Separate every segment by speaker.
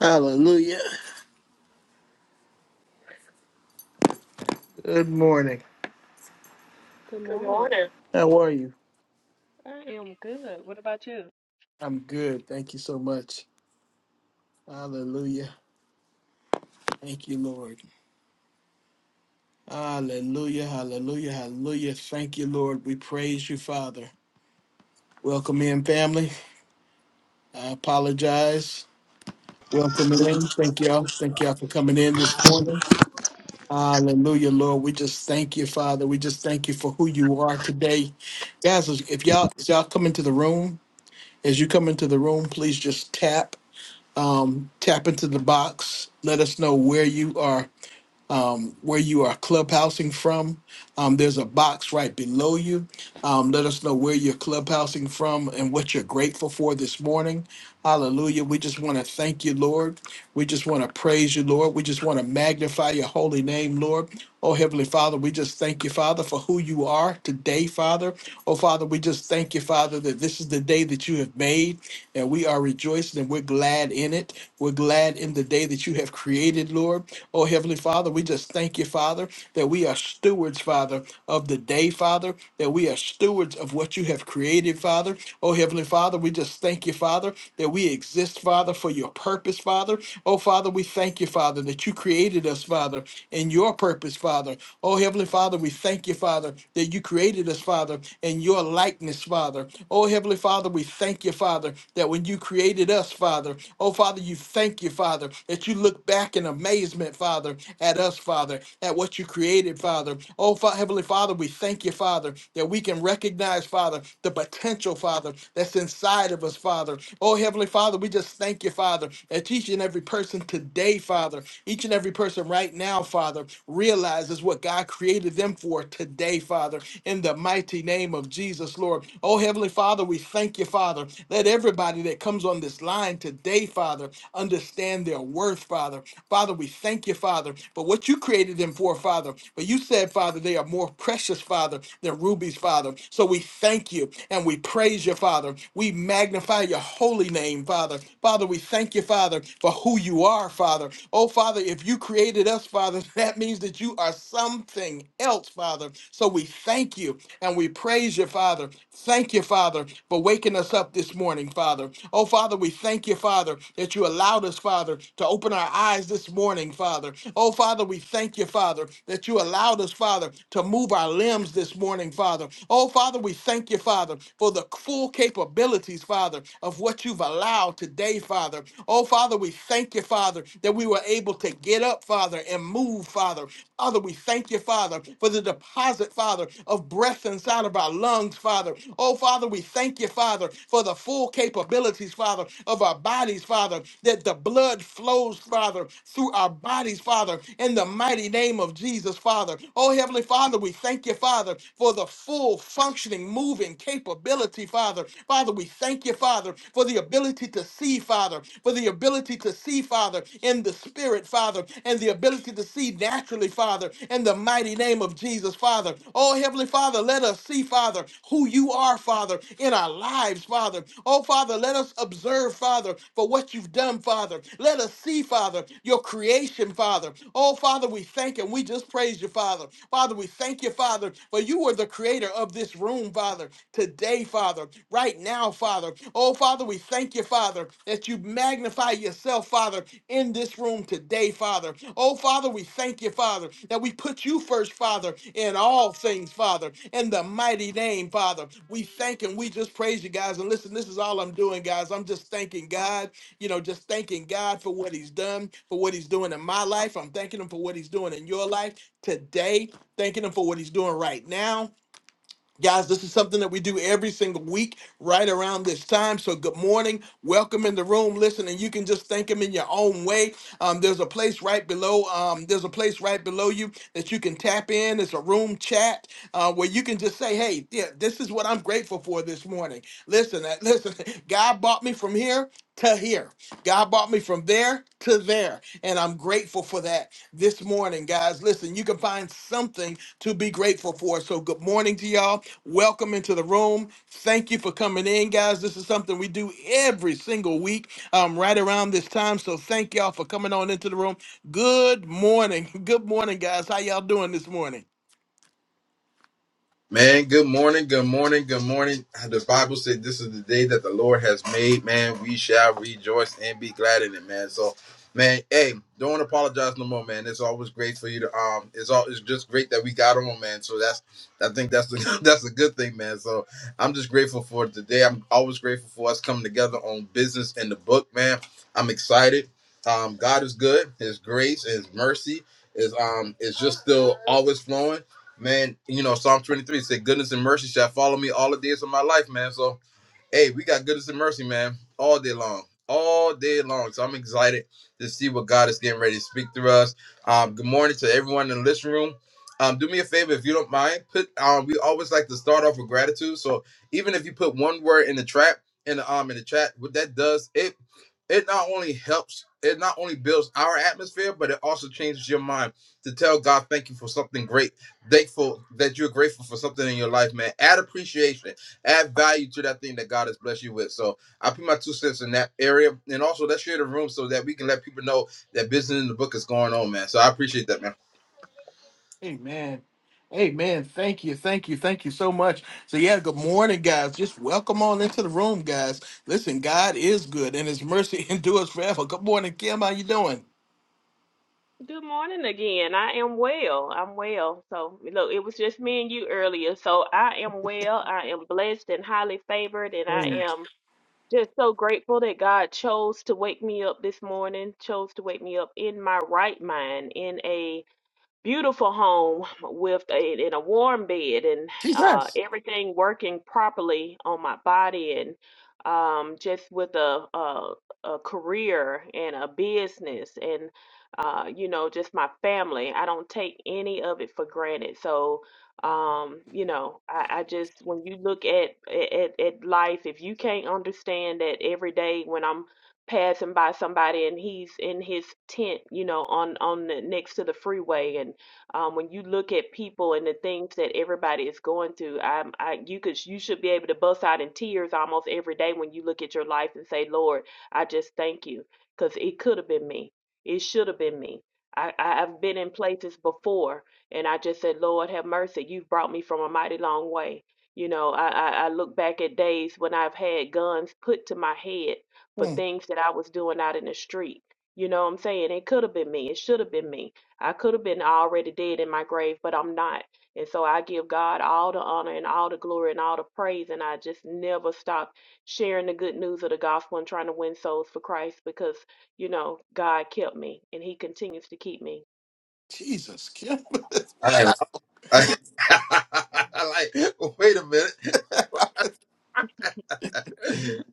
Speaker 1: Hallelujah. Good morning.
Speaker 2: Good
Speaker 1: Good
Speaker 2: morning.
Speaker 1: morning. How are you?
Speaker 2: I am good. What about you?
Speaker 1: I'm good. Thank you so much. Hallelujah. Thank you, Lord. Hallelujah. Hallelujah. Hallelujah. Thank you, Lord. We praise you, Father. Welcome in, family. I apologize. Welcome in. Thank y'all. Thank y'all for coming in this morning. Hallelujah, Lord. We just thank you, Father. We just thank you for who you are today. Guys, if y'all, if y'all come into the room, as you come into the room, please just tap. um, tap into the box. Let us know where you are, um, where you are clubhousing from. Um, there's a box right below you. Um, let us know where you're clubhousing from and what you're grateful for this morning. Hallelujah. We just want to thank you, Lord. We just want to praise you, Lord. We just want to magnify your holy name, Lord. Oh, Heavenly Father, we just thank you, Father, for who you are today, Father. Oh, Father, we just thank you, Father, that this is the day that you have made, and we are rejoicing and we're glad in it. We're glad in the day that you have created, Lord. Oh, Heavenly Father, we just thank you, Father, that we are stewards, Father, of the day, Father, that we are stewards of what you have created, Father. Oh, Heavenly Father, we just thank you, Father, that we exist, Father, for your purpose, Father. Oh, Father, we thank you, Father, that you created us, Father, in your purpose, Father. Oh, Heavenly Father, we thank you, Father, that you created us, Father, in your likeness, Father. Oh, Heavenly Father, we thank you, Father, that when you created us, Father, oh, Father, you thank you, Father, that you look back in amazement, Father, at us, Father, at what you created, Father. Oh, Fa- Heavenly Father, we thank you, Father, that we can recognize, Father, the potential, Father, that's inside of us, Father. Oh, Heavenly Father, we just thank you, Father, that each and every person today, Father. Father. Each and every person right now, Father, realizes what God created them for today, Father, in the mighty name of Jesus, Lord. Oh, Heavenly Father, we thank you, Father. Let everybody that comes on this line today, Father, understand their worth, Father. Father, we thank you, Father, for what you created them for, Father. But you said, Father, they are more precious, Father, than rubies, Father. So we thank you and we praise you, Father. We magnify your holy name name, Father. Father, we thank you, Father, for who you are, Father. Oh, Father, if you created us, Father, that means that you are something else, Father. So we thank you and we praise you, Father. Thank you, Father, for waking us up this morning, Father. Oh, Father, we thank you, Father, that you allowed us, Father, to open our eyes this morning, Father. Oh, Father, we thank you, Father, that you allowed us, Father, to move our limbs this morning, Father. Oh, Father, we thank you, Father. Father, for the full capabilities, Father, of what you've allowed today, Father. Oh, Father, we thank you, Father, that we were able to get up, Father, and move, Father. Father, we thank you, Father, for the deposit, Father, of breath inside of our lungs, Father. Oh, Father, we thank you, Father, for the full capabilities, Father, of our bodies, Father, that the blood flows, Father, through our bodies, Father, in the mighty name of Jesus, Father. Oh, Heavenly Father. Father, we thank you, Father, for the full functioning, moving capability, Father. Father, we thank you, Father, for the ability to see, Father, for the ability to see, Father, in the spirit, Father, and the ability to see naturally, Father, in the mighty name of Jesus, Father. Oh, Heavenly Father, let us see, Father, who you are, Father, in our lives, Father. Oh, Father, let us observe, Father, for what you've done, Father. Let us see, Father, your creation, him, Father. Oh, Father, we thank him. We just praise you, Father. Father, we thank you, Father, for you are the creator of this room, Father, today, Father, right now, Father. Oh, Father, we thank you, Father, that you magnify yourself, Father, in this room today, Father. Oh, Father, we thank you, Father, that we put you first, Father, in all things, Father, in the mighty name, Father. We thank and we just praise you, guys. And listen, this is all I'm doing, guys. I'm just thanking God you know, just thanking God for what he's done, for what he's doing in my life. I'm thanking him for what he's doing in your life today, thanking him for what he's doing right now Guys, this is something that we do every single week right around this time. So, good morning. Welcome in the room. Listen, and you can just thank him in your own way. Um, there's a place right below. Um, there's a place right below you that you can tap in. It's a room chat uh, where you can just say, "Hey, yeah, this is what I'm grateful for this morning." Listen, uh, listen. God brought me from here to here. God brought me from there to there. And I'm grateful for that this morning, guys. Listen, you can find something to be grateful for. So, good morning to y'all. Welcome into the room. Thank you for coming in, guys. This is something we do every single week um, right around this time. So, thank y'all for coming on into the room. Good morning. Good morning, guys. How y'all doing this morning?
Speaker 3: Man, good morning, good morning, good morning. The Bible said this is the day that the Lord has made, man. We shall rejoice and be glad in it, man. So, man, hey, don't apologize no more, man. It's always great for you to um it's all it's just great that we got on, man. So that's I think that's the that's a good thing, man. So I'm just grateful for today. I'm always grateful for us coming together on business and the book, man. I'm excited. Um, God is good, his grace, his mercy is um is just still always flowing man, you know, Psalm 23 said, goodness and mercy shall follow me all the days of my life, man. So Hey, we got goodness and mercy, man, all day long, all day long. So I'm excited to see what God is getting ready to speak through us. Um, good morning to everyone in the listening room. Um, do me a favor if you don't mind. Put um, we always like to start off with gratitude. So even if you put one word in the trap in the um in the chat, what that does it it not only helps it not only builds our atmosphere, but it also changes your mind to tell God thank you for something great, thankful that you're grateful for something in your life, man. Add appreciation add value to that thing that God has blessed you with. So I put my two cents in that area. And also let's share the room so that we can let people know that business in the book is going on, man. So I appreciate that, man.
Speaker 1: Amen. Amen. Thank you. Thank you. Thank you so much. So, yeah, good morning, guys. Just welcome on into the room, guys. Listen, God is good and his mercy endures forever. Good morning, Kim. How you doing?
Speaker 2: Good morning again. I am well. I'm well. So, look, it was just me and you earlier. So, I am well. I am blessed and highly favored. And I
Speaker 1: Praise
Speaker 2: am just so grateful that God chose to wake me up this morning, chose to wake me up in my right mind, in a beautiful home with a in a warm bed and uh,
Speaker 1: Jesus.
Speaker 2: everything working properly on my body and um, just with a, a a career and a business and uh, you know just my family. I don't take any of it for granted. So um, you know I, I just when you look at, at at life, if you can't understand that every day when I'm passing by somebody and he's in his tent, you know, on on the, next to the freeway and um, when you look at people and the things that everybody is going through, i I, you could, you should be able to bust out in tears almost every day when you look at your life and say, Lord, I just thank you, because it could have been me. It should have been me. I, I- I've been in places before, and I just said, Lord, have mercy. You've brought me from a mighty long way. You know, I, I, I look back at days when I've had guns put to my head for things that I was doing out in the street. You know what I'm saying? It could have been me. It should have been me I could have been already dead in my grave, but I'm not. And so I give God all the honor and all the glory and all the praise. And I just never stop sharing the good news of the gospel and trying to win souls for Christ because, you know, God kept me and He continues to keep me.
Speaker 1: Jesus, Kim. wow.
Speaker 3: I I like, wait a minute.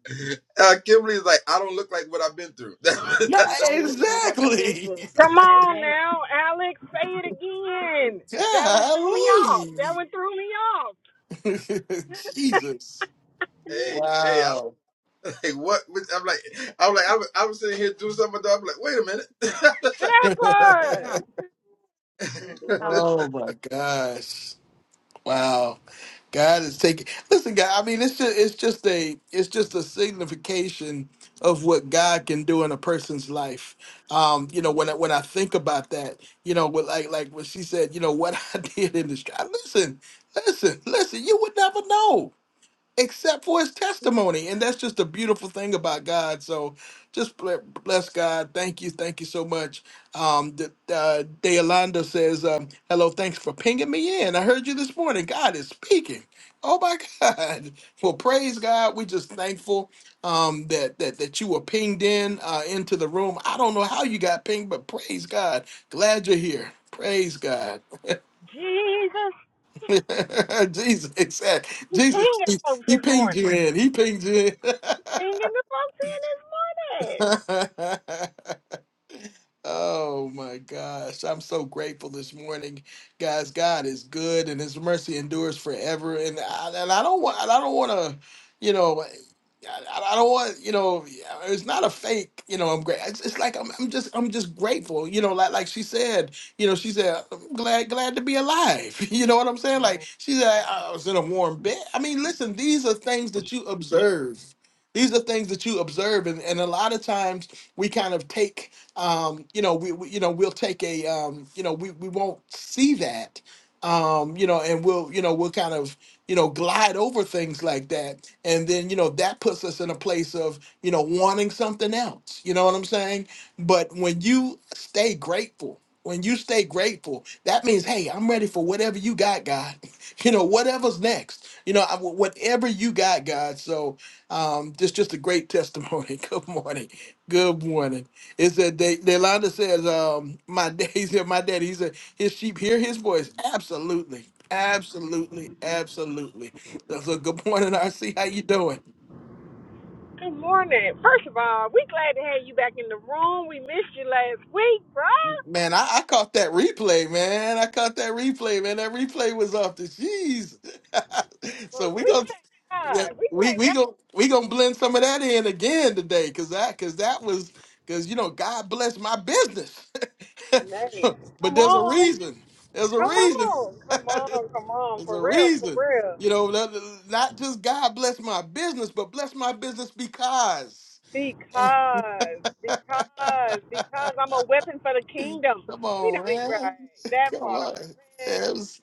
Speaker 3: Uh, Kimberly is like, I don't look like what I've been through. hey,
Speaker 1: Yeah,
Speaker 2: Yes,
Speaker 1: exactly.
Speaker 4: Come on now, Alex, say it again. That one threw me off. That
Speaker 1: Golly.
Speaker 4: one threw me off.
Speaker 1: Jesus.
Speaker 3: hey, I don't
Speaker 1: Wow.
Speaker 3: like what I'm like. I'm like, I'm, I'm sitting here doing something. I'm like, wait a
Speaker 4: That part.
Speaker 2: yes.
Speaker 3: minute.
Speaker 1: oh my gosh. Wow. God is taking listen, God, I mean it's just it's just a it's just a signification of what God can do in a person's life. Um, you know, when I when I think about that, you know, with like like when she said, you know, what I did in the street. Listen, listen, listen, you would never know. except for his testimony. And that's just a beautiful thing about God. So just ble- bless God. Thank you. Thank you so much. Um, the, uh, Deolanda says, um, hello, thanks for pinging me in. I heard you this morning. God is speaking. Oh my God. Well, praise God. we just thankful um, that, that that you were pinged in uh, into the room. I don't know how you got pinged, but praise God. Glad you're here. Praise God.
Speaker 4: Jesus,
Speaker 1: Jesus, exact.
Speaker 4: you
Speaker 1: Jesus,
Speaker 4: pinging
Speaker 1: he,
Speaker 4: folks
Speaker 1: he
Speaker 4: this
Speaker 1: pinged
Speaker 4: morning.
Speaker 1: you in. He pinged you
Speaker 4: Pinging the folks in this morning.
Speaker 1: in. Oh my gosh. I'm so grateful this morning. Guys, God is good and his mercy endures forever. And I, and I don't want I don't want to, you know, I, I don't want, you know, it's not a fake, you know, I'm great. It's, it's like I'm, I'm just I'm just grateful, you know, like like she said, you know, she said I'm glad glad to be alive. You know what I'm saying? Like she said I was in a warm bed. I mean, listen, these are things that you observe. These are things that you observe and, and a lot of times we kind of take um, you know, we, we you know we'll take a um, you know we we won't see that, um, you know, and we'll you know we'll kind of you know glide over things like that, and then you know that puts us in a place of you know, wanting something else. You know what I'm saying? But when you stay grateful, when you stay grateful, that means, hey, I'm ready for whatever you got, God. You know, whatever's next. You know, I- whatever you got, God. So, um, just just a great testimony. Good morning. Good morning. It said they Delanda says, um, my dad, he said, my daddy, he said, his sheep hear his voice. Absolutely. Absolutely. Absolutely. So, so good morning, RC. How you doing?
Speaker 4: Good morning. First of all, we glad to have you back in the room. We missed you last week, bro.
Speaker 1: Man, I, I caught that replay, man. I caught that replay, man. That replay was off the cheese. so
Speaker 4: Look,
Speaker 1: we
Speaker 4: we
Speaker 1: gonna
Speaker 4: thank
Speaker 1: yeah,
Speaker 4: God. We
Speaker 1: we
Speaker 4: thank
Speaker 1: we
Speaker 4: God.
Speaker 1: gonna we gonna blend some of that in again today, cause that cause that was cause you know God bless my business,
Speaker 4: Man,
Speaker 1: but
Speaker 4: come
Speaker 1: there's a
Speaker 4: on.
Speaker 1: reason. There's a
Speaker 4: Come
Speaker 1: reason.
Speaker 4: on. Come on. Come on.
Speaker 1: there's
Speaker 4: For
Speaker 1: a
Speaker 4: real. For
Speaker 1: reason.
Speaker 4: real.
Speaker 1: You know, not not just God bless my business, but bless my business because.
Speaker 4: Because, because, because I'm a weapon for the kingdom.
Speaker 1: Come
Speaker 4: We not
Speaker 1: on,
Speaker 4: even right.
Speaker 1: man.
Speaker 4: That
Speaker 1: Come
Speaker 4: part,
Speaker 1: on.
Speaker 4: man.
Speaker 1: Yeah, it was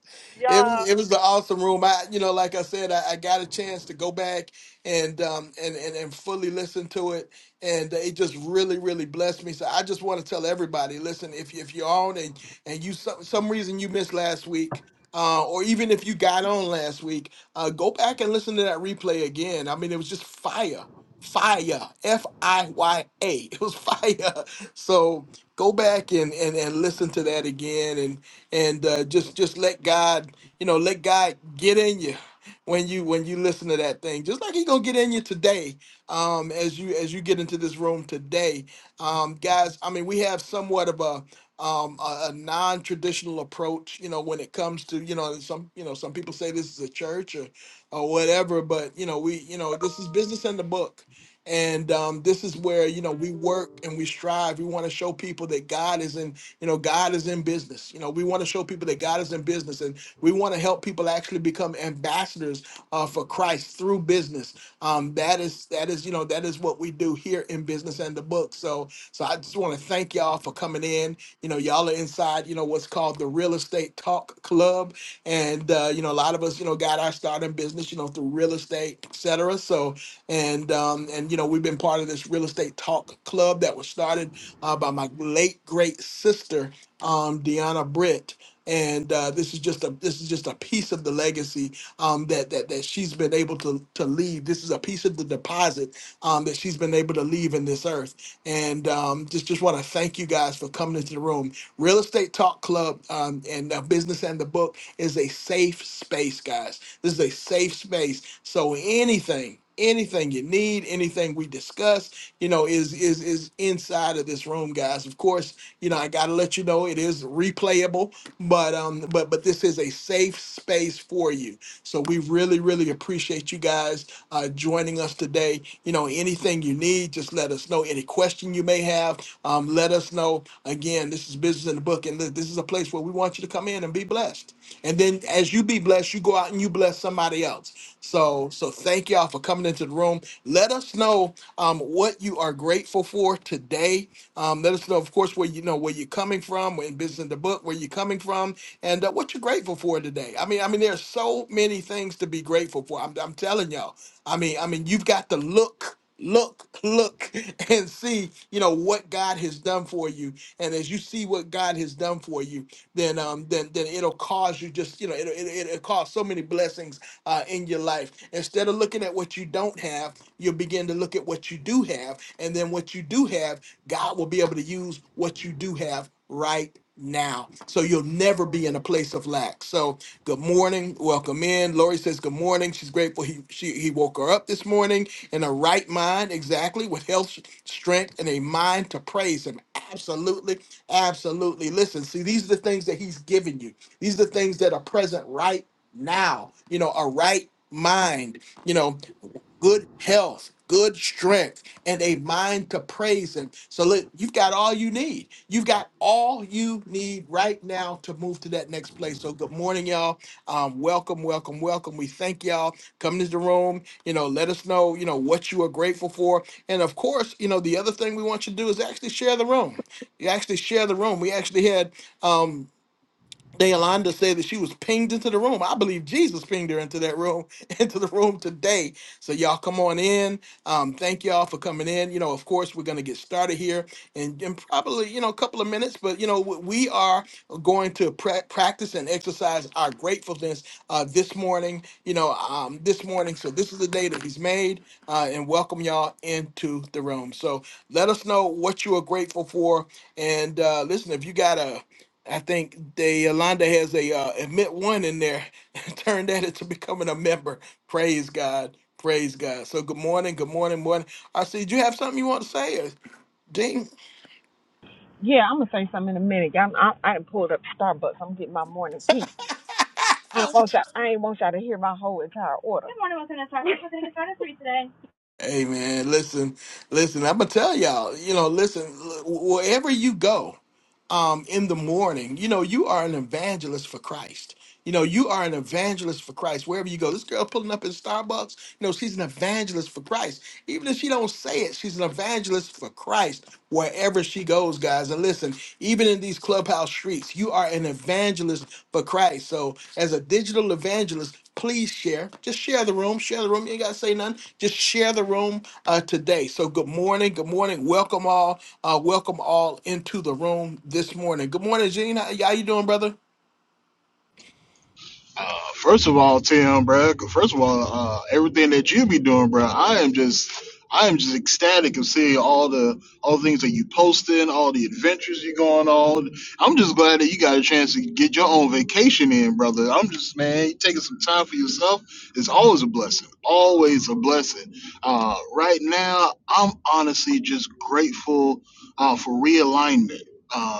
Speaker 1: it
Speaker 4: Y'all.
Speaker 1: was it was the awesome room. I you know, like I said, I, I got a chance to go back and um and, and and fully listen to it and it just really, really blessed me. So I just want to tell everybody, listen, if you if you're on and and you some some reason you missed last week. Uh, or even if you got on last week, uh, go back and listen to that replay again. I mean, it was just fire, fire, F I Y A. It was fire. So go back and, and, and listen to that again and and uh, just just let God you know let God get in you when you when you listen to that thing just like he gonna get in you today um, as you as you get into this room today um, guys I mean we have somewhat of a um, a, a non-traditional approach you know when it comes to you know some you know some people say this is a church or or whatever but you know we you know this is business in the book and um, this is where you know we work and we strive. We want to show people that God is in, you know, God is in business. You know, we want to show people that God is in business, and we want to help people actually become ambassadors uh, for Christ through business. Um, that is that is you know that is what we do here in business and the book. So so I just want to thank y'all for coming in. You know, y'all are inside. You know what's called the Real Estate Talk Club, and uh, you know a lot of us you know got our start in business you know through real estate, etc. So and um, and you know we've been part of this real estate talk club that was started uh, by my late great sister um, Deanna Britt. And uh, this is just a this is just a piece of the legacy um, that that that she's been able to to leave. This is a piece of the deposit um, that she's been able to leave in this earth. And um, just just want to thank you guys for coming into the room. Real Estate Talk Club um, and uh, Business and the Book is a safe space, guys. This is a safe space so anything, anything you need, anything we discuss, you know, is is is inside of this room, guys. Of course, you know, I gotta let you know it is replayable, but um, but but this is a safe space for you. So we really, really appreciate you guys uh, joining us today. You know, anything you need, just let us know. Any question you may have, um, let us know. Again, this is business in the book, and this this is a place where we want you to come in and be blessed. And then as you be blessed, you go out and you bless somebody else. So, so thank y'all for coming into the room. Let us know um, what you are grateful for today. Um, let us know, of course, where you know where you're coming from, where in business in the book, where you're coming from, and uh, what you're grateful for today. I mean, I mean, there's so many things to be grateful for. I'm, I'm telling y'all. I mean, I mean, you've got to look look look and see you know what god has done for you and as you see what god has done for you then um then then it'll cause you just you know it'll, it, it'll, it'll cause so many blessings uh, in your life. Instead of looking at what you don't have, you'll begin to look at what you do have. And then what you do have, God will be able to use what you do have right now. So you'll never be in a place of lack. So good morning. Welcome in. Lori says good morning. She's grateful he she he woke her up this morning in her right mind, exactly, with health, strength, and a mind to praise him. Absolutely, absolutely. Listen, see, these are the things that he's given you. These are the things that are present right now, you know, a right mind, you know, good health, good strength, and a mind to praise Him. So, look, you've got all you need. You've got all you need right now to move to that next place. So, good morning, y'all. Um, welcome, welcome, welcome. We thank y'all coming to the room. You know, let us know, you know, what you are grateful for. And of course, you know, the other thing we want you to do is actually share the room. You actually share the room. We actually had. um Deolanda said that she was pinged into the room. I believe Jesus pinged her into that room, into the room today. So y'all come on in. Um, thank y'all for coming in. You know, of course, we're gonna get started here in, in probably you know a couple of minutes, but you know we we are going to pra- practice and exercise our gratefulness uh, this morning. You know, um, this morning. So this is the day that He's made, uh, and welcome y'all into the room. So let us know what you are grateful for, and uh, listen if you got a I think the Yolanda has a uh, admit one in there and turn that into becoming a member. Praise God. Praise God. So good morning, good morning, morning. I see. Do you have something you want to say, or Dean?
Speaker 4: Yeah, I'm gonna say something in a minute. I'm, I I done pulled up to Starbucks. I'm getting my morning tea. I ain't want y'all. I ain't want y'all to hear my whole entire order. Good morning, welcome to Starbucks. We're gonna get started for you today.
Speaker 1: Hey man, listen, listen. I'm gonna tell y'all. You know, listen. Wherever you go, um, in the morning, you know, you are an evangelist for Christ You know, you are an evangelist for Christ wherever you go. This girl pulling up in Starbucks, you know, she's an evangelist for Christ. Even if she don't say it, she's an evangelist for Christ wherever she goes, guys. And listen, even in these clubhouse streets, you are an evangelist for Christ. So as a digital evangelist, please share. Just share the room. Share the room. You ain't gotta say nothing. Just share the room uh, today. So good morning. Good morning. Welcome all. Uh, welcome all into the room this morning. Good morning, Gene. How, how you doing, brother?
Speaker 5: Uh, first of all, Tim, bro. First of all, uh, everything that you be doing, bro. I am just, I am just ecstatic of seeing all the, all the things that you posting, all the adventures you going on. I'm just glad that you got a chance to get your own vacation in, brother. I'm just, man, you taking some time for yourself is always a blessing. Always a blessing. Uh, right now, I'm honestly just grateful uh, for realignment. Uh,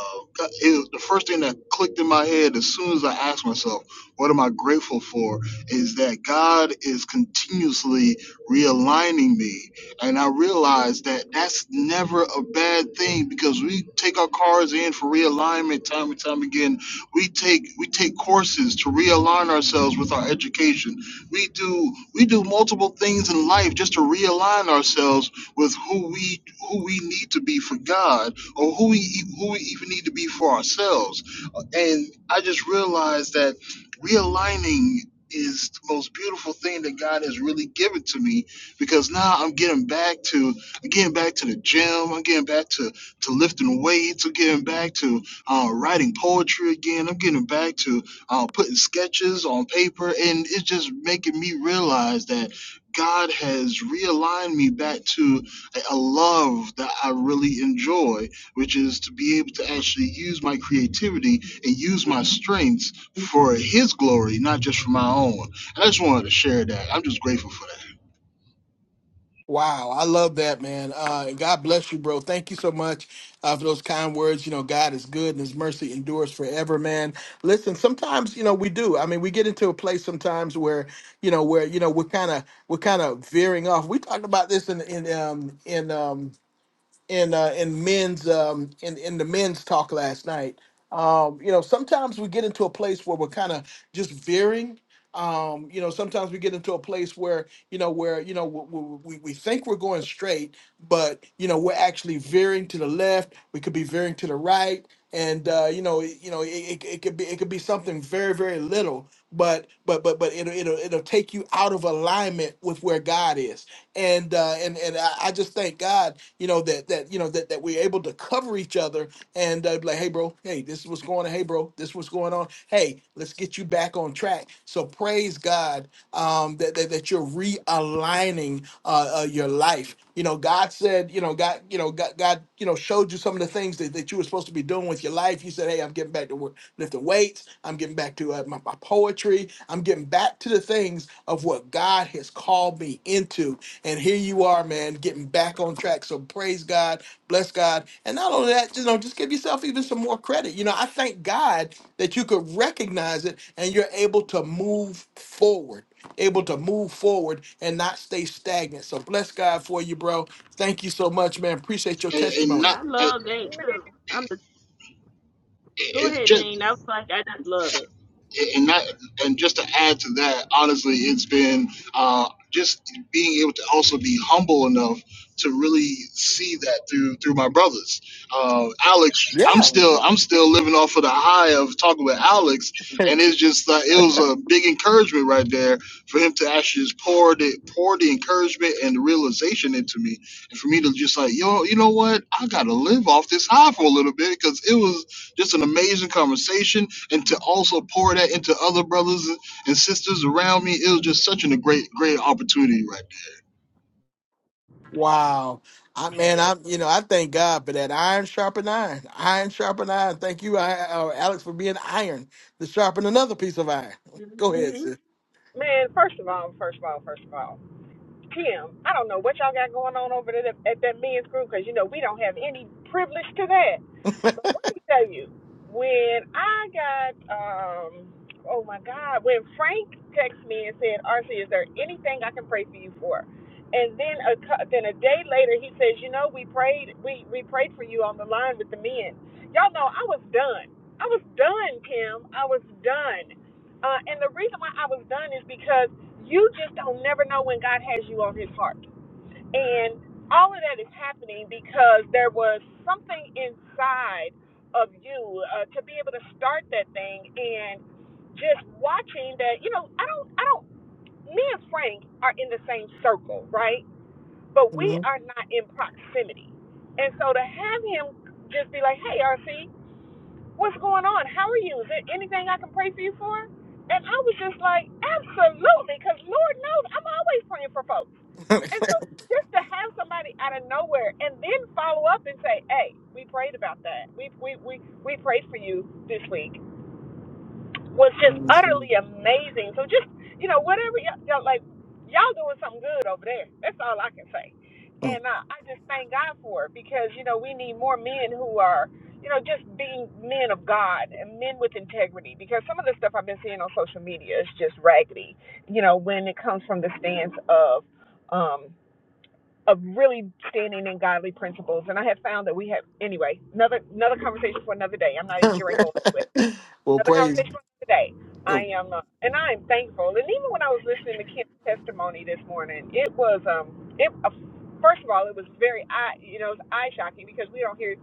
Speaker 5: it was the first thing that clicked in my head as soon as I asked myself what am I grateful for? Is that God is continuously realigning me. And I realize that that's never a bad thing because we take our cars in for realignment time and time again. We take we take courses to realign ourselves with our education. We do we do multiple things in life just to realign ourselves with who we who we need to be for God or who we e- who we even need to be for ourselves. And I just realized that realigning is the most beautiful thing that God has really given to me because now I'm getting back to I'm getting back to the gym, I'm getting back to to lifting weights, I'm getting back to uh, writing poetry again, I'm getting back to uh, putting sketches on paper, and it's just making me realize that God has realigned me back to a a love that I really enjoy, which is to be able to actually use my creativity and use my strengths for His glory, not just for my own. I just wanted to share that. I'm just grateful for that,
Speaker 1: Wow, I love that, man. Uh, and God bless you, bro. Thank you so much uh, for those kind words. You know, God is good and His mercy endures forever, man. Listen, sometimes you know we do. I mean, we get into a place sometimes where you know where you know we're kind of we're kind of veering off. We talked about this in in um, in um, in uh, in men's um, in in the men's talk last night. Um, you know, sometimes we get into a place where we're kind of just veering. Um, you know, sometimes we get into a place where you know where you know we, we, we think we're going straight, but you know we're actually veering to the left. We could be veering to the right, and uh, you know it- you know it, it, it could be it could be something very very little, but but but but it'll it'll it'll take you out of alignment with where God is and uh, and and I, I just thank God, you know that that you know that that we're able to cover each other and uh, be like, hey, bro, hey, this is what's going on. Hey, bro, this is what's going on. Hey, let's get you back on track. So praise God um, that, that that you're realigning uh, uh, your life. You know, God said, you know, God, you know, God, God, you know, showed you some of the things that, that you were supposed to be doing with your life. You said, hey, I'm getting back to work lifting weights. I'm getting back to uh, my, my poetry. I'm getting back to the things of what God has called me into. And here you are, man, getting back on track. So praise God, bless God. And not only that, you know, just give yourself even some more credit. You know, I thank God that you could recognize it and you're able to move forward. Able to move forward and not stay stagnant. So bless God for you, bro. Thank you so much, man. Appreciate your
Speaker 5: and, and not.
Speaker 1: testimony.
Speaker 2: I
Speaker 5: And,
Speaker 2: love that
Speaker 4: Man,
Speaker 2: too. I'm just go
Speaker 5: and
Speaker 2: ahead,
Speaker 5: just
Speaker 2: Jane. I was like, I just love it.
Speaker 5: and that and just to add to that honestly it's been uh, just being able to also be humble enough to really see that through through my brothers uh, alex
Speaker 1: Yeah.
Speaker 5: i'm still i'm still living off of the high of talking with alex and it's just uh, it was a big encouragement right there for him to actually just pour the pour the encouragement and the realization into me and for me to just like yo you know what i gotta live off this high for a little bit because it was just an amazing conversation, and to also pour that into other brothers and sisters around me, it was just such an, a great, great opportunity, right?
Speaker 1: Wow. I man, I'm
Speaker 4: Tim.
Speaker 1: you know I thank God for that iron sharpen iron, iron sharpen iron. Thank you, I, uh, Alex, for being iron to sharpen another piece of iron. Go ahead,
Speaker 2: hmm
Speaker 1: sis.
Speaker 4: Man, first of all, first of all, first of all. Kim, I don't know what y'all got going on over there at that men's group because, you know, we don't have any privilege to that. But let me tell you, when I got, um, oh my God, when Frank texted me and said, RC, is there anything I can pray for you for? And then a then a day later, he says, you know, we prayed, we we prayed for you on the line with the men. Y'all know I was done. I was done, Kim. I was done. Uh, and the reason why I was done is because you just don't never know when God has you on his heart. And all of that is happening because there was something inside of you uh, to be able to start that thing and just watching that, you know, I don't I don't me and Frank are in the same circle, right? But we
Speaker 1: hmm
Speaker 4: are not in proximity. And so to have him just be like, "Hey, RC," what's going on? How are you? Is there anything I can pray for you for? And I was just like, absolutely, because Lord knows I'm always praying for folks. And so just to have somebody out of nowhere and then follow up and say, hey, we prayed about that. We we we, we prayed for you this week was just
Speaker 1: praise
Speaker 4: utterly amazing. So just you know whatever y'all, y'all like, y'all doing something good over there. That's all I can say.
Speaker 1: God.
Speaker 4: And uh, I just thank God for it because you know we need more men who are you know just being men of God and men with integrity because some of the stuff I've been seeing on social media is just raggedy. You know when it comes from the stance of um of really standing in godly principles and I have found that we have anyway another another conversation for another day. I'm not even getting ready to go into it
Speaker 1: well,
Speaker 4: another
Speaker 1: praise.
Speaker 4: conversation for today.
Speaker 1: Oh.
Speaker 4: I am, uh, and I am thankful. And even when I was listening to Kim's testimony this morning, it was, um, it uh, first of all, it was very eye, you know, it's eye shocking because we don't hear,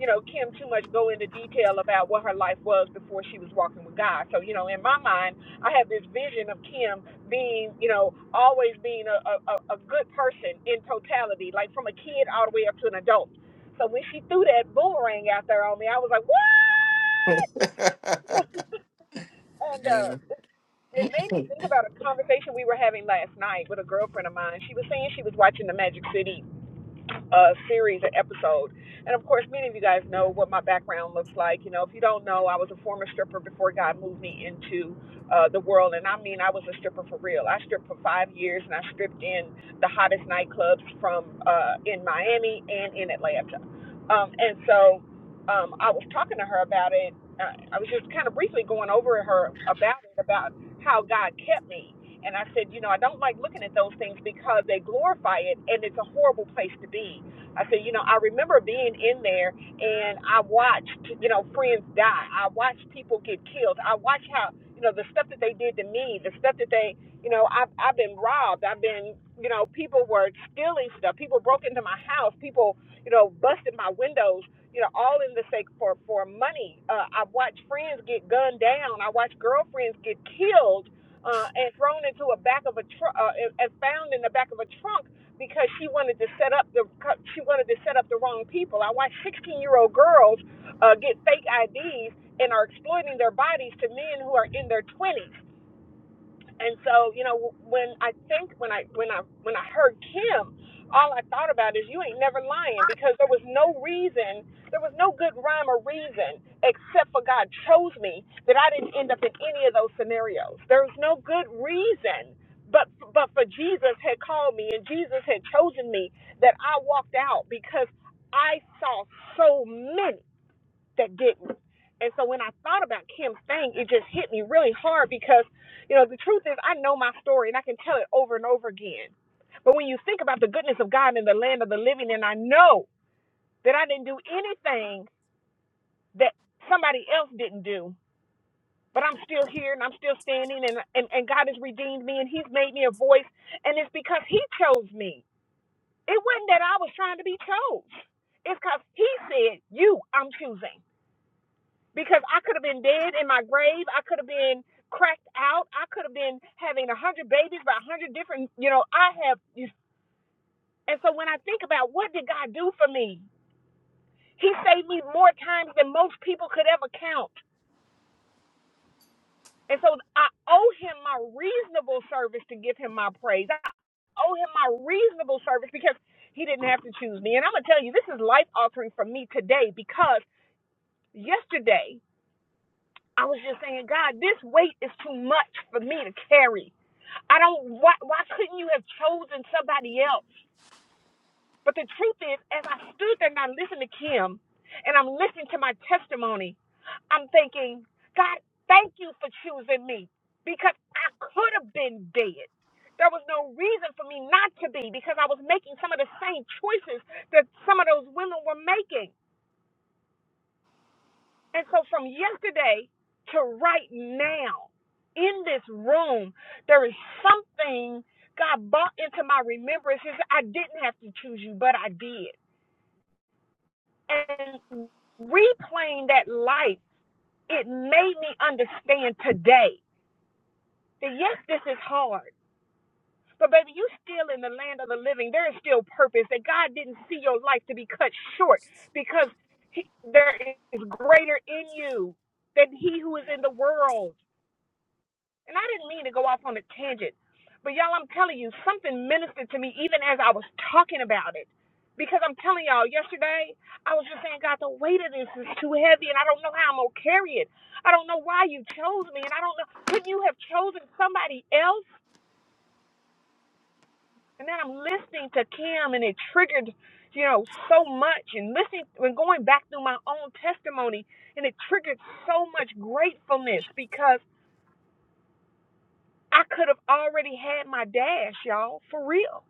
Speaker 4: you know, Kim too much go into detail about what her life was before she was walking with God. So, you know, in my mind, I have this vision of Kim being, you know, always being a, a, a a good person in totality, like from a kid all the way up to an adult. So when she threw that boomerang out there on me, I was like, what? And uh, it made me think about a conversation we were having last night with a girlfriend of mine. She was saying she was watching the Magic City uh, series and episode. And of course, many of you guys know what my background looks like. You know, if you don't know, I was a former stripper before God moved me into uh, the world. And I mean, I was a stripper for real. I stripped for five years and I stripped in the hottest nightclubs from uh, in Miami and in Atlanta. Um, and so um, I was talking to her about it. Uh, I was just kind of briefly going over her about it, about how God kept me. And I said, you know, I don't like looking at those things because they glorify it and it's a horrible place to be. I said, you know, I remember being in there and I watched, you know, friends die. I watched people get killed. I watched how, you know, the stuff that they did to me, the stuff that they, you know, I've, I've been robbed. I've been, you know, people were stealing stuff. People broke into my house. People, you know, busted my windows. You know, all in the sake for for money. Uh, I watched friends get gunned down. I watched girlfriends get killed uh, and thrown into a back of a truck, uh, and found in the back of a trunk because she wanted to set up the she wanted to set up the wrong people. I watched 16 year old girls uh, get fake IDs and are exploiting their bodies to men who are in their 20s. And so, you know, when I think when I when I when I heard Kim, all I thought about is you ain't never lying because there was no reason, there was no good rhyme or reason except for God chose me that I didn't end up in any of those scenarios. There was no good reason but but for Jesus had called me and Jesus had chosen me that I walked out because I saw so many that didn't. And so when I thought about Kim's thing, it just hit me really hard because, you know, the truth is I know my story and I can tell it over and over again. But when you think about the goodness of God in the land of the living, and I know that I didn't do anything that somebody else didn't do, but I'm still here and I'm still standing and, and, and God has redeemed me and He's made me a voice. And it's because He chose me. It wasn't that I was trying to be chose. It's because he said, You, I'm choosing. because I could have been dead in my grave. I could have been cracked out. I could have been having a hundred babies by a hundred different. You know, I have. And so when I think about what did God do for me, He saved me more times than most people could ever count. And so I owe Him my reasonable service to give Him my praise. I owe Him my reasonable service because He didn't have to choose me. And I'm gonna tell you, this is life altering for me today because yesterday. I was just saying, God, this weight is too much for me to carry. I don't. Why, why couldn't you have chosen somebody else? But the truth is, as I stood there and I listened to Kim, and I'm listening to my testimony, I'm thinking, God, thank you for choosing me because I could have been dead. There was no reason for me not to be because I was making some of the same choices that some of those women were making. And so from yesterday to right now in this room, there is something God brought into my remembrance. He said, I didn't have to choose you, but I did. And replaying that life, it made me understand today that yes, this is hard. But baby, you still in the land of the living. There is still purpose. That God didn't see your life to be cut short because he, there is greater in you than he who is in the world. And I didn't mean to go off on a tangent, but y'all, I'm telling you, something ministered to me even as I was talking about it. Because I'm telling y'all, yesterday I was just saying, God, the weight of this is too heavy, and I don't know how I'm gonna carry it. I don't know why you chose me, and I don't know. Couldn't you have chosen somebody else? And then I'm listening to Kim, and it triggered, you know, so much. And listening, and going back through my own testimony, and it triggered so much gratefulness because I could have already had my dash, y'all, for real.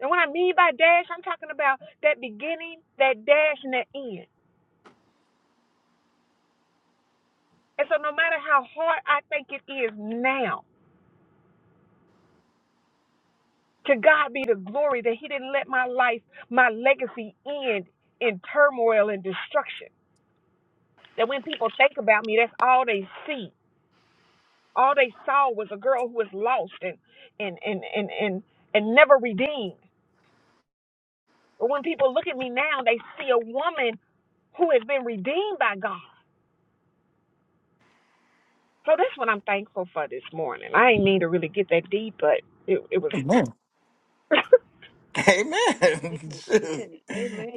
Speaker 4: And what I mean by dash, I'm talking about that beginning, that dash, and that end. And so, no matter how hard I think it is now, to God be the glory that He didn't let my life, my legacy end in turmoil and destruction. That when people think about me, that's all they see. All they saw was a girl who was lost and and and and and, and never redeemed. But when people look at me now, they see a woman who has been redeemed by God. So that's what I'm thankful for this morning. I didn't mean to really get that deep, but it, it was.
Speaker 1: Amen. Amen. Shoot.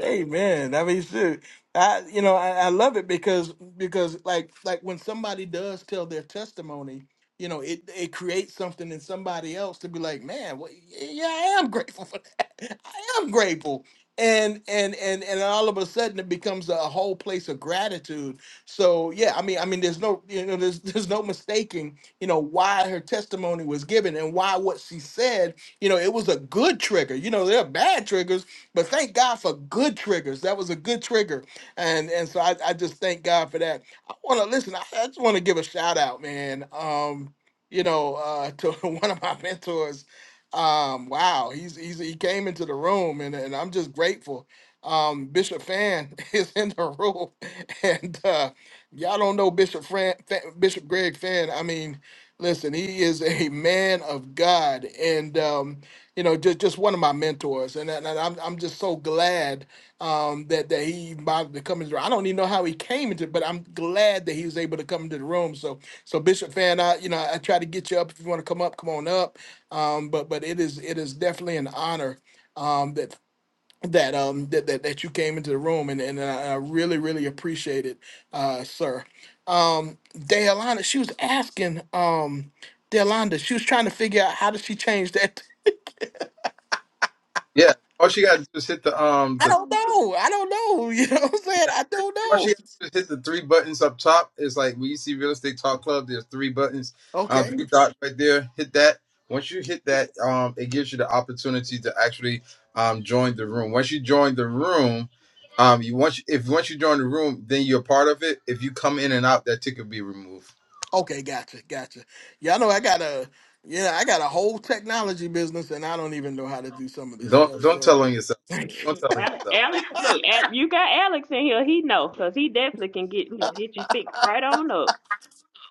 Speaker 1: Amen. I mean, shoot. I, you know, I, I love it because because like like when somebody does tell their testimony, you know, it it creates something in somebody else to be like, man, well, yeah, I am grateful for that. I am grateful. And and and and all of a sudden it becomes a whole place of gratitude. So yeah, I mean, I mean, there's no you know, there's there's no mistaking, you know, why her testimony was given and why what she said you know, it was a good trigger. You know, there are bad triggers, but thank God for good triggers. That was a good trigger, and and so I, I just thank God for that. I want to listen. I, I just want to give a shout out, man. Um, you know, uh, to one of my mentors. Um, wow, he's, he's he came into the room, and and I'm just grateful. Um, Bishop Fan is in the room, and uh, y'all don't know Bishop Fran, Fa- Bishop Greg Fan. I mean, Listen, he is a man of God, and um, you know, just just one of my mentors, and, and I'm I'm just so glad um, that that he bothered to come into. I don't even know how he came into, but I'm glad that he was able to come into the room. So so Bishop Fan, I you know I try to get you up if you want to come up, come on up. Um, but but it is it is definitely an honor. Um, that that um that, that that you came into the room and and I, I really really appreciate it, uh, sir. Um, Deolanda, she was asking um Deolanda, she was trying to figure out how did she change that.
Speaker 3: yeah, all she got to do is hit the um
Speaker 1: I
Speaker 3: the.
Speaker 1: don't know. I don't know. You know what I'm saying?
Speaker 3: Yeah.
Speaker 1: I don't
Speaker 3: All she
Speaker 1: know.
Speaker 3: has to do is hit the three buttons up top. It's like when you see Real Estate Talk Club, there's three buttons, um,
Speaker 1: Okay.
Speaker 3: three dots right there. Hit that. Once you hit that, um, it gives you the opportunity to actually um, join the room. Once you join the room, um, you once if once you join the room, then you're part of it. If you come in and out, that ticket will be removed.
Speaker 1: Okay. Gotcha. Gotcha. Y'all know I got a yeah I got a whole technology business and I don't even know how to do some of this
Speaker 3: Don't
Speaker 1: stuff.
Speaker 3: don't
Speaker 1: So.
Speaker 3: tell on yourself. Don't tell on
Speaker 2: Alex,
Speaker 3: yourself.
Speaker 2: Alex, look, Al- you got Alex in here. He know, cause he definitely can get get you fixed right on up.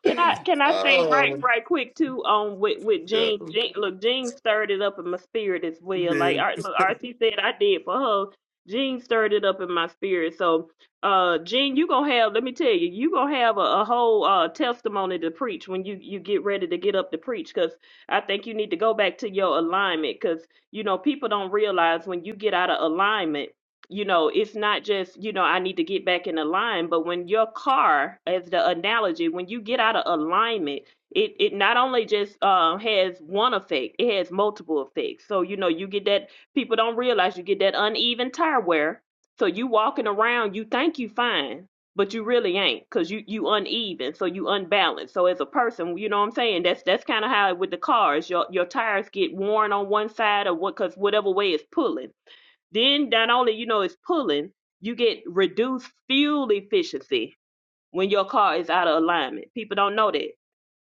Speaker 2: Can I can I say right
Speaker 1: Oh
Speaker 2: right quick too um with with
Speaker 1: yeah.
Speaker 2: Jean, Jean look Jean stirred it up in my spirit as well like
Speaker 1: You
Speaker 2: Ar- look, RC said I did for her Jean stirred it up in my spirit so uh Jean you gonna have let me tell you you gonna have a, a whole uh testimony to preach when you you get ready to get up to preach because I think you need to go back to your alignment because you know people don't realize when you get out of alignment you know it's not just you know i need to get back in a line but when your car as the analogy when you get out of alignment it it not only just um has one effect it has multiple effects so you know you get that people don't realize you get that uneven tire wear so you walking around you think you fine but you really ain't because you you uneven so you unbalanced so as a person you know what i'm saying that's that's kind of how with the cars your your tires get worn on one side or what because whatever way it's pulling then not only you know it's pulling, you get reduced fuel efficiency when your car is out of alignment. People don't know that.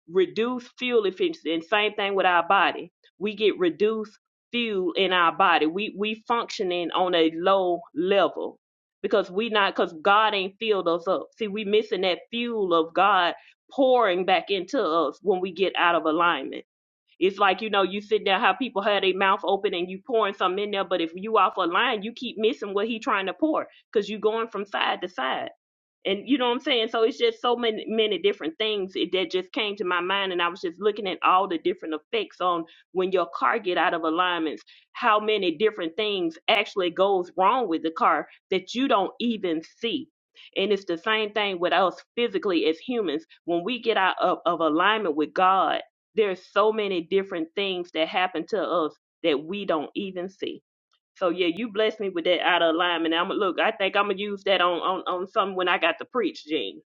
Speaker 2: Reduced fuel efficiency. And same thing with our body. We get reduced fuel in our body. We we functioning on a low level because we not because God ain't filled us up. See, we missing that fuel of God pouring back into us when we get out of alignment it's like, you know, you sit there, how people have their mouth open and you pouring something in there, but if you off a line, you keep missing what he trying to pour because you going from side to side. And you know what I'm saying? So it's just so many many different things it- that just came to my mind and I was just looking at all the different effects on when your car get out of alignments, how many different things actually goes wrong with the car that you don't even see. And it's the same thing with us physically as humans. When we get out of, of alignment with God, there's so many different things that happen to us that we don't even see. So yeah, you blessed me with that out of alignment. I'm look. I think I'm gonna use that on on on something when I got to preach, Gene.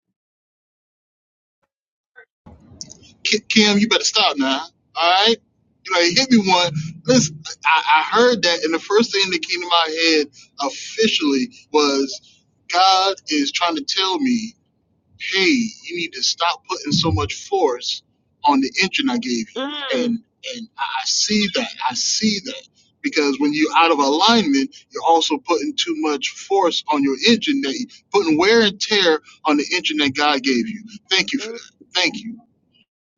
Speaker 5: Ki- Kim, you better stop now. All right, you know, hit me one. Listen, I, I heard that, and the first thing that came to my head officially was God is trying to tell me hey, you need to stop putting so much force on the engine I gave you.
Speaker 2: Mm,
Speaker 5: And and I I see that. I see that. Because when you're out of alignment, you're also putting too much force on your engine that you putting wear and tear on the engine that God gave you. Thank you for
Speaker 2: mm,
Speaker 5: that. Thank you.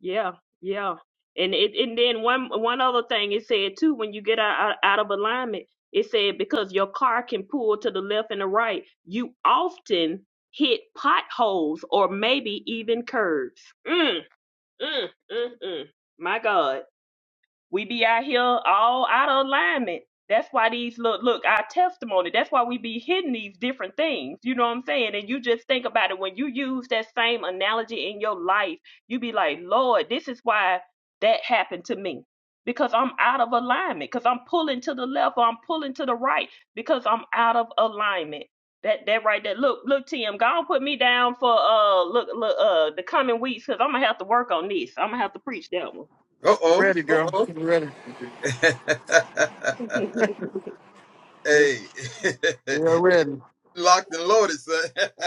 Speaker 2: yeah, yeah. And it and then one one other thing it said too when you get out, out out of alignment, it said because your car can pull to the left and the right, you often hit potholes or maybe even curves. Mm, mm, mm, mm. My God. We be out here all out of alignment. That's why these look look our testimony. That's why we be hitting these different things. You know what I'm saying? And you just think about it when you use that same analogy in your life, you be like, Lord, this is why that happened to me. Because I'm out of alignment. Because I'm pulling to the left or I'm pulling to the right. Because I'm out of alignment. That that right there. Look, look, Tim, go and put me down for uh look look uh the coming weeks because I'm gonna have to work on this. I'm gonna have to preach that one.
Speaker 3: Uh oh.
Speaker 1: ready, girl?
Speaker 3: Uh
Speaker 1: You ready?
Speaker 3: oh. hey,
Speaker 1: You're ready.
Speaker 3: locked and loaded, son.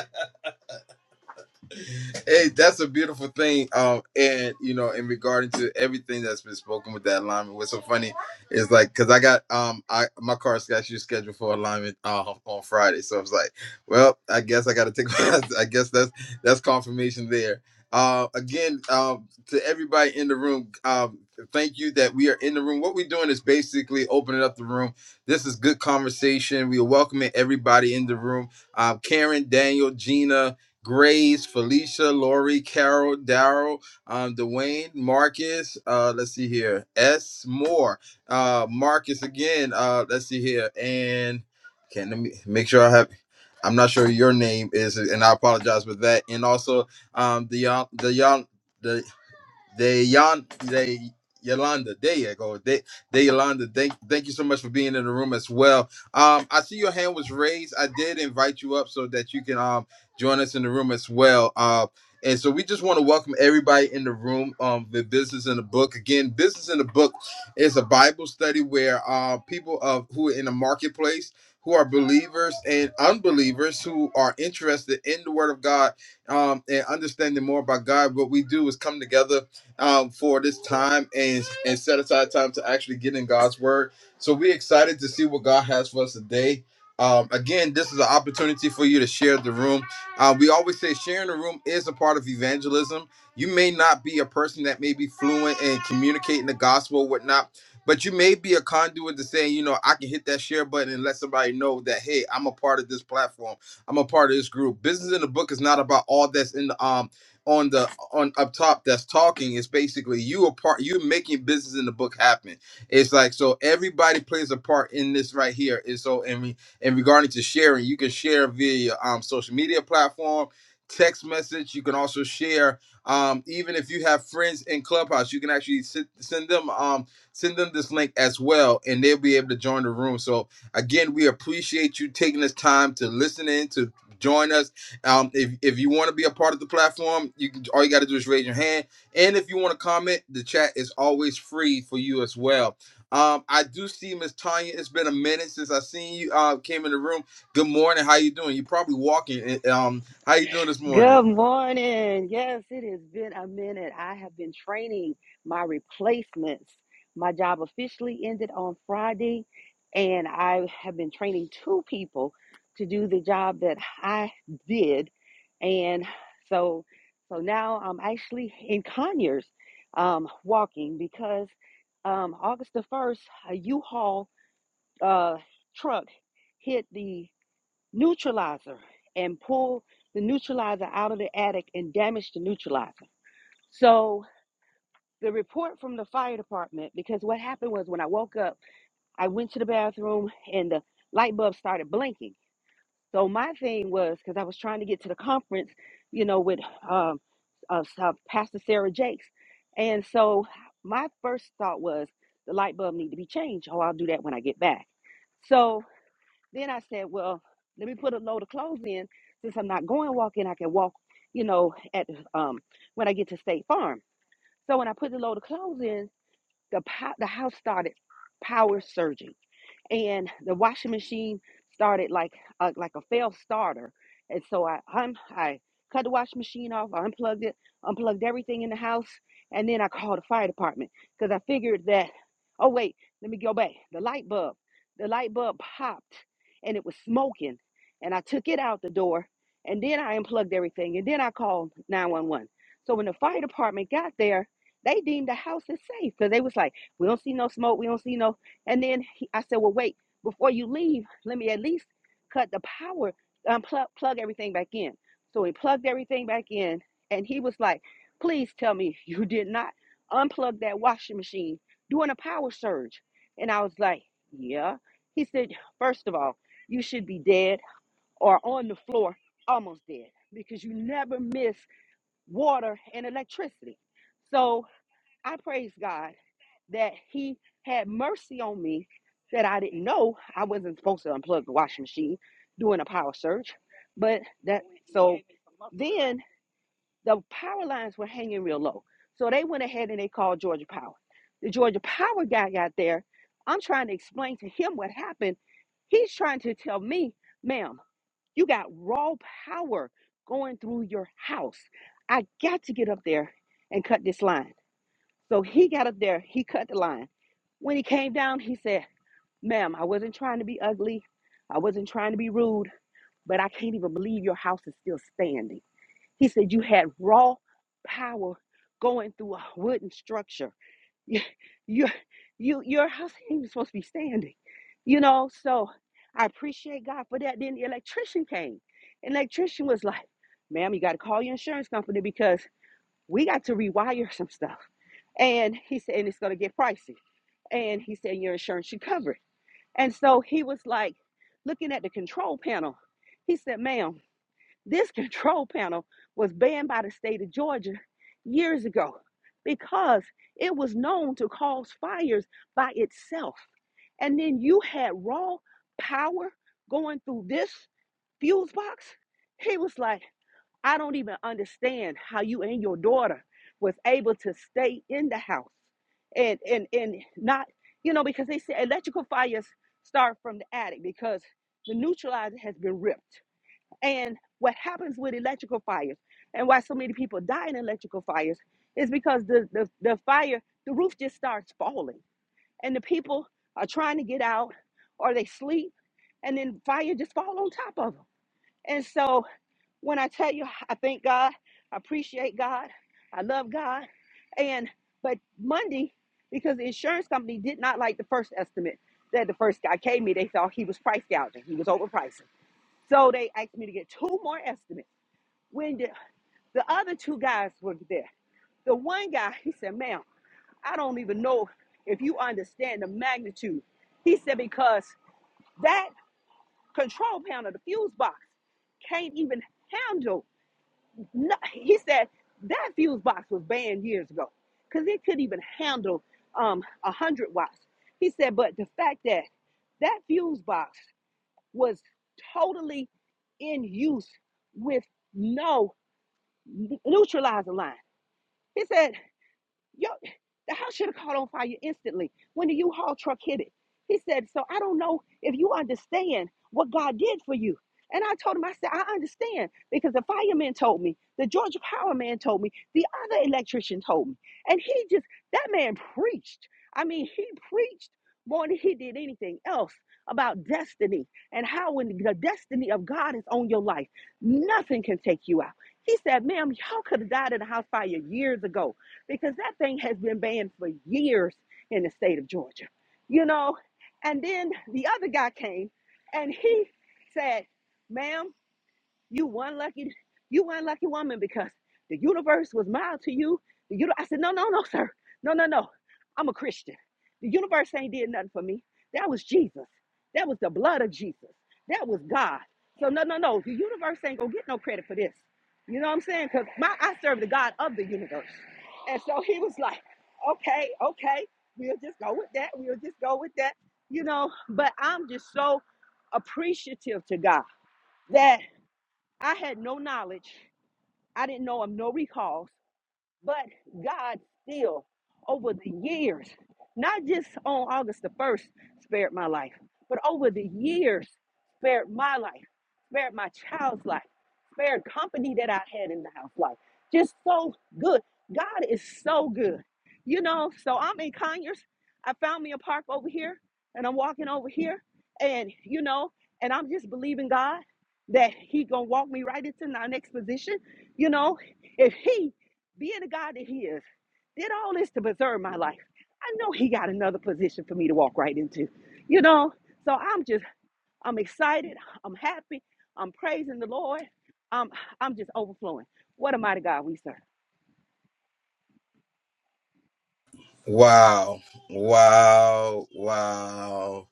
Speaker 3: hey, that's a beautiful thing. Um, and you know, in regarding to everything that's been spoken with that alignment, what's so funny is like, cause I got um, I my car's got you scheduled for alignment uh, on Friday, so I was like, well, I guess I got to take. I guess that's that's confirmation there. Uh, again, um, to everybody in the room, um, thank you that we are in the room. What we're doing is basically opening up the room. This is good conversation. We are welcoming everybody in the room. Um, Karen, Daniel, Gina, Grace, Felicia, Lori, Carol, Daryl, um, Dwayne, Marcus. Uh, let's see here. S. Moore, uh, Marcus again. Uh, let's see here. And can let me make sure I have. I'm not sure your name is, and I apologize for that. And also, um, the the they Yon they Yolanda. There you go. They they Yolanda. Thank thank you so much for being in the room as well. Um, I see your hand was raised. I did invite you up so that you can um join us in the room as well. Uh and so we just want to welcome everybody in the room. Um, the business in the book again. Business in the book is a Bible study where uh, people of who are in the marketplace, who are believers and unbelievers, who are interested in the Word of God, um, and understanding more about God. What we do is come together um, for this time and and set aside time to actually get in God's word. So we're excited to see what God has for us today. Um, again, this is an opportunity for you to share the room. Uh, we always say sharing the room is a part of evangelism. You may not be a person that may be fluent in communicating the gospel, or whatnot, but you may be a conduit to saying, you know, I can hit that share button and let somebody know that, hey, I'm a part of this platform. I'm a part of this group. Business in the book is not about all that's in the um on the on up top that's talking is basically you a part you're making business in the book happen it's like so everybody plays a part in this right here and so in re, in regarding to sharing you can share via your, um social media platform text message you can also share um even if you have friends in clubhouse you can actually sit, send them um send them this link as well and they'll be able to join the room so again we appreciate you taking this time to listen in to join us um, if, if you want to be a part of the platform, you can all you got to do is raise your hand. And if you want to comment, the chat is always free for you as well. Um, I do see Miss Tanya. It's been a minute since I seen you. Uh, came in the room. Good morning. How you doing? You probably walking. and, Um, how you doing this morning?
Speaker 6: Good morning. Yes, it has been a minute. I have been training my replacements. My job officially ended on Friday, and I have been training two people to do the job that I did. And so so now I'm actually in Conyers um, walking because um, August the 1st, a U-Haul uh, truck hit the neutralizer and pull the neutralizer out of the attic and damage the neutralizer. So the report from the fire department, because what happened was when I woke up, I went to the bathroom and the light bulb started blinking. So my thing was because I was trying to get to the conference, you know, with um, uh, uh, Pastor Sarah Jakes, and so my first thought was the light bulb need to be changed. Oh, I'll do that when I get back. So then I said, well, let me put a load of clothes in. Since I'm not going walking, I can walk, you know, at um when I get to State Farm. So when I put the load of clothes in, the po- the house started power surging and the washing machine started like a, like a failed starter and so I un- I cut the washing machine off I unplugged it unplugged everything in the house and then I called the fire department because I figured that oh wait let me go back the light bulb the light bulb popped and it was smoking and I took it out the door and then I unplugged everything and then I called 911 so when the fire department got there they deemed the house as safe because they was like we don't see no smoke we don't see no and then he, I said, well, wait, before you leave, let me at least cut the power, um, plug, plug everything back in. So he plugged everything back in, and he was like, please tell me you did not unplug that washing machine during a power surge. And I was like, yeah. He said, first of all, you should be dead or on the floor, almost dead, because you never miss water and electricity. So I praise God that He had mercy on me that I didn't know I wasn't supposed to unplug the washing machine doing a power surge. But that so then the power lines were hanging real low. So they went ahead and they called Georgia Power. The Georgia Power guy got there. I'm trying to explain to him what happened. He's trying to tell me, ma'am, you got raw power going through your house. I got to get up there and cut this line. So he got up there, he cut the line. When he came down, he said, Ma'am, I wasn't trying to be ugly. I wasn't trying to be rude, but I can't even believe your house is still standing. He said, You had raw power going through a wooden structure. You, you, you, your house ain't even supposed to be standing. You know, so I appreciate God for that. Then the electrician came. And the electrician was like, Ma'am, you got to call your insurance company because we got to rewire some stuff. And he said, and it's going to get pricey. And he said, your insurance should cover it. And so he was like, looking at the control panel, he said, ma'am, this control panel was banned by the state of Georgia years ago because it was known to cause fires by itself. And then you had raw power going through this fuse box. He was like, I don't even understand how you and your daughter was able to stay in the house and and and not, you know, because they say electrical fires start from the attic because the neutralizer has been ripped. And what happens with electrical fires and why so many people die in electrical fires is because the the, the fire, the roof just starts falling and the people are trying to get out or they sleep and then fire just fall on top of them. And so when I tell you, I thank God, I appreciate God, I love God. And but Monday, because the insurance company did not like the first estimate that the first guy gave me, they thought he was price gouging, he was overpricing. So they asked me to get two more estimates. When the, the other two guys were there, the one guy, he said, ma'am, I don't even know if you understand the magnitude. He said, because that control panel, the fuse box, can't even handle no, he said that fuse box was banned years ago because it couldn't even handle um, 100 watts. He said, but the fact that that fuse box was totally in use with no neutralizer line. He said Yo, the house should have caught on fire instantly when the U-Haul truck hit it. He said, So I don't know if you understand what God did for you. And I told him, I said, I understand because the fireman told me, the Georgia Power man told me, the other electrician told me. And he just, that man preached. I mean, he preached more than he did anything else about destiny and how when the destiny of God is on your life, nothing can take you out. He said, Ma'am, y'all could have died in a house fire years ago because that thing has been banned for years in the state of Georgia, you know. And then the other guy came and he said, ma'am, you one lucky, you one lucky woman because the universe was mild to you. The uni- I said, no, no, no, sir. No, no, no. I'm a Christian. The universe ain't did nothing for me. That was Jesus. That was the blood of Jesus. That was God. So no, no, no. The universe ain't gonna get no credit for this. You know what I'm saying? Because my I serve the God of the universe. And so he was like, okay, okay, we'll just go with that. We'll just go with that. You know, but I'm just so appreciative to God that. I had no knowledge. I didn't know of no recalls. But God still, over the years, not just on August the 1st, spared my life, but over the years, spared my life, spared my child's life, spared company that I had in the house life. Just so good. God is so good. You know, so I'm in Conyers. I found me a park over here, and I'm walking over here, and you know, and I'm just believing God that He gonna walk me right into my next position. You know, if He being the God that He is, did all this to preserve my life. I know He got another position for me to walk right into, you know. So I'm just, I'm excited, I'm happy, I'm praising the Lord, I'm, I'm just overflowing. What a mighty God we serve.
Speaker 3: Wow, wow, wow,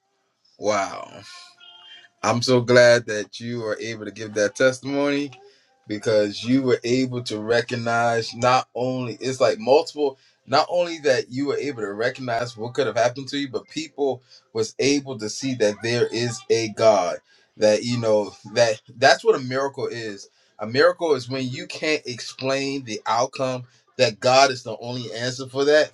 Speaker 3: wow. I'm so glad that you are able to give that testimony. because you were able to recognize not only it's like multiple not only that you were able to recognize what could have happened to you but people was able to see that there is a god that you know that that's what a miracle is a miracle is when you can't explain the outcome that god is the only answer for that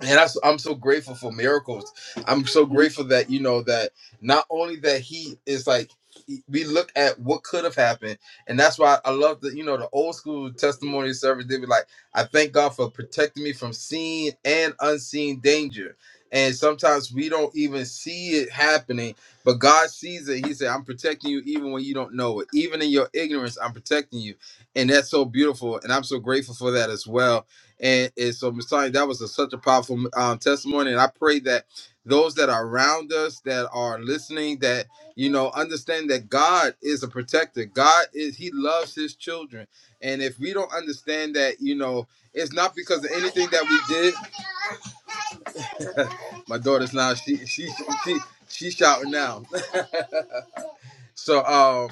Speaker 3: and that's, I'm so grateful for miracles. I'm so grateful that you know that not only that he is like he- we look at what could have happened, and that's why I love the you know the old school testimony service. They be like, "I thank God for protecting me from seen and unseen danger." And sometimes we don't even see it happening, but God sees it. He said, "I'm protecting you even when you don't know it. Even in your ignorance, I'm protecting you," and that's so beautiful. And I'm so grateful for that as well and, and so, Messiah, that was a, such a powerful um, testimony. And I pray that those that are around us, that are listening, that, you know, understand that God is a protector. God is, He loves His children. And if we don't understand that, you know, it's not because of anything that we did. My daughter's now, she, she, she, she shouting now. so, um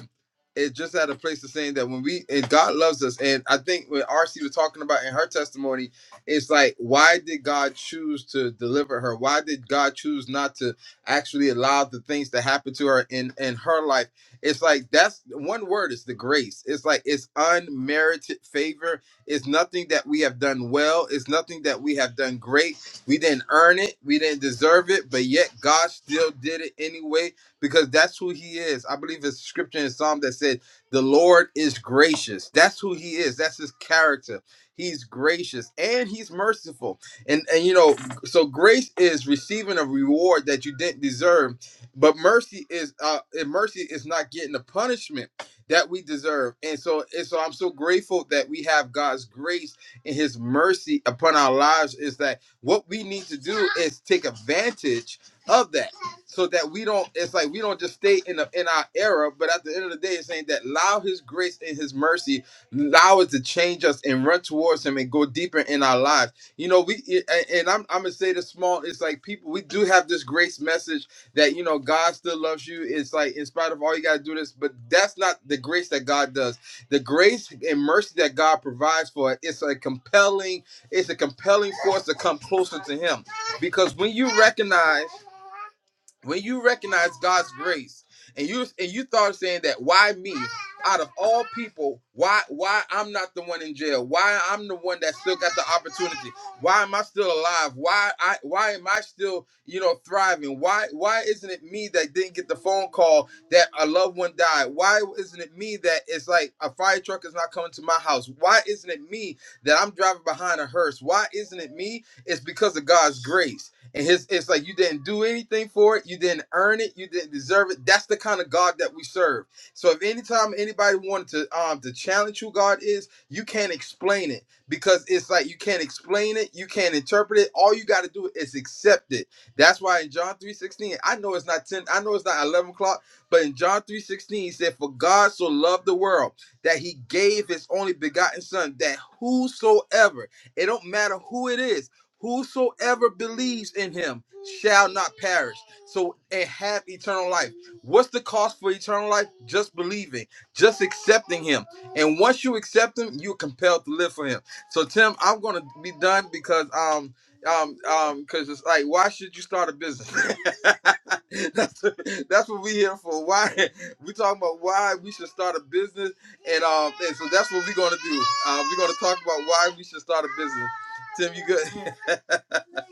Speaker 3: is just at a place of saying that when we and God loves us, and I think when RC was talking about in her testimony, it's like why did God choose to deliver her? Why did God choose not to actually allow the things to happen to her in in her life? It's like that's one word is the grace. It's like it's unmerited favor. It's nothing that we have done well. It's nothing that we have done great. We didn't earn it. We didn't deserve it, but yet God still did it anyway because that's who he is. I believe it's scripture in Psalm that said, The Lord is gracious. That's who he is. That's his character. He's gracious and he's merciful. And and you know, so grace is receiving a reward that you didn't deserve, but mercy is uh and mercy is not getting the punishment that we deserve. And so and so I'm so grateful that we have God's grace and his mercy upon our lives is that what we need to do is take advantage of that so that we don't it's like we don't just stay in the in our era but at the end of the day it's saying that allow his grace and his mercy allow it to change us and run towards him and go deeper in our lives you know we and and i'm, I'm gonna say this small it's like people we do have this grace message that you know god still loves you it's like in spite of all you gotta do this but that's not the grace that god does the grace and mercy that god provides for it, it's a compelling it's a compelling force to come closer to Him because when you recognize when you recognize God's grace and you and you start saying that why me out of all people why why I'm not the one in jail why I'm the one that still got the opportunity why am I still alive why I why am I still you know thriving why why isn't it me that didn't get the phone call that a loved one died why isn't it me that it's like a fire truck is not coming to my house why isn't it me that I'm driving behind a hearse why isn't it me it's because of God's grace and his it's like you didn't do anything for it you didn't earn it you didn't deserve it that's the kind of god that we serve so if anytime anybody wanted to um to challenge who god is you can't explain it because it's like you can't explain it you can't interpret it all you got to do is accept it that's why in john three sixteen, i know it's not 10 i know it's not 11 o'clock but in john three sixteen, he said for god so loved the world that he gave his only begotten son that whosoever it don't matter who it is Whosoever believes in him shall not perish, so and have eternal life. What's the cost for eternal life? Just believing, just accepting him. And once you accept him, you're compelled to live for him. So Tim, I'm gonna be done because um um um because it's like why should you start a business? that's that's what we here for. Why we talking about why we should start a business and um and so that's what we're gonna do. Uh, we're gonna talk about why we should start a business. Tim, you good?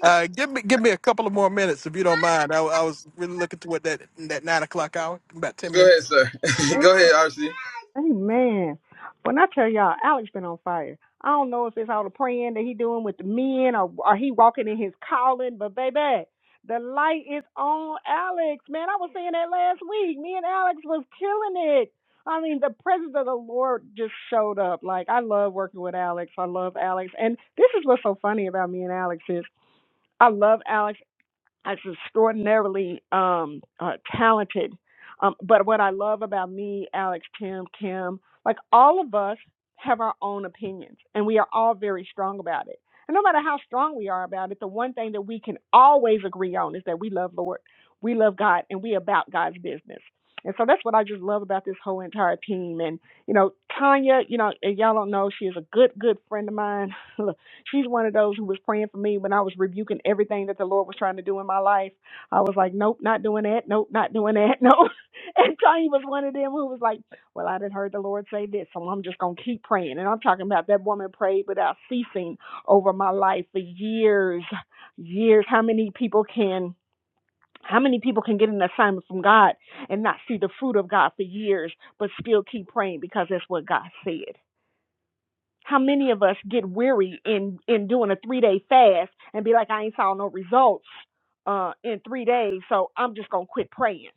Speaker 1: Uh, give me give me a couple of more minutes if you don't mind. I, I was really looking toward that that nine o'clock hour, about ten
Speaker 3: Go ahead,
Speaker 1: minutes.
Speaker 3: sir. Go ahead, RC.
Speaker 4: Amen. When I tell y'all, Alex been on fire. I don't know if it's all the praying that he doing with the men or or he walking in his calling, but baby, the light is on Alex. Man, I was saying that last week. Me and Alex was killing it. I mean, the presence of the Lord just showed up. Like I love working with Alex. I love Alex, and this is what's so funny about me and Alex is I love Alex as extraordinarily um, uh, talented. Um, but what I love about me, Alex, Tim, Kim, like all of us have our own opinions, and we are all very strong about it. And no matter how strong we are about it, the one thing that we can always agree on is that we love Lord, we love God, and we about God's business. And so that's what I just love about this whole entire team. And you know, Tanya, you know, if y'all don't know, she is a good, good friend of mine. She's one of those who was praying for me when I was rebuking everything that the Lord was trying to do in my life. I was like, nope, not doing that. Nope, not doing that. Nope. And Tanya was one of them who was like, well, I didn't heard the Lord say this, so I'm just going to keep praying. And I'm talking about that woman prayed without ceasing over my life for years, years. How many people can. How many people can get an assignment from God and not see the fruit of God for years, but still keep praying because that's what God said? How many of us get weary in in doing a three day fast and be like, I ain't saw no results uh, in three days, so I'm just gonna quit praying.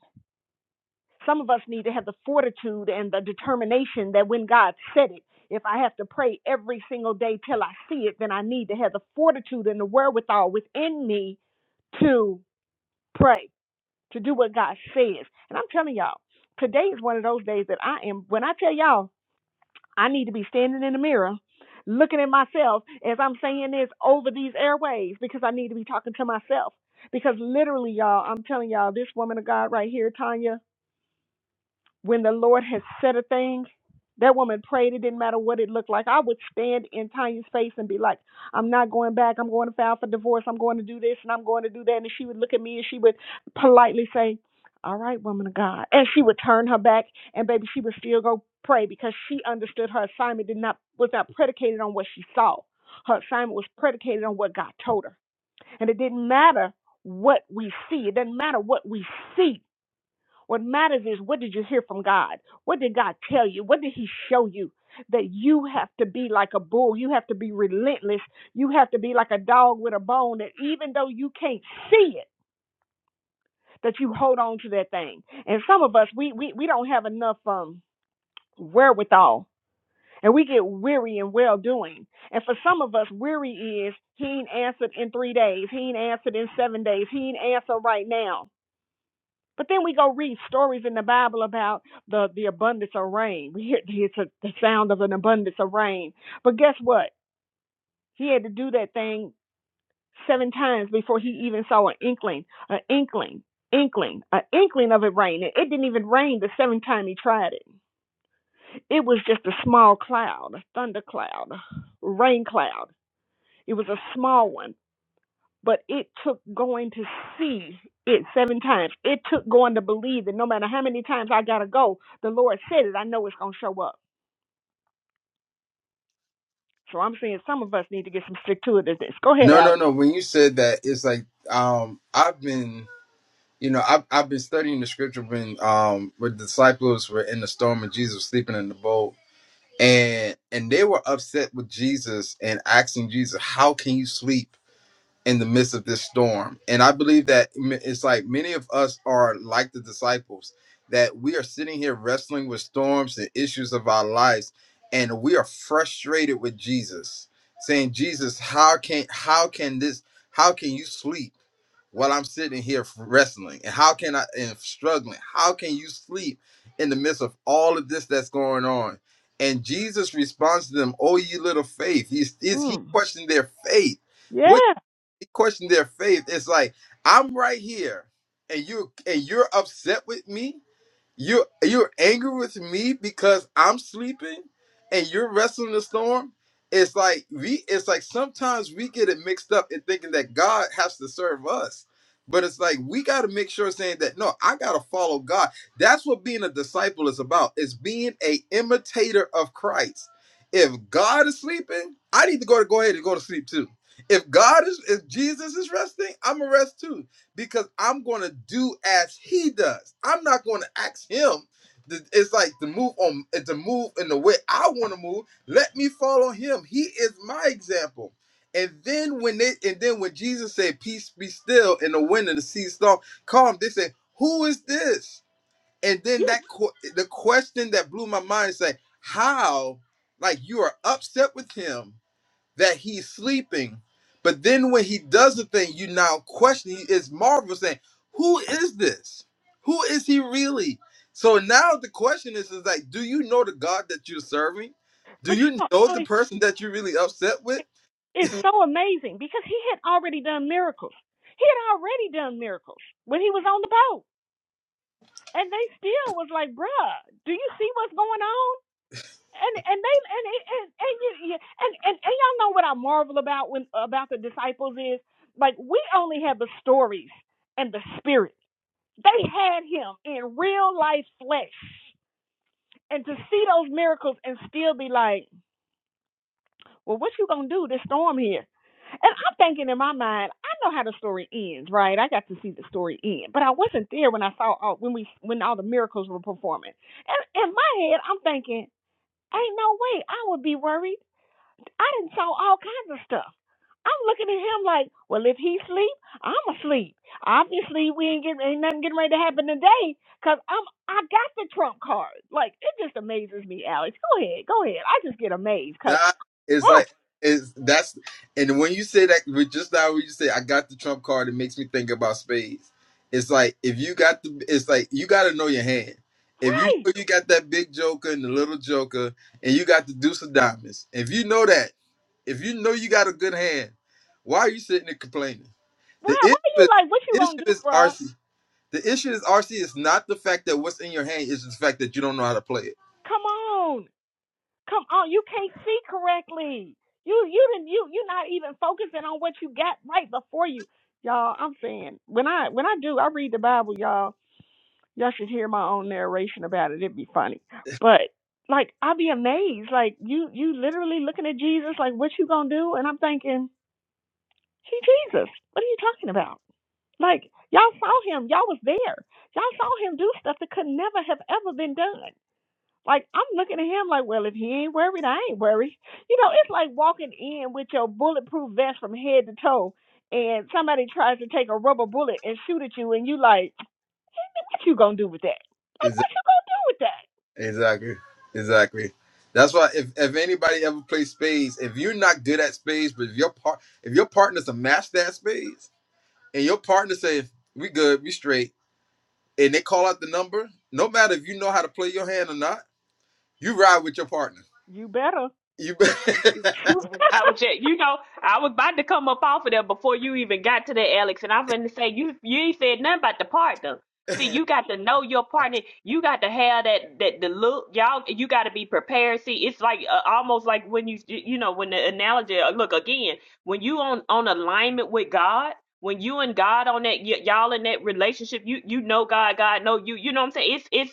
Speaker 4: Some of us need to have the fortitude and the determination that when God said it, if I have to pray every single day till I see it, then I need to have the fortitude and the wherewithal in me to pray, to do what God says. And I'm telling y'all, today is one of those days that I am. When I tell y'all. I need to be standing in the mirror looking at myself as I'm saying this over these airwaves because I need to be talking to myself. Because literally, y'all, I'm telling y'all, this woman of God right here, Tanya, when the Lord has said a thing, that woman prayed. It didn't matter what it looked like. I would stand in Tanya's face and be like, I'm not going back. I'm going to file for divorce. I'm going to do this and I'm going to do that. And she would look at me and she would politely say, All right, woman of God. And she would turn her back and baby, she would still go pray because she understood her assignment did not was not predicated on what she saw. Her assignment was predicated on what God told her. And it didn't matter what we see. It doesn't matter what we see what matters is what did you hear from God? What did God tell you? What did He show you? That you have to be like a bull. You have to be relentless. You have to be like a dog with a bone that even though you can't see it, that you hold on to that thing. And some of us, we we, we don't have enough um wherewithal. And we get weary in well doing. And for some of us, weary is he ain't answered in three days. He ain't answered in seven days. He ain't answered right now. But then we go read stories in the Bible about the, the abundance of rain. We hear it's a, the sound of an abundance of rain. But guess what? He had to do that thing seven times before he even saw an inkling, an inkling, inkling, an inkling of it raining. It didn't even rain the seventh time he tried it. It was just a small cloud, a thunder cloud, a rain cloud. It was a small one but it took going to see it seven times. It took going to believe that no matter how many times I gotta go, the Lord said it. I know it's gonna show up. So I'm saying some of us need to get some stick to this. Go ahead,
Speaker 3: No, no,
Speaker 4: Alex.
Speaker 3: no. When you said that, it's like um I've been you know, I've I've been studying the scripture when um when the disciples were in the storm and Jesus was sleeping in the boat and and they were upset with Jesus and asking Jesus, How can you sleep? in the midst of this storm. And I believe that m- it's like many of us are like the disciples, that we are sitting here wrestling with storms and issues of our lives, and we are frustrated with Jesus, saying, Jesus, how can how can this how can you sleep while I'm sitting here wrestling? And how can I and struggling? How can you sleep in the midst of all of this that's going on? And Jesus responds to them, Oh, ye little faith. He's, he's, he
Speaker 4: Mm.
Speaker 3: questioned their faith
Speaker 4: Yeah.
Speaker 3: What he questioned their faith. It's like I'm right here, and you and you're upset with me. You you're angry with me because I'm sleeping and you're wrestling the storm. It's like we it's like sometimes we get it mixed up in thinking that God has to serve us. But it's like we gotta make sure saying that no, I gotta follow God. That's what being a disciple is about. It's being a imitator of Christ. If God is sleeping, I need to go to go ahead and go to sleep too. If God is if Jesus is resting, I'm gonna rest too because I'm going to do as he does. I'm not going to ask him. to- It's like to move on, eh, to move in the way I want to move. Let me follow him. He is my example. And then when they, and then when Jesus said, "Peace be still," in the wind and the sea storm calm, they said, "Who is this?" And then
Speaker 4: yeah.
Speaker 3: that qu- the question that blew my mind is like, "How? Like you are upset with him." that he's sleeping. But then when he does the thing, you now question. It's is marvel saying, "Who is this? Who is he really?" So now the question is, is like, do you know the God that you're serving? Do
Speaker 4: But you
Speaker 3: you
Speaker 4: know,
Speaker 3: know the
Speaker 4: Alex,
Speaker 3: person that you're really upset with?
Speaker 4: is so amazing because he had already done miracles. He had already done miracles when he was on the boat. And they still was like, bruh, do you see what's going on? and and they and and and, and, you, you- and and and y'all know what I marvel about when about the disciples is like we only have the stories and the spirit. They had him in real life flesh, and to see those miracles and still be like, well, what you gonna do? This storm here, and I'm thinking in my mind, I know how the story ends, right? I got to see the story end, but I wasn't there when I saw all, when we when all the miracles were performing. And in my head, I'm thinking, ain't no way I would be worried. I didn't saw all kinds of stuff. I'm looking at him like, well, if he sleep, I'm asleep. Obviously, we ain't getting ain't nothing getting ready to happen today because I'm I got the trump card. Like it just amazes me, Alex. Go ahead, go ahead. I just get amazed because
Speaker 3: Nah, it's
Speaker 4: oh,
Speaker 3: like it's that's and when you say that with just now when you say I got the trump card, it makes me think about spades. It's like if you got the it's like you gotta know your hand. If you
Speaker 4: right,
Speaker 3: know you got that big joker and the little joker and you got the deuce of diamonds, if you know that, if you know you got a good hand, why are you sitting and complaining? The
Speaker 4: wow.
Speaker 3: issue
Speaker 4: What are you
Speaker 3: is
Speaker 4: like? What you gonna
Speaker 3: issue
Speaker 4: do,
Speaker 3: is
Speaker 4: bruh?
Speaker 3: RC. The issue is RC is not the fact that what's in your hand, it's the fact that you don't know how to play
Speaker 4: Come on, come on. You can't see correctly. You you didn't you you're not even focusing on what you got right before you, y'all. I'm saying when I when I do I read the Bible, y'all. Y'all should hear my own narration about it. It'd be funny. But like I'd be amazed. Like you you literally looking at Jesus like what you gonna do? And I'm thinking, He Jesus. What are you talking about? Like y'all saw him, y'all was there. Y'all saw him do stuff that could never have ever been done. Like I'm looking at him like, well, if he ain't worried, I ain't worried. You know, it's like walking in with your bulletproof vest from head to toe, and somebody tries to take a rubber bullet and shoot at you, and you like, what you gonna do with that?
Speaker 3: it.
Speaker 4: Do with that?
Speaker 3: Exactly. Exactly. That's why if, if anybody ever plays spades, if you're not good at spades, but if your part if your partner's a master at spades and your partner says, We good, we straight, and they call out the number, no matter if you know how to play your hand or not, you ride with your partner.
Speaker 4: You better.
Speaker 3: You bet-
Speaker 2: I was just, you know, I was about to come up off of there before you even got to there, Alex. And I'm gonna say you you ain't said nothing about the partner. See, you got to know your partner. You got to have that that the look, y'all. You got to be prepared. See, it's like uh, almost like when you you know when the analogy. uh, Look again, when you on on alignment with God. When you and God on that, y- y'all in that relationship, you you know God, God know you. You know what I'm saying? it's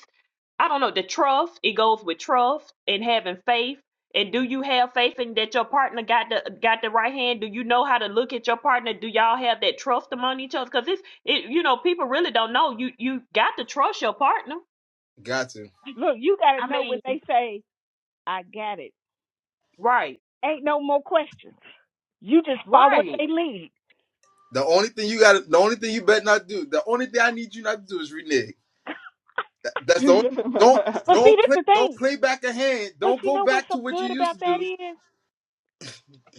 Speaker 2: I don't know, the trust, it goes with trust and having faith. And do you have faith in that your partner got the got the right hand? Do you know how to look at your partner? Do y'all have that trust among each other? Because it's it you know, people really don't know. You you got to trust your partner.
Speaker 3: got to.
Speaker 4: Look, you got to
Speaker 2: I
Speaker 4: know when
Speaker 2: mean
Speaker 4: they say, I got it.
Speaker 2: Right.
Speaker 4: Ain't no more questions. You just follow what
Speaker 2: Right.
Speaker 4: they lead.
Speaker 3: The only thing you got the only thing you bet not do, the only thing I need you not to do is renege. That- that's the only don't
Speaker 4: But see,
Speaker 3: don't
Speaker 4: that's
Speaker 3: play
Speaker 4: the
Speaker 3: don't
Speaker 4: thing.
Speaker 3: play back a hand.
Speaker 4: But
Speaker 3: Don't
Speaker 4: you
Speaker 3: go
Speaker 4: know what's
Speaker 3: back
Speaker 4: so
Speaker 3: to what you
Speaker 4: good
Speaker 3: used
Speaker 4: about
Speaker 3: to
Speaker 4: that
Speaker 3: do.
Speaker 4: is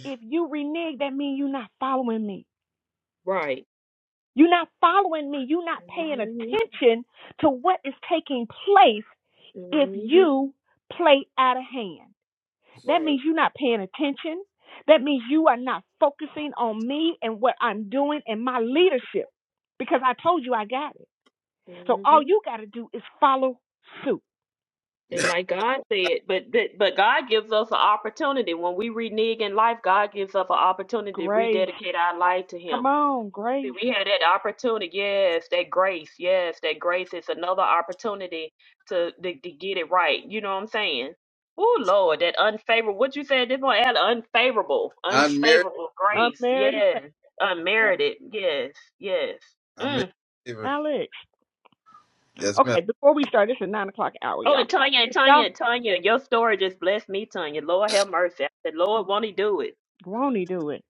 Speaker 4: if you renege, that means you're not following me.
Speaker 2: Right.
Speaker 4: You're not following me. You're not paying
Speaker 2: hmm
Speaker 4: attention to what is taking place if
Speaker 2: hmm
Speaker 4: you play out of hand. That
Speaker 2: Right.
Speaker 4: means you're not paying attention. That means you are not focusing on me and what I'm doing and my leadership because I told you I got it. So all
Speaker 2: hmm
Speaker 4: you got to do is follow suit.
Speaker 2: And like God said, but that- but God gives us an opportunity when we renege in life. God gives us an opportunity to rededicate our life to Him. See, we had that opportunity. Yes, that grace. Yes, that grace is another opportunity to to, to get it right. You know what I'm saying? Oh Lord, that unfavorable. What you said this one Ella? Unfavorable,
Speaker 3: I'm married.
Speaker 2: unfavorable grace.
Speaker 4: Unmarried is
Speaker 2: Yes,
Speaker 4: famous.
Speaker 2: unmerited. Yes, yes.
Speaker 3: I'm
Speaker 2: Mm.
Speaker 3: married.
Speaker 4: Alex.
Speaker 3: Yes, ma'am.
Speaker 4: Okay, before we start, this is nine o'clock hour,
Speaker 2: Oh,
Speaker 4: y'all.
Speaker 2: and Tanya,
Speaker 4: If y'all
Speaker 2: Tanya, Tanya, your story just blessed me, Tanya. Lord have mercy. I said, Lord, won't He do it?
Speaker 4: Rony do it.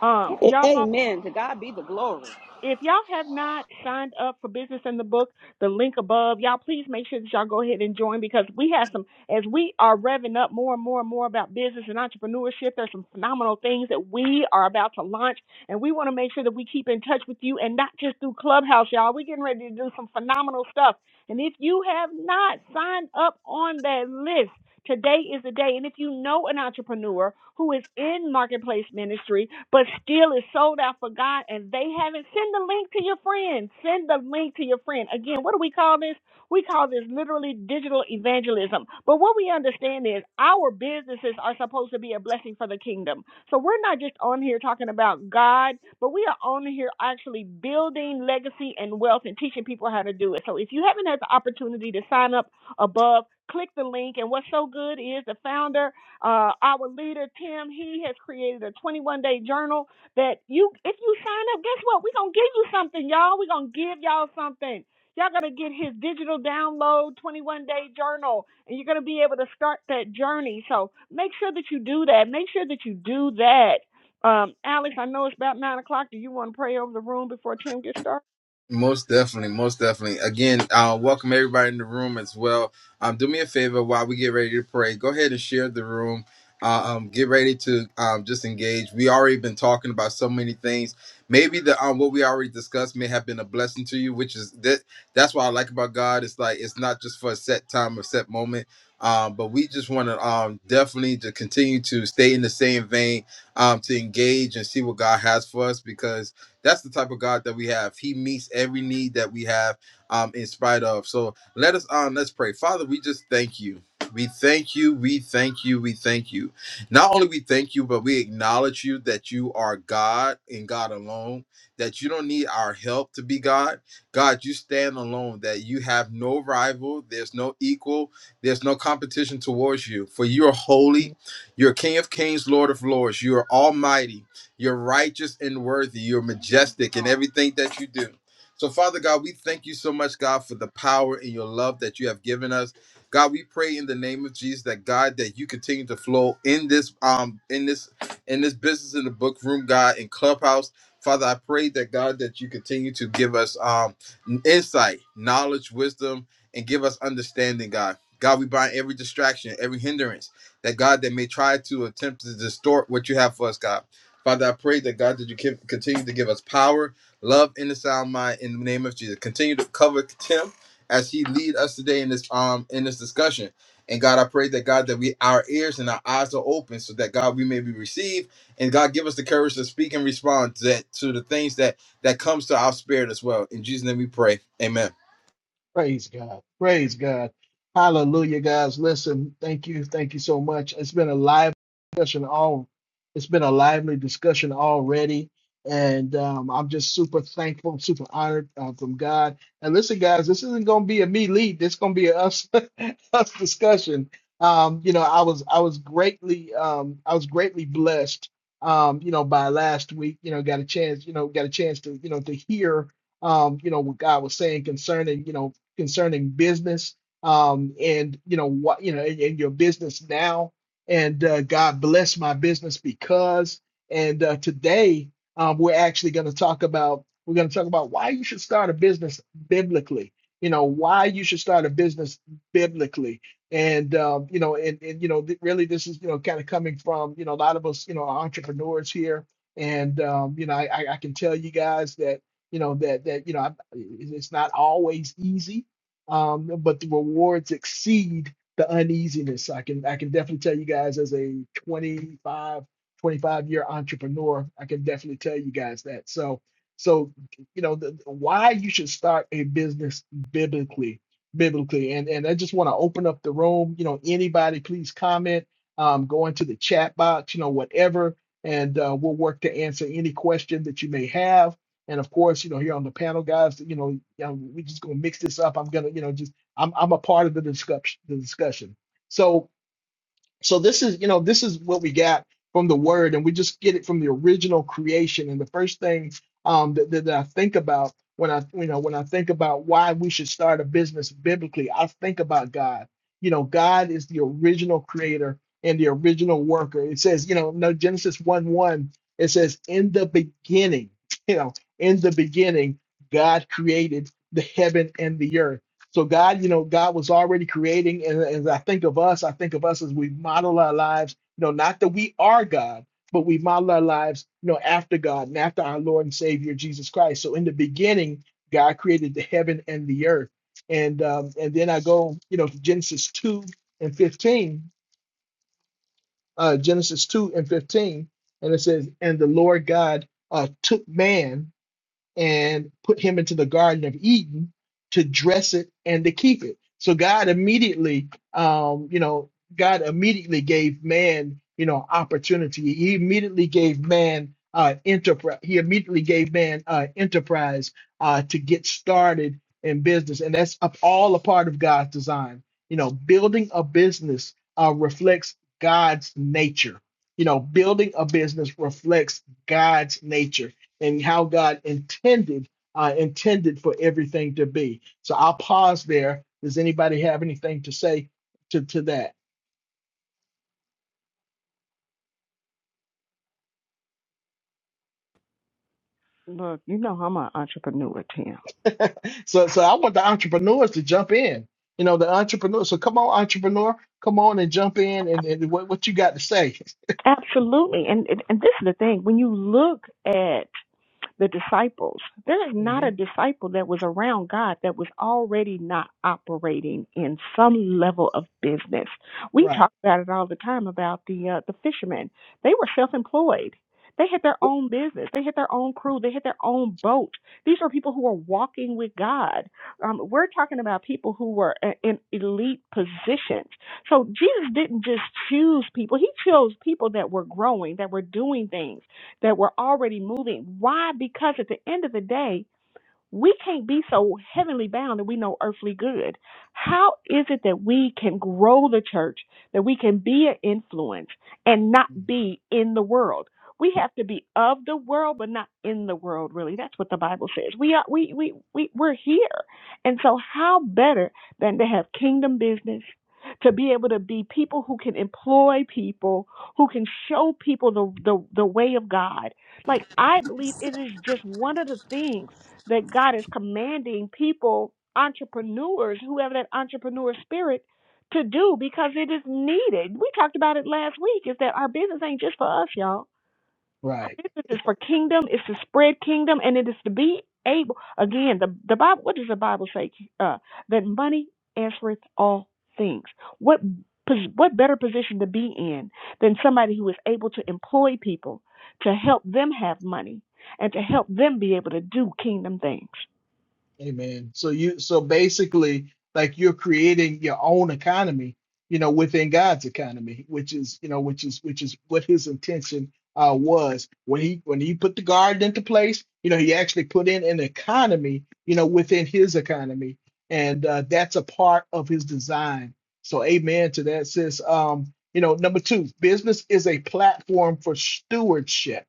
Speaker 4: Um,
Speaker 6: A-
Speaker 4: y'all.
Speaker 6: Amen. To God be the glory.
Speaker 4: if y'all have not signed up for business in the book the link above y'all please make sure that y'all go ahead and join because we have some as we are revving up more and more and more about business and entrepreneurship there's some phenomenal things that we are about to launch and we want to make sure that we keep in touch with you and not just through clubhouse y'all we're getting ready to do some phenomenal stuff and if you have not signed up on that list Today is the day. And if you know an entrepreneur who is in marketplace ministry, but still is sold out for God and they haven't, send the link to your friend. Send the link to your friend. Again, what do we call this? We call this literally digital evangelism. But what we understand is our businesses are supposed to be a blessing for the kingdom. So we're not just on here talking about God, but we are on here actually building legacy and wealth and teaching people how to do it. So if you haven't had the opportunity to sign up, above. Click the link. And what's so good is the founder, uh, our leader, Tim, he has created a 21 day journal that you, if you sign up, guess what? We're going to give you something, y'all. We're going to give y'all something. Y'all going to get his digital download 21 day journal and you're going to be able to start that journey. So make sure that you do that. Make sure that you do that. Um, Alex, I know it's about nine o'clock. Do you want to pray over the room before Tim gets started?
Speaker 3: Most definitely, most definitely. Again, uh, welcome everybody in the room as well. Um, do me a favor while we get ready to pray. Go ahead and share the room. Uh, um, get ready to um, just engage. We already been talking about so many things. Maybe the um, what we already discussed may have been a blessing to you, which is that. That's what I like about God. It's like it's not just for a set time or set moment. Um, but we just want to um, definitely to continue to stay in the same vein um, to engage and see what God has for us because That's the type of God that we have. He meets every need that we have, um, in spite of. So let us um let's pray. Father, we just thank you. We thank you, we thank you, we thank you. Not only we thank you, but we acknowledge you that you are God and God alone, that you don't need our help to be God. God, you stand alone, that you have no rival, there's no equal, there's no competition towards you. For you are holy, you're King of Kings, Lord of Lords, you are almighty. You're righteous and worthy. You're majestic in everything that you do. So, Father God, we thank you so much, God, for the power and your love that you have given us. God, we pray in the name of Jesus that God that you continue to flow in this um in this in this business in the book room, God, in Clubhouse. Father, I pray that God that you continue to give us um insight, knowledge, wisdom, and give us understanding, God. God, we bind every distraction, every hindrance that God that may try to attempt to distort what you have for us, God. Father, I pray that God, that you give, continue to give us power, love, and a sound mind in the name of Jesus. Continue to cover Tim as he lead us today in this um in this discussion. And God, I pray that God, that we our ears and our eyes are open so that God we may be received. And God, give us the courage to speak and respond to, that, to the things that that comes to our spirit as well. In Jesus' name, we pray. Amen.
Speaker 1: Praise God. Praise God. Hallelujah, guys. Listen, thank you. Thank you so much. It's been a live discussion all it's been a lively discussion already. And um, I'm just super thankful, super honored uh, from God. And listen, guys, this isn't gonna be a me lead. This gonna be a us us discussion. Um, you know, I was I was greatly um I was greatly blessed um, you know, by last week, you know, got a chance, you know, got a chance to, you know, to hear um, you know, what God was saying concerning, you know, concerning business um, and you know what you know and, and your business now and uh, God bless my business because and uh, today um, we're actually going to talk about we're going to talk about why you should start a business biblically you know why you should start a business biblically and um, you know and, and you know th- really this is you know kind of coming from you know a lot of us you know are entrepreneurs here and um, you know I, I I can tell you guys that you know that that you know I, it's not always easy um, but the rewards exceed the uneasiness. I can I can definitely tell you guys as a 25 25 year entrepreneur, I can definitely tell you guys that. So so you know the, why you should start a business biblically biblically and and I just want to open up the room. You know anybody please comment, um, go into the chat box, you know whatever, and uh, we'll work to answer any question that you may have and of course, you know, here on the panel, guys, you know, yeah, we're just gonna mix this up. I'm gonna, you know, just I'm I'm a part of the discussion. The discussion. So so this is, you know, this is what we got from the word, and we just get it from the original creation. And the first thing um, that, that I think about when I, you know, when I think about why we should start a business biblically, I think about God. You know, God is the original creator and the original worker. It says, you know, no Genesis one one. It says, in the beginning, you know, in the beginning, God created the heaven and the earth so God, you know, God was already creating, and as I think of us, I think of us as we model our lives. You know, not that we are God, but we model our lives, you know, after God and after our Lord and Savior Jesus Christ. So in the beginning, God created the heaven and the earth, and um, and then I go, you know, to Genesis two and fifteen, uh, Genesis two and fifteen, and it says, and the Lord God uh, took man and put him into the Garden of Eden to dress it and to keep it. So God immediately, um, you know, God immediately gave man, you know, opportunity. He immediately gave man uh, enterprise. He immediately gave man uh, enterprise uh, to get started in business, and that's up all a part of God's design. You know, building a business uh, reflects God's nature. You know, building a business reflects God's nature and how God intended uh, intended for everything to be. So I'll pause there. Does anybody have anything to say to, to that?
Speaker 4: Look, you know I'm an entrepreneur, Tim.
Speaker 1: So so I want the entrepreneurs to jump in. You know, the entrepreneur. So come on, entrepreneur, come on and jump in and, and what, what you got to say.
Speaker 4: Absolutely. And, and and this is the thing. When you look at the disciples. There is not a
Speaker 1: Mhm.
Speaker 4: disciple that was around God that was already not operating in some level of business. We
Speaker 1: Right.
Speaker 4: talk about it all the time about the uh, the fishermen. They were self-employed. They had their own business. They had their own crew. They had their own boat. These are people who are walking with God. Um, we're talking about people who were uh, in elite positions. So Jesus didn't just choose people. He chose people that were growing, that were doing things that were already moving. Why? Because at the end of the day, we can't be so heavenly bound that we know earthly good. How is it that we can grow the church, that we can be an influence and not
Speaker 1: Mm-hmm.
Speaker 4: be in the world? We have to be of the world, but not in the world. Really, that's what the Bible says. We are we we we we're here, and so how better than to have kingdom business, to be able to be people who can employ people, who can show people the the, the way of God. Like I believe it is just one of the things that God is commanding people, entrepreneurs, who have that entrepreneur spirit to do because it is needed. We talked about it last week is that our business ain't just for us, y'all. Our
Speaker 1: Right.
Speaker 4: business is for kingdom, it's to spread kingdom, and it is to be able again, the the Bible what does the Bible say? Uh that money answereth all things. What pos- what better position to be in than somebody who is able to employ people to help them have money and to help them be able to do kingdom things.
Speaker 1: Amen. So you so basically like you're creating your own economy, you know, within God's economy, which is, you know, which is which is what his intention uh was. When he when he put the garden into place, you know, he actually put in an economy, you know, within his economy. And uh that's a part of his design. So amen to that sis. Um, you know, number two, business is a platform for stewardship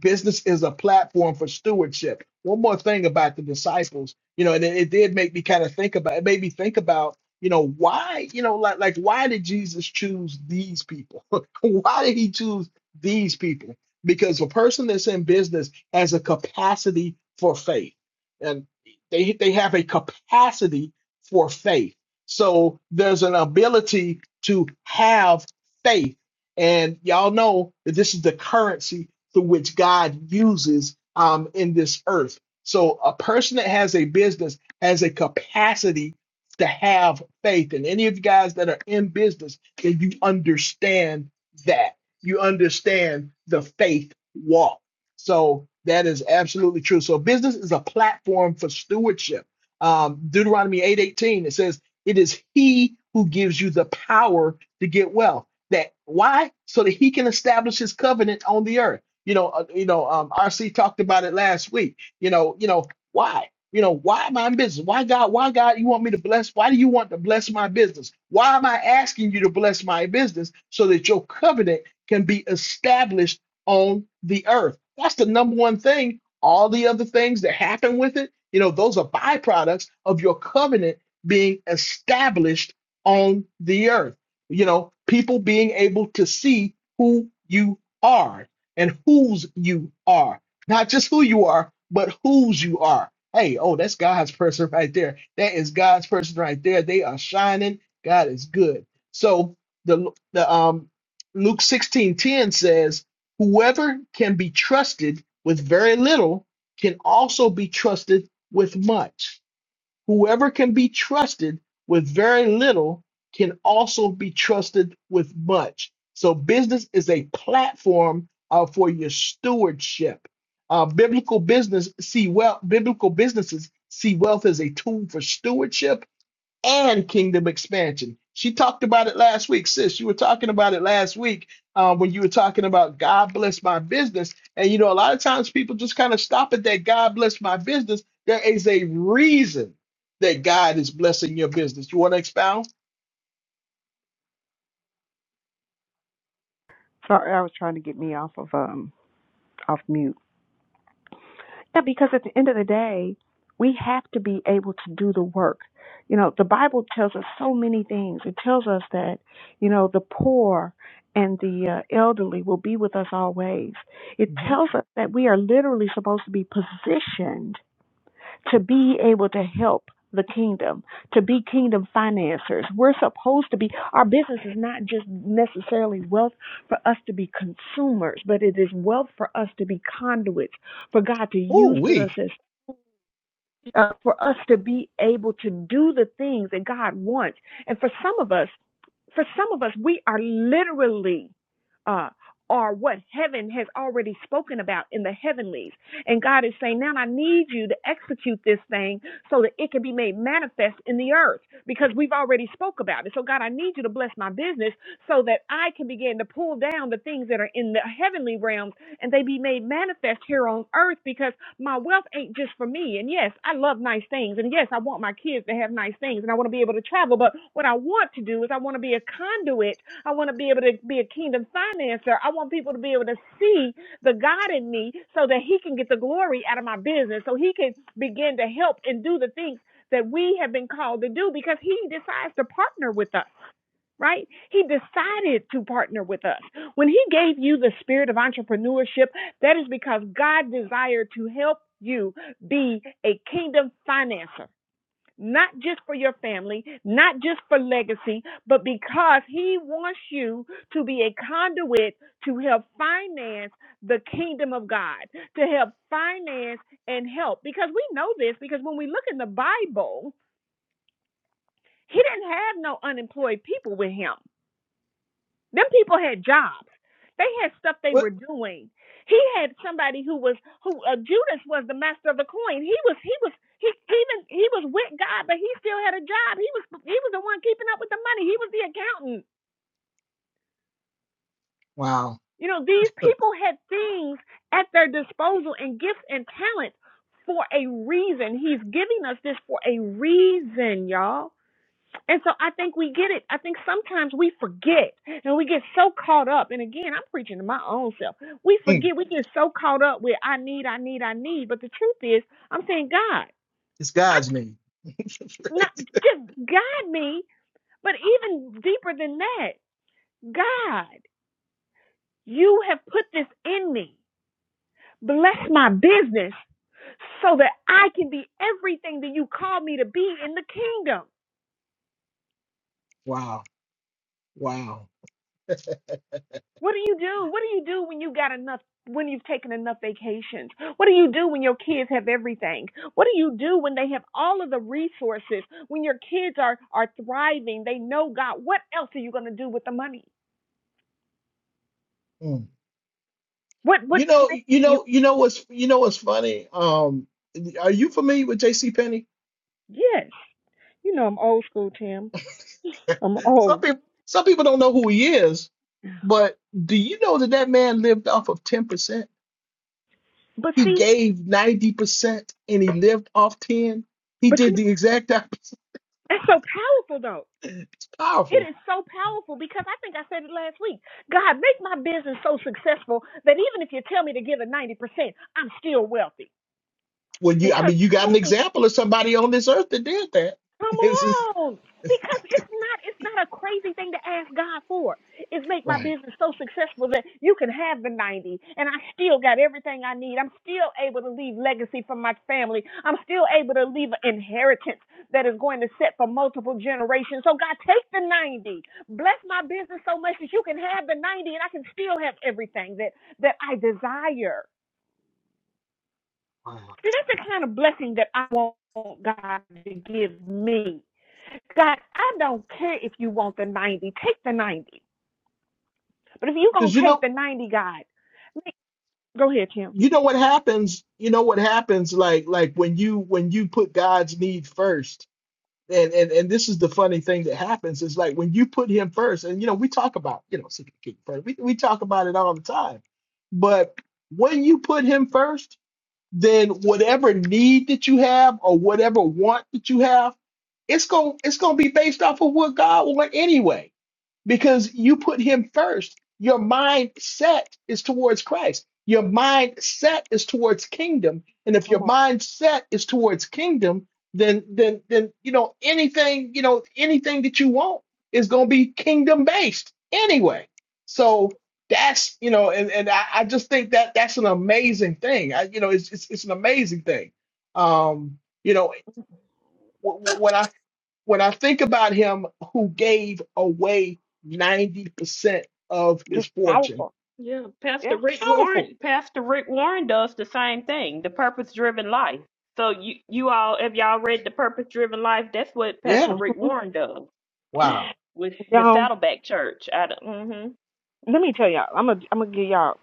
Speaker 1: business is a platform for stewardship. One more thing about the disciples you know, and it, it did make me kind of think about it made me think about, you know, why, you know, like like why did Jesus choose these people? why did he choose these people? Because a person that's in business has a capacity for faith. And they they have a capacity for faith. So there's an ability to have faith. And y'all know that this is the currency through which God uses um in this earth so a person that has a business has a capacity to have faith. And any of you guys that are in business, then you understand that. You understand the faith walk. So that is absolutely true. So business is a platform for stewardship. Um, Deuteronomy 8:18, it says, it is he who gives you the power to get wealth. That why? So that he can establish his covenant on the earth. You know, uh, you know, um, RC talked about it last week you know, you know, why? You know, why am I in business? Why God, why God you want me to bless? Why do you want to bless my business? Why am I asking you to bless my business so that your covenant can be established on the earth? That's the number one thing. All the other things that happen with it, you know, those are byproducts of your covenant being established on the earth. You know, people being able to see who you are and whose you are not just who you are, but whose you are. Hey, oh, that's God's person right there. That is God's person right there. They are shining. God is good. So the the um Luke 16:10 says, "Whoever can be trusted with very little can also be trusted with much." Whoever can be trusted with very little can also be trusted with much. So, business is a platform uh, for your stewardship. Uh, biblical business see wealth. Biblical businesses see wealth as a tool for stewardship and kingdom expansion. She talked about it last week, sis. You were talking about it last week uh, when you were talking about God bless my business. And you know, a lot of times people just kind of stop at that God bless my business. There is a reason that God is blessing your business. You want to expound?
Speaker 4: Sorry, I was trying to get me off of um off mute. Yeah, because at the end of the day, we have to be able to do the work. You know, the Bible tells us so many things. It tells us that, you know, the poor and the uh, elderly will be with us always. It
Speaker 1: hmm
Speaker 4: tells us that we are literally supposed to be positioned to be able to help the kingdom, to be kingdom financiers. We're supposed to be, our business is not just necessarily wealth for us to be consumers, but it is wealth for us to be conduits, for God to
Speaker 1: Ooh,
Speaker 4: use us
Speaker 1: we.
Speaker 4: as, uh, for us to be able to do the things that God wants. And for some of us, for some of us, we are literally uh, are what heaven has already spoken about in the heavenlies. And God is saying, now I need you to execute this thing so that it can be made manifest in the earth because we've already spoke about it. So God, I need you to bless my business so that I can begin to pull down the things that are in the heavenly realms and they be made manifest here on earth because my wealth ain't just for me. And yes, I love nice things. And yes, I want my kids to have nice things and I want to be able to travel. But what I want to do is I want to be a conduit. I want to be able to be a kingdom financer. I want people to be able to see the God in me so that he can get the glory out of my business, so he can begin to help and do the things that we have been called to do because he decides to partner with us right? He decided to partner with us. When he gave you the spirit of entrepreneurship, that is because God desired to help you be a kingdom financer. Not just for your family, not just for legacy, but because he wants you to be a conduit to help finance the kingdom of God, to help finance and help. Because we know this, because when we look in the Bible, he didn't have no unemployed people with him. Them people had jobs. They had stuff they
Speaker 1: What?
Speaker 4: were doing. He had somebody who was who uh, Judas was the master of the coin. He was he was he even he was with God, but he still had a job. He was he was the one keeping up with the money. He was the accountant.
Speaker 1: Wow.
Speaker 4: You know, these people had things at their disposal and gifts and talents for a reason. He's giving us this for a reason, y'all. And so I think we get it. I think sometimes we forget and we get so caught up. And again, I'm preaching to my own self. We
Speaker 1: Mm,
Speaker 4: forget, we get so caught up with I need, I need, I need. But the truth is, I'm saying, God,
Speaker 1: It's God's
Speaker 4: I'm
Speaker 1: name.
Speaker 4: not just guide me, but even deeper than that, God, you have put this in me. Bless my business so that I can be everything that you call me to be in the kingdom.
Speaker 1: wow. Wow.
Speaker 4: What do you do? What do you do when you got enough when you've taken enough vacations? What do you do when your kids have everything? What do you do when they have all of the resources? When your kids are are thriving, they know God. What else are you going to do with the money?
Speaker 1: Mm.
Speaker 4: What what
Speaker 1: You know,
Speaker 4: plan
Speaker 1: you
Speaker 4: do you
Speaker 1: know, you know what's you know what's funny? Um, are you familiar with J.C. Penney?
Speaker 4: Yes. You know I'm old school, Tim. I'm
Speaker 1: some
Speaker 4: old.
Speaker 1: people some people don't know who he is, but do you know that that man lived off of 10%?
Speaker 4: But
Speaker 1: He
Speaker 4: see,
Speaker 1: gave 90% and he lived off 10. He
Speaker 4: but you
Speaker 1: did
Speaker 4: know,
Speaker 1: the exact opposite.
Speaker 4: that's so powerful though.
Speaker 1: It's
Speaker 4: It
Speaker 1: powerful.
Speaker 4: is so powerful because I think I said it last week. God, make my business so successful that even if you tell me to give a 90%, I'm still wealthy.
Speaker 1: When you, I
Speaker 4: because
Speaker 1: mean, you got an
Speaker 4: doing
Speaker 1: example of somebody on this earth that did that.
Speaker 4: come
Speaker 1: This is
Speaker 4: on because it's not it's not a crazy thing to ask god for it's make my
Speaker 1: right.
Speaker 4: business so successful that you can have the 90 and i still got everything i need i'm still able to leave legacy for my family i'm still able to leave an inheritance that is going to set for multiple generations so god take the 90 bless my business so much that you can have the 90 and i can still have everything that that i desire
Speaker 1: Wow.
Speaker 4: see that's the kind of blessing that i want god to give me God, I don't care if you want the 90. Take the 90. But if you're going
Speaker 1: Because you
Speaker 4: to take
Speaker 1: know,
Speaker 4: the 90, God, go ahead, Kim.
Speaker 1: you know what happens. You know what happens. Like, like when you when you put God's need first, and and and this is the funny thing that happens is like when you put Him first, and you know we talk about you know seek the king first. We we talk about it all the time, but when you put Him first. then whatever need that you have or whatever want that you have, it's going it's going to be based off of what God will want anyway because you put him first. Your mindset is towards Christ. Your mindset is towards kingdom. And if your mindset is towards kingdom, then then then you know anything, you know, anything that you want is gonna be kingdom based anyway. So that's you know, and, and I, I just think that that's an amazing thing. I, you know, it's, it's it's an amazing thing. Um, you know wh- when I when I think about him who gave away 90% of his
Speaker 4: Just
Speaker 1: fortune,
Speaker 4: powerful.
Speaker 2: Yeah, Pastor
Speaker 4: Yeah.
Speaker 2: Rick
Speaker 1: powerful.
Speaker 2: Warren, Pastor Rick Warren does the same thing, the purpose-driven life. So you you all have y'all read the purpose-driven life? That's what Pastor
Speaker 1: Yeah.
Speaker 4: Mhm.
Speaker 2: Rick Warren does
Speaker 1: Wow.
Speaker 2: with the
Speaker 4: Y'all,
Speaker 2: Saddleback Church. I mm-hmm.
Speaker 4: let me tell y'all. I'm going to I'm gonna give y'all,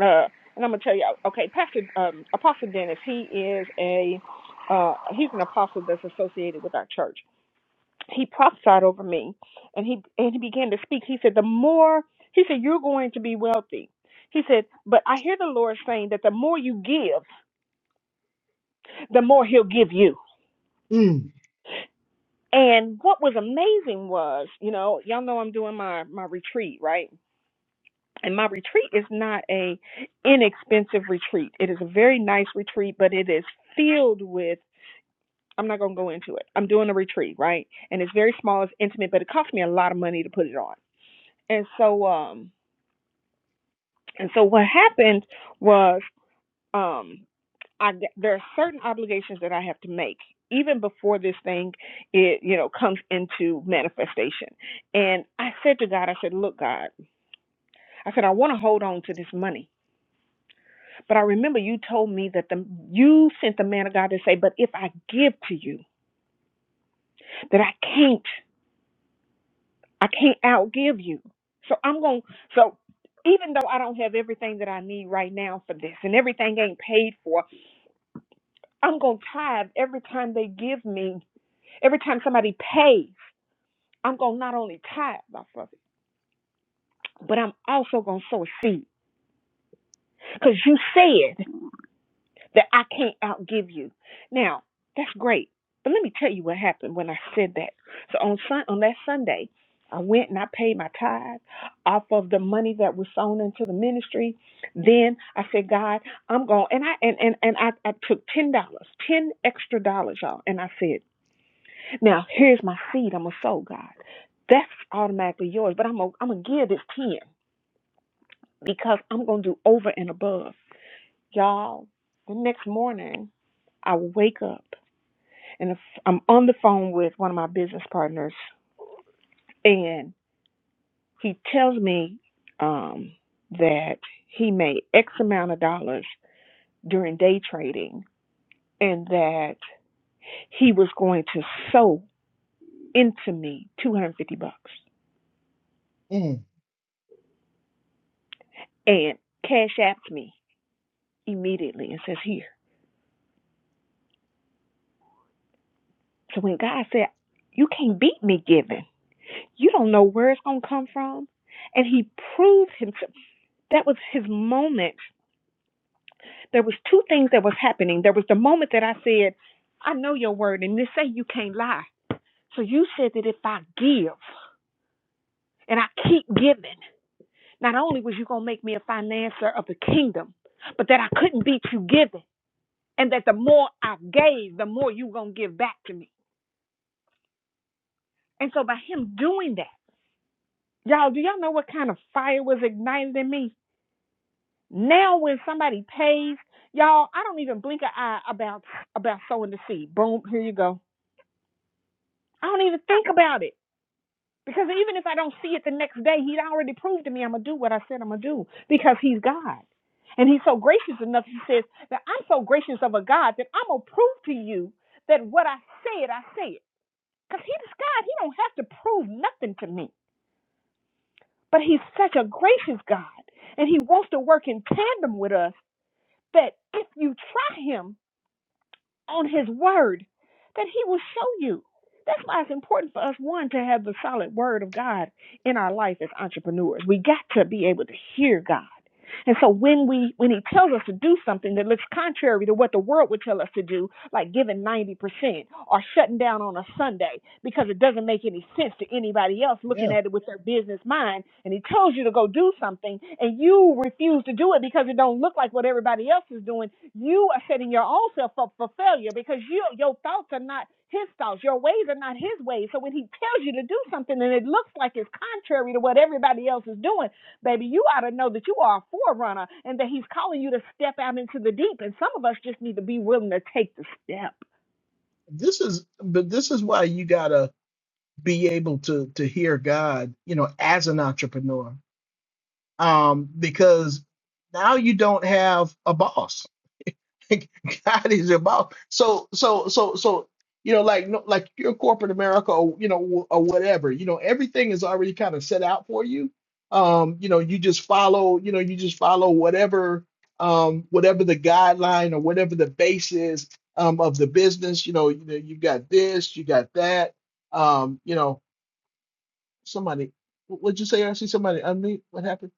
Speaker 4: uh, and I'm going to tell y'all. Okay, Pastor um, Apostle Dennis, he is a, uh, he's an apostle that's associated with our church. He prophesied over me, and he and he began to speak. He said, the more, he said, you're going to be wealthy. He said, but I hear the Lord saying that the more you give, the more he'll give you.
Speaker 1: Mm,
Speaker 4: And what was amazing was, you know, y'all know I'm doing my my retreat, right? And my retreat is not a inexpensive retreat. It is a very nice retreat, but it is filled with I'm not going to go into it. I'm doing a retreat, right? And it's very small, it's intimate, but it cost me a lot of money to put it on. And so um and so what happened was um I g- there are certain obligations that I have to make even before this thing it you know comes into manifestation. And I said to God, I said, "Look, God, I said I want to hold on to this money, but I remember you told me that the you sent the man of God to say, but if I give to you, that I can't I can't outgive you. So I'm going to so even though I don't have everything that I need right now for this and everything ain't paid for, I'm going to tithe every time they give me, every time somebody pays. I'm going to not only tithe off of it, but I'm also going to sow a seed. Because you said that I can't outgive you. Now, that's great. But let me tell you what happened when I said that. So on sun, on that Sunday, I went and I paid my tithe off of the money that was sown into the ministry. Then I said, God, I'm going and I and, and, and I, I took ten dollars, ten extra dollars, y'all, and I said, Now here's my seed I'm gonna sow, God. That's automatically yours, but I'm gonna I'm gonna give this ten. because I'm going to do over and above. Y'all, the next morning, I wake up and I'm on the phone with one of my business partners, and he tells me um, that he made X amount of dollars during day trading and that he was going to sew into me 250 bucks
Speaker 1: mm,
Speaker 4: and cash apps me immediately and says, Here. So when God said, You can't beat me giving, You don't know where it's going to come from. And he proved himself. That was his moment. There was two things that was happening. There was the moment that I said, I know your word, and they say you can't lie. So you said that if I give and I keep giving, not only was you going to make me a financier of the kingdom, but that I couldn't beat you giving. And that the more I gave, the more you going to give back to me. And so by him doing that, y'all, do y'all know what kind of fire was ignited in me? Now when somebody pays, y'all, I don't even blink an eye about about sowing the seed. Boom, here you go. I don't even think about it. Because even if I don't see it the next day, he'd already proved to me I'm gonna do what I said I'm gonna do because he's God. And he's so gracious enough, he says, that I'm so gracious of a God that I'm gonna prove to you that what I said, I said. Because he's God, he don't have to prove nothing to me. But he's such a gracious God. And he wants to work in tandem with us that if you try him, on his word that he will show you. That's why it's important for us, one, to have the solid word of God in our life as entrepreneurs. We got to be able to hear God. And so when we when he tells us to do something that looks contrary to what the world would tell us to do, like giving 90% or shutting down on a Sunday because it doesn't make any sense to anybody else looking
Speaker 1: yeah.
Speaker 4: at it with their business mind, and he tells you to go do something and you refuse to do it because it don't look like what everybody else is doing, you are setting your own self up for failure because you, your thoughts are not his thoughts, your ways are not his ways. So when he tells you to do something and it looks like it's contrary to what everybody else is doing, Baby, you ought to know that you are a forerunner and that He's calling you to step out into the deep. And some of us just need to be willing to take the step.
Speaker 1: This is but this is why you gotta be able to to hear God, you know, as an entrepreneur. Um, because now you don't have a boss God is about so so so so you know like no, like your corporate America or you know or whatever you know everything is already kind of set out for you um you know you just follow you know you just follow whatever um whatever the guideline or whatever the base is um of the business you know you know you got this you got that um you know somebody what would you say I see somebody unmute what happened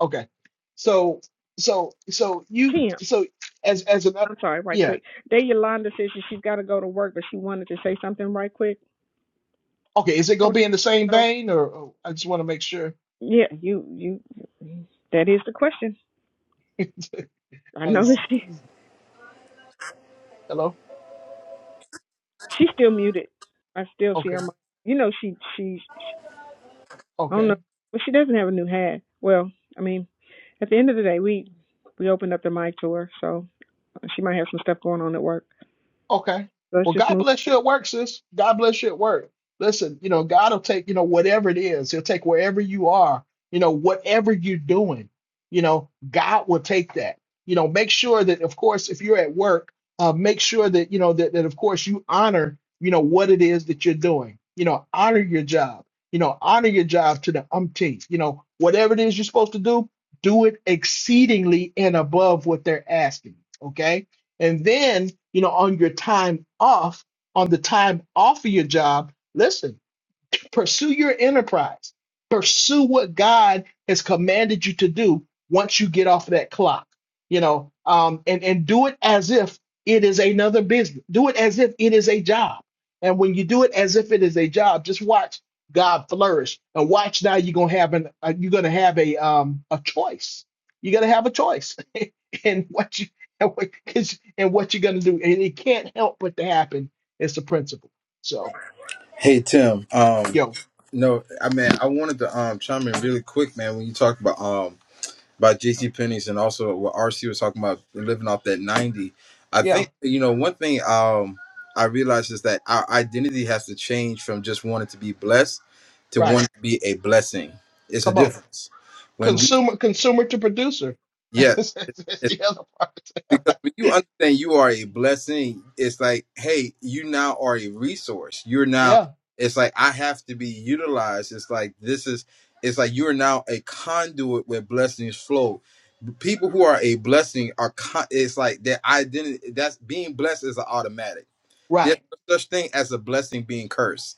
Speaker 1: okay so so so you
Speaker 4: Kim,
Speaker 1: so as as an up-
Speaker 4: I'm sorry, right
Speaker 1: yeah
Speaker 4: quick. There, Yolanda says that she's got to go to work, but she wanted to say something right quick.
Speaker 1: Okay, is it gonna
Speaker 4: Oh,
Speaker 1: be in the same
Speaker 4: so-
Speaker 1: vein, or, or I just want to make sure?
Speaker 4: yeah, you, you. That is the question. I know that
Speaker 1: As-
Speaker 4: she,
Speaker 1: hello.
Speaker 4: she's still muted. I still see her.
Speaker 1: Okay.
Speaker 4: You know, she, she, she, I don't know.
Speaker 1: Okay.
Speaker 4: Well, she doesn't have a new hat. Well, I mean, at the end of the day, we, we opened up the mic to her, so she might have some stuff going on at work.
Speaker 1: Okay.
Speaker 4: So Let's
Speaker 1: Well,
Speaker 4: just
Speaker 1: God
Speaker 4: move.
Speaker 1: bless you at work, sis. God bless you at work. Listen, you know, God will take, you know, whatever it is, He'll take wherever you are, you know, whatever you're doing, you know, God will take that. You know, make sure that, of course, if you're at work, uh, make sure that, you know, that, that, of course, you honor, you know, what it is that you're doing. You know, honor your job. You know, honor your job to the umpteenth. You know, whatever it is you're supposed to do, do it exceedingly and above what they're asking. Okay and then, you know, on your time off, on the time off of your job, listen, Pursue your enterprise. Pursue what God has commanded you to do once you get off of that clock. You know, um, and and do it as if it is another business. Do it as if it is a job. And when you do it as if it is a job, just watch God flourish and watch now you're gonna have an uh, you're gonna have a um a choice. You're gonna have a choice in what you and what, 'cause- and what you're gonna do. And it can't help but to happen. It's the principle. So
Speaker 3: Hey Tim, um,
Speaker 1: yo,
Speaker 3: no, I mean I wanted to um chime in really quick, man. When you talk about um by J.C. Penney's and also what RC was talking about living off that 90. I
Speaker 1: yeah,
Speaker 3: think you know one thing um I realized is that our identity has to change from just wanting to be blessed to
Speaker 1: right.
Speaker 3: wanting to be a blessing. It's a
Speaker 1: Come on.
Speaker 3: difference. When we
Speaker 1: Consumer consumer to producer.
Speaker 3: yes,
Speaker 1: That's
Speaker 3: it's
Speaker 1: the other
Speaker 3: because when you
Speaker 1: part.
Speaker 3: understand you are a blessing, it's like, hey, you now are a resource. You're now,
Speaker 1: yeah.
Speaker 3: it's like, I have to be utilized. It's like, this is, it's like you are now a conduit where blessings flow people who are a blessing are con- it's like their identity that's being blessed is an automatic there's
Speaker 1: Right.
Speaker 3: no such thing as a blessing being cursed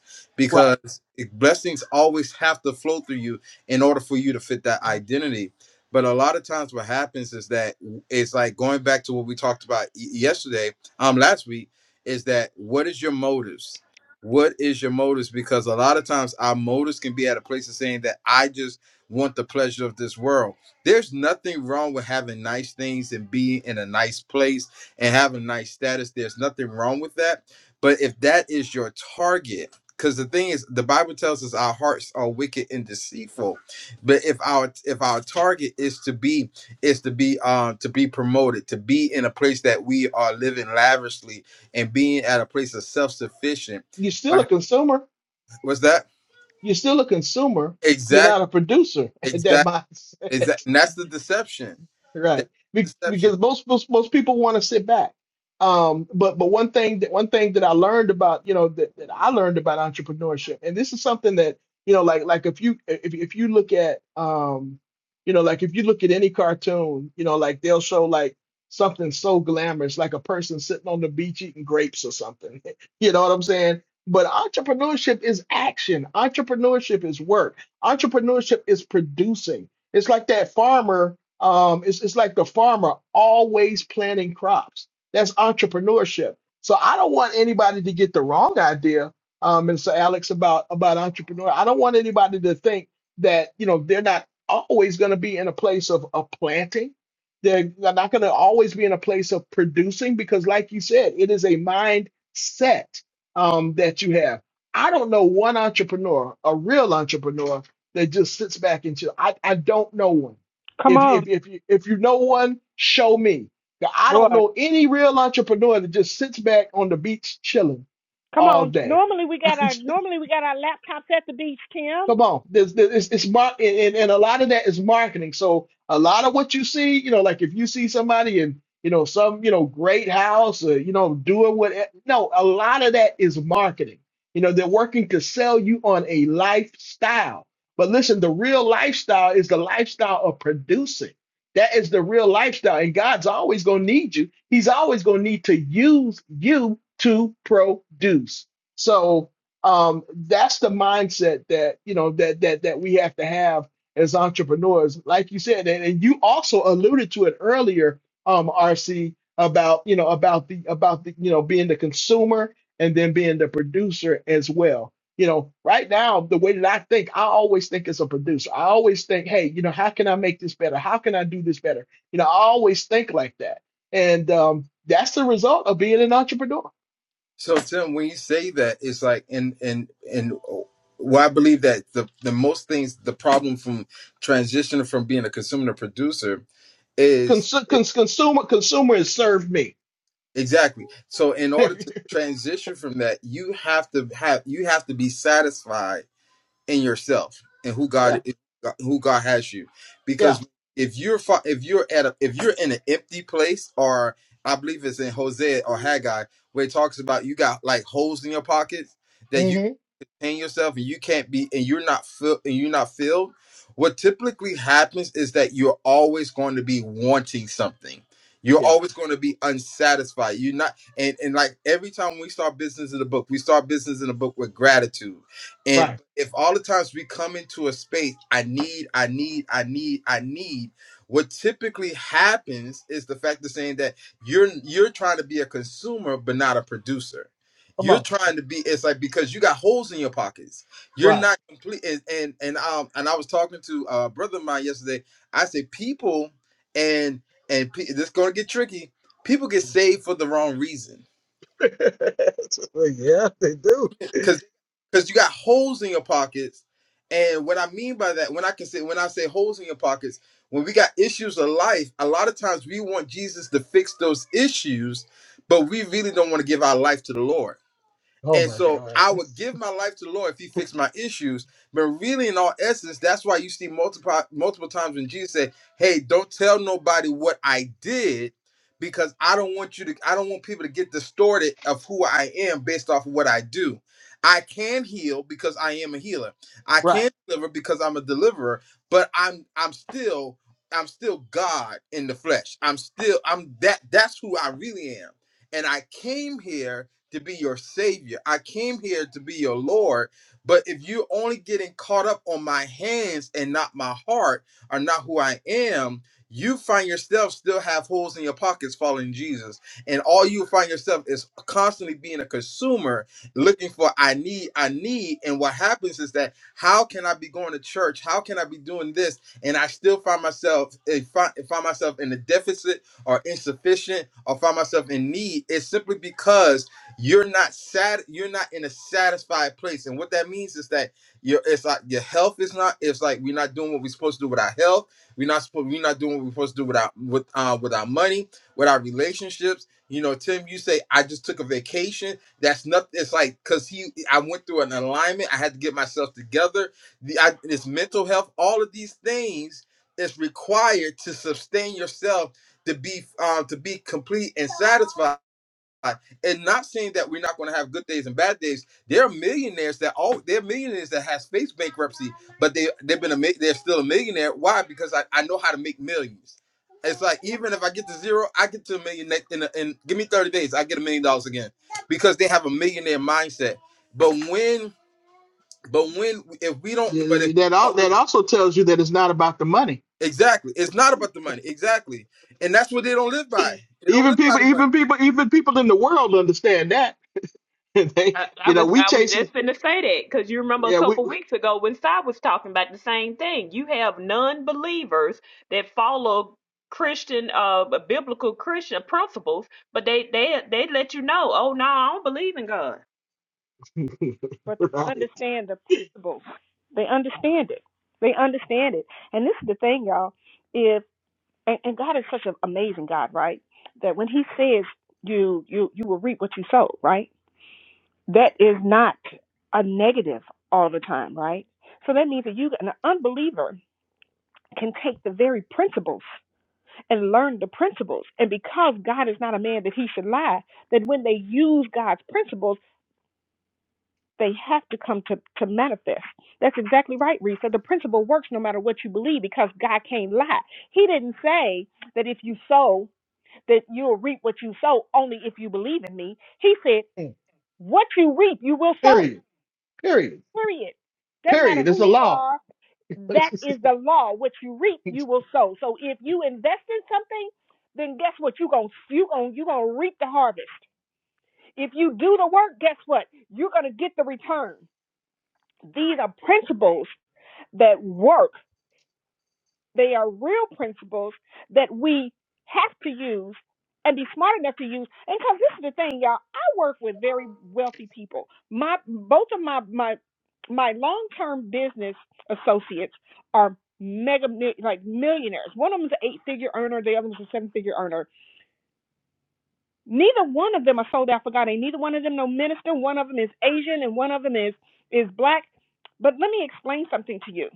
Speaker 1: Right.
Speaker 3: because it- blessings always have to flow through you in order for you to fit that identity. But a lot of times, what happens is that it's like going back to what we talked about y- yesterday, um, last week, is that what is your motives? What is your motives? Because a lot of times our motives can be at a place of saying that I just want the pleasure of this world. There's nothing wrong with having nice things and being in a nice place and having nice status. There's nothing wrong with that but if that is your target, because the thing is, the Bible tells us our hearts are wicked and deceitful. But if our if our target is to be is to be um to be promoted, to be in a place that we are living lavishly and being at a place of self sufficient,
Speaker 1: You're still a consumer.
Speaker 3: was that
Speaker 1: You're still a consumer. You're
Speaker 3: exact
Speaker 1: not a producer at that
Speaker 3: exact
Speaker 1: mindset.
Speaker 3: exact? And that's the deception.
Speaker 1: Right.
Speaker 3: That's the
Speaker 1: Be-
Speaker 3: deception.
Speaker 1: because most most most people want to sit back. Um, but but one thing that one thing that I learned about, you know, that, that I learned about entrepreneurship, and this is something that, you know, like like if you if if you look at um, you know, like if you look at any cartoon, you know, like they'll show like something so glamorous, like a person sitting on the beach eating grapes or something. You know what I'm saying? But entrepreneurship is action. Entrepreneurship is work. Entrepreneurship is producing. It's like that farmer um, it's, it's like the farmer always planting crops. That's entrepreneurship. So I don't want anybody to get the wrong idea, um, and so Alex about about entrepreneur. I don't want anybody to think that you know they're not always going to be in a place of, of planting. They're they're not going to always be in a place of producing because, like you said, it is a mindset um, that you have. I don't know one entrepreneur, a real entrepreneur, that just sits back and chill. I, I don't know one.
Speaker 4: Come
Speaker 1: If you,
Speaker 4: on,
Speaker 1: if you- if you, if you know one, show me. 'Cause I
Speaker 4: boy.
Speaker 1: don't know any real entrepreneur that just sits back on the beach chilling
Speaker 4: Come
Speaker 1: all
Speaker 4: on.
Speaker 1: day.
Speaker 4: Normally we got our normally we got our laptops at the beach, Tim,
Speaker 1: Come on, there's, there's it's, it's mar- and, and and a lot of that is marketing. So a lot of what you see, you know, like if you see somebody in you know some you know great house or you know doing what, no, a lot of that is marketing. You know, they're working to sell you on a lifestyle. But listen, the real lifestyle is the lifestyle of producing. That is the real lifestyle, and God's always gonna need you. He's always gonna need to use you to produce. So um, that's the mindset that you know that that that we have to have as entrepreneurs like you said and, and you also alluded to it earlier um rc about you know about the about the you know being the consumer and then being the producer as well you know right now the way that i think i always think as a producer i always think hey you know how can i make this better how can i do this better you know i always think like that and um, that's the result of being an entrepreneur
Speaker 3: So Tim, when you say that, it's like and and and well, I believe that the the most things the problem from transitioning from being a consumer to producer is
Speaker 1: Consu-
Speaker 3: e,
Speaker 1: cons- consumer consumer has served me
Speaker 3: exactly. So in order to transition from that, you have to have you have to be satisfied in yourself and who
Speaker 1: yeah,
Speaker 3: God is, who God has you,
Speaker 1: yeah,
Speaker 3: because if you're fi- if you're at a if you're in an empty place or I believe it's in Hosea or Haggai where it talks about you got like holes in your pockets that
Speaker 1: hmm
Speaker 3: paying yourself and you can't be and you're not filled and you're not filled what typically happens is that you're always going to be wanting something you're
Speaker 1: yeah.
Speaker 3: always going to be unsatisfied you're not and, and like every time we start business in the book we start business in the book with gratitude
Speaker 1: Right,
Speaker 3: and if all the times we come into a space i need i need i need i need what typically happens is the fact of saying that you're you're trying to be a consumer but not a producer
Speaker 1: Come
Speaker 3: you're
Speaker 1: on.
Speaker 3: trying to be it's like because you got holes in your pockets. You're
Speaker 1: right,
Speaker 3: not complete and and, and um and I was talking to a brother of mine yesterday. I said people and and pe- this going to get tricky. People get saved for the wrong reason
Speaker 1: yeah, they do.
Speaker 3: cuz cuz you got holes in your pockets. And what I mean by that, when I can say when I say holes in your pockets, when we got issues of life, a lot of times we want Jesus to fix those issues, but we really don't want to give our life to the Lord.
Speaker 1: Oh
Speaker 3: And
Speaker 1: my
Speaker 3: so
Speaker 1: God.
Speaker 3: I would give my life to the Lord if He fixed my issues. But really, in all essence, that's why you see multiple multiple times when Jesus said, "Hey, don't tell nobody what I did, because I don't want you to. I don't want people to get distorted of who I am based off of what I do. I can heal because I am a healer. I
Speaker 1: right.
Speaker 3: can deliver because I'm a deliverer. But I'm I'm still I'm still God in the flesh. I'm still I'm that. That's who I really am. And I came here." to be your savior. I came here to be your Lord. But if you're only getting caught up on my hands and not my heart, or not who I am, you find yourself still have holes in your pockets following Jesus. And all you find yourself is constantly being a consumer looking for I need, I need. And what happens is that how can I be going to church? How can I be doing this? And I still find myself if I find myself in a deficit or insufficient or find myself in need. It's simply because you're not sad. you're not in a satisfied place and what that means is that your it's like your health is not it's like we're not doing what we're supposed to do with our health we're not supposed we're not doing what we're supposed to do with our with uh with our money with our relationships you know tim you say i just took a vacation that's nothing it's like because he i went through an alignment i had to get myself together the I, this mental health all of these things is required to sustain yourself to be um to be complete and satisfied and not saying that we're not going to have good days and bad days. There are millionaires that all there are millionaires that has faced bankruptcy, but they they've been a mi- they're still a millionaire. Why? Because I, I know how to make millions. It's like even if I get to zero, I get to a million next in, a, in give me thirty days, I get a million dollars again because they have a millionaire mindset. But when but when if we don't
Speaker 1: Yeah, yeah,
Speaker 3: but if
Speaker 1: yeah. That al- that also tells you that it's not about the money.
Speaker 3: exactly it's not about the money exactly and that's what they don't live by they don't
Speaker 1: Even
Speaker 3: live by
Speaker 1: people,
Speaker 3: the money
Speaker 1: even people, even people in the world understand that. they,
Speaker 2: I, I
Speaker 1: you know,
Speaker 2: was
Speaker 1: we
Speaker 2: I was
Speaker 1: chasing.
Speaker 2: just finna say that because you remember a
Speaker 1: Yeah, we.
Speaker 2: couple weeks ago when Si was talking about the same thing. You have non-believers that follow Christian, uh, biblical Christian principles, but they they they let you know, oh no, I don't believe in God.
Speaker 4: but they
Speaker 1: right.
Speaker 4: understand the principles. They understand it. They understand it. And this is the thing, y'all. If and, and God is such an amazing God, right? That when He says you you you will reap what you sow, right? That is not a negative all the time, right? So that means that you an unbeliever can take the very principles and learn the principles. And because God is not a man that he should lie, that when they use God's principles, they have to come to, to manifest. That's exactly right, Risa. The principle works no matter what you believe because God can't lie. He didn't say that if you sow, that you'll reap what you sow only if you believe in me. He said,
Speaker 1: Mm.
Speaker 4: what you reap, you will sow,
Speaker 1: Period. Period.
Speaker 4: period. Doesn't matter
Speaker 1: Period.
Speaker 4: who
Speaker 1: It's a
Speaker 4: you
Speaker 1: law.
Speaker 4: are, That is the law. What you reap, you will sow. So if you invest in something, then guess what? You're going to you gonna, you gonna reap the harvest. If you do the work, guess what? You're going to get the return. These are principles that work they are real principles that we have to use and be smart enough to use. And because this is the thing, y'all, I work with very wealthy people. My both of my my my long term business associates are mega mi- like millionaires. One of them's an eight figure earner, the other one's a seven figure earner. Neither one of them are sold out for God. Ain't neither one of them no minister. One of them is Asian and one of them is is black. But let me explain something to you.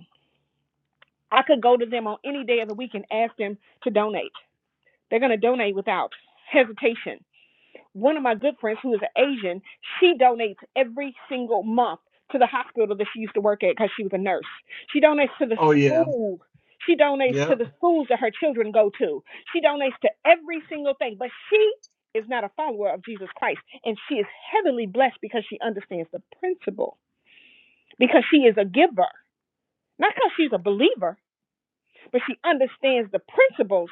Speaker 4: I could go to them on any day of the week and ask them to donate They're going to donate without hesitation. One of my good friends, who is Asian, she donates every single month to the hospital that she used to work at because she was a nurse. She donates to the
Speaker 1: Oh yeah,
Speaker 4: school. She donates to
Speaker 1: yep.
Speaker 4: the schools that her children go to. She donates to every single thing. But she is not a follower of Jesus Christ. And she is heavily blessed because she is the Bible. Because of her. Not because she's a believer, but she understands the principles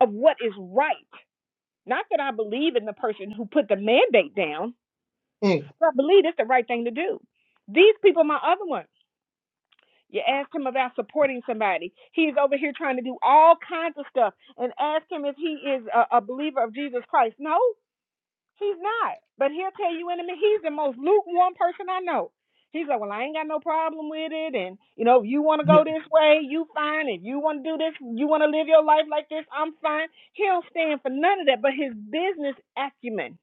Speaker 4: of what is right. Not that I believe in the person who put the mandate down, So I believe it's the right thing to do. These people, are my other ones, you ask him about supporting somebody. He's over here trying to do all kinds of stuff and ask him if he is a, a believer of Jesus Christ. No, he's not. But he'll tell you in a minute, he's the most lukewarm person I know. He's like, well, I ain't got no problem with it. And, you know, if you want to go this way, you fine. If you want to do this, you want to live your life like this, I'm fine. He don't stand for none of that. But his business acumen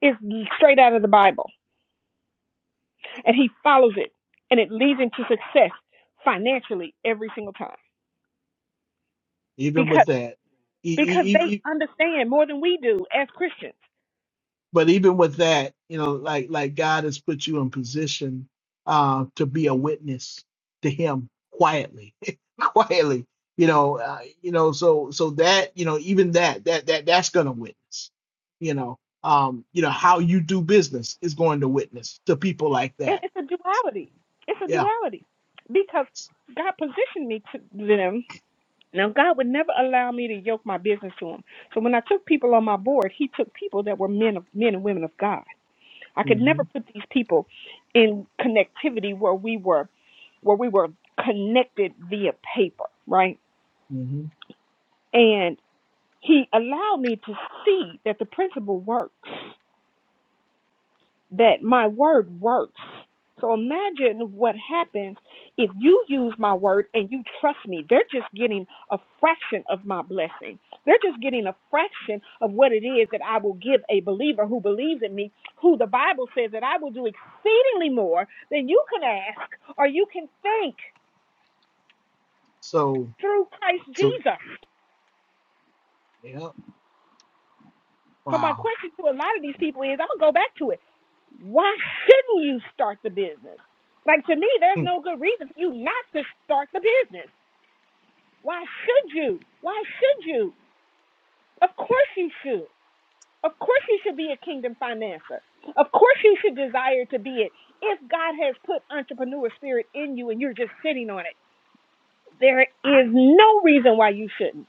Speaker 4: is straight out of the Bible. and he follows it and it leads into success financially every single time
Speaker 1: Even with
Speaker 4: because
Speaker 1: that, e-
Speaker 4: because
Speaker 1: e- e- e-
Speaker 4: they understand more than we do as Christians.
Speaker 1: but even with that, you know, like like God has put you in position uh, to be a witness to Him quietly, quietly. You know, uh, you know, so so that you know, even that that that that's going to witness. You know, um, you know how you do business is going to witness to people like that.
Speaker 4: Eddie, it's
Speaker 1: Yeah,
Speaker 4: eddie because God now God would never allow me to yoke my business to him. So when I took people on my board, he took people that were men of men and women of God. I could
Speaker 1: hmm
Speaker 4: never put these people in connectivity where we were where we were connected via paper, right?
Speaker 1: hmm
Speaker 4: And he allowed me to see that the principle works that my word works. So imagine what happens if you use my word and you trust me. They're just getting a fraction of my blessing. They're just getting a fraction of what it is that I will give a believer who believes in me, who the Bible says that I will do exceedingly more than you can ask or you can think
Speaker 1: So
Speaker 4: through Christ
Speaker 1: so
Speaker 4: Jesus.
Speaker 1: yeah,
Speaker 4: Because my
Speaker 1: wow.
Speaker 4: question to a lot of these people is, I'm gonna go back to it. Why shouldn't you start the business? Like to me, there's
Speaker 1: Mm,
Speaker 4: no good reason for you not to start the business. Why should you? Why should you? Of course you should. Of course you should be a kingdom financer. Of course you should desire to be it. If God has put entrepreneur spirit in you and you're just sitting on it, there is no reason why you shouldn't.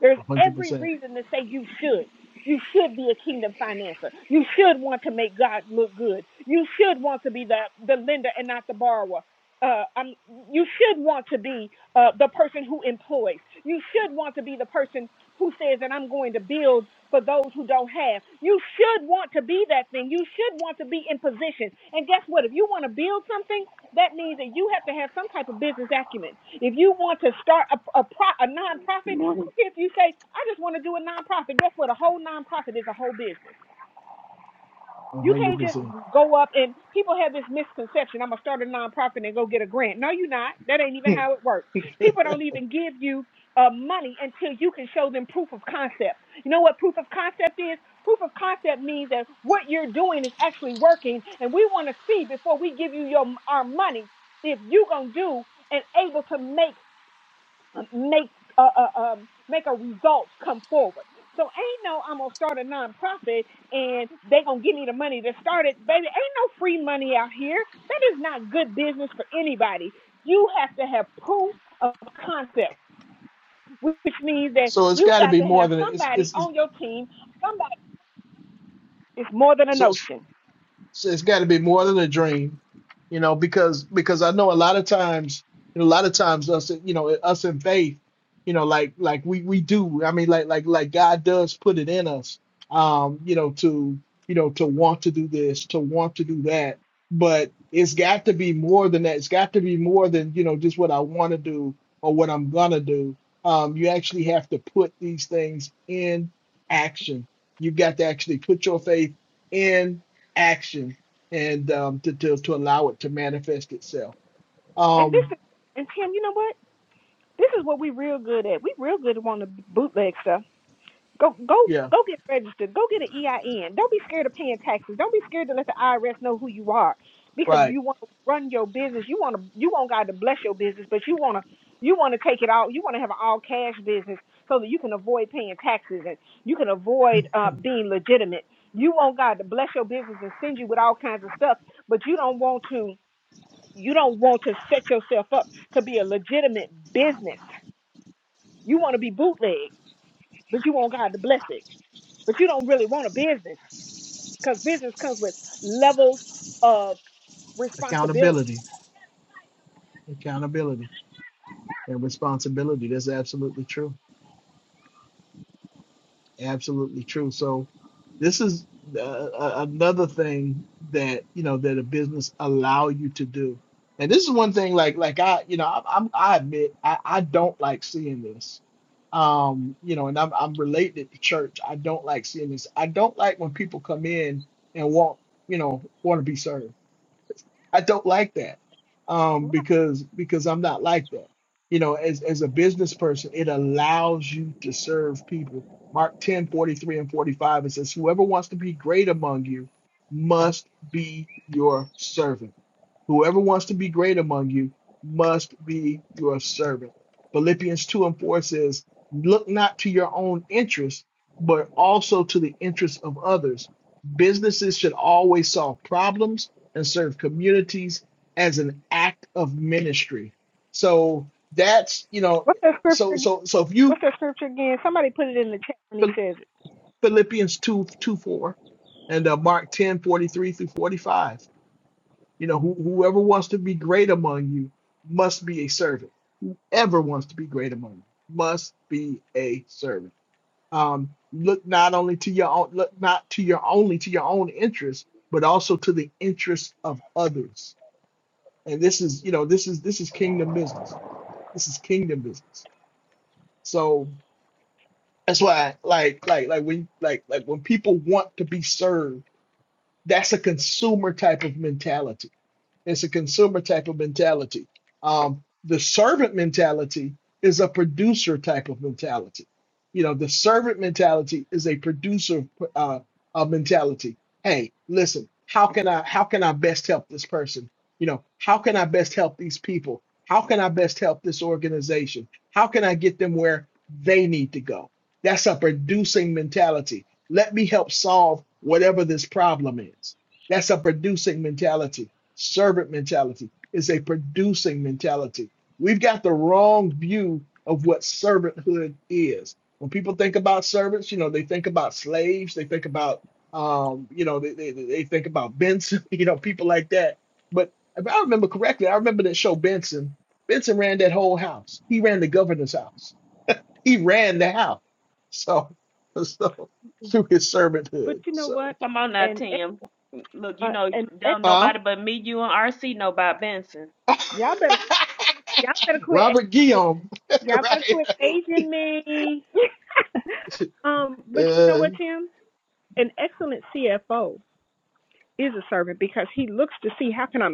Speaker 4: There's
Speaker 1: A hundred
Speaker 4: every
Speaker 1: percent.
Speaker 4: reason to say you should. You should be a kingdom financer. You should want to make God look good. You should want to be the, the lender and not the borrower. Uh, um, you should want to be uh, the person who employs. You should want to be the person who says that I'm going to build for those who don't have. You should want to be that thing. You should want to be in position. And guess what? If you want to build something, that means that you have to have some type of business acumen. If you want to start a, a, pro, a
Speaker 6: Good
Speaker 4: nonprofit,
Speaker 6: morning.
Speaker 4: if you say, I just want to do a nonprofit, guess what? A whole nonprofit is a whole business.
Speaker 1: A
Speaker 4: You
Speaker 1: hundred
Speaker 4: can't just
Speaker 1: percent.
Speaker 4: go up and people have this misconception, I'm gonna start a nonprofit and go get a grant. No, you're not. That ain't even
Speaker 1: Hmm.
Speaker 4: how it works. People don't even give you uh, money until you can show them proof of concept. You know what proof of concept is? Proof of concept means that what you're doing is actually working, and we want to see before we give you your our money if you're gonna do and able to make make uh, uh, um, make a result come forward. So ain't no I'm gonna start a nonprofit and they gonna give me the money to start it, baby. Ain't no free money out here. That is not good business for anybody. You have to have proof of concept, which means that
Speaker 1: So it's
Speaker 4: you
Speaker 1: got to
Speaker 4: got
Speaker 1: be
Speaker 4: to
Speaker 1: more
Speaker 4: have
Speaker 1: than it's,
Speaker 4: somebody
Speaker 1: it's, it's
Speaker 4: on your team. Somebody is more than a
Speaker 1: so.
Speaker 4: notion.
Speaker 1: So it's got to be more than a dream, you know, because because I know a lot of times, you know, a lot of times us, you know, us in faith, you know, like like we we do. I mean, like like like God does put it in us, um, you know, to you know to want to do this, to want to do that, but it's got to be more than that. It's got to be more than you know just what I want to do or what I'm gonna do. Um, you actually have to put these things in action. You've got to actually put your faith in action and um, to, to to allow it to manifest itself.
Speaker 4: And this
Speaker 1: Um,
Speaker 4: is and Tim, you know what? This is what we real good at. We real good at wanting to bootleg stuff Go go
Speaker 1: yeah,
Speaker 4: go get registered. Go get an EIN. Don't be scared of paying taxes. Don't be scared to let the IRS know who you are because
Speaker 1: right.
Speaker 4: you want to run your business. You want to you want God to bless your business, but you want to you want to take it all. You want to have an all cash business so that you can avoid paying taxes and you can avoid uh, being legitimate. You want God to bless your business and send you with all kinds of stuff, but you don't want to you don't want to set yourself up to be a legitimate business. You want to be bootleg, but you want God to bless it. But you don't really want a business because business comes with levels of responsibility.
Speaker 1: Accountability, accountability, and responsibility. That's absolutely true. Absolutely true. So this is uh, a- another thing that you know that a business allow you to do, and this is one thing. Like like I you know I, I'm I admit I I don't like seeing this. Um, you know, and I'm I'm related to church. I don't like seeing this. I don't like when people come in and want you know want to be served. I don't like that um, because because I'm not like that. You know, as as a business person, it allows you to serve people. Mark 10 43 and 45, it says, Whoever wants to be great among you must be your servant. Whoever wants to be great among you must be your servant. Philippians 2 and 4 says, Look not to your own interests, but also to the interests of others. Businesses should always solve problems and serve communities as an act of ministry. So that's, you know,
Speaker 4: What's that scripture
Speaker 1: so
Speaker 4: again?
Speaker 1: so so if you
Speaker 4: What's that scripture again? Somebody put it in the chat when he says it.
Speaker 1: Philippians 2 2 4, and uh, Mark 10 43 through 45 You know, who, whoever wants to be great among you must be a servant. Ever wants to be great among you must be a servant. Um, look not only to your own, look not to your only to your own interests, but also to the interests of others. And this is, you know, this is this is kingdom business. This is kingdom business. So that's why, like, like, like when, like, like when people want to be served, that's a consumer type of mentality It's a consumer type of mentality. Um, the servant mentality is a producer type of mentality. You know, the servant mentality is a producer uh, uh, mentality. Hey, listen, how can I how can I best help this person? You know, how can I best help these people? How can I best help this organization? How can I get them where they need to go? That's a producing mentality. Let me help solve whatever this problem is. That's a producing mentality servant mentality. It's a producing mentality. We've got the wrong view of what servanthood is. When people think about servants, you know, they think about slaves, they think about, um, you know, they, they, they think about Benson, you know, people like that. But if I remember correctly, I remember that show Benson. Benson ran that whole house. He ran the governor's house. He ran the house. So, so through his
Speaker 4: But
Speaker 1: servanthood.
Speaker 4: you know
Speaker 1: So,
Speaker 4: what?
Speaker 2: Come on now,
Speaker 4: And
Speaker 2: Tim. Look, you
Speaker 4: uh,
Speaker 2: know,
Speaker 4: and and
Speaker 2: don't
Speaker 1: huh?
Speaker 2: nobody but me, you, and RC know about Benson.
Speaker 4: y'all better y'all better quit aging
Speaker 1: Robert
Speaker 4: me.
Speaker 1: Guillaume,
Speaker 4: Y'all better
Speaker 1: right?
Speaker 4: quit aging me. Um, but you know
Speaker 1: Uh,
Speaker 4: what, Tim? An excellent CFO is a servant because he looks to see how can I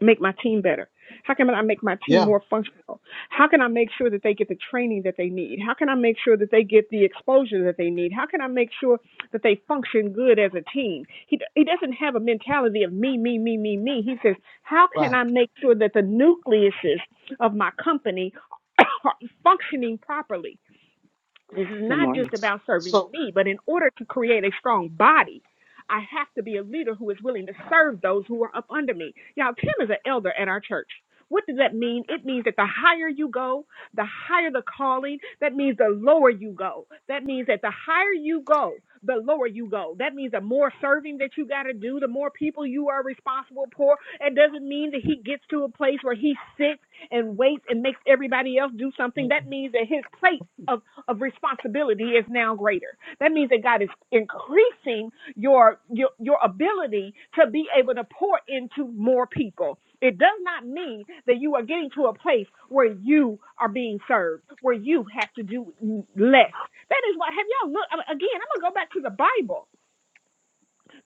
Speaker 4: make my team better? How can I make my team
Speaker 1: yeah,
Speaker 4: more functional? How can I make sure that they get the training that they need? How can I make sure that they get the exposure that they need? How can I make sure that they function good as a team? He he doesn't have a mentality of me me me me me. He says, "How can
Speaker 1: right.
Speaker 4: I make sure that the nucleuses of my company are functioning properly?" This is
Speaker 6: Good
Speaker 4: not
Speaker 6: morning.
Speaker 4: just about serving
Speaker 1: So
Speaker 4: me, but in order to create a strong body, I have to be a leader who is willing to serve those who are up under me. Y'all, Tim is an elder at our church. What does that mean? It means that the higher you go, the higher the calling. That means the lower you go. That means that the higher you go, the lower you go. That means the more serving that you got to do, the more people you are responsible for. It doesn't mean that he gets to a place where he sits and waits and makes everybody else do something.
Speaker 1: mm,
Speaker 4: That means that his plate. of of responsibility is now greater. That means that God is increasing your your, your ability to be able to pour into more people. It does not mean that you are getting to a place where you are being served, where you have to do less. That is why have y'all look again, I'm gonna go back to the Bible.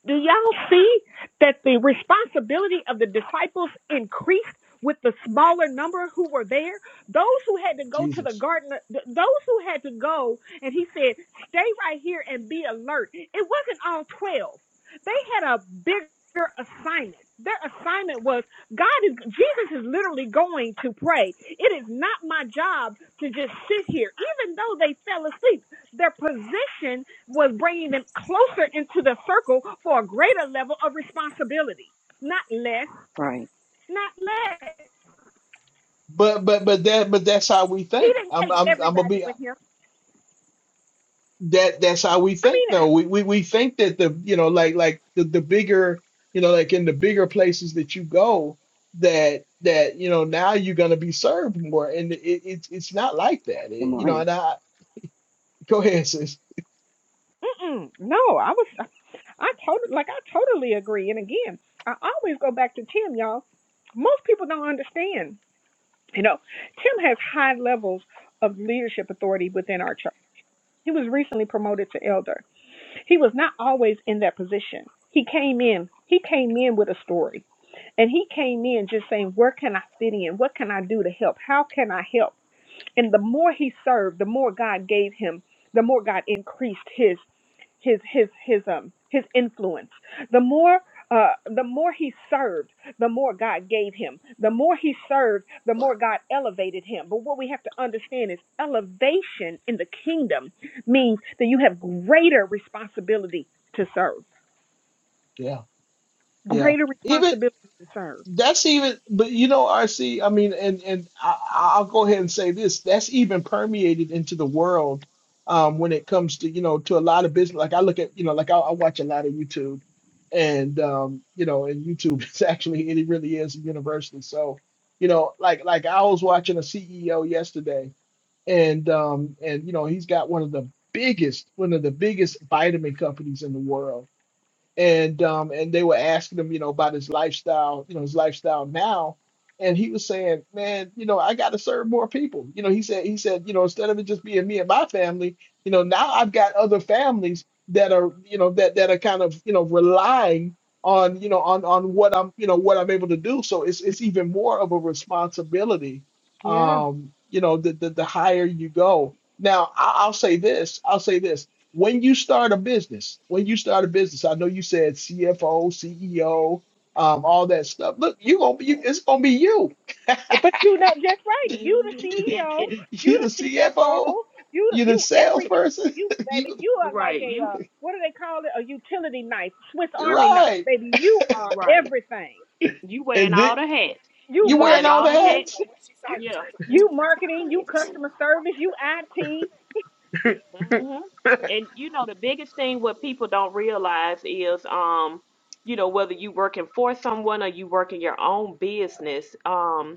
Speaker 4: Do y'all see that the responsibility of the disciples increased with the smaller number who were there? Those who had to go to the
Speaker 1: Jesus,
Speaker 4: garden, those who had to go, and he said, stay right here and be alert. It wasn't all 12, they had a bigger assignment. Their assignment was God is Jesus is literally going to pray. It is not my job to just sit here, even though they fell asleep. Their position was bringing them closer into the circle for a greater level of responsibility, not less,
Speaker 6: Right.
Speaker 4: not less.
Speaker 1: but but but that but that's how we
Speaker 4: He
Speaker 1: think.
Speaker 4: didn't
Speaker 1: I'm
Speaker 4: take
Speaker 1: I'm I'm gonna
Speaker 4: everybody
Speaker 1: be
Speaker 4: with him.
Speaker 1: that that's how we
Speaker 4: I
Speaker 1: think
Speaker 4: mean,
Speaker 1: though. We we we think that the you know like like the the bigger you know like in the bigger places that you go that that you know now you're gonna be served more and it, it's it's not like that.
Speaker 6: Good
Speaker 1: It, you know
Speaker 6: morning.
Speaker 1: and I go ahead sis.
Speaker 4: totally, like I totally agree. And again, I always go back to Tim, y'all. Most people don't understand. You know, Tim has high levels of leadership authority within our church. He was recently promoted to elder. He was not always in that position. He came in. He came in with a story. And he came in just saying, Where can I fit in? What can I do to help? How can I help? And the more he served, the more God gave him, the more God increased his his his his um his influence. The more uh, the more he served, the more God gave him. The more he served, the more God elevated him. But what we have to understand is elevation in the kingdom means that you have greater responsibility to serve,
Speaker 1: Yeah yeah.
Speaker 4: greater
Speaker 1: even.
Speaker 4: responsibility to serve.
Speaker 1: That's even, but you know, RC, I mean, and and I, I'll go ahead and say this, that's even permeated into the world um, when it comes to, you know, to a lot of business. Like I look at, you know, like I, I watch a lot of YouTube and, um, you know, and YouTube is actually, it really is a So, you know, like, like I was watching a CEO yesterday and, um, and, you know, he's got one of the biggest, one of the biggest vitamin companies in the world and um and they were asking him you know about his lifestyle you know his lifestyle now and he was saying man you know i got to serve more people you know he said he said you know instead of it just being me and my family you know now i've got other families that are you know that that are kind of you know relying on you know on on what i'm you know what i'm able to do so it's it's even more of a responsibility um you know the the, the higher you go now I, i'll say this i'll say this when you start a business, when you start a business, I know you said CFO, CEO, um, all that stuff. Look, you gonna be, you, it's gonna be you.
Speaker 4: But you know just right.
Speaker 1: you
Speaker 4: You the
Speaker 2: hmm And
Speaker 4: CEO,
Speaker 2: and
Speaker 4: you
Speaker 1: the
Speaker 4: the CFO,
Speaker 1: CFO,
Speaker 4: you
Speaker 1: you the
Speaker 4: you everything.
Speaker 1: salesperson,
Speaker 4: You baby,
Speaker 1: you
Speaker 4: you are like
Speaker 2: right,
Speaker 4: a
Speaker 2: you
Speaker 4: uh, what do they call it? A utility knife, Swiss Army knife,
Speaker 1: right,
Speaker 4: baby. You are
Speaker 2: right,
Speaker 4: everything.
Speaker 2: you wearing
Speaker 1: and then
Speaker 2: all the hats.
Speaker 4: You
Speaker 2: You
Speaker 1: you're wearing
Speaker 2: wearing
Speaker 1: all
Speaker 2: all
Speaker 1: the
Speaker 2: the
Speaker 4: marketing,
Speaker 2: hats.
Speaker 1: hats.
Speaker 2: Yeah, you.
Speaker 4: you marketing, you customer service, you IT.
Speaker 2: hmm And you know, the biggest thing what people don't realize is, um, you know, whether you working for someone or you working your own business, um.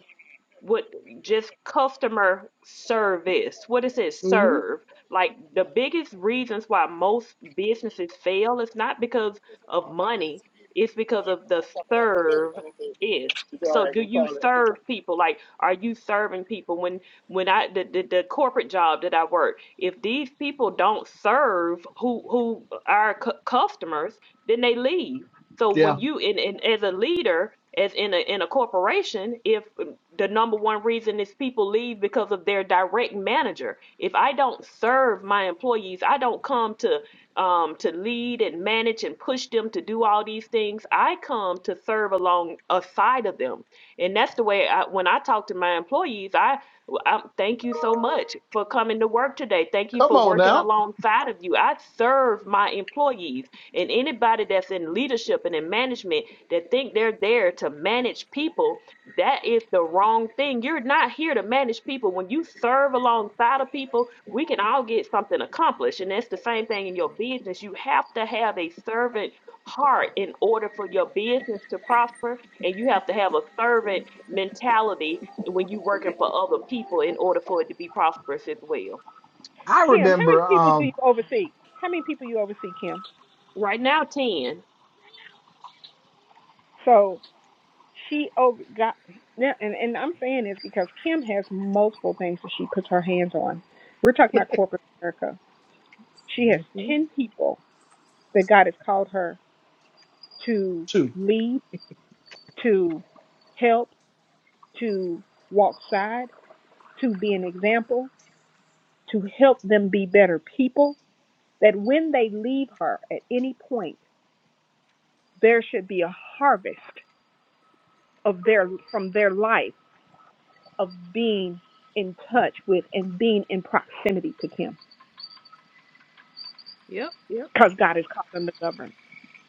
Speaker 2: what just customer service what is it
Speaker 1: hmm
Speaker 2: serve like the biggest reasons why most businesses fail is not because of money it's because of the serve is so do you serve people like are you serving people when when i the, the, the corporate job that i work if these people don't serve who who our cu- customers then they leave so when
Speaker 1: Yeah,
Speaker 2: you in, in as a leader, as in a in a corporation, if um, the number one reason is people leave because of their direct manager, if I don't serve my employees, I don't come to um, to lead and manage and push them to do all these things. I come to serve along a side of them, and that's the way. I, when I talk to my employees, I, I thank you so much for coming to work today. Thank you
Speaker 1: come
Speaker 2: for
Speaker 1: on
Speaker 2: working
Speaker 1: now.
Speaker 2: alongside of you. I serve my employees and anybody that's in leadership and in management that think they're there to manage people that is the wrong thing you're not here to manage people when you serve alongside of people we can all get something accomplished and that's the same thing in your business you have to have a servant heart in order for your business to prosper and you have to have a servant mentality when you're working for other people in order for it to be prosperous as well
Speaker 1: I
Speaker 4: Kim, how many
Speaker 1: remember
Speaker 4: people do you
Speaker 1: um
Speaker 4: oversee? How many people you oversee, Kim?
Speaker 2: right now 10
Speaker 4: So she over got now, and and I'm saying this because Kim has multiple things that she puts her hands on. We're talking about corporate America She has
Speaker 1: mhm,
Speaker 4: 10 people that God has called her to
Speaker 1: too.
Speaker 4: lead, to help, to walk side, to be an example, to help them be better people. That when they leave her at any point, there should be a harvest of their from their life of being in touch with and being in proximity to Him,
Speaker 2: yep yep
Speaker 4: because God has called them to govern.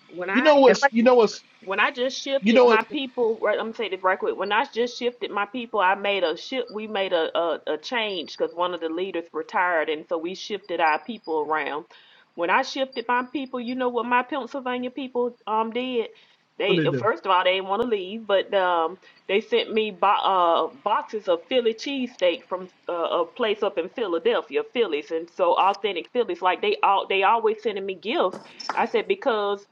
Speaker 2: when
Speaker 1: You
Speaker 2: i
Speaker 1: know
Speaker 4: It's
Speaker 1: what's
Speaker 4: like
Speaker 1: you know what's
Speaker 2: when I just
Speaker 1: you
Speaker 2: shifted
Speaker 1: know
Speaker 2: my
Speaker 1: what's what i
Speaker 2: people, right? I'm gonna say this right quick. When I just shifted my people, I made a shift. We made a a, a change because one of the leaders retired, and so we shifted our people around. When I shifted my people, you know what my Pennsylvania people um did? They
Speaker 1: gonna do.
Speaker 2: first of all they didn't want to leave, but um they sent me bo- uh boxes of Philly cheesesteak from uh, a place up in Philadelphia, Phillies, and so authentic Phillies. Like they all they always sending me gifts. I said because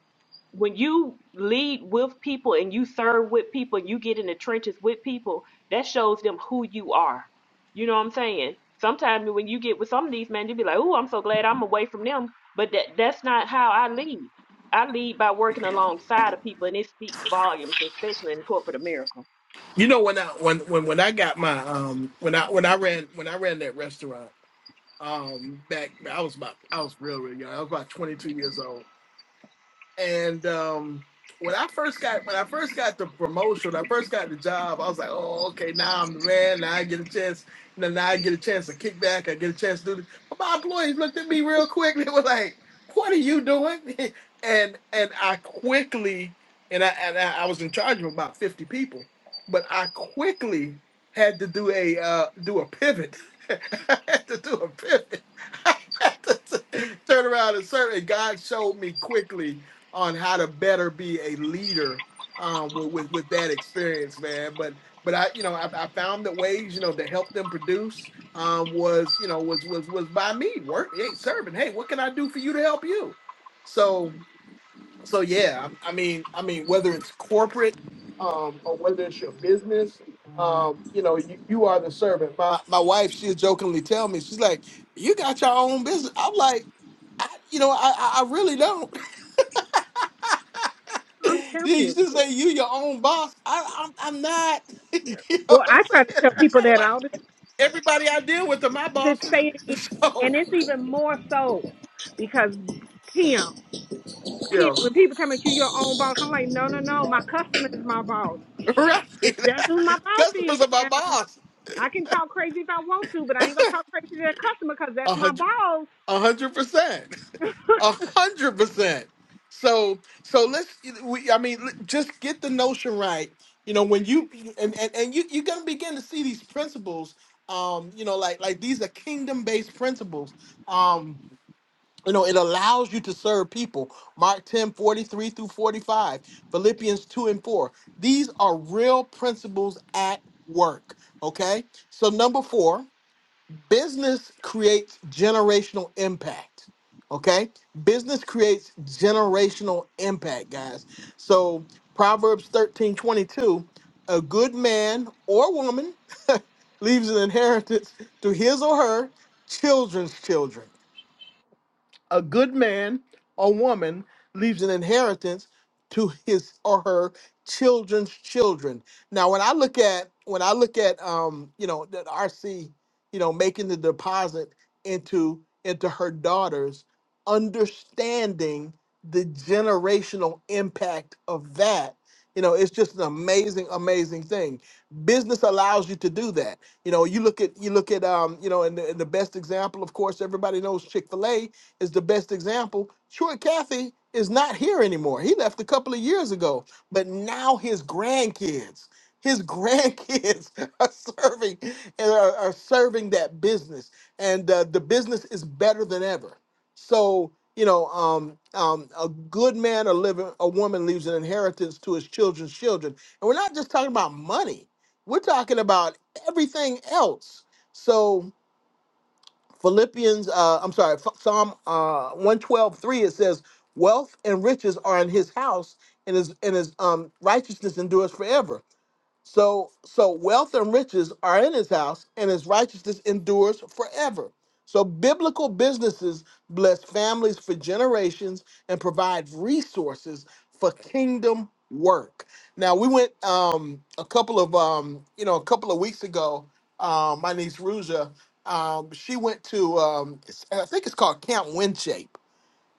Speaker 2: when you lead with people and you serve with people and you get in the trenches with people, that shows them who you are. You know what I'm saying? Sometimes when you get with some of these men, you be like, "Oh, I'm so glad I'm away from them," but that that's not how I lead. I lead by working alongside of people, and it speaks volumes, especially in corporate America.
Speaker 1: You know when I when when when I got my um when I when I ran when I ran that restaurant um back I was about I was real real young I was about 22 years old and um, when I first got when I first got the promotion, when I first got the job, I was like, oh, okay, now I'm the man. Now I get a chance. You know, now I get a chance to kick back. I get a chance to do this. But my employees looked at me real quick. They were like, what are you doing? and and I quickly and I and I, I was in charge of about fifty people, but I quickly had to do a uh, do a pivot. I had to do a pivot. I had to t- turn around and serve. And God showed me quickly on how to better be a leader um, with, with with that experience, man. But but I you know I, I found that ways you know to help them produce um, was you know was was was by me work hey, serving. Hey, what can I do for you to help you? So so yeah, I mean I mean whether it's corporate um, or whether it's your business, um, you know you, you are the servant. My my wife she'll jokingly tell me she's like you got your own business. I'm like. I, you know, I, I I really don't.
Speaker 4: I'm
Speaker 1: Yeah,
Speaker 4: telling
Speaker 1: you
Speaker 4: you,
Speaker 1: should say you your own boss. I, I'm, I'm not. you
Speaker 4: boy,
Speaker 1: know what I'm
Speaker 4: I try to
Speaker 1: saying?
Speaker 4: tell people that all the
Speaker 1: Everybody I deal with are my
Speaker 4: Just
Speaker 1: bosses.
Speaker 4: say it again. And
Speaker 1: So
Speaker 4: it's even more so because Tim, Tim,
Speaker 1: yeah,
Speaker 4: when people tell me you your own boss, I'm like, no, no, no. My customer is my boss.
Speaker 1: right.
Speaker 4: That's, that's who my boss is
Speaker 1: Customers are my
Speaker 4: now.
Speaker 1: boss.
Speaker 4: I can talk crazy if I want to, but I ain't gonna talk crazy to that customer because that's
Speaker 1: A
Speaker 4: my
Speaker 1: hundred,
Speaker 4: boss.
Speaker 1: a hundred percent, a hundred percent. So, so let's. We, I mean, let- just get the notion right. You know, when you and and, and you you're gonna begin to see these principles. Um, you know, like like these are kingdom based principles. Um. You know, it allows you to serve people. Mark 10 43 through 45, Philippians 2 and 4. These are real principles at work. Okay. So, number four, business creates generational impact. Okay. Business creates generational impact, guys. So, Proverbs 13 22, a good man or woman leaves an inheritance to his or her children's children a good man or woman leaves an inheritance to his or her children's children. Now, when I look at when I look at um, you know, that RC, you know, making the deposit into into her daughters, understanding the generational impact of that, you know, it's just an amazing, amazing thing. Business allows you to do that. You know, you look at you look at um, you know, and the, and the best example, of course, everybody knows Chick Fil A is the best example. Troy Cathy is not here anymore. He left a couple of years ago, but now his grandkids, his grandkids are serving and are, are serving that business, and uh, the business is better than ever. So you know, um, um, a good man or living a woman leaves an inheritance to his children's children, and we're not just talking about money. We're talking about everything else. So Philippians, uh, I'm sorry, Ph- Psalm uh, 112, it says, Wealth and riches are in his house, and his, and his um, righteousness endures forever. So, so wealth and riches are in his house, and his righteousness endures forever. So, biblical businesses bless families for generations and provide resources for kingdom work. Now, we went um, a couple of um, you know a couple of weeks ago. Um, my niece Ruja, um, she went to um, it's- I think it's called Camp Windshape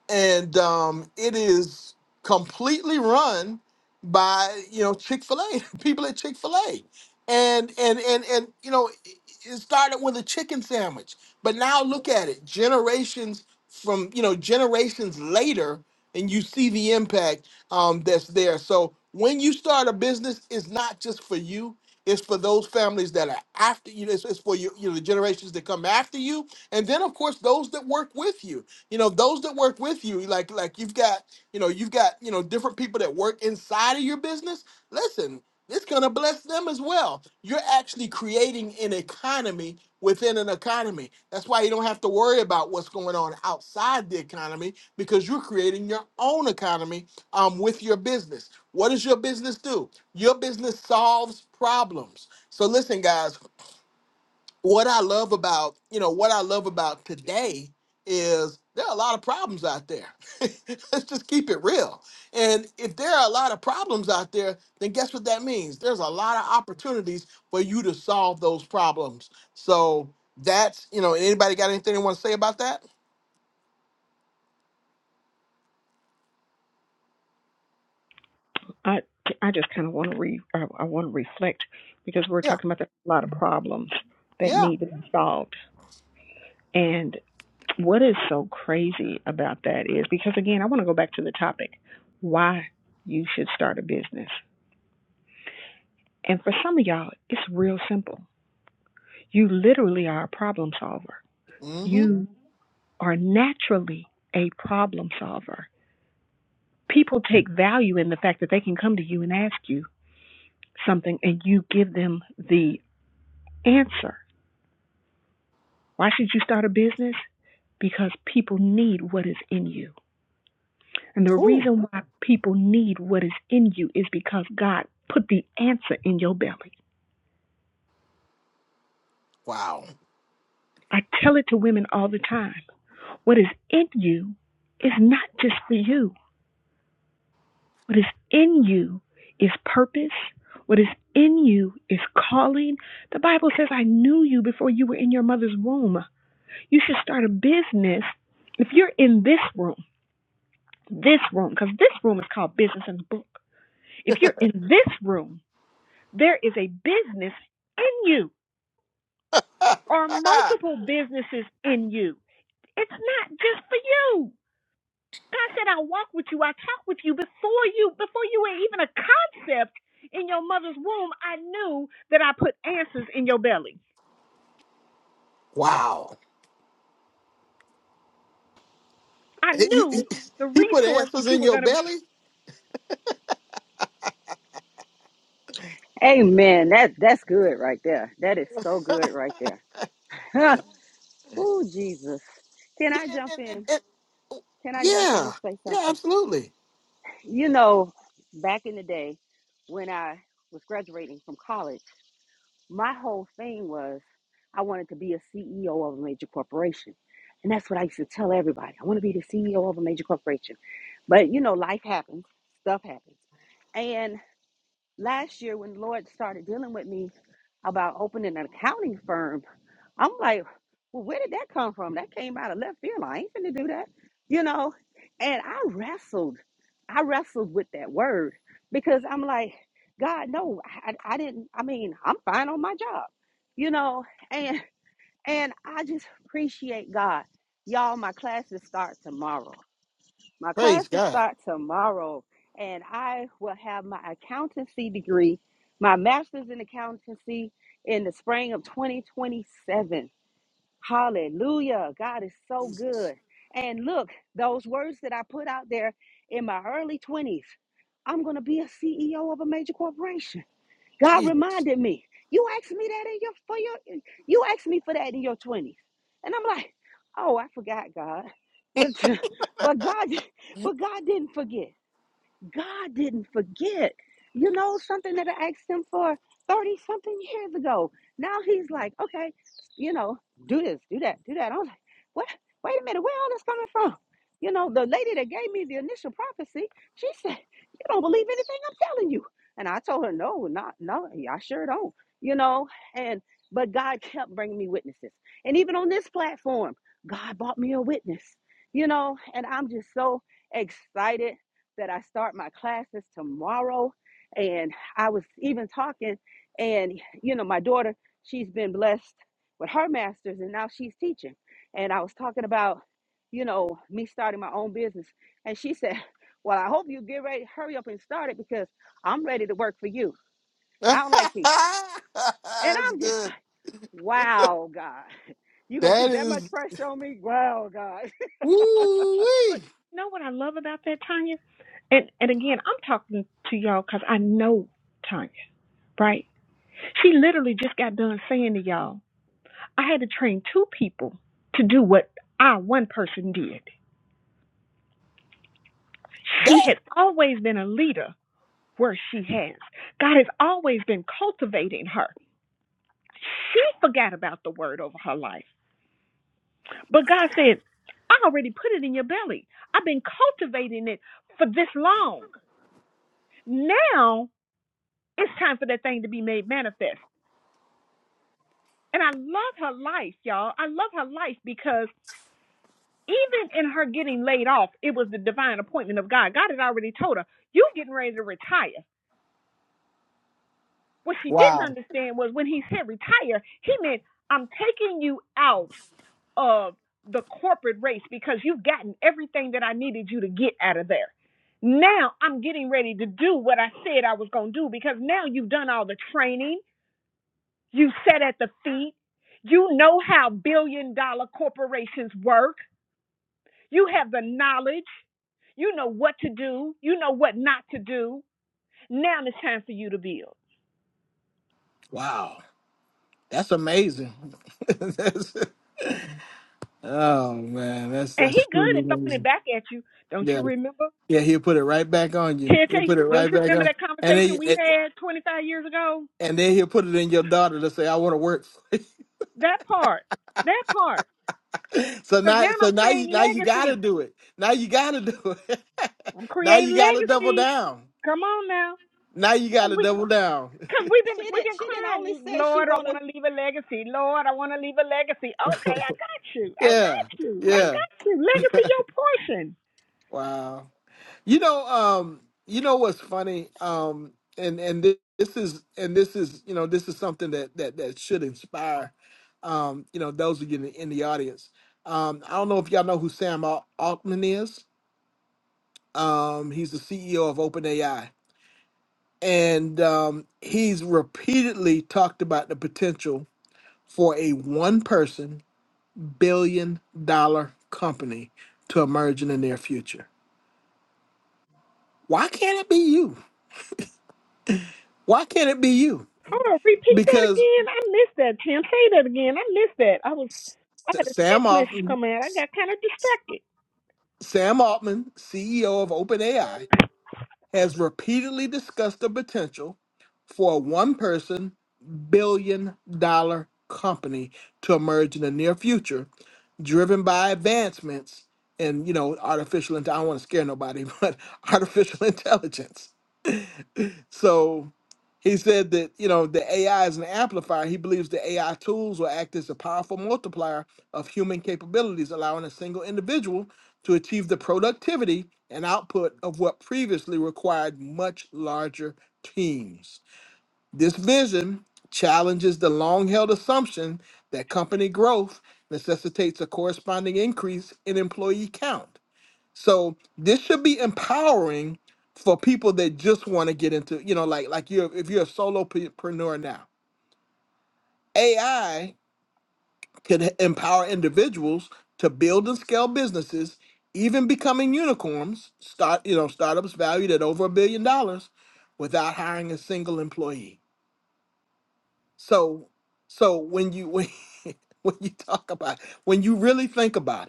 Speaker 1: and um, it is completely run by you know Chick Fil A people at Chick Fil A, and and and and you know it it started with a chicken sandwich, but now look at it generations from you know generations later, and you see the impact um, that's there. So when you start a business, it's not just for you. It's for those families that are after you. It's, it's for you, you know, the generations that come after you, and then of course those that work with you you know those that work with you like like you've got you know you've got you know different people that work inside of your business listen it's going to bless them as well you're actually creating an economy within an economy that's why you don't have to worry about what's going on outside the economy because you're creating your own economy um, with your business what does your business do your business solves problems so listen guys what I love about, you know, what I love about today is there are a lot of problems out there. Let's just keep it real. And if there are a lot of problems out there, then guess what that means? There's a lot of opportunities for you to solve those problems. So that's, you know, anybody got anything they want to say about that?
Speaker 4: I I just kind of want to re I, I want to reflect because we're
Speaker 1: Yeah.
Speaker 4: talking about there's a lot of problems that
Speaker 1: Yeah.
Speaker 4: need to be solved, and. What is so crazy about that is because, again, I want to go back to the topic why you should start a business. And for some of y'all, it's real simple. You literally are a problem solver,
Speaker 1: Mm-hmm.
Speaker 4: you are naturally a problem solver. People take value in the fact that they can come to you and ask you something and you give them the answer. Why should you start a business? Because people need what is in you. And the
Speaker 1: Ooh.
Speaker 4: reason why people need what is in you is because God put the answer in your belly.
Speaker 1: Wow.
Speaker 4: I tell it to women all the time. What is in you is not just for you. What is in you is purpose. What is in you is calling. The Bible says, I knew you before you were in your mother's womb. You should start a business. If you're in this room, this room, because this room is called Business in the Book. If you're in this room, there is a business in you. are multiple businesses in you. It's not just for you. God said, I walk with you, I talk with you. Before you, before you were even a concept in your mother's womb, I knew that I put answers in your belly.
Speaker 1: wow.
Speaker 4: I
Speaker 1: He, he-
Speaker 4: knew the
Speaker 1: he put
Speaker 4: resource that
Speaker 1: answers
Speaker 4: you
Speaker 1: in
Speaker 4: were
Speaker 1: your
Speaker 4: gonna be.
Speaker 1: belly?
Speaker 6: Amen. That that's good right there. That is so good right there. oh Jesus. Can I
Speaker 1: And-
Speaker 6: jump
Speaker 1: and- and-
Speaker 6: in?
Speaker 1: and-
Speaker 6: Can I jump in
Speaker 1: yeah.
Speaker 6: and say
Speaker 1: Yeah,
Speaker 6: something?
Speaker 1: absolutely.
Speaker 6: You know, back in the day when I was graduating from college, my whole thing was I wanted to be a CEO of a major corporation. And that's what I used to tell everybody. I want to be the CEO of a major corporation. But you know, life happens, stuff happens last year when the Lord started dealing with me about opening an accounting firm, I'm like, well, where did that come from? That came out of left field. I ain't finna do that, you know. And I wrestled, I wrestled with that word because I'm like, God, no, I, I didn't. I mean, I'm fine on my job, you know. And and I just appreciate God, y'all. My classes start tomorrow. My
Speaker 1: Praise
Speaker 6: classes
Speaker 1: God.
Speaker 6: start tomorrow, and I will have my accountancy degree, my master's in accountancy in the spring of 2027. Hallelujah. God is so
Speaker 1: Jesus.
Speaker 6: good. And look, those words that I put out there in my early 20s, I'm going to be a CEO of a major corporation. God
Speaker 1: Jesus.
Speaker 6: reminded me, you asked me that in your for your you asked me for that in your 20s. And I'm like, oh, I forgot God. but God but God didn't forget. God didn't forget. You know, something that I asked him for 30 something years ago. Now he's like, okay, you know, do this, do that, do that. I was like, what? Wait a minute, where all this coming from? You know, the lady that gave me the initial prophecy, she said, you don't believe anything I'm telling you. And I told her, no, not, no, yeah, I sure don't, you know, and, but God kept bringing me witnesses. And even on this platform, God brought me a witness, you know, and I'm just so excited that I start my classes tomorrow. And I was even talking, and you know, my daughter, she's been blessed with her master's and now she's teaching. And I was talking about, you know, me starting my own business. And she said, Well, I hope you get ready, hurry up and start it because I'm ready to work for you. I
Speaker 1: That's
Speaker 6: don't like teaching. And I'm just
Speaker 1: good.
Speaker 6: like, Wow, God. You gonna
Speaker 1: That
Speaker 6: put that much
Speaker 1: is
Speaker 6: pressure on me? Wow, God.
Speaker 4: But
Speaker 1: woo
Speaker 4: but
Speaker 1: wee.
Speaker 4: you know what I love about that, Tanya? And and again, I'm talking to y'all because I know Tanya, right? She literally just got done saying to y'all, I had to train two people to do what I one person did. She
Speaker 1: That
Speaker 4: had always been a leader where she has. God has always been cultivating her. She forgot about the word over her life. But God said, I already put it in your belly. I've been cultivating it for this long. Now it's time for that thing to be made manifest. And I love her life, y'all. I love her life because even in her getting laid off, it was the divine appointment of God. God had already told her, You getting ready to retire. What she didn't
Speaker 1: wow.
Speaker 4: understand was when he said retire, he meant I'm taking you out of the corporate race because you've gotten everything that I needed you to get out of there. Now I'm getting ready to do what I said I was going to do because now you've done all the training, you sat at the feet, you know how billion dollar corporations work, you have the knowledge, you know what to do, you know what not to do. Now it's time for you to build.
Speaker 1: Wow. That's amazing. That's- oh man, that's
Speaker 4: And he
Speaker 1: that's
Speaker 4: good
Speaker 1: truly
Speaker 4: at throwing it
Speaker 1: amazing.
Speaker 4: back at you. Don't you
Speaker 1: Yeah.
Speaker 4: remember?
Speaker 1: Yeah, he'll put it right back on you. He'll
Speaker 4: TNT,
Speaker 1: put it
Speaker 4: don't
Speaker 1: right
Speaker 4: you
Speaker 1: back
Speaker 4: remember
Speaker 1: on.
Speaker 4: that
Speaker 1: And
Speaker 4: conversation
Speaker 1: then
Speaker 4: we
Speaker 1: and
Speaker 4: had 25 years ago?
Speaker 1: and then he'll put it in your daughter to say, I want to work for you.
Speaker 4: That part. That part.
Speaker 1: So
Speaker 4: Because
Speaker 1: now
Speaker 4: now
Speaker 1: so
Speaker 4: I'm
Speaker 1: now you
Speaker 4: creating
Speaker 1: now you gotta
Speaker 4: legacy.
Speaker 1: do it. Now you gotta do it.
Speaker 4: I'm
Speaker 1: now you
Speaker 4: creating
Speaker 1: gotta double
Speaker 4: legacy.
Speaker 1: down.
Speaker 4: Come on now.
Speaker 1: Now you got
Speaker 4: Because
Speaker 1: to
Speaker 4: we,
Speaker 1: double down.
Speaker 4: cause we've, been,
Speaker 6: She
Speaker 4: we've
Speaker 6: didn't
Speaker 4: been
Speaker 6: she didn't only
Speaker 4: crying,
Speaker 6: say she
Speaker 4: Lord, I
Speaker 6: wanna
Speaker 4: want to leave a legacy. Lord, I want to leave a legacy. Okay, I got you. I got
Speaker 1: Yeah.
Speaker 4: you. I
Speaker 1: Yeah.
Speaker 4: got you. Legacy, your portion.
Speaker 1: Wow. You know, um, you know what's funny? Um, and and thi- this is and this is you know this is something that that that should inspire, um, you know, those of you in the, in the audience. Um, I don't know if y'all know who Sam Al- Altman is. Um, he's the CEO of OpenAI, and um, he's repeatedly talked about the potential for a one person billion dollar company to emerge in the near future. Why can't it be you? Why can't it be you?
Speaker 4: Oh, repeat that
Speaker 1: Because
Speaker 4: again. I missed that, Tim. Say that again. I missed that. I was I had a
Speaker 1: Sam
Speaker 4: text message
Speaker 1: Altman,
Speaker 4: come in. I got kind of distracted.
Speaker 1: Sam Altman, CEO of OpenAI, has repeatedly discussed the potential for a one person billion dollar company to emerge in the near future, driven by advancements in, you know, artificial, inte- I don't want to scare nobody, but artificial intelligence So he said that, you know, the AI is an amplifier. He believes the AI tools will act as a powerful multiplier of human capabilities, allowing a single individual to achieve the productivity and output of what previously required much larger teams. This vision challenges the long held assumption that company growth necessitates a corresponding increase in employee count so this should be empowering for people that just want to get into, you know, like like you are if you're a solopreneur now. AI could h- empower individuals to build and scale businesses, even becoming unicorns, start, you know, startups valued at over a billion dollars without hiring a single employee. So so when you when, when you talk about when you really think about it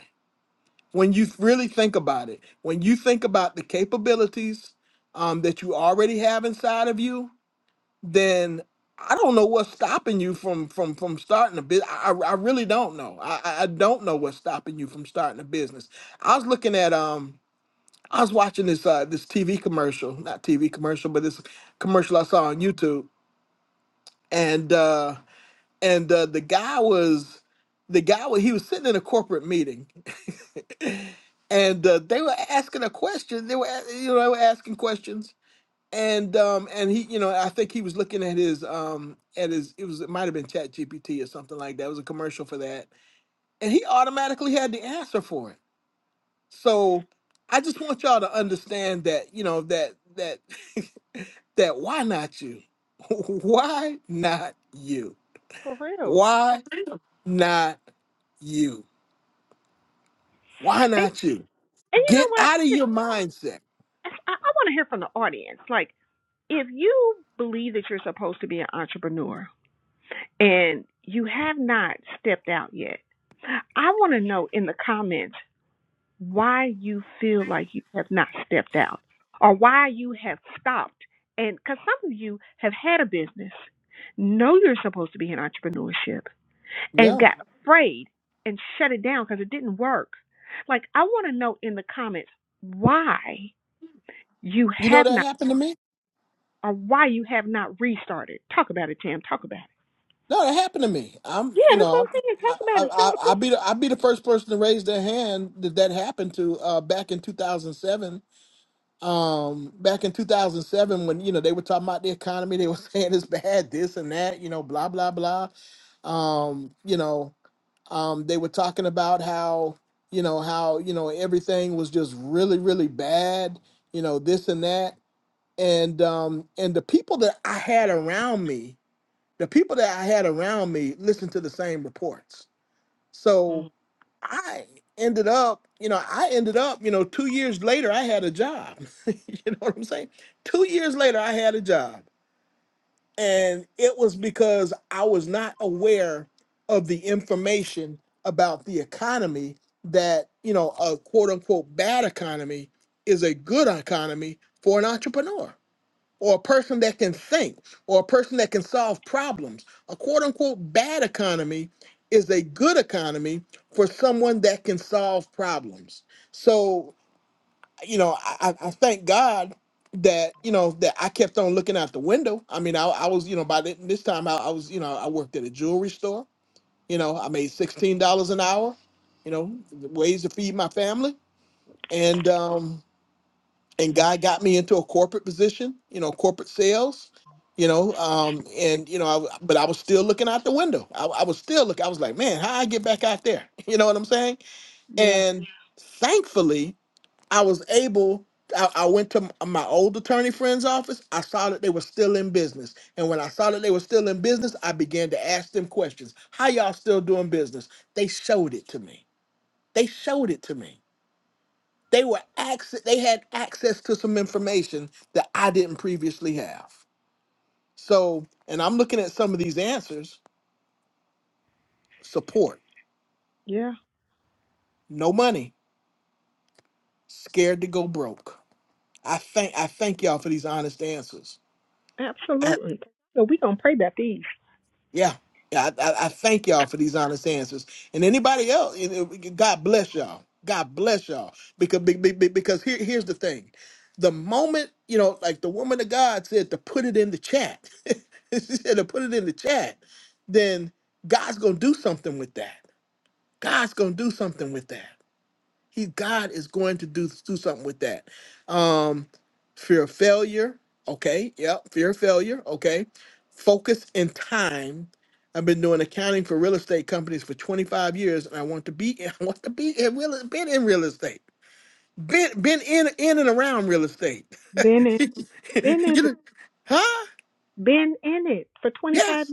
Speaker 1: when you really think about it, when you think about the capabilities um, that you already have inside of you, then I don't know what's stopping you from from from starting a business. I, I I really don't know. I, I I don't know what's stopping you from starting a business. I was looking at um I was watching this uh this TV commercial, not TV commercial, but this commercial I saw on YouTube, and uh and uh, the guy was the guy was he was sitting in a corporate meeting and uh, they were asking a question. They were, a- you know, they were asking questions, and um, and he, you know, I think he was looking at his um, at his it was it might have been Chat GPT or something like that. It was a commercial for that, and he automatically had the answer for it. So I just want y'all to understand that, you know, that that that why not you? why not you?
Speaker 4: For real.
Speaker 1: Why not you? Why
Speaker 4: And,
Speaker 1: not you?
Speaker 4: and you know
Speaker 1: Get
Speaker 4: what?
Speaker 1: out of your mindset.
Speaker 4: I, I want to hear from the audience. Like, if you believe that you're supposed to be an entrepreneur and you have not stepped out yet, I want to know in the comments why you feel like you have not stepped out or why you have stopped. And because some of you have had a business, know you're supposed to be in entrepreneurship and
Speaker 1: Yeah.
Speaker 4: got afraid and shut it down because it didn't work. Like, I want to know in the comments why you
Speaker 1: You know
Speaker 4: have
Speaker 1: that
Speaker 4: not
Speaker 1: happened to me?
Speaker 4: or why you have not restarted. Talk about it, Tam. Talk about it.
Speaker 1: No, that happened to me. I'm, you know, I, I, I, I be the, I be the first person to raise their hand that that happened to uh, back in 2007. Um, back in 2007, when you know they were talking about the economy, they were saying it's bad, this and that, you know, blah blah blah. Um, you know, um, they were talking about how you know how you know everything was just really really bad, you know, this and that, and um, and the people that I had around me the people that I had around me listened to the same reports. So
Speaker 4: Mhm.
Speaker 1: I ended up, you know, I ended up, you know, two years later, I had a job. you know what I'm saying? Two years later, I had a job. And it was because I was not aware of the information about the economy that, you know, a quote unquote bad economy is a good economy for an entrepreneur or a person that can think or a person that can solve problems. A quote unquote bad economy is a good economy for someone that can solve problems. So, you know, I, I I thank God that, you know, that I kept on looking out the window. I mean, I, I was, you know, by th- this time I, I was, you know, I worked at a jewelry store. You know, I made $16 an hour, you know, ways to feed my family. And, um, and God got me into a corporate position, you know, corporate sales, you know, um, and you know, I, w- but I was still looking out the window. I, I was still looking. I was like, man, how I get back out there? You know what I'm saying?
Speaker 4: Yeah,
Speaker 1: And thankfully, I was able. I, I went to m- my old attorney friend's office. I saw that they were still in business, and when I saw that they were still in business, I began to ask them questions. How y'all still doing business? They showed it to me. They showed it to me they were access, they had access to some information that I didn't previously have. So, and I'm looking at some of these answers. Support,
Speaker 4: yeah,
Speaker 1: no money, scared to go broke. I thank I thank y'all for these honest answers.
Speaker 4: absolutely. So we're going to pray about these.
Speaker 1: Yeah. Yeah, I, I, I thank y'all for these honest answers. And anybody else, you know, God bless y'all. God bless y'all. Because be- be- be- because here, here's the thing. The moment, you know, like the woman of God said to put it in the chat, she said to put it in the chat, then God's going to do something with that. God's going to do something with that. He God is going to do do something with that. Um, fear of failure. Okay. Yep. Fear of failure. Okay. Focus and time. I've been doing accounting for real estate companies for 25 years, and I want to be I want to be in real been in real estate. Been been in in and around real estate.
Speaker 4: Been in, been in
Speaker 1: you
Speaker 4: it,
Speaker 1: know, huh?
Speaker 4: been in it for
Speaker 1: Yeah.
Speaker 4: 25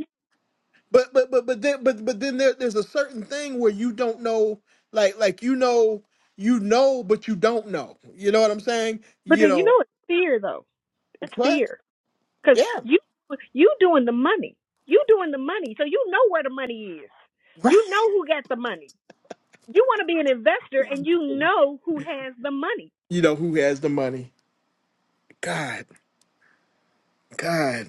Speaker 1: But but but but then but but then there, there's a certain thing where you don't know, like like you know you know, but you don't know. You know what I'm saying?
Speaker 4: But
Speaker 1: You
Speaker 4: then, you
Speaker 1: know
Speaker 4: know, it's fear though. That's
Speaker 1: what?
Speaker 4: fear because
Speaker 1: Yeah,
Speaker 4: you you doing the money. You doing the money, so you know where the money is.
Speaker 1: right.
Speaker 4: You know who got the money. You want to be an investor, and you know who has the money.
Speaker 1: You know who has the money? God, God,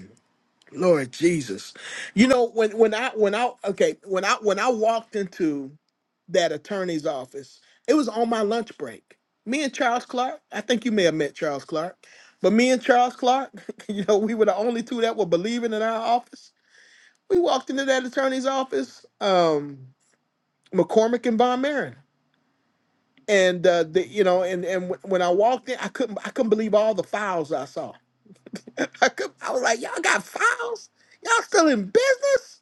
Speaker 1: Lord Jesus. You know when when I when I okay when I when I walked into that attorney's office, it was on my lunch break. Me and Charles Clark. I think you may have met Charles Clark, but me and Charles Clark, you know, we were the only two that were believing in our office We walked into that attorney's office, um, McCormick and Von Marin, and uh, the, you know, and and wh- when I walked in, I couldn't I couldn't believe all the files I saw. I could, I was like, y'all got files? Y'all still in business?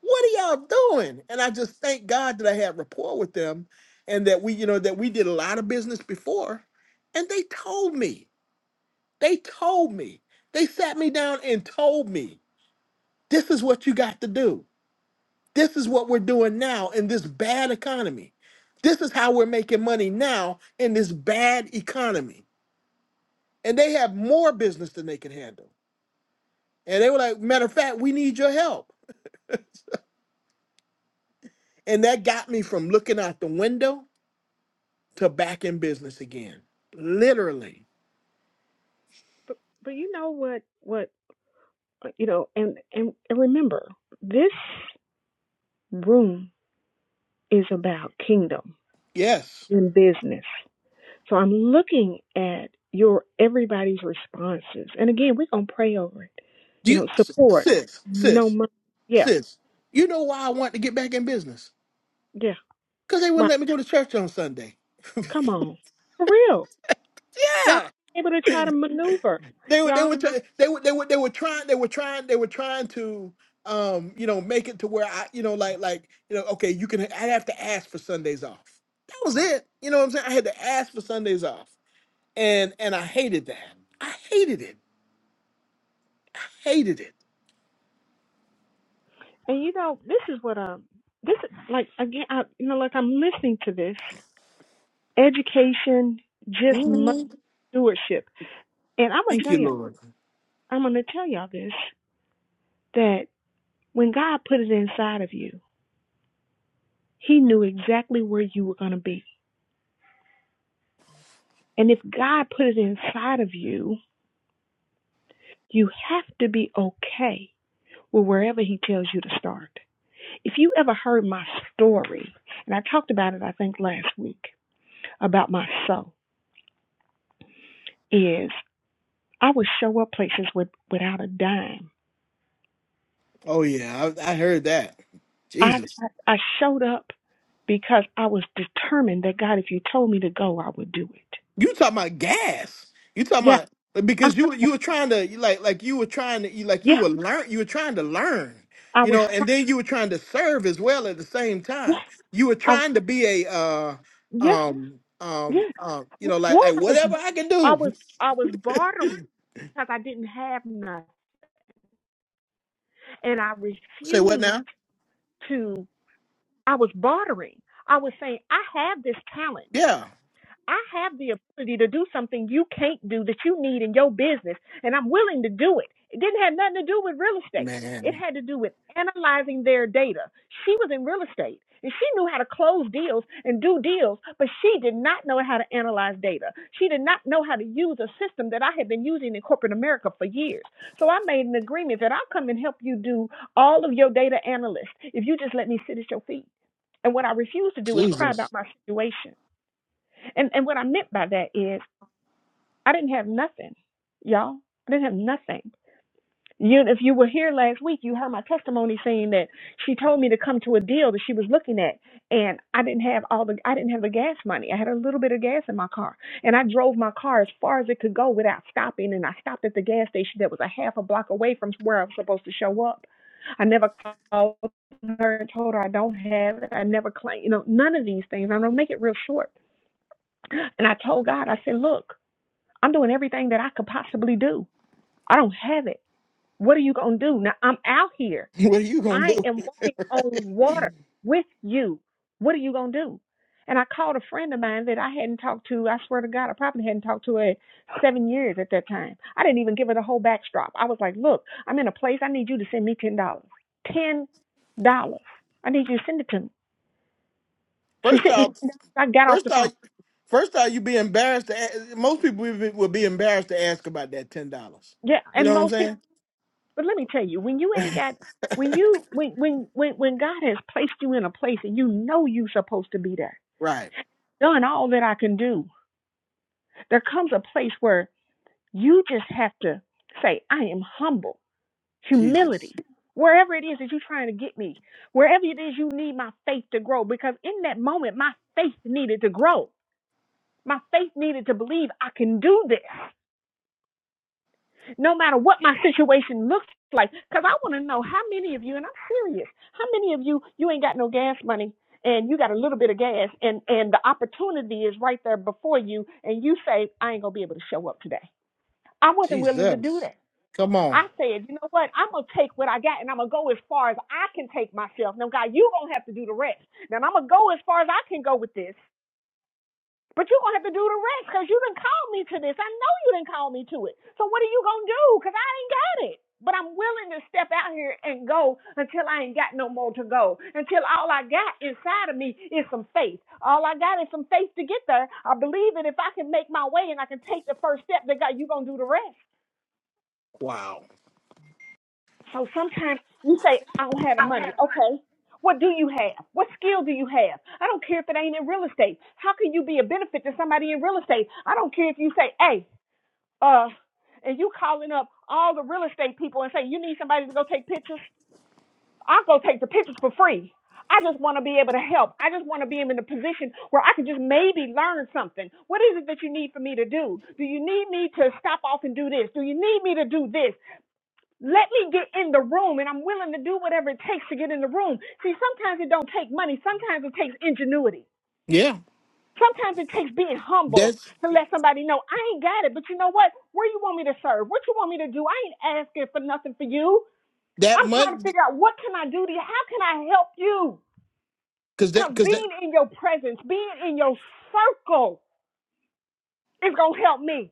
Speaker 1: What are y'all doing? And I just thank God that I had rapport with them, and that we, you know, that we did a lot of business before, and they told me, they told me, they sat me down and told me, this is what you got to do This is what we're doing now in this bad economy. This is how we're making money now in this bad economy. And they have more business than they can handle. And they were like, matter of fact, we need your help. And that got me from looking out the window to back in business again. Literally.
Speaker 4: But but you know what what you know, and and, and remember this room is about kingdom
Speaker 1: Yes.
Speaker 4: and business. So I'm looking at your everybody's responses, and again, we're gonna pray over it.
Speaker 1: Do
Speaker 4: You
Speaker 1: you
Speaker 4: know,
Speaker 1: s-
Speaker 4: support,
Speaker 1: sis,
Speaker 4: no
Speaker 1: sis,
Speaker 4: money, yeah,
Speaker 1: sis, you know why I want to get back in business?
Speaker 4: yeah.
Speaker 1: Because they
Speaker 4: right.
Speaker 1: wouldn't let me go to church on Sunday.
Speaker 4: Come on. For real. Got to
Speaker 1: Yeah.
Speaker 4: be able to try to maneuver,
Speaker 1: they were they
Speaker 4: y'all.
Speaker 1: were try- they were they were they were trying they were trying they were trying to um you know make it to where I you know like like you know okay you can I have to ask for Sundays off. That was it. You know what I'm saying? I had to ask for Sundays off, and and I hated that. I hated it. I hated it.
Speaker 4: And you know, this is what um this is like again I you know, like I'm listening to this. Education just must stewardship. And I'm gonna
Speaker 1: Thank
Speaker 4: tell
Speaker 1: you,
Speaker 4: you
Speaker 1: Lord.
Speaker 4: I'm gonna tell y'all this that when God put it inside of you, he knew exactly where you were gonna be. And if God put it inside of you, you have to be okay with wherever he tells you to start. If you ever heard my story, and I talked about it, I think, last week about my soul, is I was places with, without a dime.
Speaker 1: Oh yeah, I, I heard that.
Speaker 4: I,
Speaker 1: Jesus.
Speaker 4: I, I shut up because I was determined that God, if you told me to go, I would do it.
Speaker 1: You talking about gas? You talking
Speaker 4: Yeah,
Speaker 1: about like,
Speaker 4: I'm,
Speaker 1: because you you were trying to you like like you were trying to you like you
Speaker 4: yeah,
Speaker 1: were learn you were trying to learn,
Speaker 4: I
Speaker 1: you
Speaker 4: was
Speaker 1: know,
Speaker 4: trying.
Speaker 1: and then you were trying to serve as well at the same
Speaker 4: Yeah,
Speaker 1: time. You were
Speaker 4: I,
Speaker 1: trying to be a uh
Speaker 4: yeah,
Speaker 1: um um
Speaker 4: yeah.
Speaker 1: um you know like
Speaker 4: One,
Speaker 1: like
Speaker 4: I was,
Speaker 1: whatever I can
Speaker 4: I
Speaker 1: do.
Speaker 4: was, I was bartering because I didn't have none, and I
Speaker 1: Say what
Speaker 4: refused
Speaker 1: now?
Speaker 4: to. I was bartering. I was saying, I have this talent.
Speaker 1: Yeah,
Speaker 4: I have the ability to do something you can't do that you need in your business, and I'm willing to do it. It didn't have nothing to do with real estate. It
Speaker 1: man,
Speaker 4: had to do with analyzing their data. She was in real estate and she knew how to close deals and do deals, but she did not know how to analyze data. She did not know how to use a system that I had been using in corporate America for years. So I made an agreement that I'll come and help you do all of your data analysis if you just let me sit at your feet. And what I refuse to do is cry
Speaker 1: Jesus,
Speaker 4: about my situation. And and what I meant by that is I didn't have nothing, y'all. I didn't have nothing. You, if you were here last week, you heard my testimony saying that she told me to come to a deal that she was looking at, and I didn't have all the I didn't have the gas money. I had a little bit of gas in my car, and I drove my car as far as it could go without stopping. And I stopped at the gas station that was a half a block away from where I was supposed to show up. I never called her and told her I don't have it. I never claimed, you know, none of these things. I'm gonna make it real short. And I told God, I said, look. I'm doing everything that I could possibly do. I don't have it. What are you going to do? Now I'm out here.
Speaker 1: what are you gonna
Speaker 4: I
Speaker 1: do?
Speaker 4: am walking on water with you. What are you going to do? And I called a friend of mine that I hadn't talked to. I swear to God, I probably hadn't talked to her in seven years at that time. I didn't even give her the whole backdrop. I was like, look, I'm in a place. I need you to send me $10. dollars. $10. I need you to send it to me. She
Speaker 1: First
Speaker 4: sent me.
Speaker 1: off,
Speaker 4: I got off
Speaker 1: first
Speaker 4: the
Speaker 1: off,
Speaker 4: phone.
Speaker 1: first off, you be embarrassed to a- most people would be, would be embarrassed to ask about that ten dollars.
Speaker 4: Yeah.
Speaker 1: You
Speaker 4: And
Speaker 1: know what
Speaker 4: most.
Speaker 1: I'm saying?
Speaker 4: But let me tell you, when you ain't got when you when when when when God has placed you in a place and you know you're supposed to be there,
Speaker 1: Right.
Speaker 4: done all that I can do, there comes a place where you just have to say, I am humble,
Speaker 1: Jesus.
Speaker 4: humility. Wherever it is that you're trying to get me, wherever it is you need my faith to grow, because in that moment my faith needed to grow. My faith needed to believe I can do this. no matter what my situation looks like. Because I want to know how many of you, and I'm serious, how many of you, you ain't got no gas money and you got a little bit of gas and, and the opportunity is right there before you and you say, I ain't going to be able to show up today. I wasn't willing to do
Speaker 1: Jesus.
Speaker 4: that.
Speaker 1: Come on.
Speaker 4: I said, you know what? I'm going to take what I got and I'm going to go as far as I can take myself. Now, God, you going to have to do the rest. Now, I'm going to go as far as I can go with this. But you're gonna have to do the rest because you didn't call me to this. I know you didn't call me to it. So what are you gonna do? Because I ain't got it. But I'm willing to step out here and go until I ain't got no more to go. Until all I got inside of me is some faith. All I got is some faith to get there. I believe that if I can make my way and I can take the first step, that God, you're gonna do the rest.
Speaker 1: Wow.
Speaker 4: So sometimes you say, I don't have the money. Okay. What do you have? What skill do you have? I don't care if it ain't in real estate. How can you be a benefit to somebody in real estate? I don't care if you say, hey, uh, and you calling up all the real estate people and saying you need somebody to go take pictures, I'll go take the pictures for free. I just want to be able to help. I just want to be in a position where I can just maybe learn something. What is it that you need for me to do? Do you need me to stop off and do this? Do you need me to do this? Let me get in the room and I'm willing to do whatever it takes to get in the room. See, sometimes it don't take money. Sometimes it takes ingenuity.
Speaker 1: Yeah.
Speaker 4: Sometimes it takes being humble
Speaker 1: That's
Speaker 4: to let somebody know I ain't got it, but you know what? Where you want me to serve? What you want me to do? I ain't asking for nothing for you.
Speaker 1: that
Speaker 4: I'm
Speaker 1: money
Speaker 4: trying to figure out what can I do to you? How can I help you?
Speaker 1: because that
Speaker 4: Come
Speaker 1: because that
Speaker 4: praise those souls. It's gonna Hey,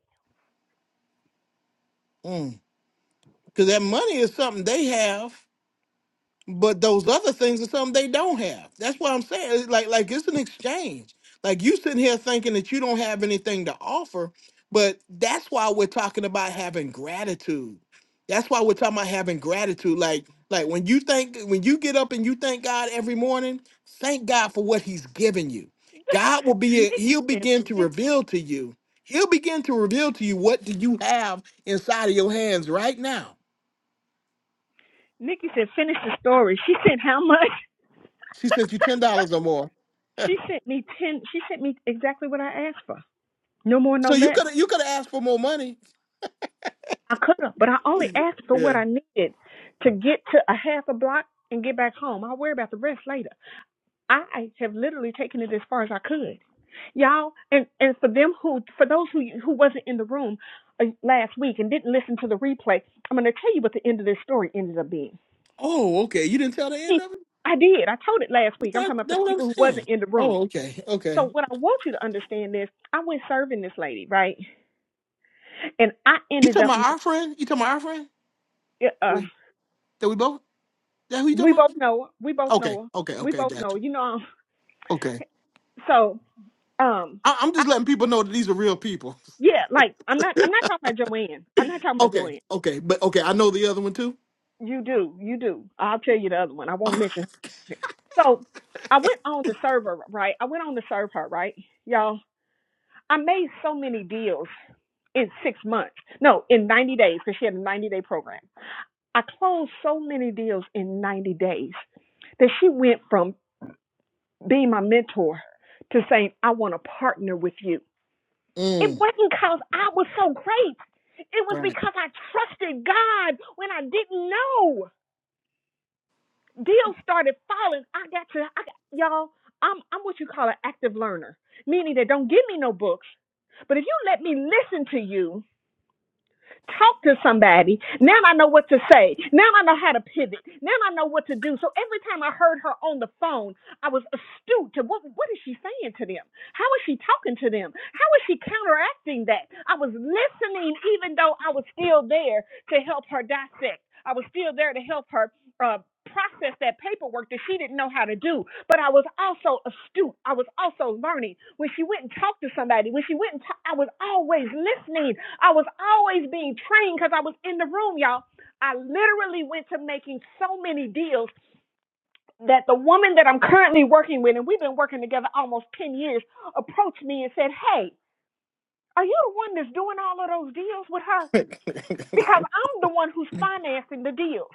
Speaker 1: because that money is something they have. But those other things are something they don't have. That's what I'm saying. It's like like it's an exchange. Like you sitting here thinking that you don't have anything to offer, but that's why we're talking about having gratitude. That's why we're talking about having gratitude. Like like when you think when you get up and you thank God every morning, thank God for what He's given you. God will be
Speaker 4: Nikki
Speaker 1: He'll
Speaker 4: said,
Speaker 1: begin to reveal to you. He'll begin to reveal to you what do you have inside of your hands right now.
Speaker 4: Nikki said, finish the story. She sent how much?
Speaker 1: She sent you ten dollars or more.
Speaker 4: She sent me ten. She sent me exactly what I asked for. No more, no
Speaker 1: So you
Speaker 4: less.
Speaker 1: could you could have asked for more money.
Speaker 4: I could have, but I only asked for what
Speaker 1: Yeah.
Speaker 4: I needed to get to a half a block and get back home. I'll worry about the rest later. I have literally taken it as far as I could, y'all. And and for them who, for those who who wasn't in the room uh, last week and didn't listen to the replay, I'm going to tell you what the end of this story ended up being.
Speaker 1: Oh, okay. You didn't tell the end of it.
Speaker 4: I did. I told it last week. I'm
Speaker 1: That,
Speaker 4: talking about for
Speaker 1: that
Speaker 4: the
Speaker 1: what I'm
Speaker 4: people who
Speaker 1: saying.
Speaker 4: wasn't in the room.
Speaker 1: Oh, okay,
Speaker 4: So
Speaker 1: okay.
Speaker 4: what I want you to understand is, I went serving this lady, right? And I
Speaker 1: You
Speaker 4: ended
Speaker 1: talking
Speaker 4: up.
Speaker 1: about our friend? You talking about our friend?
Speaker 4: Uh,
Speaker 1: Wait, that we both? That who you talking
Speaker 4: we
Speaker 1: about?
Speaker 4: both know. her. We both
Speaker 1: Okay,
Speaker 4: know. her.
Speaker 1: okay,
Speaker 4: We
Speaker 1: okay.
Speaker 4: both know. her.
Speaker 1: Gotcha.
Speaker 4: You know.
Speaker 1: Okay.
Speaker 4: So um,
Speaker 1: I, I'm
Speaker 4: I,
Speaker 1: just letting people know that these are real people.
Speaker 4: yeah, like I'm not. I'm not talking about Joanne. I'm not talking about Joanne.
Speaker 1: Okay, okay, but okay. I know the other one too.
Speaker 4: You do, you do. I'll tell you the other one. I won't mention her. So I went on to serve her, right? I went on to serve her, right? Y'all, I made so many deals in six months. No, in 90 days, because she had a 90 day program. I closed so many deals in 90 days that she went from being my mentor to saying, I want to partner with you. It
Speaker 1: Mm,
Speaker 4: wasn't because I was so great. It was
Speaker 1: right.
Speaker 4: because I trusted God when I didn't know. deals started falling. I got to, I got, y'all, I'm, I'm what you call an active learner, meaning that don't give me no books, but if you let me listen to you, Talk to somebody. Now I know what to say. Now I know how to pivot. Now I know what to do. So every time I heard her on the phone, I was astute to what what is she saying to them? How is she talking to them? How is she counteracting that? I was listening even though I was still there to help her dissect. I was still there to help her uh process that paperwork that she didn't know how to do. But I was also astute. I was also learning. When she went and talked to somebody, when she went and ta- I was always listening I was always being trained because I was in the room, y'all. I literally went to making so many deals that the woman that I'm currently working with, and we've been working together almost 10 years, approached me and said, Hey, are you the one that's doing all of those deals with her? Because I'm the one who's financing the deals.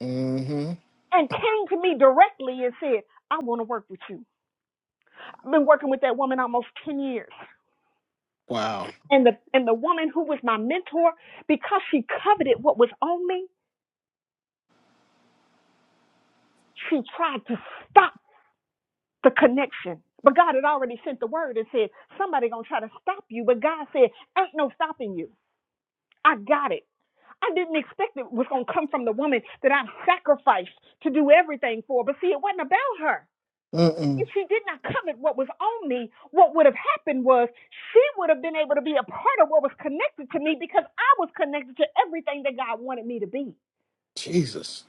Speaker 1: mm-hmm.
Speaker 4: And came to me directly and said, I want to work with you. I've been working with that woman almost 10 years.
Speaker 1: Wow.
Speaker 4: And the, and the woman who was my mentor, because she coveted what was on me, she tried to stop the connection. But God had already sent the word and said, somebody gonna try to stop you. But God said, ain't no stopping you. I got it. I didn't expect it was gonna come from the woman that I sacrificed to do everything for. But see, it wasn't about her.
Speaker 1: Mm-mm.
Speaker 4: If she did not covet what was on me, what would have happened was she would have been able to be a part of what was connected to me because I was connected to everything that God wanted me to be.
Speaker 1: Jesus.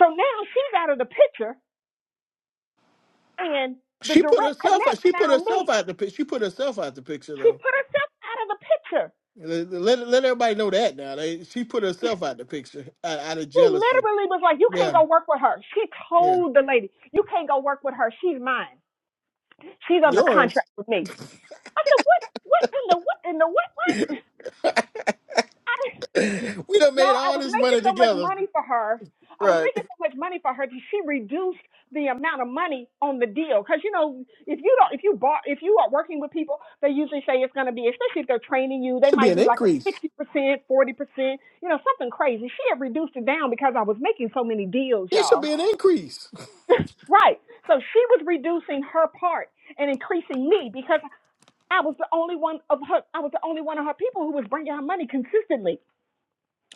Speaker 4: So now she's out of the picture and the
Speaker 1: She put
Speaker 4: direct
Speaker 1: herself.
Speaker 4: connect
Speaker 1: She put
Speaker 4: found
Speaker 1: herself
Speaker 4: me.
Speaker 1: out the. pic- She put herself out the picture
Speaker 4: She
Speaker 1: though.
Speaker 4: put herself out of the picture.
Speaker 1: Let, let let everybody know that now. They, she put
Speaker 4: You
Speaker 1: herself out the picture out, out of
Speaker 4: She
Speaker 1: jealousy.
Speaker 4: literally was like, You can't
Speaker 1: Yeah,
Speaker 4: go work with her. She
Speaker 1: yeah.
Speaker 4: told the lady, You can't go work with her. She's mine. She's under
Speaker 1: Yours.
Speaker 4: contract with me. I said, What what in the what in the what
Speaker 1: we
Speaker 4: what? I
Speaker 1: done
Speaker 4: y'all,
Speaker 1: made
Speaker 4: I
Speaker 1: all
Speaker 4: was
Speaker 1: this
Speaker 4: making
Speaker 1: money
Speaker 4: so much
Speaker 1: together.
Speaker 4: money for her. I was
Speaker 1: Right.
Speaker 4: making so much money for her that she reduced the amount of money on the deal. Cause you know, if you don't if you bought if you are working with people, they usually say it's gonna be especially if they're training you, they
Speaker 1: Should be
Speaker 4: might
Speaker 1: an
Speaker 4: do like a
Speaker 1: increase.
Speaker 4: sixty percent, forty percent, you know, something crazy. She had reduced it down because I was making so many deals,
Speaker 1: It should
Speaker 4: y'all.
Speaker 1: be an increase.
Speaker 4: right. So she was reducing her part and increasing me because I was the only one of her. I was the only one of her people who was bringing her money consistently.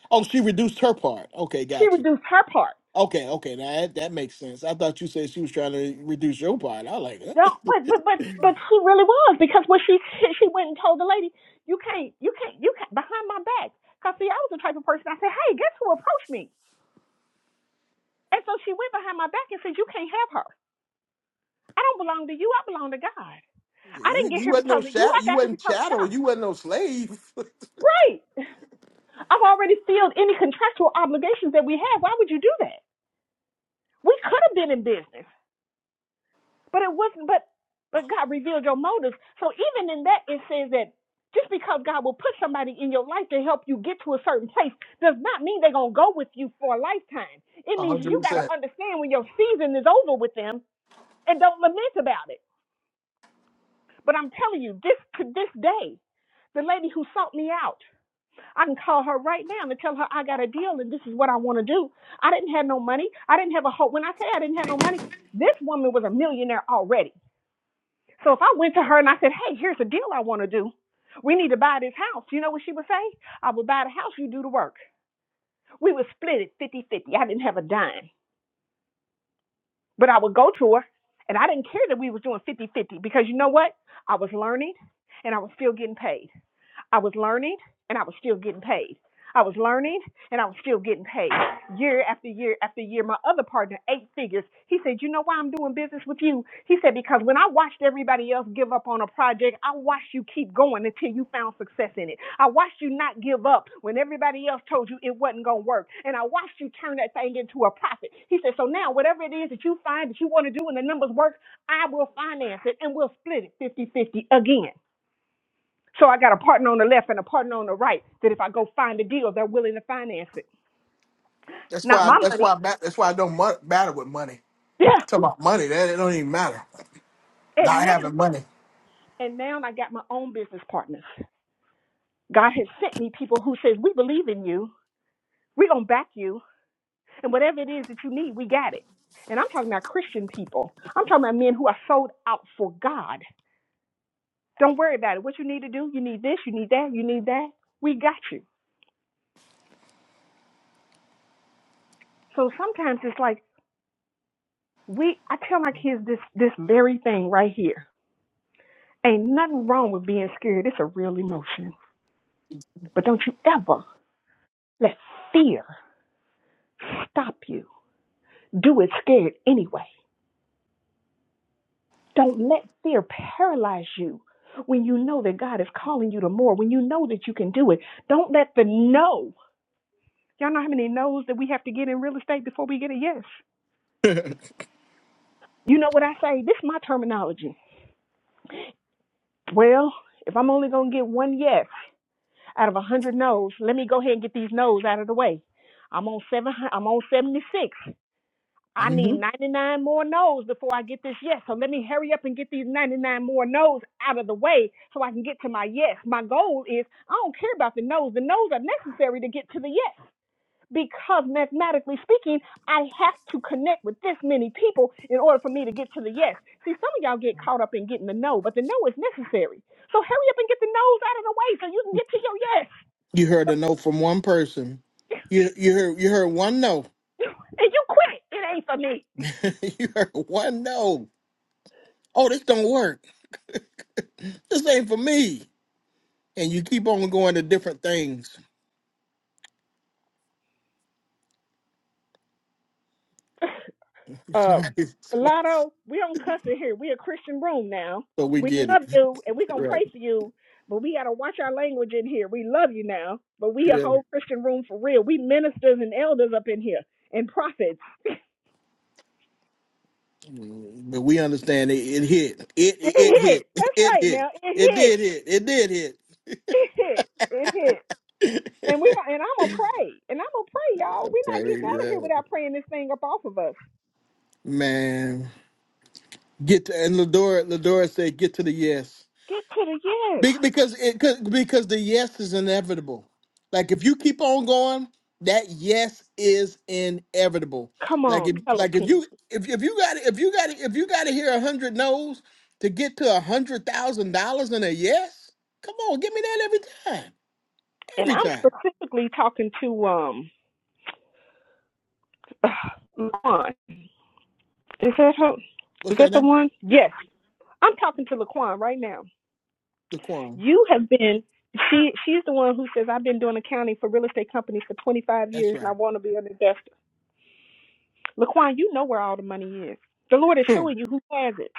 Speaker 1: Oh, she reduced her part. Okay,
Speaker 4: She
Speaker 1: gotcha.
Speaker 4: reduced her part.
Speaker 1: Okay, okay. Now that, that makes sense. I thought you said she was trying to reduce your part. I like,
Speaker 4: No,
Speaker 1: that.
Speaker 4: but but but but she really was because when she she went and told the lady, you can't you can't you can't behind my back. Cause see, I was the type of person I said, hey, guess who approached me? And so she went behind my back and said, you can't have her. I don't belong to you. I belong to God. I
Speaker 1: you
Speaker 4: didn't get
Speaker 1: you
Speaker 4: here
Speaker 1: wasn't no
Speaker 4: because of you. I
Speaker 1: chat. You
Speaker 4: got here
Speaker 1: wasn't
Speaker 4: because of
Speaker 1: chattel.
Speaker 4: God.
Speaker 1: You wasn't no slave.
Speaker 4: Right. I've already filled any contractual obligations that we had. Why would you do that? We could have been in business, but it wasn't. But but God revealed your motives. So even in that, it says that just because God will put somebody in your life to help you get to a certain place does not mean they're gonna go with you for a lifetime. It
Speaker 1: A
Speaker 4: means you
Speaker 1: hundred
Speaker 4: got to
Speaker 1: percent.
Speaker 4: understand when your season is over with them and don't lament about it. But I'm telling you, this to this day, the lady who sought me out. I can call her right now and tell her I got a deal and this is what I want to do. I didn't have no money. I didn't have a hope. When I say I didn't have no money, this woman was a millionaire already. So if I went to her and I said, hey, here's a deal I want to do. We need to buy this house. You know what she would say? I would buy the house, you do the work. We would split it fifty-fifty. I didn't have a dime. But I would go to her and I didn't care that we was doing fifty-fifty because you know what? I was learning and I was still getting paid. I was learning and I was still getting paid. I was learning and I was still getting paid year after year after year. My other partner, eight figures, he said, You know why I'm doing business with you? He said, Because when I watched everybody else give up on a project, I watched you keep going until you found success in it. I watched you not give up when everybody else told you it wasn't going to work. And I watched you turn that thing into a profit. He said, So now, whatever it is that you find that you want to do and the numbers work, I will finance it and we'll split it fifty-fifty again. So I got a partner on the left and a partner on the right that if I go find a deal, they're willing to finance it.
Speaker 1: That's
Speaker 4: Not
Speaker 1: why.
Speaker 4: my
Speaker 1: That's
Speaker 4: money.
Speaker 1: why. I ma- That's why I don't mu- matter with money.
Speaker 4: Yeah.
Speaker 1: Talk about money. That it don't even matter.
Speaker 4: And
Speaker 1: Not
Speaker 4: now,
Speaker 1: having money.
Speaker 4: and now I got my own business partners. God has sent me people who says, we believe in you. We're going to back you. And whatever it is that you need, we got it. And I'm talking about Christian people. I'm talking about men who are sold out for God. Don't worry about it. What you need to do, you need this, you need that, you need that. We got you. So sometimes it's like, we, I tell my kids this, this very thing right here Ain't nothing wrong with being scared. It's a real emotion. But don't you ever let fear stop you. Do it scared anyway. Don't let fear paralyze you when you know that God is calling you to more, when you know that you can do it. Don't let the no. Y'all know how many no's that we have to get in real estate before we get a yes? You know what I say? This is my terminology. Well, if I'm only going to get one yes out of a 100 no's, let me go ahead and get these no's out of the way. I'm on seven. I'm on 76. I
Speaker 1: hmm
Speaker 4: need 99 more no's before I get this yes. So let me hurry up and get these 99 more no's out of the way so I can get to my yes. My goal is I don't care about the no's. The no's are necessary to get to the yes because mathematically speaking, I have to connect with this many people in order for me to get to the yes. See, some of y'all get caught up in getting the no, but the no is necessary. So hurry up and get the no's out of the way so you can get to your yes.
Speaker 1: You heard a no from one person. You you heard you heard one no.
Speaker 4: And you quit. It ain't for me.
Speaker 1: you heard one no. Oh, this don't work. This ain't for me. And you keep on going to different things.
Speaker 4: Uh,
Speaker 1: Somebody- somebody-
Speaker 4: Lotto, we don't cuss in here. We a Christian room now.
Speaker 1: so we
Speaker 4: We
Speaker 1: get
Speaker 4: love
Speaker 1: it,
Speaker 4: you, and we gonna
Speaker 1: right?
Speaker 4: pray for you. But we gotta watch our language in here. We love you now, but we a
Speaker 1: Yeah.
Speaker 4: whole Christian room for real. We ministers and elders up in here, and prophets.
Speaker 1: Mm, But we understand it, it hit. It
Speaker 4: It
Speaker 1: it
Speaker 4: hit.
Speaker 1: hit.
Speaker 4: That's
Speaker 1: It
Speaker 4: right.
Speaker 1: hit.
Speaker 4: Now it
Speaker 1: It did
Speaker 4: hit.
Speaker 1: hit. It did
Speaker 4: It hit. It hit. And we
Speaker 1: hit.
Speaker 4: and I'm gonna pray. And I'm gonna pray, y'all. We're not
Speaker 1: okay,
Speaker 4: getting out of here
Speaker 1: yeah.
Speaker 4: without praying this thing up off of us.
Speaker 1: man. Get to and Ladora. Ladora said, "Get to the yes."
Speaker 4: Get to the yes.
Speaker 1: Be- because it 'cause- because the yes is inevitable. Like if you keep on going, that yes is inevitable.
Speaker 4: Come
Speaker 1: Like
Speaker 4: on,
Speaker 1: if
Speaker 4: tell them,
Speaker 1: like if you if, if you got if you got if you got to hear a hundred no's to get to a hundred thousand dollars in a yes, come on, give me that every time,
Speaker 4: And
Speaker 1: every
Speaker 4: I'm
Speaker 1: time.
Speaker 4: specifically talking to um, Is that her?
Speaker 1: What's
Speaker 4: Is that
Speaker 1: that
Speaker 4: the
Speaker 1: name?
Speaker 4: one? Yes, I'm talking now.
Speaker 1: Laquan.
Speaker 4: You been she? She's the one who says I've been doing accounting for, for 20
Speaker 1: That's
Speaker 4: years and I
Speaker 1: right.
Speaker 4: want to be an investor. Laquan, you know this. The Lord,
Speaker 1: Hmm.
Speaker 4: you who is it?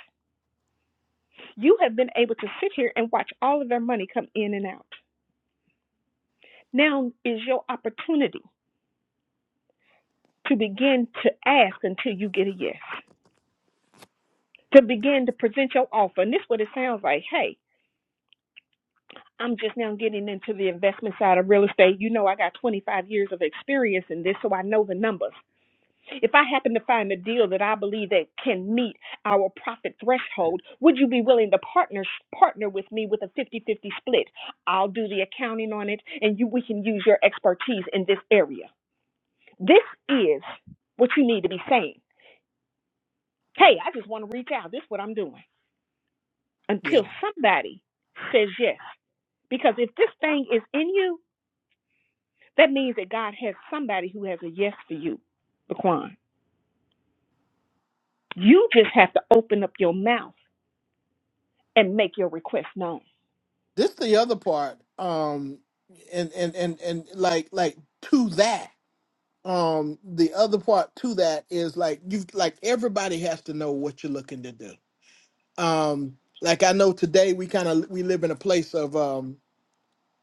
Speaker 4: You have been able to sit here and watch all of their money come in and out. Now is your opportunity to begin to ask until you get a yes. To begin to present your offer, and this is what it sounds like. Hey. I'm just now getting into the investment side of real estate. You know, I got 25 years of experience in this, so I know the numbers. If I happen to find a deal that I believe that can meet our profit threshold, would you be willing to partner partner with me with a fifty-fifty split? I'll do the accounting on it and you we can use your expertise in this area. This is what you need to be saying. Hey, I just want to reach out. This is what I'm doing.
Speaker 1: yeah.
Speaker 4: Until somebody says yes. Because if this thing is in you, that means that God has somebody who has a yes for you, Laquan. You just have to open up your mouth and make your request known.
Speaker 1: This the other part. Um, and and and and like like to that. um the other part to that is like you like everybody has to know what you're looking to do um like i know today we kind of we live in a place of um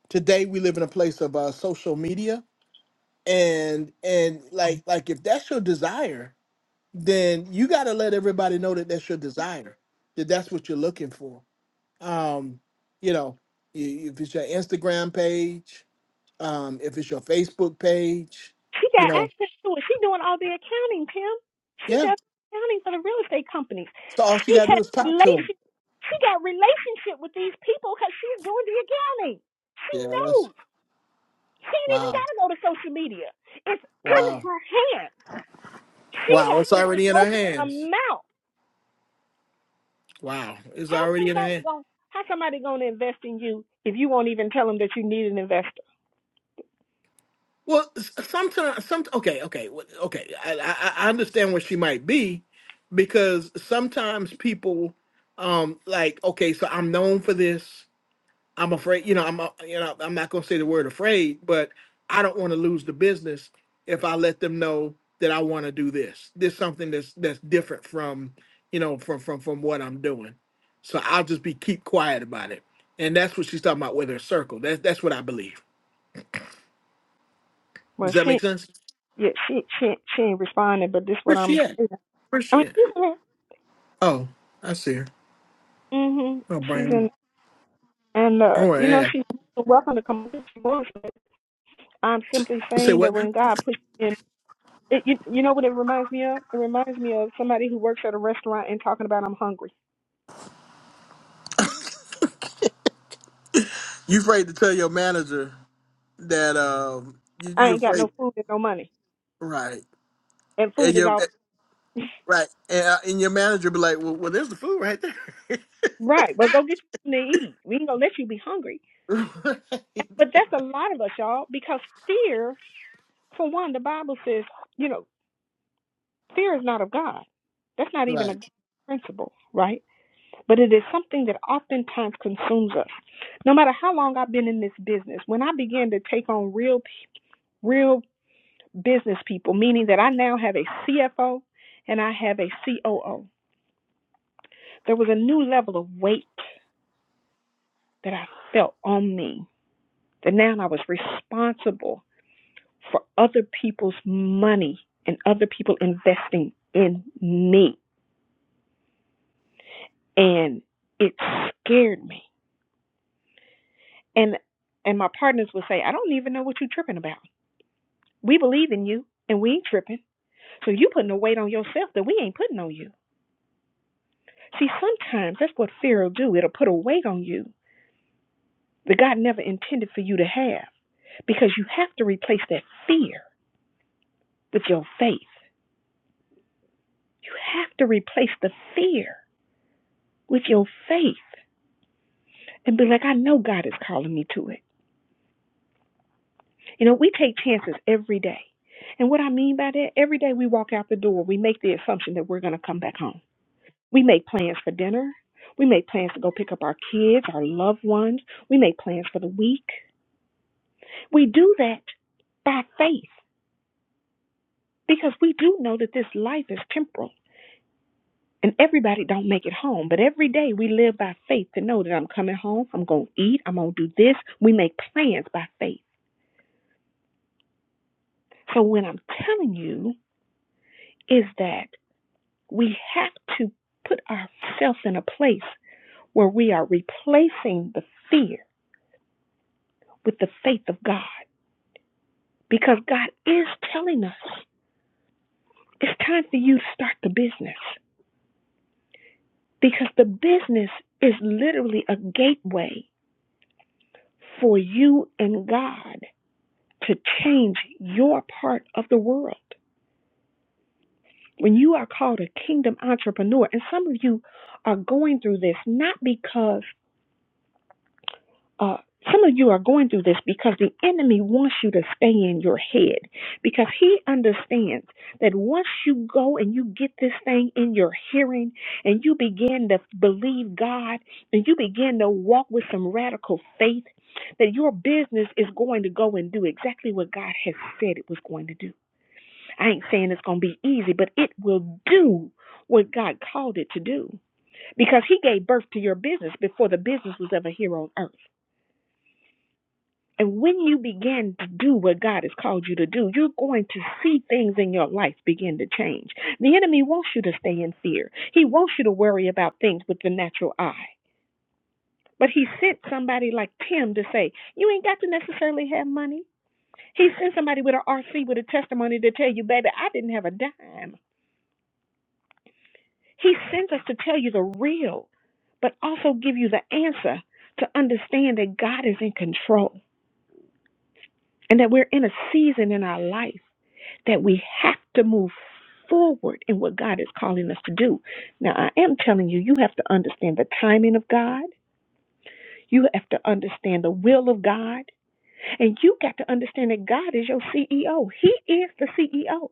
Speaker 1: today we live in a place of uh social media and and like like if that's your desire then you got to let everybody know that that's your desire that that's what you're looking for um you know i- if it's your instagram page um if it's your facebook page
Speaker 4: She
Speaker 1: you
Speaker 4: got
Speaker 1: know
Speaker 4: access to it. She's doing all the accounting, Pam. She
Speaker 1: yeah
Speaker 4: does accounting for the real estate companies.
Speaker 1: so all you
Speaker 4: She
Speaker 1: got to do
Speaker 4: has
Speaker 1: is talk to 'em
Speaker 4: relation. She got relationship with these people because she's doing the accounting. She
Speaker 1: Yeah, that's
Speaker 4: knows. She ain't even
Speaker 1: wow,
Speaker 4: got to go to social media. It's in
Speaker 1: wow,
Speaker 4: her hand. She
Speaker 1: wow.
Speaker 4: has
Speaker 1: It's
Speaker 4: to just
Speaker 1: already in her
Speaker 4: open her
Speaker 1: hands.
Speaker 4: mouth.
Speaker 1: Wow, it's
Speaker 4: How
Speaker 1: already in her
Speaker 4: somebody
Speaker 1: hands.
Speaker 4: going to how somebody gonna invest in you if you won't even tell them that you need an investor?
Speaker 1: Well, sometimes, some okay, okay, wh- okay. I, I I understand where she might be, because sometimes people, um, like okay, so I'm known for this. I'm afraid, you know, I'm uh, you know, I'm not gonna say the word afraid, but I don't want to lose the business if I let them know that I want to do this. This something that's that's different from, you know, from from from what I'm doing. So I'll just be keep quiet about it. And that's what she's talking about with her circle. That's that's what I believe. Does
Speaker 4: Well,
Speaker 1: that make
Speaker 4: she
Speaker 1: sense?
Speaker 4: yeah she she she ain't responding, but this is what
Speaker 1: Where's
Speaker 4: I'm
Speaker 1: she at?
Speaker 4: saying.
Speaker 1: Where's
Speaker 4: I
Speaker 1: she
Speaker 4: mean,
Speaker 1: at?
Speaker 4: she's in it.
Speaker 1: Oh, I see her.
Speaker 4: Mhm.
Speaker 1: Oh,
Speaker 4: She's in.
Speaker 1: Brian.
Speaker 4: And
Speaker 1: I
Speaker 4: uh,
Speaker 1: want to
Speaker 4: you know,
Speaker 1: add.
Speaker 4: she's welcome to come. if she I'm simply
Speaker 1: Say
Speaker 4: saying that
Speaker 1: what now?
Speaker 4: when God puts in, it, you, you know what it reminds me of? It reminds me of somebody who works at a restaurant and talking about I'm hungry.
Speaker 1: You afraid to tell your manager that um you
Speaker 4: I
Speaker 1: you
Speaker 4: ain't got no
Speaker 1: afraid,
Speaker 4: food and no money,
Speaker 1: right?
Speaker 4: and food is all
Speaker 1: Right. And, uh, and your manager be like, well, well, there's the food right there.
Speaker 4: right. But go get you something to eat. We ain't gonna let you be hungry.
Speaker 1: right.
Speaker 4: But that's a lot of us, y'all, because fear, for one, the Bible says, you know, fear is not of God. That's not even a God
Speaker 1: Right.
Speaker 4: principle, right? But it is something that oftentimes consumes us no matter how long I've been in this business, when I began to take on real, real business people, meaning that I now have a CFO and I have a COO, there was a new level of weight that I felt on me. That now I was responsible for other people's money and other people investing in me, and it scared me. And and my partners would say, "I don't even know what you're tripping about. We believe in you, and we ain't tripping." So you putting a weight on yourself that we ain't putting on you. See, sometimes that's what fear will do. It'll put a weight on you that God never intended for you to have because you have to replace that fear with your faith. You have to replace the fear with your faith and be like, I know God is calling me to it. You know, we take chances every day. And what I mean by that, every day we walk out the door, we make the assumption that we're going to come back home. We make plans for dinner. We make plans to go pick up our kids, our loved ones. We make plans for the week. We do that by faith because we do know that this life is temporal and everybody don't make it home. But every day we live by faith to know that I'm coming home, I'm going to eat, I'm going to do this. We make plans by faith. So what I'm telling you is that we have to put ourselves in a place where we are replacing the fear with the faith of God because God is telling us it's time for you to start the business because the business is literally a gateway for you and God to change your part of the world. When you are called a kingdom entrepreneur, and some of you are going through this not because uh, some of you are going through this because the enemy wants you to stay in your head because he understands that once you go and you get this thing in your hearing and you begin to believe God and you begin to walk with some radical faith that your business is going to go and do exactly what God has said it was going to do. I ain't saying it's going to be easy, but it will do what God called it to do because He gave birth to your business before the business was ever here on earth. And when you begin to do what God has called you to do, you're going to see things in your life begin to change. The enemy wants you to stay in fear. He wants you to worry about things with the natural eye. But he sent somebody like Tim to say, You ain't got to necessarily have money. He sends somebody with an RC with a testimony to tell you, baby, I didn't have a dime. He sends us to tell you the real, but also give you the answer to understand that God is in control and that we're in a season in our life that we have to move forward in what God is calling us to do. Now, I am telling you, you have to understand the timing of God. You have to understand the will of God. And you got to understand that God is your CEO. He is the CEO.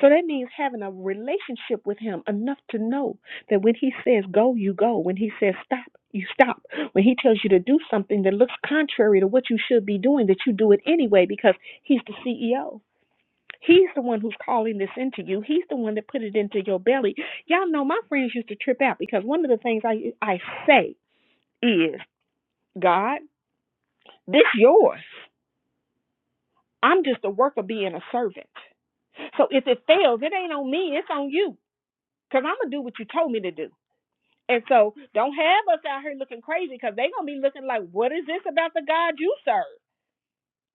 Speaker 4: So that means having a relationship with him enough to know that when he says go, you go. When he says stop, you stop. When he tells you to do something that looks contrary to what you should be doing, that you do it anyway because he's the CEO. He's the one who's calling this into you. He's the one that put it into your belly. Y'all know my friends used to trip out because one of the things I I say is, God, this yours. I'm just a worker being a servant. So if it fails, it ain't on me, it's on you. Because I'm going to do what you told me to do. And so don't have us out here looking crazy because they're going to be looking like, what is this about the God you serve?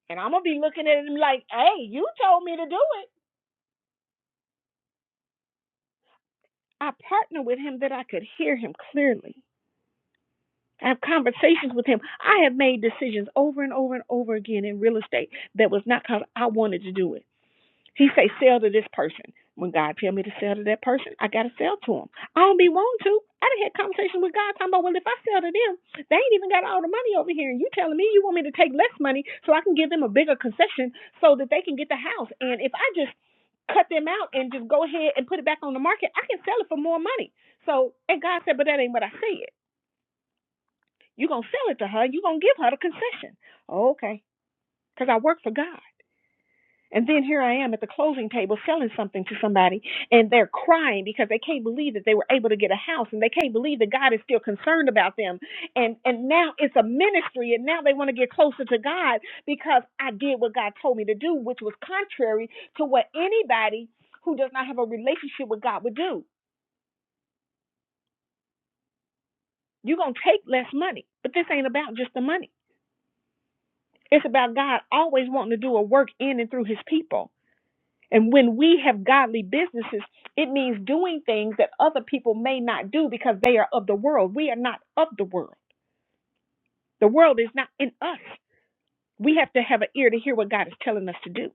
Speaker 4: And I'm going to be looking at him like, hey, you told me to do it. I partner with him that I could hear him clearly. I have conversations with him. I have made decisions over and over and over again in real estate that was not because I wanted to do it. He say sell to this person. When God tell me to sell to that person, I gotta sell to him. I don't be want to. I done had conversations with God talking about, well, if I sell to them, they ain't even got all the money over here, and you telling me you want me to take less money so I can give them a bigger concession so that they can get the house. And if I just cut them out and just go ahead and put it back on the market, I can sell it for more money. So, and God said, but that ain't what I said. you gonna sell it to her. you gonna give her the concession. Oh, Okay, because I work for God. And then here I am at the closing table selling something to somebody, and they're crying because they can't believe that they were able to get a house, and they can't believe that God is still concerned about them. And and now it's a ministry, and now they want to get closer to God because I did what God told me to do, which was contrary to what anybody who does not have a relationship with God would do. You're gonna take less money, but this ain't about just the money. It's about God always wanting to do a work in and through His people. And when we have godly businesses, it means doing things that other people may not do because they are of the world. We are not of the world. The world is not in us. We have to have an ear to hear what God is telling us to do.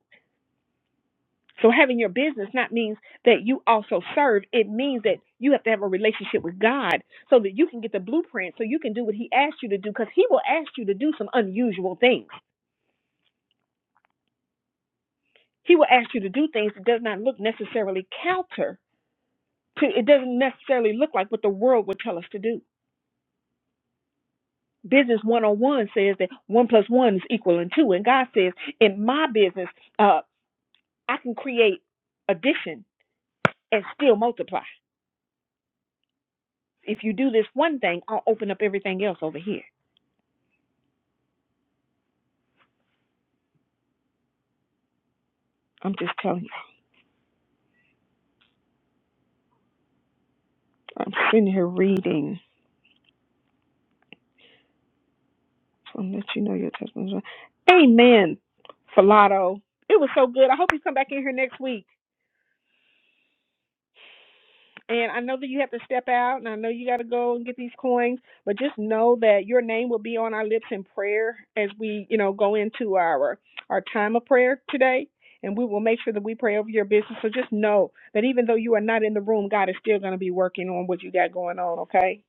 Speaker 4: So having your business not means that you also serve. It means that you have to have a relationship with God so that you can get the blueprint so you can do what he asked you to do because he will ask you to do some unusual things. He will ask you to do things that does not look necessarily counter to it doesn't necessarily look like what the world would tell us to do. Business 101 says that one plus one is equaling two. And God says, in my business, uh, I can create addition and still multiply. If you do this one thing, I'll open up everything else over here. I'm, I'm reading. I'll let you know your testimony. Amen, Falato. It was so good. I hope you come back in here next week and have to step out. I know you got to go and get these coins. your name will be on our lips in prayer as we, you know, go into our our time of prayer today. And we will make sure that we pray over your business. So just know that even though you are not in the room, God is still going to be working on what you got going on. Okay,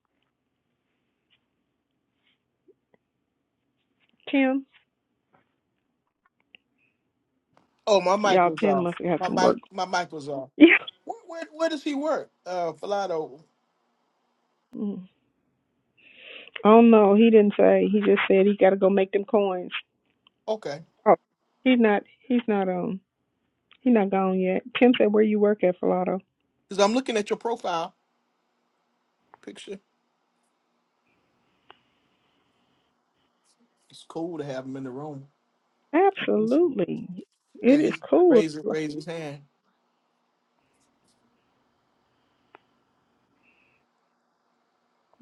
Speaker 4: Tim?
Speaker 1: Oh, my mic
Speaker 4: Y'all,
Speaker 1: was
Speaker 4: Tim
Speaker 1: off.
Speaker 4: must have
Speaker 1: My
Speaker 4: some work.
Speaker 1: mic, my mic was off.
Speaker 4: Yeah.
Speaker 1: Where, where, where does he work? Uh, Falado.
Speaker 4: Mm. Oh no, he didn't say. He just said he got to go make them coins.
Speaker 1: Okay,
Speaker 4: Oh, he's not. He's not. Um, he's not gone yet. Tim said, "Where you work at, Filato?"
Speaker 1: because I'm looking at your profile picture. It's cool to have him in the room. I appreciate it.
Speaker 4: Absolutely. It
Speaker 1: Yeah,
Speaker 4: is
Speaker 1: he's
Speaker 4: cool.
Speaker 1: raised raise his hand.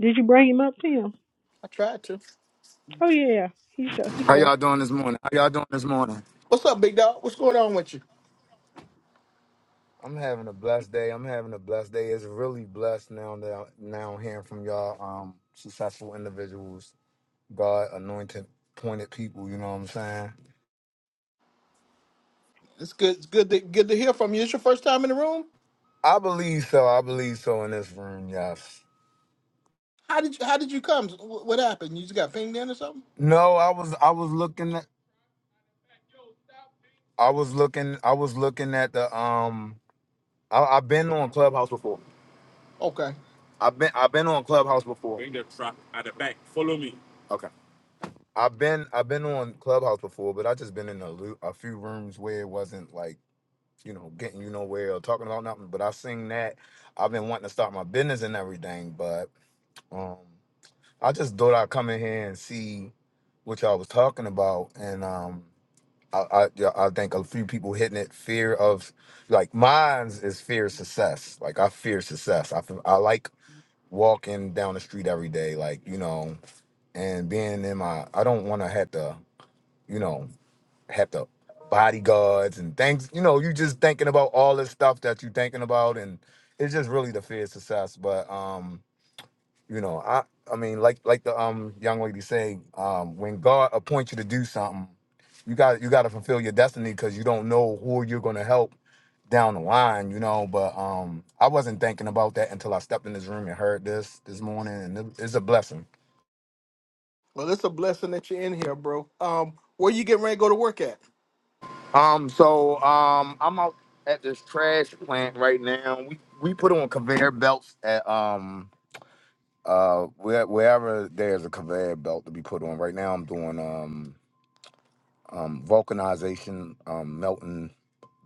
Speaker 4: Did you bring him up, Tim?
Speaker 1: I tried to.
Speaker 4: Oh yeah, he's up. He's
Speaker 7: How
Speaker 4: up.
Speaker 7: y'all doing this morning? How y'all doing this morning?
Speaker 1: What's up, big dog? What's going on with you?
Speaker 7: I'm having a blessed day. I'm having a blessed day. It's really blessed now that now I'm hearing from y'all um successful individuals, God anointed, pointed people, you know what I'm saying?
Speaker 1: It's good. It's good. To, good to hear from you. It's your first time in the room.
Speaker 7: I believe so. I believe so in this room, yes.
Speaker 1: How did you? How did you come? Wh- What happened? You just got pinged in or something?
Speaker 7: No, I was I was looking at I was looking I was looking at the um I, I've been on Clubhouse before.
Speaker 1: Okay.
Speaker 7: I've been I've been on Clubhouse before. Bring the the truck at the back. Follow me. Okay. I've been I've been on Clubhouse before, but I just been in a, lu- a few rooms where it wasn't like you know getting you nowhere or talking about nothing. But I've seen that I've been wanting to start my business and everything, but um, I just thought I'd come in here and see what y'all was talking about, and um, I I, yeah, I think a few people hitting it fear of like mine's is fear of success. Like I fear success. I feel- I like walking down the street every day, like you know, and being in my I don't want to have to you know have to bodyguards and things. You know, you just thinking about all this stuff that you thinking about, and it's just really the fear of success. But um, you know, I I mean, like like the um young lady say, um, when God appoints you to do something, you got you got to fulfill your destiny because you don't know who you're gonna help down the line, you know. But um, I wasn't thinking about that until I stepped in this room and heard this this morning, and it- it's a blessing
Speaker 1: Well, it's a blessing that you're in here, bro. Um, where you getting ready to go to work at?
Speaker 7: Um, so um, I'm out at this trash plant right now. We we put on conveyor belts at um uh where, wherever there's a conveyor belt to be put on. Right now, I'm doing um um vulcanization, um melting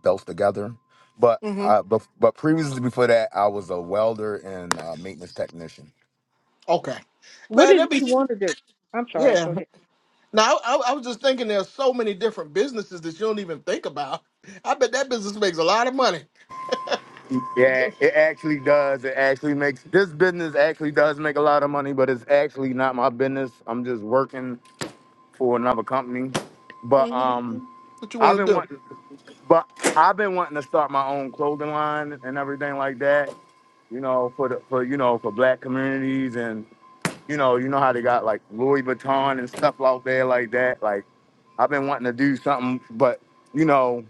Speaker 7: belts together. But
Speaker 1: hmm
Speaker 7: uh, but but previously before that, I was a welder and uh, maintenance technician.
Speaker 1: Okay,
Speaker 4: What
Speaker 1: man. That
Speaker 4: did
Speaker 1: be
Speaker 4: you want to do? I'm sorry. Go
Speaker 1: yeah.
Speaker 4: ahead.
Speaker 1: Now I, I was just thinking there's so many different businesses that you don't even think about. I bet that business makes a lot of money.
Speaker 7: Yeah, it actually does. It actually makes this business actually does make a lot of money, but it's actually not my business. I'm just working for another company. But
Speaker 1: hmm
Speaker 7: um,
Speaker 1: What you
Speaker 7: I've
Speaker 1: want
Speaker 7: been
Speaker 1: to do?
Speaker 7: wanting, but I've been wanting to start my own clothing line and everything like that. You know, for the for you know for Black communities and you know you know how they got like Louis Vuitton and stuff out there like that. Like I've been wanting to do something, but you know,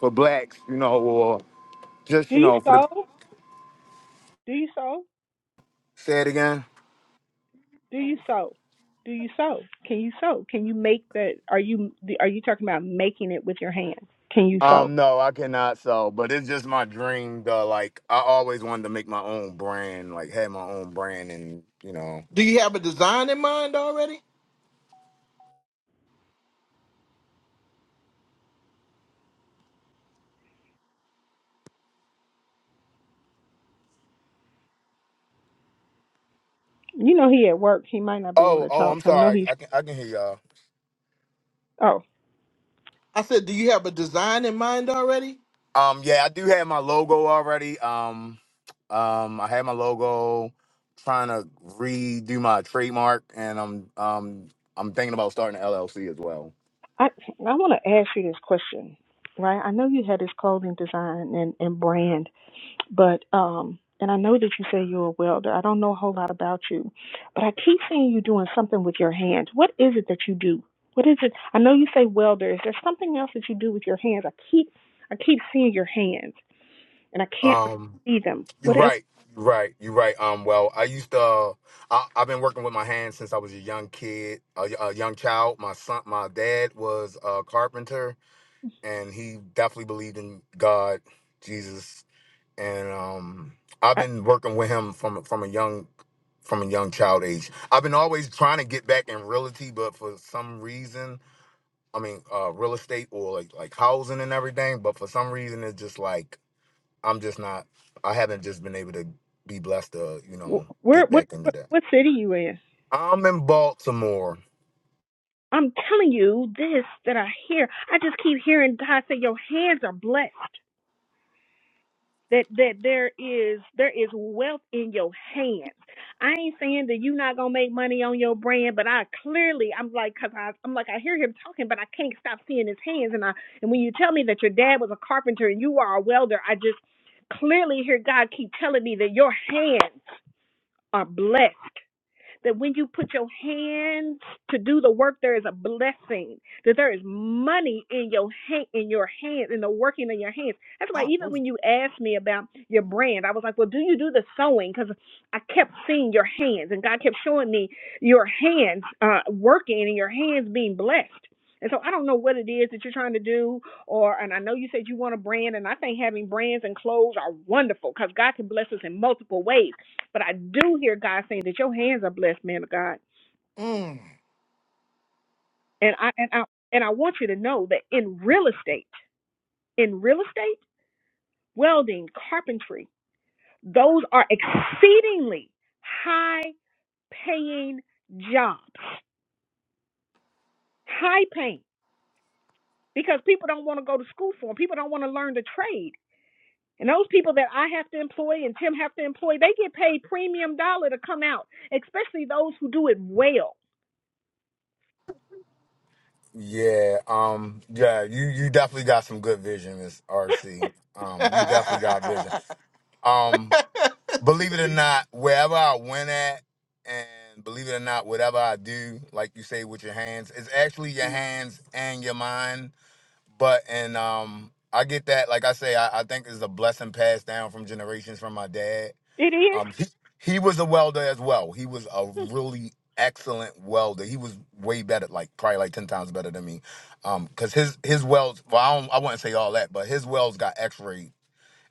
Speaker 7: for Blacks, you know, or just
Speaker 4: Do
Speaker 7: you
Speaker 4: you
Speaker 7: know for the
Speaker 4: sew? Do you sew?
Speaker 7: say it again.
Speaker 4: Do you sew? Do you sew? Can you sew? Can you make that? Are you are you talking about making it with your hands? Can you sew?
Speaker 7: Um, no, I cannot sell, but it's just my dream to like I always wanted to make my own brand, like had my own brand and you know.
Speaker 1: Do you have a design in mind already?
Speaker 4: You know he at work. He might not be able
Speaker 7: Oh,
Speaker 4: to
Speaker 7: oh,
Speaker 4: talk.
Speaker 7: I'm
Speaker 4: I know
Speaker 7: sorry.
Speaker 4: he's.
Speaker 7: I can I can hear y'all.
Speaker 4: Oh,
Speaker 1: I said, do you have a design in mind already?
Speaker 7: Um yeah, I do have my logo already. Um um I have my logo trying to redo my trademark and I'm um I'm thinking about starting an LLC as well.
Speaker 4: I I want to ask you this question, right? I know you had this clothing design and and brand But um, and I know that you say you're a welder. I don't know a whole lot about you, but I keep seeing you doing something with your hands. What is it that you do? What is it? I know you say welder. Is there something else that you do with your hands? I keep I keep seeing your hands, and I can't
Speaker 7: Um
Speaker 4: see them.
Speaker 7: You're
Speaker 4: What else?
Speaker 7: right. You're right. You're right. Um, well, I used to. Uh, I, I've been working with my hands since I was a young kid, a a young child. My son, my dad was a carpenter, and he definitely believed in God, Jesus, and um, I've
Speaker 4: I, What
Speaker 7: been working with him from from a young from a young child age. I've been always trying to get back in realty, but for some reason, I mean, uh, real estate or like like housing and everything. But for some reason, it's just like I'm just not. I haven't just been able to be blessed to, you know, get back into that. I'm in Baltimore.
Speaker 4: is there is wealth in your hands. I ain't saying that you're not gonna make money on your brand, but I clearly I'm like, cause I I'm like I hear him talking, but I can't stop seeing his hands. And I and when you tell me that your dad was a carpenter and you are a welder, I just clearly hear God keep telling me that your hands are blessed that when you put your hands to do the work, there is a blessing. That there is money in your hand, in your hand, in the working of your hands. That's why
Speaker 1: Oh,
Speaker 4: even when you asked me about your brand, I was like, well, do you do the sewing? Because I kept seeing your hands, and God kept showing me your hands uh, working and your hands being blessed. And so I don't know what it is that you're trying to do, or and I know you said you want a brand, and I think having brands and clothes are wonderful because God can bless us in multiple ways. But I do hear God saying that your hands are blessed, man of God.
Speaker 1: Mm.
Speaker 4: And I and I and I want you to know that in real estate, in real estate, welding, carpentry, those are exceedingly high paying jobs. High paying. Because people don't want to go to school for them. People don't want to learn the trade. And those people that I have to employ and Tim have to employ, they get paid premium dollar to come out, especially those who do it well.
Speaker 7: Yeah. Um. Yeah. You you definitely got some good vision, Miss RC. Um. You definitely got vision. Um. Believe it or not, wherever I went at, and believe it or not, whatever I do, like you say with your hands, it's actually your hands and your mind. But and um, I get that. Like I say, I, I think it's a blessing passed down from generations from my dad
Speaker 4: It is.
Speaker 7: Um, he, he was a welder as well. He was a really excellent welder. He was way better, like probably like ten times better than me. Um, cause his his welds, well, I don't, I wouldn't say all that, but his welds got X-rayed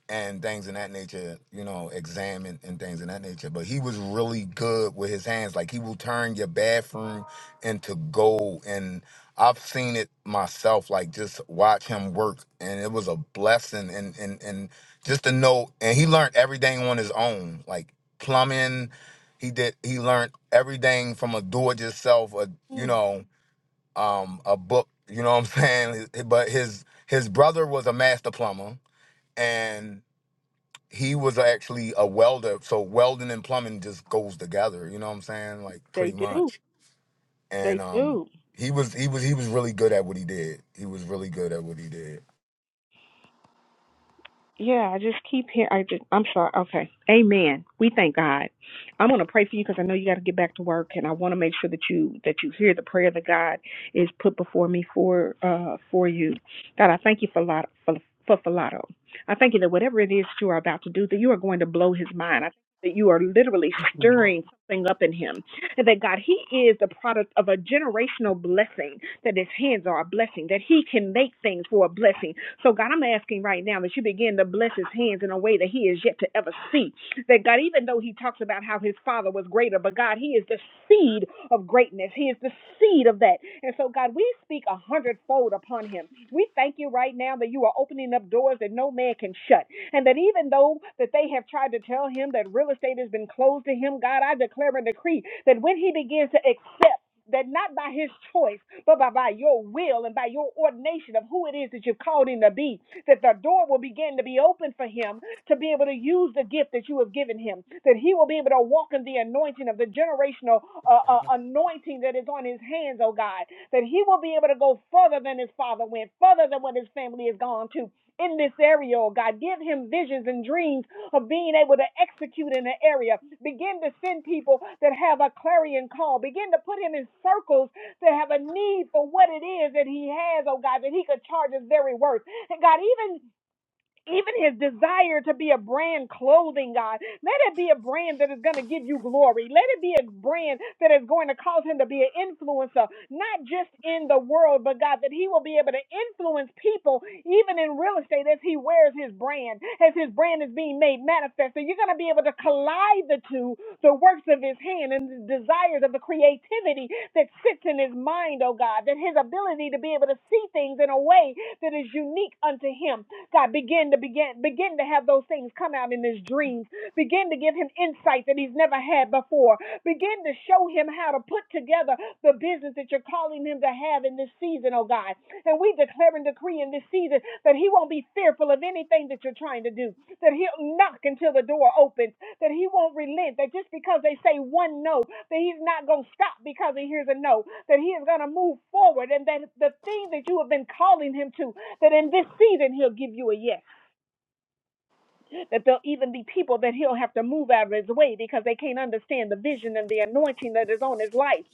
Speaker 7: and things in that nature, you know, examine and things in that nature. But he was really good with his hands. Like he will turn your bathroom into gold. And I've seen it myself, like just watch him work. And it was a blessing and and and just to know and he learned everything on his own, like plumbing. He did he learned everything from a do it yourself, a you
Speaker 4: Mm,
Speaker 7: know, um, a book, you know what I'm saying? But his his brother was a master plumber and he was actually a welder so welding and plumbing just goes together you know what i'm saying like
Speaker 4: they
Speaker 7: pretty
Speaker 4: do.
Speaker 7: much and
Speaker 4: They
Speaker 7: um
Speaker 4: do.
Speaker 7: he was he was he was really good at what he did he was really good at what he did
Speaker 4: Yeah, I just keep hearing. I just, I'm sorry. Okay. Amen. We thank God. I'm going to pray for you because I know you got to get back to work, and I want to make sure that you that you hear the prayer that God is put before me for uh for you. God, I thank you for lot for for Filato. I thank you that whatever it is you are about to do, that you are going to blow his mind. I think that you are literally stirring something up in him. And that God, he is the product of a generational blessing. That his hands are a blessing. That he can make things for a blessing so, God, I'm asking right now that you begin to bless his hands in a way that he is yet to ever see. That, God, even though he talks about how his father was greater, but God, he is the seed of greatness. He is the seed of that. And so, God, we speak a hundredfold upon him. We thank you right now that you are opening up doors that no man can shut. And that even though that they have tried to tell him that real estate has been closed to him, God, I declare and decree that when he begins to excel, that not by his choice, but by, by your will and by your ordination of who it is that you've called him to be, that the door will begin to be open for him to be able to use the gift that you have given him, that he will be able to walk in the anointing of the generational uh, uh, anointing that is on his hands, oh God, that he will be able to go further than his father went, further than what his family has gone to. In this area, oh God, give him visions and dreams of being able to execute in an area. Begin to send people that have a clarion call. Begin to put him in circles that have a need for what it is that he has, oh God, that he could charge his very worth. And God, even even his desire to be a brand clothing, God. Let it be a brand that is going to give you glory. Let it be a brand that is going to cause him to be an influencer, not just in the world, but God, that he will be able to influence people, even in real estate, as he wears his brand, as his brand is being made manifest. So you're going to be able to collide the two, the works of his hand and the desires of the creativity that sits in his mind, oh God, that his ability to be able to see things in a way that is unique unto him God, begin to begin, begin to have those things come out in his dreams. Begin to give him insight that he's never had before. Begin to show him how to put together the business that you're calling him to have in this season, oh God. And we declare and decree in this season that he won't be fearful of anything that you're trying to do, that he'll knock until the door opens, that he won't relent, that just because they say one no, that he's not going to stop because he hears a no, that he is going to move forward, and that the thing that you have been calling him to, that in this season he'll give you a yes. That there'll even be people that he'll have to move out of his way because they can't understand the vision and the anointing that is on his life.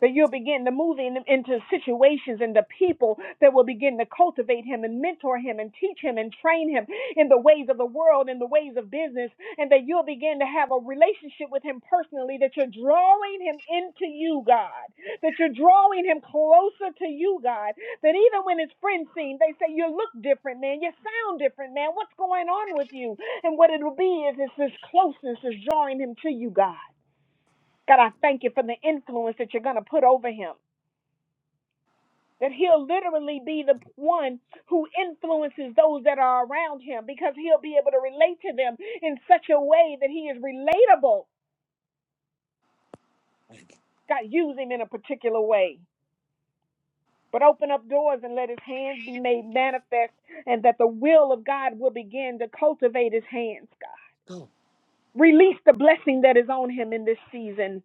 Speaker 4: that you'll begin to move him into situations and the people that will begin to cultivate him and mentor him and teach him and train him in the ways of the world, in the ways of business, and that you'll begin to have a relationship with him personally, that you're drawing him into you, God, that you're drawing him closer to you, God, that even when his friends see him, they say, You look different, man. You sound different, man. What's going on with you? And what it'll be is it's this closeness is drawing him to you, God. God, I thank you for the influence that you're going to put over him that he'll literally be the one who influences those that are around him because he'll be able to relate to them in such a way that he is relatable. God, use him in a particular way. But open up doors and let his hands be made manifest, and that the will of God will begin to cultivate his hands, God. Release the blessing that is on him in this season.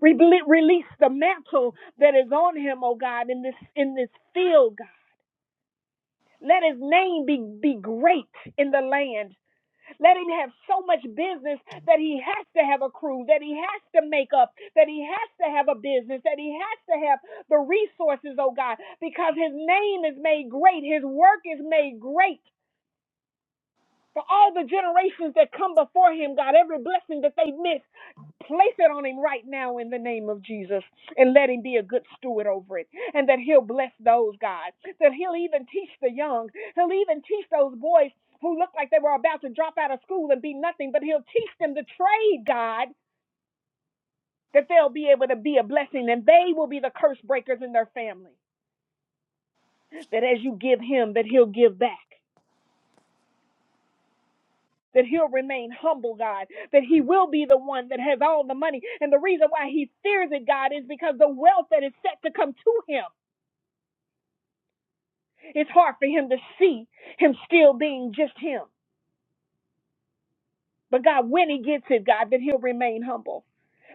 Speaker 4: Rebel- Release the mantle that is on him, oh God, in this in this field, God. Let his name be, be great in the land Let him have so much business that he has to have a crew, that he has to make up, that he has to have a business, that he has to have the resources, oh God, because his name is made great, his work is made great. For all the generations that come before him, God, every blessing that they miss, Place it on him right now in the name of Jesus and let him be a good steward over it. And that he'll bless those, God. That he'll even teach the young. He'll even teach those boys who look like they were about to drop out of school and be nothing, but he'll teach them the trade, God, that they'll be able to be a blessing and they will be the curse breakers in their family. That as you give him, that he'll give back. That he'll remain humble, God. That he will be the one that has all the money. And the reason why he fears it, God, is because the wealth that is set to come to him. It's hard for him to see him still being just him. But God, when he gets it, God, that he'll remain humble.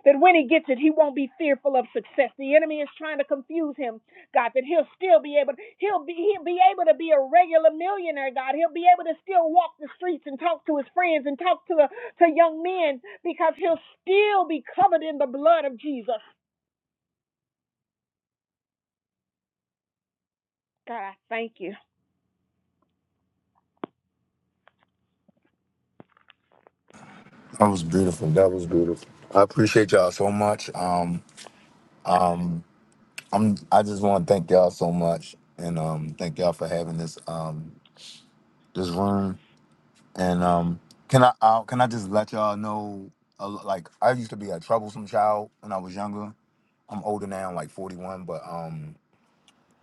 Speaker 4: That when he gets it, he won't be fearful of success. The enemy is trying to confuse him, God, that he'll still be able he'll be he'll be able to be a regular millionaire, God. He'll be able to still walk the streets and talk to his friends and talk to the to young men because he'll still be covered in the blood of Jesus.
Speaker 7: that was beautiful that was beautiful i appreciate y'all so much um i'm i just want to thank y'all so much and um thank y'all for having this um this room and um can i uh, can i just let y'all know uh, like i used to be a troublesome child when i was younger i'm older now like 41 but um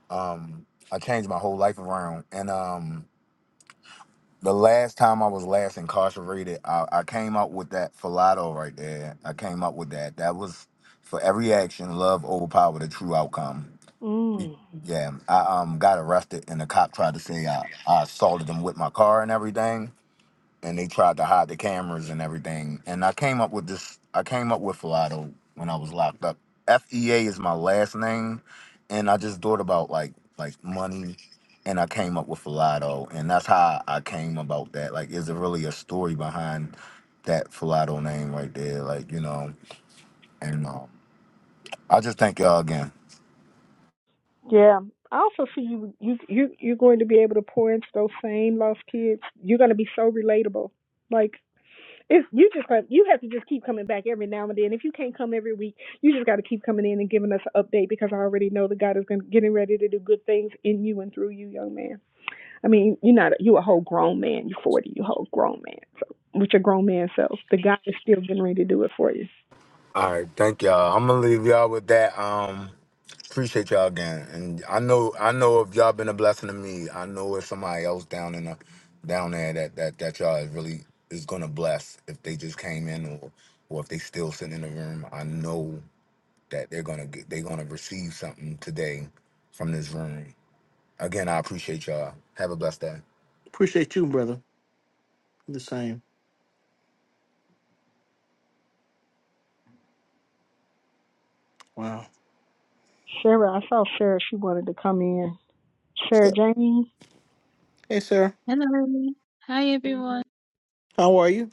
Speaker 7: Um, I changed my whole life around. And um, the last time I was last incarcerated, I, I came up with that falado right there. I came up with that. That was for every action, love overpower the true outcome. Mm.
Speaker 4: Mm.
Speaker 7: Yeah, I um got arrested and the cop tried to say I, I assaulted him with my car and everything and they tried to hide the cameras and everything. And I came up with this. I came up with Filato when I was locked up. F E A is my last name, and I just thought about like like money, and I came up with Filato, and that's how I came about that. Like, is there really a story behind that Filato name right there? Like, you know, and um, I just thank y'all again.
Speaker 4: Yeah. I also see you you you you're going to be able to pour into those same lost kids. You're going to be so relatable. Like it's you just got you have to just keep coming back every now and then. If you can't come every week, you just got to keep coming in and giving us an update because I already know that God is going getting ready to do good things in you and through you, young man. I mean, you're not a, you a whole grown man. You're 40. You whole grown man. So with your grown man self, the God is still getting ready to do it for you.
Speaker 7: All right, thank y'all. I'm gonna leave y'all with that. Um, appreciate y'all again, and I know I know if y'all been a blessing to me, I know if somebody else down in the down there that that that y'all is really is gonna bless if they just came in or or if they still sitting in the room. I know that they're gonna get they're gonna receive something today from this room. Again, I appreciate y'all. Have a blessed day.
Speaker 1: Appreciate you, brother. The same. Wow.
Speaker 4: Sarah, I saw Sarah. She wanted to come in. Sarah Jane.
Speaker 1: Hey, sir.
Speaker 8: Hello. Hi everyone.
Speaker 1: How are you?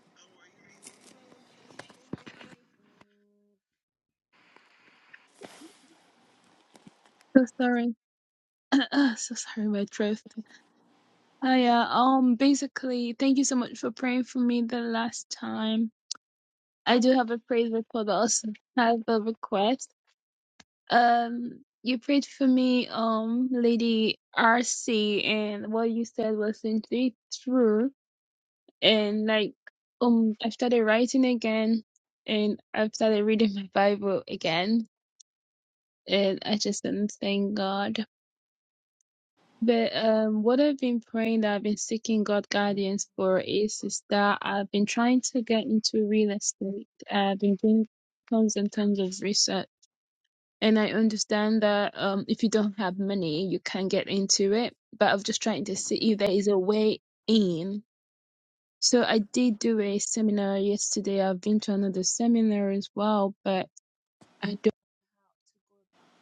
Speaker 8: So sorry. so sorry my throat. Oh yeah, um basically thank you so much for praying for me the last time. I do have a praise report but I also have a request. Um you prayed for me, um, Lady RC and what you said was indeed true and like um I started writing again and I've started reading my Bible again and I just didn't thank God. But um, what I've been praying that I've been seeking God guidance for is is that I've been trying to get into real estate. I've been doing tons and tons of research, and I understand that um, if you don't have money, you can get into it. But I'm just trying to see if there is a way in. So I did do a seminar yesterday. I've been to another seminar as well, but I don't know how to go about it.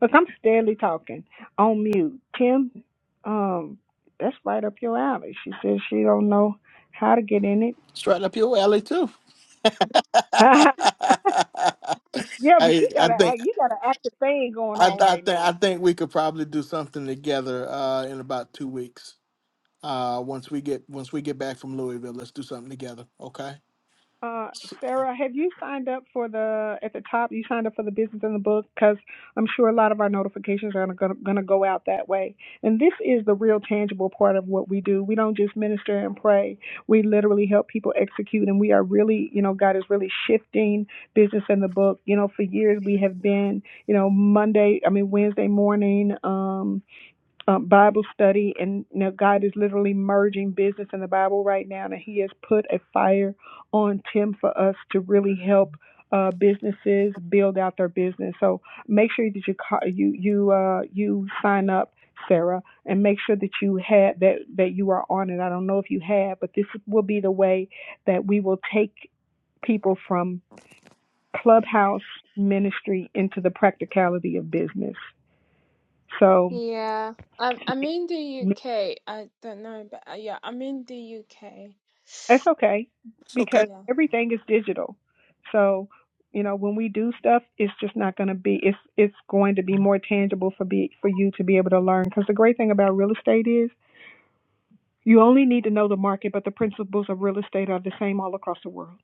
Speaker 4: Look, I'm steadily talking on mute. Kim, um, that's right up your alley. She says she don't know how to get in it.
Speaker 1: It's right up your alley too.
Speaker 4: yeah, but
Speaker 1: I
Speaker 4: you got
Speaker 1: I
Speaker 4: to
Speaker 1: think
Speaker 4: act. You got to active thing going
Speaker 1: I,
Speaker 4: on
Speaker 1: th- I
Speaker 4: right
Speaker 1: think
Speaker 4: now.
Speaker 1: I think we could probably do something together uh, in about two weeks. Uh, once we get once we get back from Louisville, let's do something together. Okay.
Speaker 4: Uh, Sarah, have you signed up for the at the top? You signed up for the business in the book because I'm sure a lot of our notifications are going to go out that way. And this is the real tangible part of what we do. We don't just minister and pray. We literally help people execute, and we are really, you know, God is really shifting business in the book. You know, for years we have been, you know, Monday, I mean Wednesday morning. Um, uh, Bible study, and you know, God is literally merging business and the Bible right now, and He has put a fire on Tim for us to really help uh, businesses build out their business. So make sure that you ca- you you uh, you sign up, Sarah, and make sure that you had that that you are on it. I don't know if you have, but this will be the way that we will take people from clubhouse ministry into the practicality of business. So.
Speaker 8: Yeah, I'm I'm in the UK. I don't know, but uh, yeah, I'm in the UK.
Speaker 4: It's okay
Speaker 1: It's okay.
Speaker 4: because
Speaker 8: Yeah.
Speaker 4: everything is digital. So, you know, when we do stuff, it's just not going to be it's it's going to be more tangible for be for you to be able to learn because the great thing about real estate is you only need to know the market, but the principles of real estate are the same all across the world.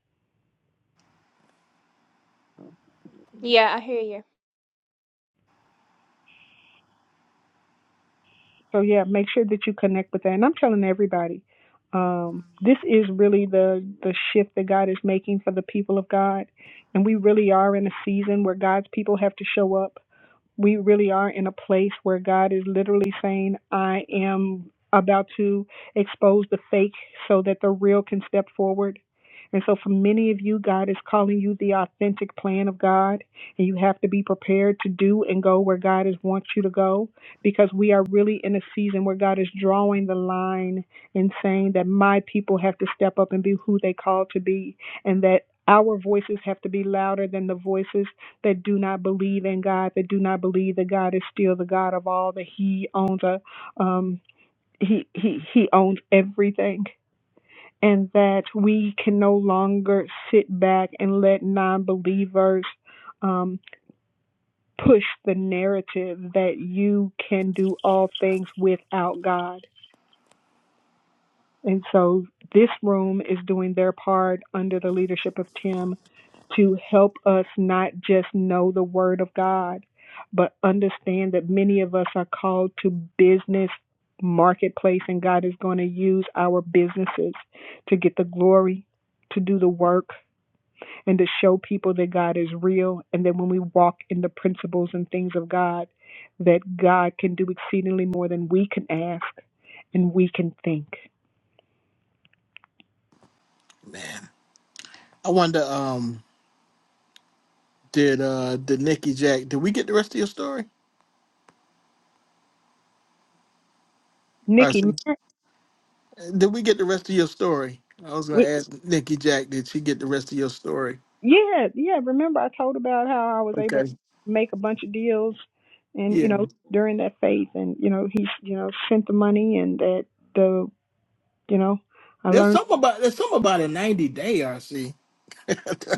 Speaker 8: Yeah, I hear you.
Speaker 4: So, yeah, make sure that you connect with that. And I'm telling everybody, um, this is really the the shift that God is making for the people of God, and we really are in a season where God's people have to show up we really are in a place where God is literally saying, I am about to expose the fake so that the real can step forward. And so, for many of you, God is calling you the authentic plan of God, and you have to be prepared to do and go where God is wants you to go, because we are really in a season where God is drawing the line and saying that my people have to step up and be who they called to be, and that our voices have to be louder than the voices that do not believe in God, that do not believe that God is still the God of all, that He owns a um He He He owns everything. And that we can no longer sit back and let non believers um push the narrative that you can do all things without God And so this room is doing their part under the leadership of Tim to help us not just know the Word of God, but understand that many of us are called to business marketplace, and God is going to use our businesses to get the glory, to do the work, and to show people that God is real, and that when we walk in the principles and things of God, that God can do exceedingly more than we can ask and we can think.
Speaker 1: Man, I wonder. Um, did uh did Nikki Jack? Did we get the rest of your story? All right,
Speaker 4: Nikki,
Speaker 1: so- did we get the rest of your story? I was gonna
Speaker 4: We,
Speaker 1: ask Nikki Jack. Did she get the rest of your story?
Speaker 4: yeah, yeah. Remember, I told about how I was able to
Speaker 1: Okay.
Speaker 4: make a bunch of deals, and
Speaker 1: Yeah.
Speaker 4: you know, during that faith, and you know, he, you know, sent the money, and that the, you know, I
Speaker 1: There's
Speaker 4: learned.
Speaker 1: something about there's something about a ninety day RC.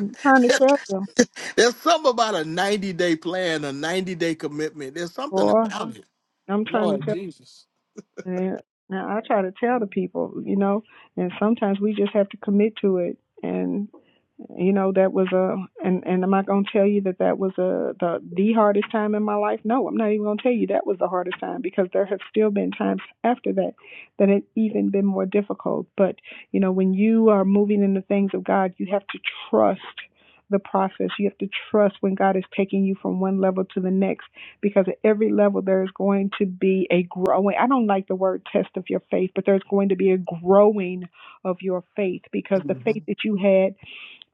Speaker 4: I'm trying to tell you,
Speaker 1: There's something about a 90 day plan, a 90 day commitment. There's something
Speaker 4: boy.
Speaker 1: about it.
Speaker 4: I'm trying to
Speaker 1: Lord
Speaker 4: tell.
Speaker 1: Jesus.
Speaker 4: And now I try to tell the people, you know, and sometimes we just have to commit to it, and. you know that was a and and am i going to tell you that that was a the the hardest time in my life no i'm not even going to tell you that was the hardest time because there have still been times after that that it even been more difficult but you know when you are moving in the things of god you have to trust the process you have to trust when god is taking you from one level to the next because at every level there is going to be a growing i don't like the word test of your faith but there's going to be a growing of your faith because the faith
Speaker 1: Mhm.
Speaker 4: that you had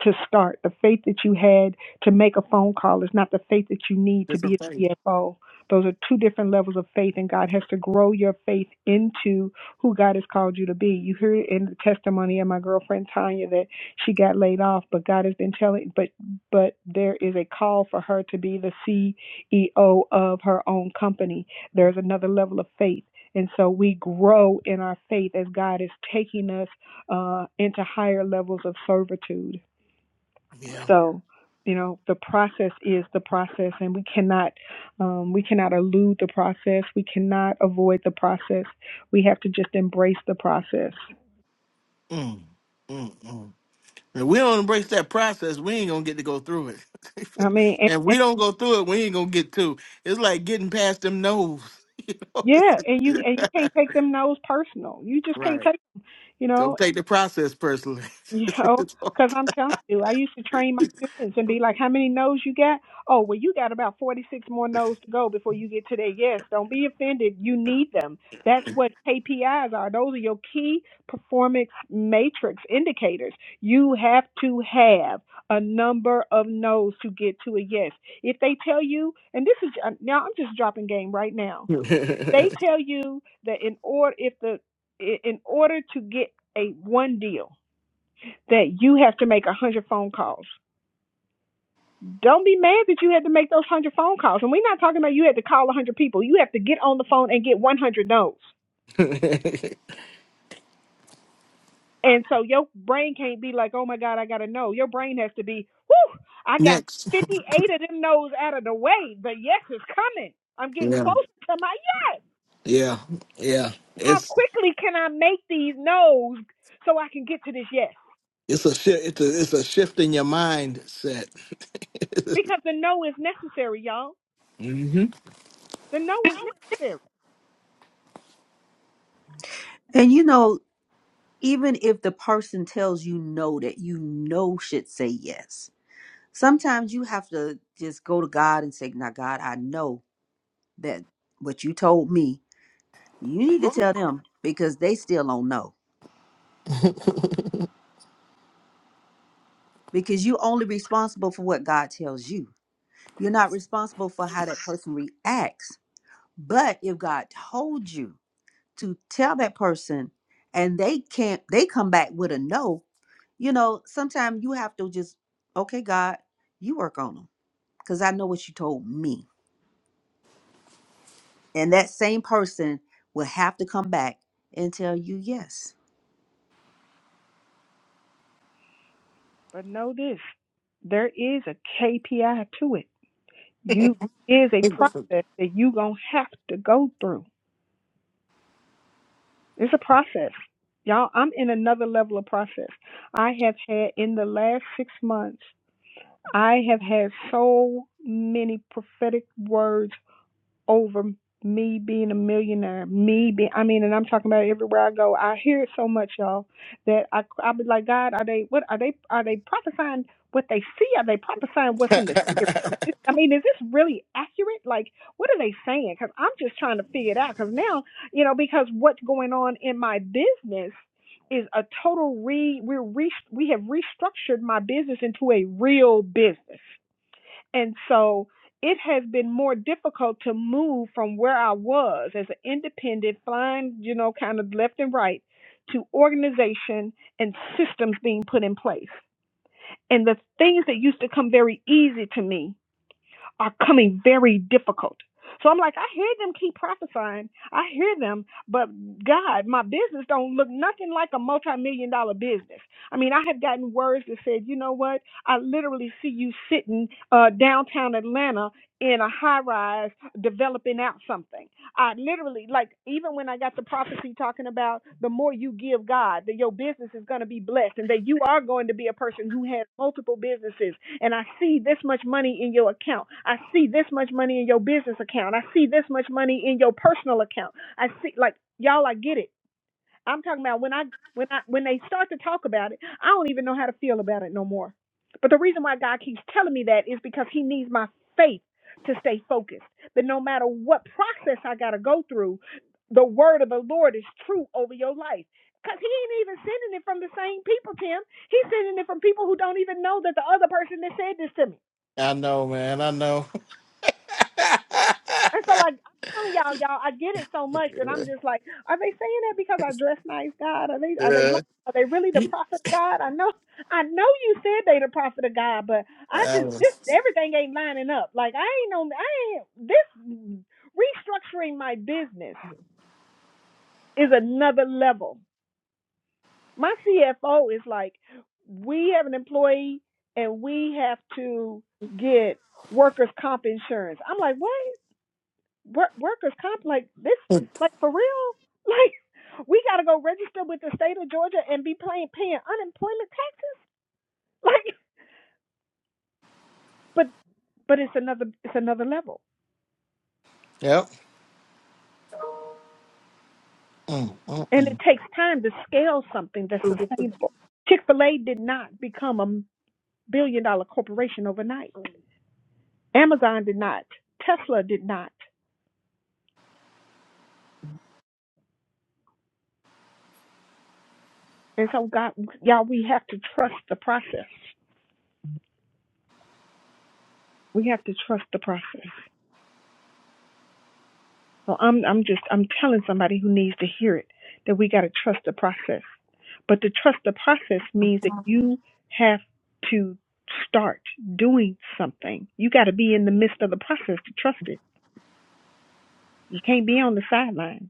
Speaker 4: to start. The faith that you had to make a phone call is not the faith that you need to be
Speaker 1: Different
Speaker 4: a
Speaker 1: faith.
Speaker 4: CFO. Those are two different levels of faith, and God has to grow your faith into who God has called you to be. You hear in the testimony of my girlfriend Tanya that she got laid off, but God has been telling, but but there is a call for her to be the CEO of her own company. There's another level of faith. And so we grow in our faith as God is taking us uh, into higher levels of servitude.
Speaker 1: Yeah.
Speaker 4: So, you know, the process is the process, and we cannot um, we cannot elude the process. We cannot avoid the process. We have to just embrace the process.
Speaker 1: Mm. Mm, mm. And we don't embrace that process, we ain't gonna get to go through it.
Speaker 4: I mean, and,
Speaker 1: and we
Speaker 4: and
Speaker 1: don't go through it, we ain't gonna get to. It's like getting past them no's. You know?
Speaker 4: yeah,
Speaker 1: It's-
Speaker 4: and you and you can't take them no's personal. You just can't
Speaker 1: right.
Speaker 4: take. You know,
Speaker 1: Don't take the process personally.
Speaker 4: You know, because I'm telling you, I used to train my students and be like, "How many no's you got? Oh, well, you got about 46 more no's to go before you get to their yes. Don't be offended. You need them. That's what KPIs are. Those are your key performance matrix indicators. You have to have a number of no's to get to a yes. If they tell you, and this is uh, now, I'm just dropping game right now. They tell you that in order if the in order to get a one deal that you have to make a hundred phone calls. Don't be mad that you had to make those one hundred phone calls. And we're not talking about you had to call a hundred people. You have to get on the phone and get one hundred no's. And so your brain can't be like, oh my God, I gotta know. Your brain has to be, whoo, I got
Speaker 1: Next.
Speaker 4: fifty eight of them no's out of the way. The yes is coming. I'm getting
Speaker 1: Yeah.
Speaker 4: closer to my yes.
Speaker 1: Yeah. Yeah.
Speaker 4: How
Speaker 1: It's
Speaker 4: quickly can I make these no's so I can get to this yes?
Speaker 1: It's a shift. It's a it's a shift in your mindset.
Speaker 4: Because the no is necessary, y'all.
Speaker 1: hmm
Speaker 4: The no is necessary.
Speaker 6: And you know, even if the person tells you no that you know should say yes sometimes you have to just go to god and say now god i know that what you told me you need to tell them because they still don't know because you are only responsible for what god tells you you're not responsible for how that person reacts but if god told you to tell that person and they can't they come back with a no you know sometimes you have to just okay god you work on them because I know what you told me. And that same person will have to come back and tell you yes.
Speaker 4: But know this there is a KPI to it. You is a process that you gonna have to go through. It's a process. Y'all, I'm in another level of process. I have had in the last six months, I have had so many prophetic words over me being a millionaire, me being, I mean, and I'm talking about everywhere I go. I hear it so much, y'all, that I, I be like, God, are they, what, are they, are they prophesying what they see? Are they prophesying what's in the spirit? Is this, I mean, is this really accurate? Like, what are they saying? Because I'm just trying to figure it out. Because now, you know, because what's going on in my business is a total re, we're re, we have restructured my business into a real business and so it has been more difficult to move from where I was as an independent, flying, you know, kind of left and right to organization and systems being put in place. And the things that used to come very easy to me are coming very difficult. So I'm like, I hear them keep prophesying. I hear them, but God, my business don't look nothing like a multi-million dollar business. I mean, I have gotten words that said, you know what? I literally see you sitting uh, downtown Atlanta in a high rise developing out something. I literally, like, even when I got the prophecy talking about the more you give God, that your business is going to be blessed and that you are going to be a person who has multiple businesses and I see this much money in your account. I see this much money in your business account. I see this much money in your personal account. I see like y'all I get it. I'm talking about when I when I when they start to talk about it, I don't even know how to feel about it no more. But the reason why God keeps telling me that is because He needs my faith to stay focused. That no matter what process I gotta go through, the word of the Lord is true over your life. Cause he ain't even sending it from the same people, Tim. He's sending it from people who don't even know that the other person that said this to me.
Speaker 1: I know, man. I know.
Speaker 4: And so I, I'm telling y'all, y'all, I get it so much that I'm just like, are they saying that because I dress nice, God? Are they are they
Speaker 1: yeah.
Speaker 4: lying? Are they really the prophet of God? I know, I know you said they the prophet of God, but I
Speaker 1: I
Speaker 4: just this
Speaker 1: was-
Speaker 4: everything ain't lining up. Like I ain't no, I ain't this restructuring my business is another level. My CFO is like, we have an employee and we have to get workers comp insurance. I'm like, what? work, workers comp like this like for real like we got to go register with the state of Georgia and be paying paying unemployment taxes like but but it's another it's another level
Speaker 1: Yep. Mm, mm,
Speaker 4: and it
Speaker 1: mm.
Speaker 4: takes time to scale something that's sustainable Chick-fil-A did not become a billion dollar corporation overnight Amazon did not Tesla did not and so God y'all we have to trust the process we have to trust the process So I'm I'm just I'm telling somebody who needs to hear it that we got to trust the process. But to trust the process means that you have to start doing something. You got to be in the midst of the process to trust it. You can't be on the sidelines.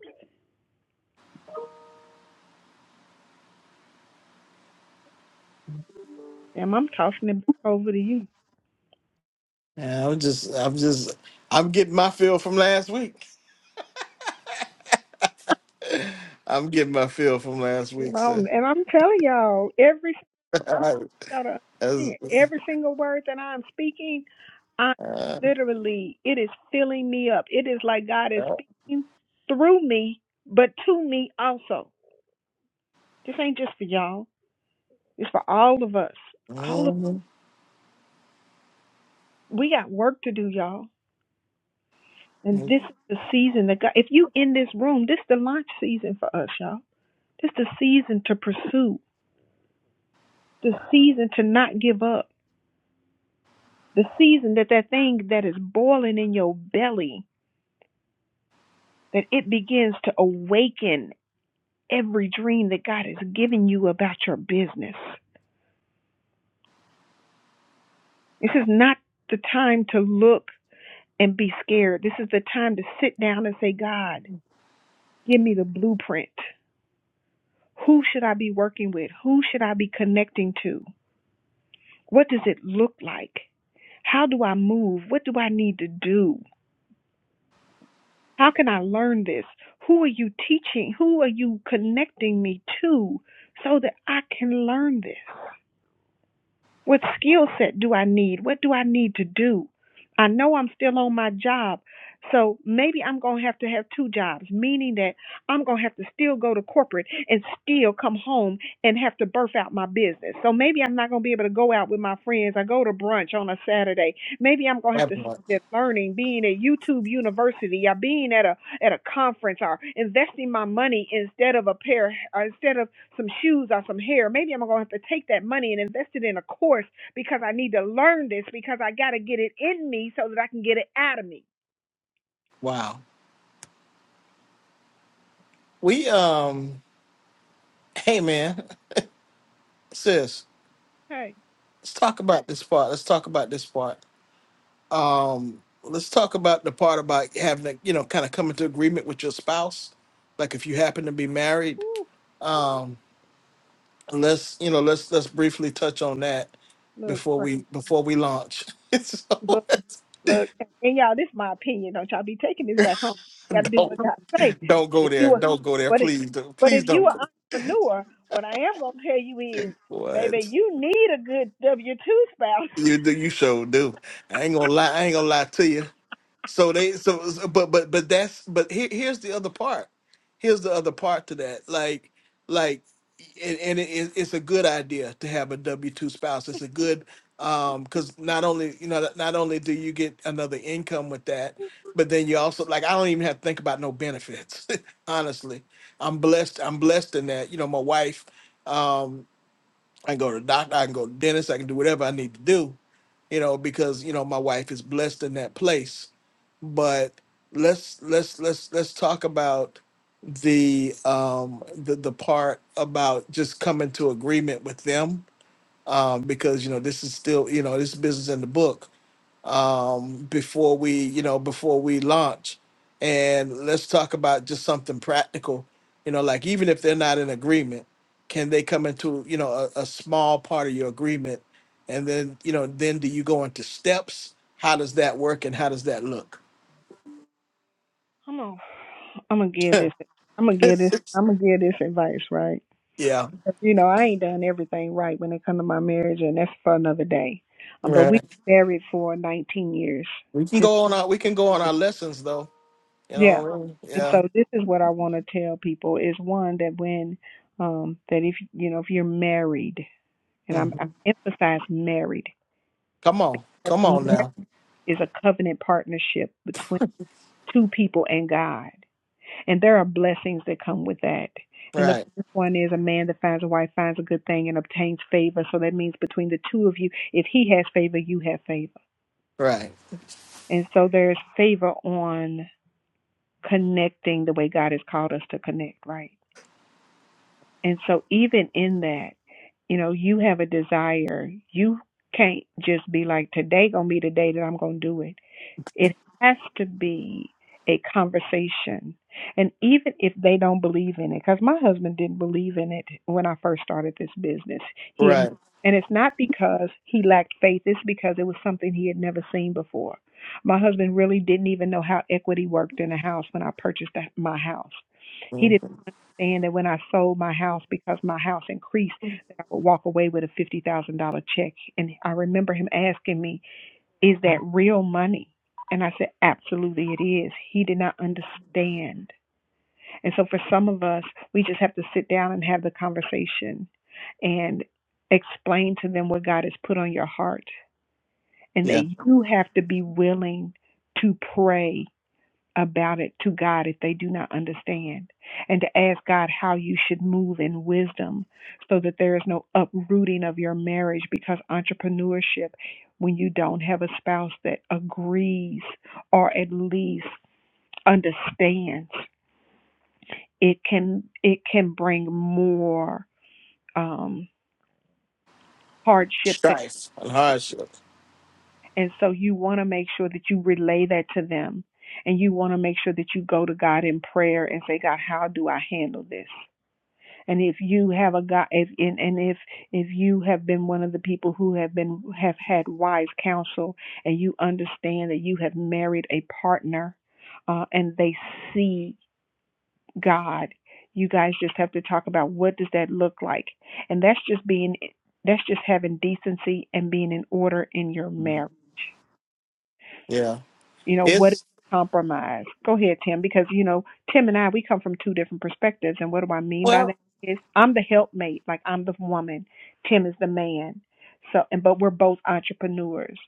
Speaker 4: And I'm tossing it over to you.
Speaker 1: Yeah, I'm just. I'm just. I'm getting my feel from last week. I'm getting my feel from last week, sir.
Speaker 4: Um, and I'm telling y'all, every out of
Speaker 1: As,
Speaker 4: every single word that I'm speaking, I
Speaker 1: uh,
Speaker 4: literally it is filling me up. It is like God is speaking through me, but to me also. This ain't just for y'all. It's for all of us. All of
Speaker 1: mm,
Speaker 4: we got work to do, y'all. And this is the season that God. If you in this room, this is the launch season for us, y'all. This is the season to pursue. The season to not give up. The season that that thing that is boiling in your belly that it begins to awaken every dream that God has given you about your business. This is not the time to look and be scared. This is the time to sit down and say, God. Give me the blueprint. Who should I be working with? Who should I be connecting to? What does it look like? How do I move? What do I need to do? How can I learn this? Who are you teaching? Who are you connecting me to so that I can learn this? What skill set do I need? What do I need to do? I know I'm still on my job, so maybe I'm going to have to have two jobs, meaning that I'm going to have to still go to corporate and still come home and have to birth out my business. So maybe I'm not going to be able to go out with my friends. I go to brunch on a Saturday. Maybe I'm going to have to
Speaker 1: that
Speaker 4: spend
Speaker 1: part.
Speaker 4: it learning, being at YouTube University, or being at a at a conference, or investing my money instead of a pair, or instead of some shoes or some hair. Maybe I'm going to have to take that money and invest it in a course because I need to learn this because I got to get it in me so that I can get it out of me.
Speaker 1: Wow. We um. Hey, man. Sis,
Speaker 4: Hey,
Speaker 1: let's talk about this part. Let's talk about this part. Um, let's talk about the part about having to, you know, kind of come into agreement with your spouse. Like if you happen to be married,
Speaker 4: whew,
Speaker 1: um, let's, you know, let's let's briefly touch on that
Speaker 4: look,
Speaker 1: before
Speaker 4: right,
Speaker 1: we before we launch. so,
Speaker 4: look, look. And y'all, this is my opinion. Don't y'all be taking this back home. You got to do
Speaker 1: don't
Speaker 4: what God say.
Speaker 1: don't
Speaker 4: But
Speaker 1: go
Speaker 4: if
Speaker 1: there.
Speaker 4: you are,
Speaker 1: Don't go there.
Speaker 4: but if,
Speaker 1: Please don't
Speaker 4: but
Speaker 1: please
Speaker 4: if you
Speaker 1: don't
Speaker 4: are
Speaker 1: go.
Speaker 4: entrepreneur, what I am going to tell you is,
Speaker 1: What
Speaker 4: baby, you need a good W-2 spouse.
Speaker 1: you do you sure do. I ain't gonna lie, I ain't gonna lie to you. So they so so- but but but that's but here, here's the other part. Here's the other part to that. Like like and, and it, it- it's a good idea to have a W two spouse. It's a good um because not only you know not only do you get another income with that, but then you also like I don't even have to think about no benefits. Honestly, I'm blessed. I'm blessed in that. You know, my wife. Um, I can go to the doctor. I can go to the dentist. I can do whatever I need to do. You know, because you know my wife is blessed in that place but let's let's let's let's talk about the um the, the part about just coming to agreement with them um because you know this is still you know this business in the book um before we you know before we launch and let's talk about just something practical you know like even if they're not in agreement can they come into you know a, a small part of your agreement and then you know then do you go into steps how does that work and how does that look
Speaker 4: Come on. I'm going to give this. I'm gonna give this. I'm gonna give this advice, right?
Speaker 1: Yeah.
Speaker 4: You know, I ain't done everything right when it comes to my marriage, and that's for another day. Um, but we
Speaker 1: Right.
Speaker 4: married for 19 years.
Speaker 1: We can
Speaker 4: Just
Speaker 1: go on our we can go on our lessons though. You know
Speaker 4: yeah.
Speaker 1: what I mean?
Speaker 4: And
Speaker 1: Yeah.
Speaker 4: so this is what I want to tell people is one that when um that if you know if you're married, and I'm I
Speaker 1: Mhm.
Speaker 4: emphasize married
Speaker 1: Come on.
Speaker 4: because
Speaker 1: Come on
Speaker 4: marriage
Speaker 1: now.
Speaker 4: is a covenant partnership between two people and God. And there are blessings that come with that. And the
Speaker 1: Right.
Speaker 4: first one is a man that finds a wife finds a good thing and obtains favor. So that means between the two of you, if he has favor, you have favor.
Speaker 1: Right.
Speaker 4: And so there's favor on connecting the way God is called to connect, right? And so even in that, you know, you have a desire. You can't just be like, today gonna be the day that I'm gonna do it It has to be a conversation. And even if they don't believe in it, because my husband didn't believe in it when I first started this business. He had,
Speaker 1: Right.
Speaker 4: and it's not because he lacked faith, it's because it was something he had never seen before. My husband really didn't even know how equity worked in a house when I purchased my house. He
Speaker 1: Mhm.
Speaker 4: didn't understand that when I sold my house because my house increased, I would walk away with a $50,000 check. And I remember him asking me, Is that real money? And I said. Absolutely, it is. He did not understand. And so, for some of us, we just have to sit down and have the conversation and explain to them what God has put on your heart and
Speaker 1: Yeah.
Speaker 4: that you need to say about it to God if they do not understand. And to ask God how you should move in wisdom so that there is no uprooting of your marriage because entrepreneurship, when you don't have a spouse that agrees or at least understands it can it can bring more um, hardship than
Speaker 1: Strife and
Speaker 4: benefit.
Speaker 1: hardship.
Speaker 4: and so you want to make sure that you relay that to them and you want to make sure that you go to God in prayer and say God how do I handle this and if you have a God if, and, and if if you have been one of the people who have been have had wise counsel and you understand that you have married a partner uh, and they see God. You guys just have to talk about what does that look like. And that's just being that's just having decency and being in order in your marriage.
Speaker 1: Yeah.
Speaker 4: You know, what is
Speaker 1: It's
Speaker 4: compromise? Go ahead, Tim, because you know, Tim and I we come from two different perspectives. And what do I mean by that
Speaker 1: well
Speaker 4: is I'm the helpmate, like I'm the woman. Tim is the man. So and but we're both entrepreneurs.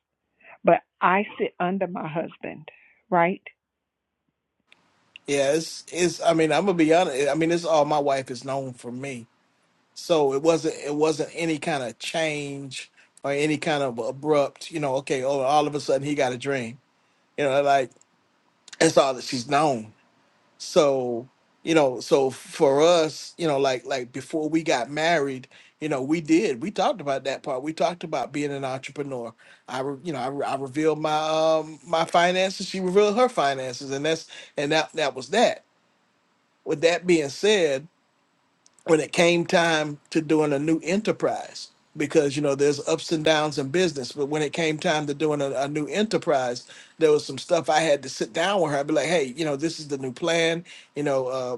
Speaker 4: But I sit under my husband, right?
Speaker 1: yeah, it's it's I mean, I'm gonna be honest. I mean, it's all my wife is known for me. So it wasn't it wasn't any kind of change or any kind of abrupt, you know, okay, oh all of a sudden he got a dream. You know, like that's all that she's known. So, you know, so for us, you know, like like before we got married, you know, we did. We talked about that part. We talked about being an entrepreneur. I, re, you know, I, re- I revealed my um my finances. She revealed her finances, and that's and that that was that. With that being said, when it came time to doing a new enterprise, because you know there's ups and downs in business, but when it came time to doing a, a new enterprise, there was some stuff I had to sit down with her. I'd be like, hey, you know, this is the new plan you know uh,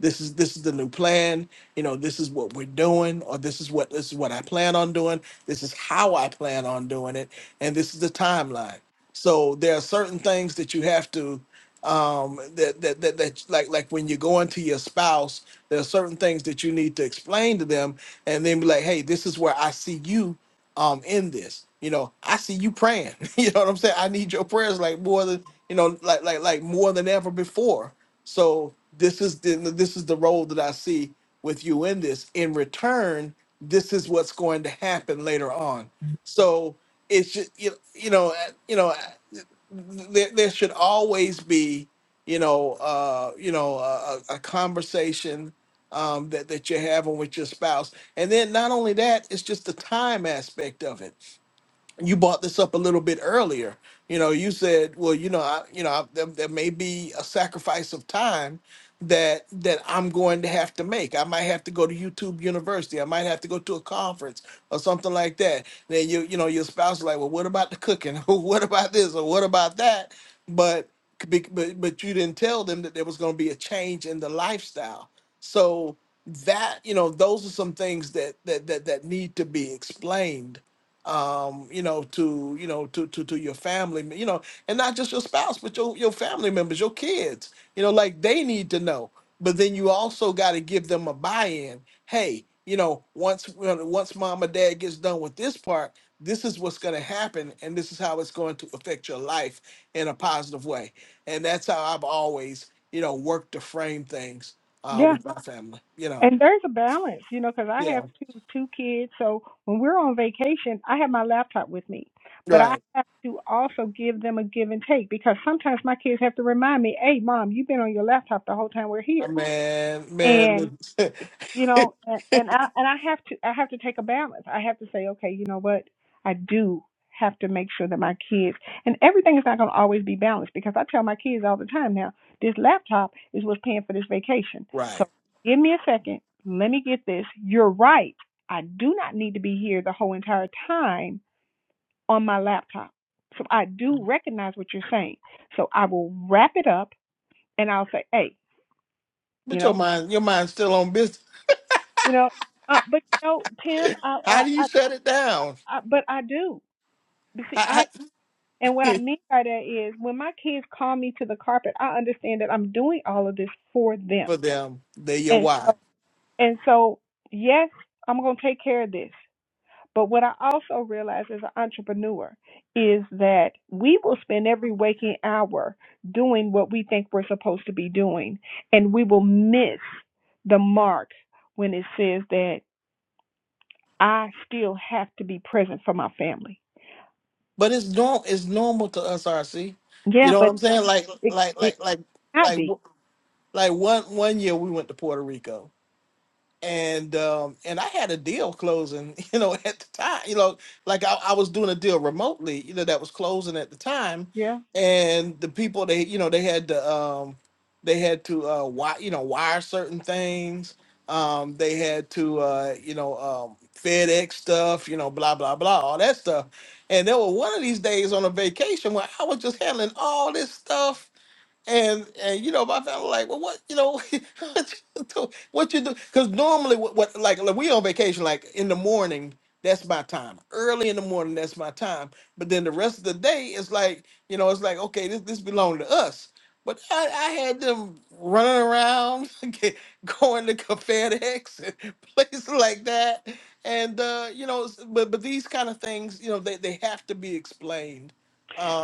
Speaker 1: this is this is the new plan you know this is what we're doing or this is what this is what i plan on doing this is how i plan on doing it and this is the timeline so there are certain things that you have to um that that that, that like like when you're going to your spouse there are certain things that you need to explain to them and then be like hey this is where i see you um in this you know i see you praying you know what i'm saying i need your prayers like more than you know like like like more than ever before so this is the this is the role that I see with you in this. In return, this is what's going to happen later on. So it's just you you know uh, you know uh, there, there should always be you know uh, you know a, a a conversation um, that that you're having with your spouse, and then not only that, it's just the time aspect of it you brought this up a little bit earlier. You know, you said, well, you know, I, you know, I, there, there may be a sacrifice of time that that I'm going to have to make. I might have to go to YouTube University. I might have to go to a conference or something like that. Then you, you know, your spouse is like, well, what about the cooking? Or what about this or what about that? But be- but but you didn't tell them that there was going to be a change in the lifestyle. So that you know, those are some things that that that, that need to be explained um, you know, to you know, to to to your family, you know, and not just your spouse, but your your family members, your kids, you know, like they need to know. But then you also got to give them a buy-in. Hey, you know, once once mom or dad gets done with this part, this is what's going to happen, and this is how it's going to affect your life in a positive way. And that's how I've always, you know, worked to frame things uh,
Speaker 4: Yeah.
Speaker 1: with my family. You know,
Speaker 4: And there's a balance, you know, because I
Speaker 1: yeah,
Speaker 4: have two two kids. So when we're on vacation, I have my laptop with me, but I
Speaker 1: right.
Speaker 4: have to also give them a give and take because sometimes my kids have to remind me, "Hey, mom, you've been on your laptop the whole time we're
Speaker 1: Uh,
Speaker 4: here."
Speaker 1: Man, man,
Speaker 4: you know and and i and i have to i have to take a balance i have to say okay you know what i do have to make sure that my kids and everything is not going to always be balanced because i tell my kids all the time now this laptop is what's paying for this vacation
Speaker 1: right.
Speaker 4: so give me a second let me get this you're right i do not need to be here the whole entire time on my laptop so i do recognize what you're saying so i will wrap it up and i'll say hey you
Speaker 1: But your
Speaker 4: know
Speaker 1: mind, your mind's still on business.
Speaker 4: you know uh, but you know, Tim, I,
Speaker 1: How
Speaker 4: I,
Speaker 1: do
Speaker 4: I
Speaker 1: you shut it down?
Speaker 4: I, but I do. You see,
Speaker 1: How,
Speaker 4: I and what I
Speaker 1: how,
Speaker 4: mean by that is when my kids call me to the carpet, I understand that I'm doing all of this for them,
Speaker 1: for them, they're your
Speaker 4: and
Speaker 1: why.
Speaker 4: so and so yes, I'm gonna take care of this. But what I also realize as an entrepreneur is that we will spend every waking hour doing what we think we're supposed to be doing, and we will miss the mark when it says that I still have to be present for my family.
Speaker 1: But it's norm, It's normal to us, RC. You know what
Speaker 4: But
Speaker 1: I'm saying? Like,
Speaker 4: it
Speaker 1: like,
Speaker 4: it
Speaker 1: like, like,
Speaker 4: not
Speaker 1: like,
Speaker 4: be.
Speaker 1: w- like one one year we went to Puerto Rico and um and I had a deal closing, you know, at the time, you know, like I, I was doing a deal remotely, you know, that was closing at the time,
Speaker 4: Yeah.
Speaker 1: and the people they, you know, they had to um they had to uh wire, you know, wire certain things, um they had to uh you know um FedEx stuff, you know, blah blah blah, all that stuff, and there were one of these days on a vacation where I was just handling all this stuff and and you know, my family like, well, what you know, what you do? What you do? Because normally, what, what like, like we on vacation, like in the morning, that's my time. Early in the morning, that's my time. But then the rest of the day, it's like you know, it's like okay, this this belong to us. But I, I had them running around, get- going to ConfedEx and places like that, and uh, you know, s- but but these kind of things, you know, they they have to be explained,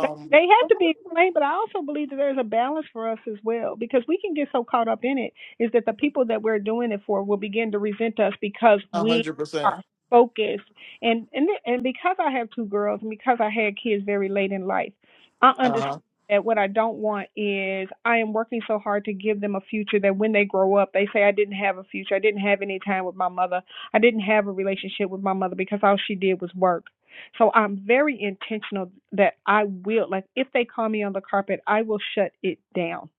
Speaker 4: They they have to be explained, but I also believe that there's a balance for us as well because we can get so caught up in it is that the people that we're doing it for will begin to resent us because
Speaker 1: a
Speaker 4: we
Speaker 1: hundred percent.
Speaker 4: are focused and and and because I have two girls and because I had kids very late in life, I understand
Speaker 1: Uh-huh.
Speaker 4: that what I don't want is I am working so hard to give them a future that when they grow up they say I didn't have a future. I didn't have any time with my mother. I didn't have a relationship with my mother because all she did was work. So I'm very intentional that I will, like, if they call me on the carpet, I will shut it down.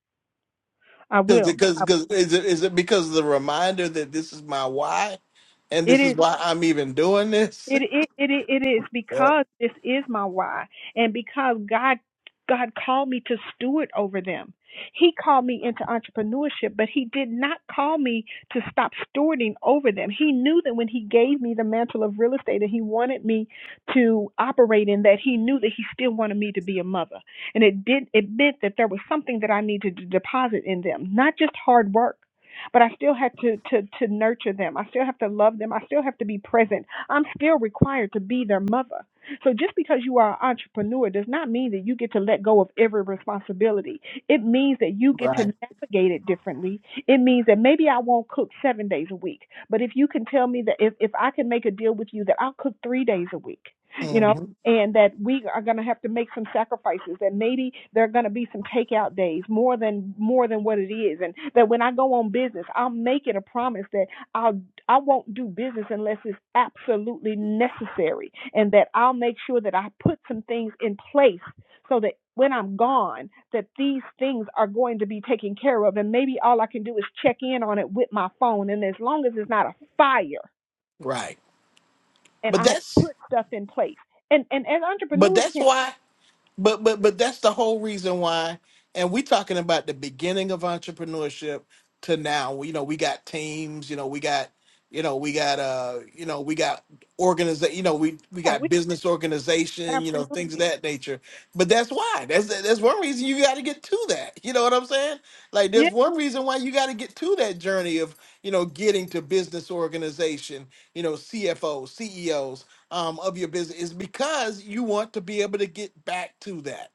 Speaker 4: I
Speaker 1: Because
Speaker 4: will.
Speaker 1: because
Speaker 4: I-
Speaker 1: because is it is it because of the reminder that this is my why, and
Speaker 4: It
Speaker 1: this is
Speaker 4: is.
Speaker 1: why I'm even doing this?
Speaker 4: It it it it is
Speaker 1: Yep.
Speaker 4: because this is my why, and because God God called me to steward over them. He called me into entrepreneurship, but He did not call me to stop stewarding over them. He knew that when He gave me the mantle of real estate, and He wanted me to operate in that, He knew that He wanted mother. And it did it meant that there was something that I needed to deposit in them, not just hard work. But I still had to, to to nurture them. I still have to love them. I still have to be present. I'm still required to be their mother. So just because you are an entrepreneur does not mean that you get to let go of every responsibility. It means that you get to
Speaker 1: Right.
Speaker 4: navigate it differently. It means that maybe I won't cook seven days a week. But if you can tell me that if, if I can make a deal with you that I'll cook three days a week, you know,
Speaker 1: hmm
Speaker 4: and that we are going to have to make some sacrifices and maybe there are going to be some takeout days more than more than what it is and that when i go on business i'll make it a promise that i'll i won't do business unless it's absolutely necessary and that i'll make sure that i put some things in place so that when i'm gone that these things are going to be taken care of and maybe all i can do is check in on it with my phone and as long as it's not a fire
Speaker 1: Right.
Speaker 4: and
Speaker 1: But
Speaker 4: i have
Speaker 1: that's
Speaker 4: put stuff in place and and as
Speaker 1: but
Speaker 4: entrepreneurs Tim,
Speaker 1: that's why. But but but that's the whole reason why. And we talking about the beginning of entrepreneurship to now. You know, we got teams. You know, we got you know we got uh you know we got organization. You know, we we
Speaker 4: Yeah, we
Speaker 1: got business organization. You
Speaker 4: absolutely
Speaker 1: know, things of that nature. But that's why. That's that's one reason you got to get to that. You know what I'm saying? Like, there's
Speaker 4: yeah.
Speaker 1: one reason why you got to get to that journey of you know getting to business organization. You know, CFO, CEOs um, of your business is because you want to be able to get back to that.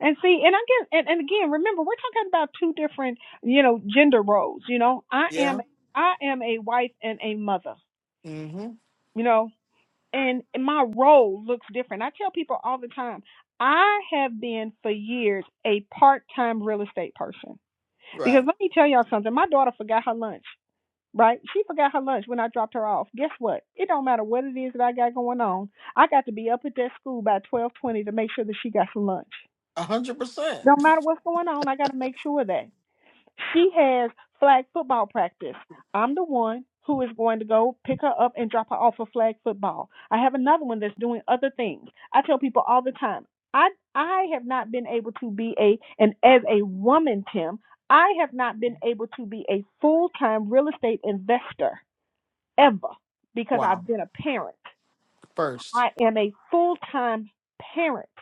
Speaker 4: And see, and again, and, and again, remember, we're talking about two different, you know, gender roles. You know, I am
Speaker 1: Yeah.
Speaker 4: I am a wife and a mother.
Speaker 1: Mm-hmm.
Speaker 4: You know, and my role looks different. I tell people all the time. I have been for years a part-time real estate person because
Speaker 1: Right.
Speaker 4: let me tell y'all something. My daughter forgot her lunch, right? She forgot her lunch when I dropped her off. Guess what? It don't matter what it is that I got going on. I got to be up at that school by twelve twenty to make sure that she got some lunch.
Speaker 1: A hundred percent.
Speaker 4: No matter what's going on, I got to make sure that she has flag football practice. I'm the one who is going to go pick her up and drop her off for flag football. I have another one that's doing other things. I tell people all the time, I I have not been able to be a and as a woman, Tim, I have not been able to be a full-time real estate investor ever because
Speaker 1: Wow.
Speaker 4: I've been a parent.
Speaker 1: First.
Speaker 4: I am a full-time parent.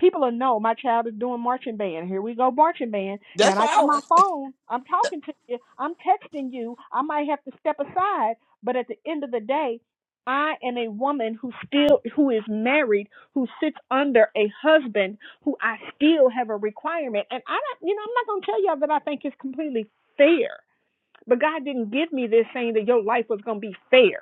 Speaker 4: People will know my child is doing marching band. Here we go, marching band. Now
Speaker 1: That's
Speaker 4: I got
Speaker 1: all.
Speaker 4: my phone. I'm talking to you. I'm texting you. I might have to step aside, but at the end of the day, I am a woman who still who is married, who sits under a husband who I still have a requirement. And I don't, you know, I'm not gonna tell y'all that I think it's completely fair. But God didn't give me this saying that your life was gonna be fair.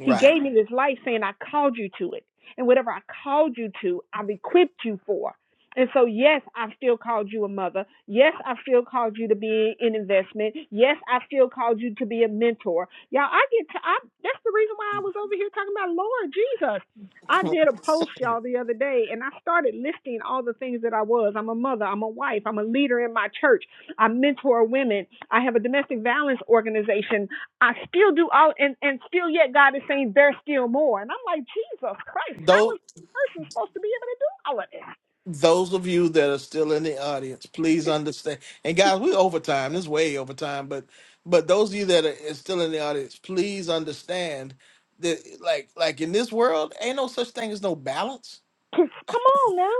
Speaker 4: He gave me this life saying, I called you to it. And whatever I called you to, I've equipped you for. And so, yes, I've still called you a mother. Yes, I've still called you to be an investment. Yes, I've still called you to be a mentor. Y'all, I get to, I, that's the reason why I was over here talking about Lord Jesus. I did a post, y'all, the other day, and I started listing all the things that I was. I'm a mother. I'm a wife. I'm a leader in my church. I mentor women. I have a domestic violence organization I still do all, and, and still yet God is saying there's still more. And I'm like, Jesus Christ, how
Speaker 1: those
Speaker 4: is a person supposed to be able to do all of this?
Speaker 1: those of you that are still in the audience, please understand. And guys, we overtime. This is way overtime, but but those of you that are is still in the audience, please understand that like like in this world, ain't no such thing as no balance.
Speaker 4: Come on now.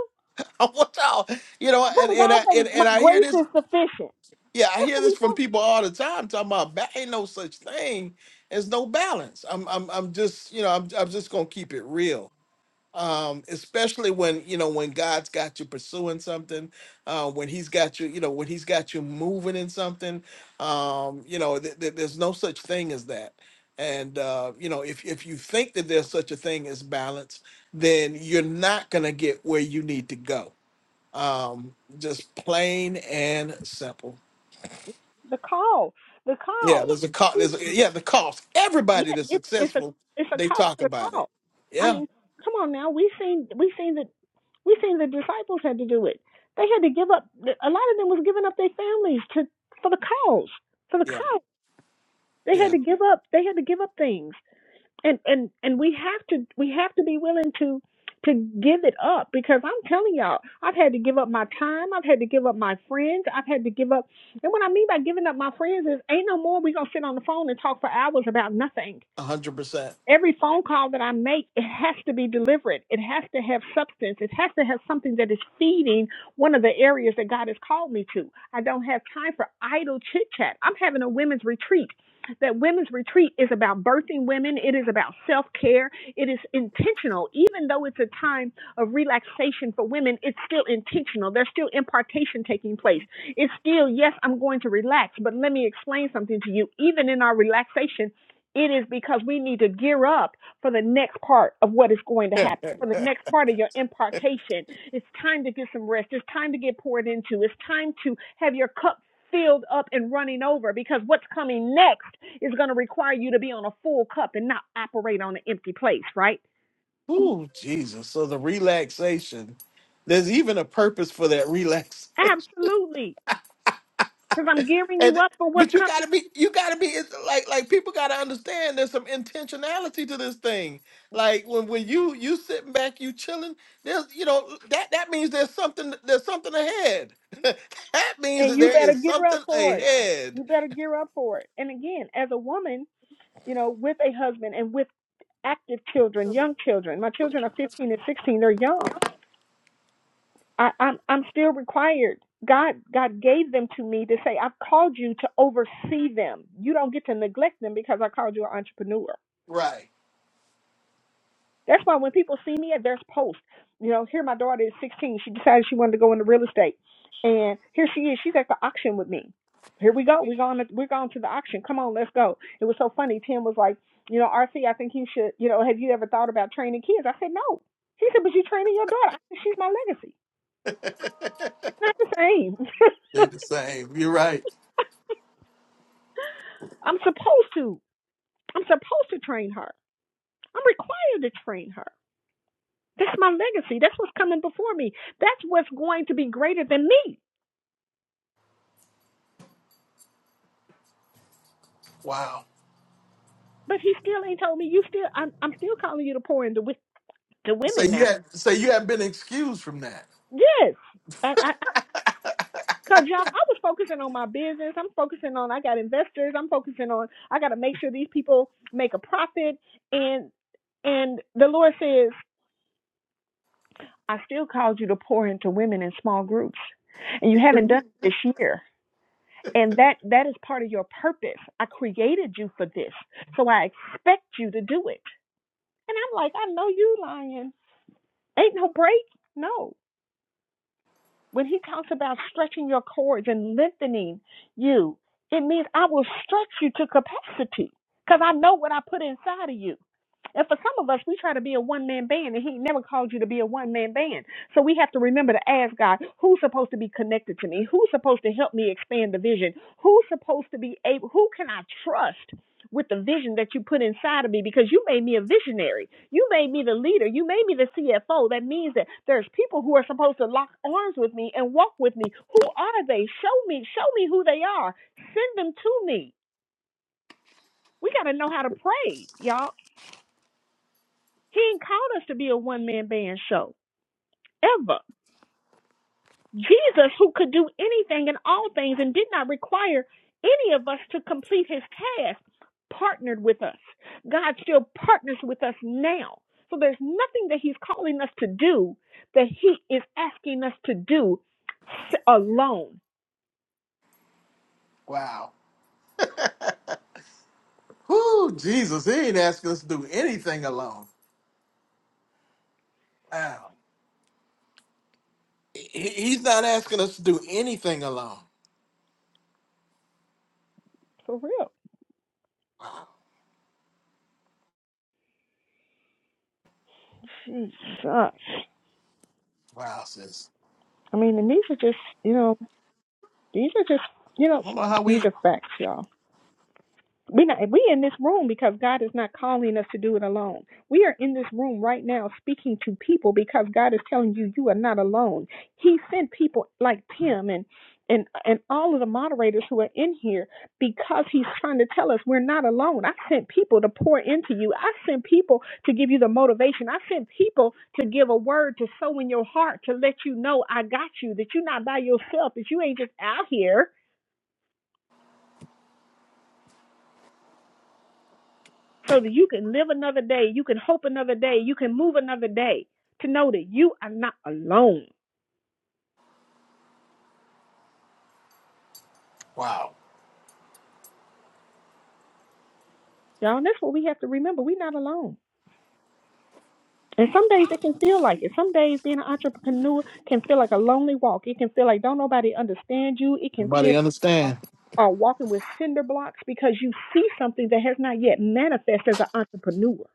Speaker 1: I want y'all, you know, and
Speaker 4: Brother
Speaker 1: and
Speaker 4: God
Speaker 1: I
Speaker 4: said,
Speaker 1: and, and
Speaker 4: my
Speaker 1: I hear
Speaker 4: grace
Speaker 1: this
Speaker 4: is sufficient.
Speaker 1: Yeah, I
Speaker 4: That's
Speaker 1: hear
Speaker 4: what he
Speaker 1: this from
Speaker 4: said.
Speaker 1: people all the time talking about ba- ain't no such thing as no balance. I'm I'm I'm just, you know, I'm I'm just gonna keep it real. Um, especially when, you know, when God's got you pursuing something, uh, when he's got you, you know, when he's got you moving in something, um, you know, th- th- there's no such thing as that. And uh, you know, if if you think that there's such a thing as balance, then you're not gonna get where you need to go. Um, just plain and simple.
Speaker 4: The call, the
Speaker 1: Yeah,
Speaker 4: call.
Speaker 1: there's a cost. There's a, yeah, the cost. Everybody
Speaker 4: Yeah,
Speaker 1: that's
Speaker 4: it's it's a
Speaker 1: successful,
Speaker 4: it's a
Speaker 1: they
Speaker 4: cost
Speaker 1: talk
Speaker 4: to the
Speaker 1: about it.
Speaker 4: call. I
Speaker 1: Yeah,
Speaker 4: mean, come on now. We seen we seen the we seen the disciples had to do it. They had to give up. A lot of them was giving up their families to for the cause for the
Speaker 1: yeah,
Speaker 4: cause. They had
Speaker 1: yeah,
Speaker 4: to give up. They had to give up things. and and and we have to we have to be willing to to give it up because I'm telling y'all, I've had to give up my time, I've had to give up my friends, I've had to give up. And what I mean by giving up my friends is, ain't no more we gonna sit on the phone and talk for hours about nothing
Speaker 1: a hundred percent.
Speaker 4: Every phone call that I make, it has to be deliberate. It has to have substance. It has to have something that is feeding one of the areas that God has called me to. I don't have time for idle chit chat. I'm having a women's retreat. That women's retreat is about birthing women. It is about self care. It is intentional. Even though it's a time of relaxation for women, it's still intentional. There's still impartation taking place. It's still, yes, I'm going to relax, but let me explain something to you. Even in our relaxation, it is because we need to gear up for the next part of what is going to
Speaker 1: Yeah.
Speaker 4: happen, for the next part of your impartation. It's time to get some rest. It's time to get poured into. It's time to have your cup filled up and running over because what's coming next is going to require you to be on a full cup and not operate on an empty place, right?
Speaker 1: Ooh, Jesus! So the relaxation, there's even a purpose for that relaxation,
Speaker 4: Absolutely. Because I'm gearing you
Speaker 1: and
Speaker 4: up for what's
Speaker 1: but you
Speaker 4: coming
Speaker 1: gotta be, you gotta be it's like, like people gotta understand there's some intentionality to this thing. Like when when you you sitting back, you chilling. There's you know that that means there's something there's something ahead. that means
Speaker 4: and
Speaker 1: that
Speaker 4: you
Speaker 1: there
Speaker 4: better
Speaker 1: is
Speaker 4: gear up
Speaker 1: something
Speaker 4: for it.
Speaker 1: ahead
Speaker 4: You better gear up for it. And again, as a woman, you know, with a husband and with active children, young children. My children are 15 and 16. They're young. I, I'm I'm still required. God God gave them to me to say I've called you to oversee them. You don't get to neglect them because I called you an entrepreneur.
Speaker 1: Right.
Speaker 4: That's why when people see me at their post, you know, here my daughter is 16. She decided she wanted to go into real estate, and here she is. She's at the auction with me. Here we go. We're going. To, we're going to the auction. Come on, let's go. It was so funny. Tim was like, you know, RC, I think you should. You know, have you ever thought about training kids? I said no. He said, but you're training your daughter. I said, she's my legacy. It's not the same.
Speaker 1: They the same. You're right.
Speaker 4: I'm supposed to. I'm supposed to train her. I'm required to train her. That's my legacy. That's what's coming before me. That's what's going to be greater than me.
Speaker 1: Wow.
Speaker 4: But he still ain't told me. You still, I'm, I'm still calling you to pour into wi- to
Speaker 1: So
Speaker 4: women now.
Speaker 1: you had so you haven't been excused from that.
Speaker 4: Yes, I, I, I- cause y'all, I was focusing on my business. I'm focusing on. I got investors. I'm focusing on. I got to make sure these people make a profit. And and the Lord says, I still called you to pour into women in small groups, and you haven't done it this year. And that that is part of your purpose. I created you for this, so I expect you to do it. And I'm like, I know you lying. Ain't no break. No. When he talks about stretching your cords and lengthening you, it means I will stretch you to capacity because I know what I put inside of you. And for some of us, we try to be a one man band, and he never called you to be a one man band. So we have to remember to ask God, who's supposed to be connecting me? Who's supposed to help me expand the vision? Who's supposed to be able? with the vision that you put inside of me because you made me a visionary. You made me the leader. You made me the CFO. That means that there's people who are supposed to lock arms with me and walk with me. Who are they? Show me, show me who they are. Send them to me. We got to know how to pray, y'all. He ain't called us to be a one man band show ever. Jesus, who could do anything and all things and did not require any of us to complete his task, partnered with us. God still partners with us now. So there's nothing that he's calling us to do that he is asking us to do s- alone.
Speaker 1: Wow. Whoo, Jesus, he ain't asking us to do anything alone. Wow. He, he's not asking us to do anything alone.
Speaker 4: For real. Jesus. I
Speaker 1: Wow, sis.
Speaker 4: mean, and these are just, you know, these are just, you know,
Speaker 1: I don't know how
Speaker 4: these
Speaker 1: we
Speaker 4: are facts, y'all. We're not we in this room because God is not calling us to do it alone. We are in this room right now speaking to people because God is telling you you are not alone. He sent people like Tim and and and all of the moderators who are in here because he's trying to tell us we're not alone. I sent people to pour into you. I sent people to give you the motivation. I sent people to give a word to sow in your heart to let you know I got you, that you're not by yourself, that you ain't just out here so that you can live another day, you can hope another day, you can move another day to know that you are not alone.
Speaker 1: wow.
Speaker 4: Y'all, that's what we have to remember. We're not alone. And some days it can feel like it. Some days being an entrepreneur can feel like a lonely walk. It can feel like don't nobody understand you. It can
Speaker 1: Nobody
Speaker 4: feel uh,
Speaker 1: understand.
Speaker 4: uh, walking with cinder blocks because you see something that has not yet manifest as an entrepreneur.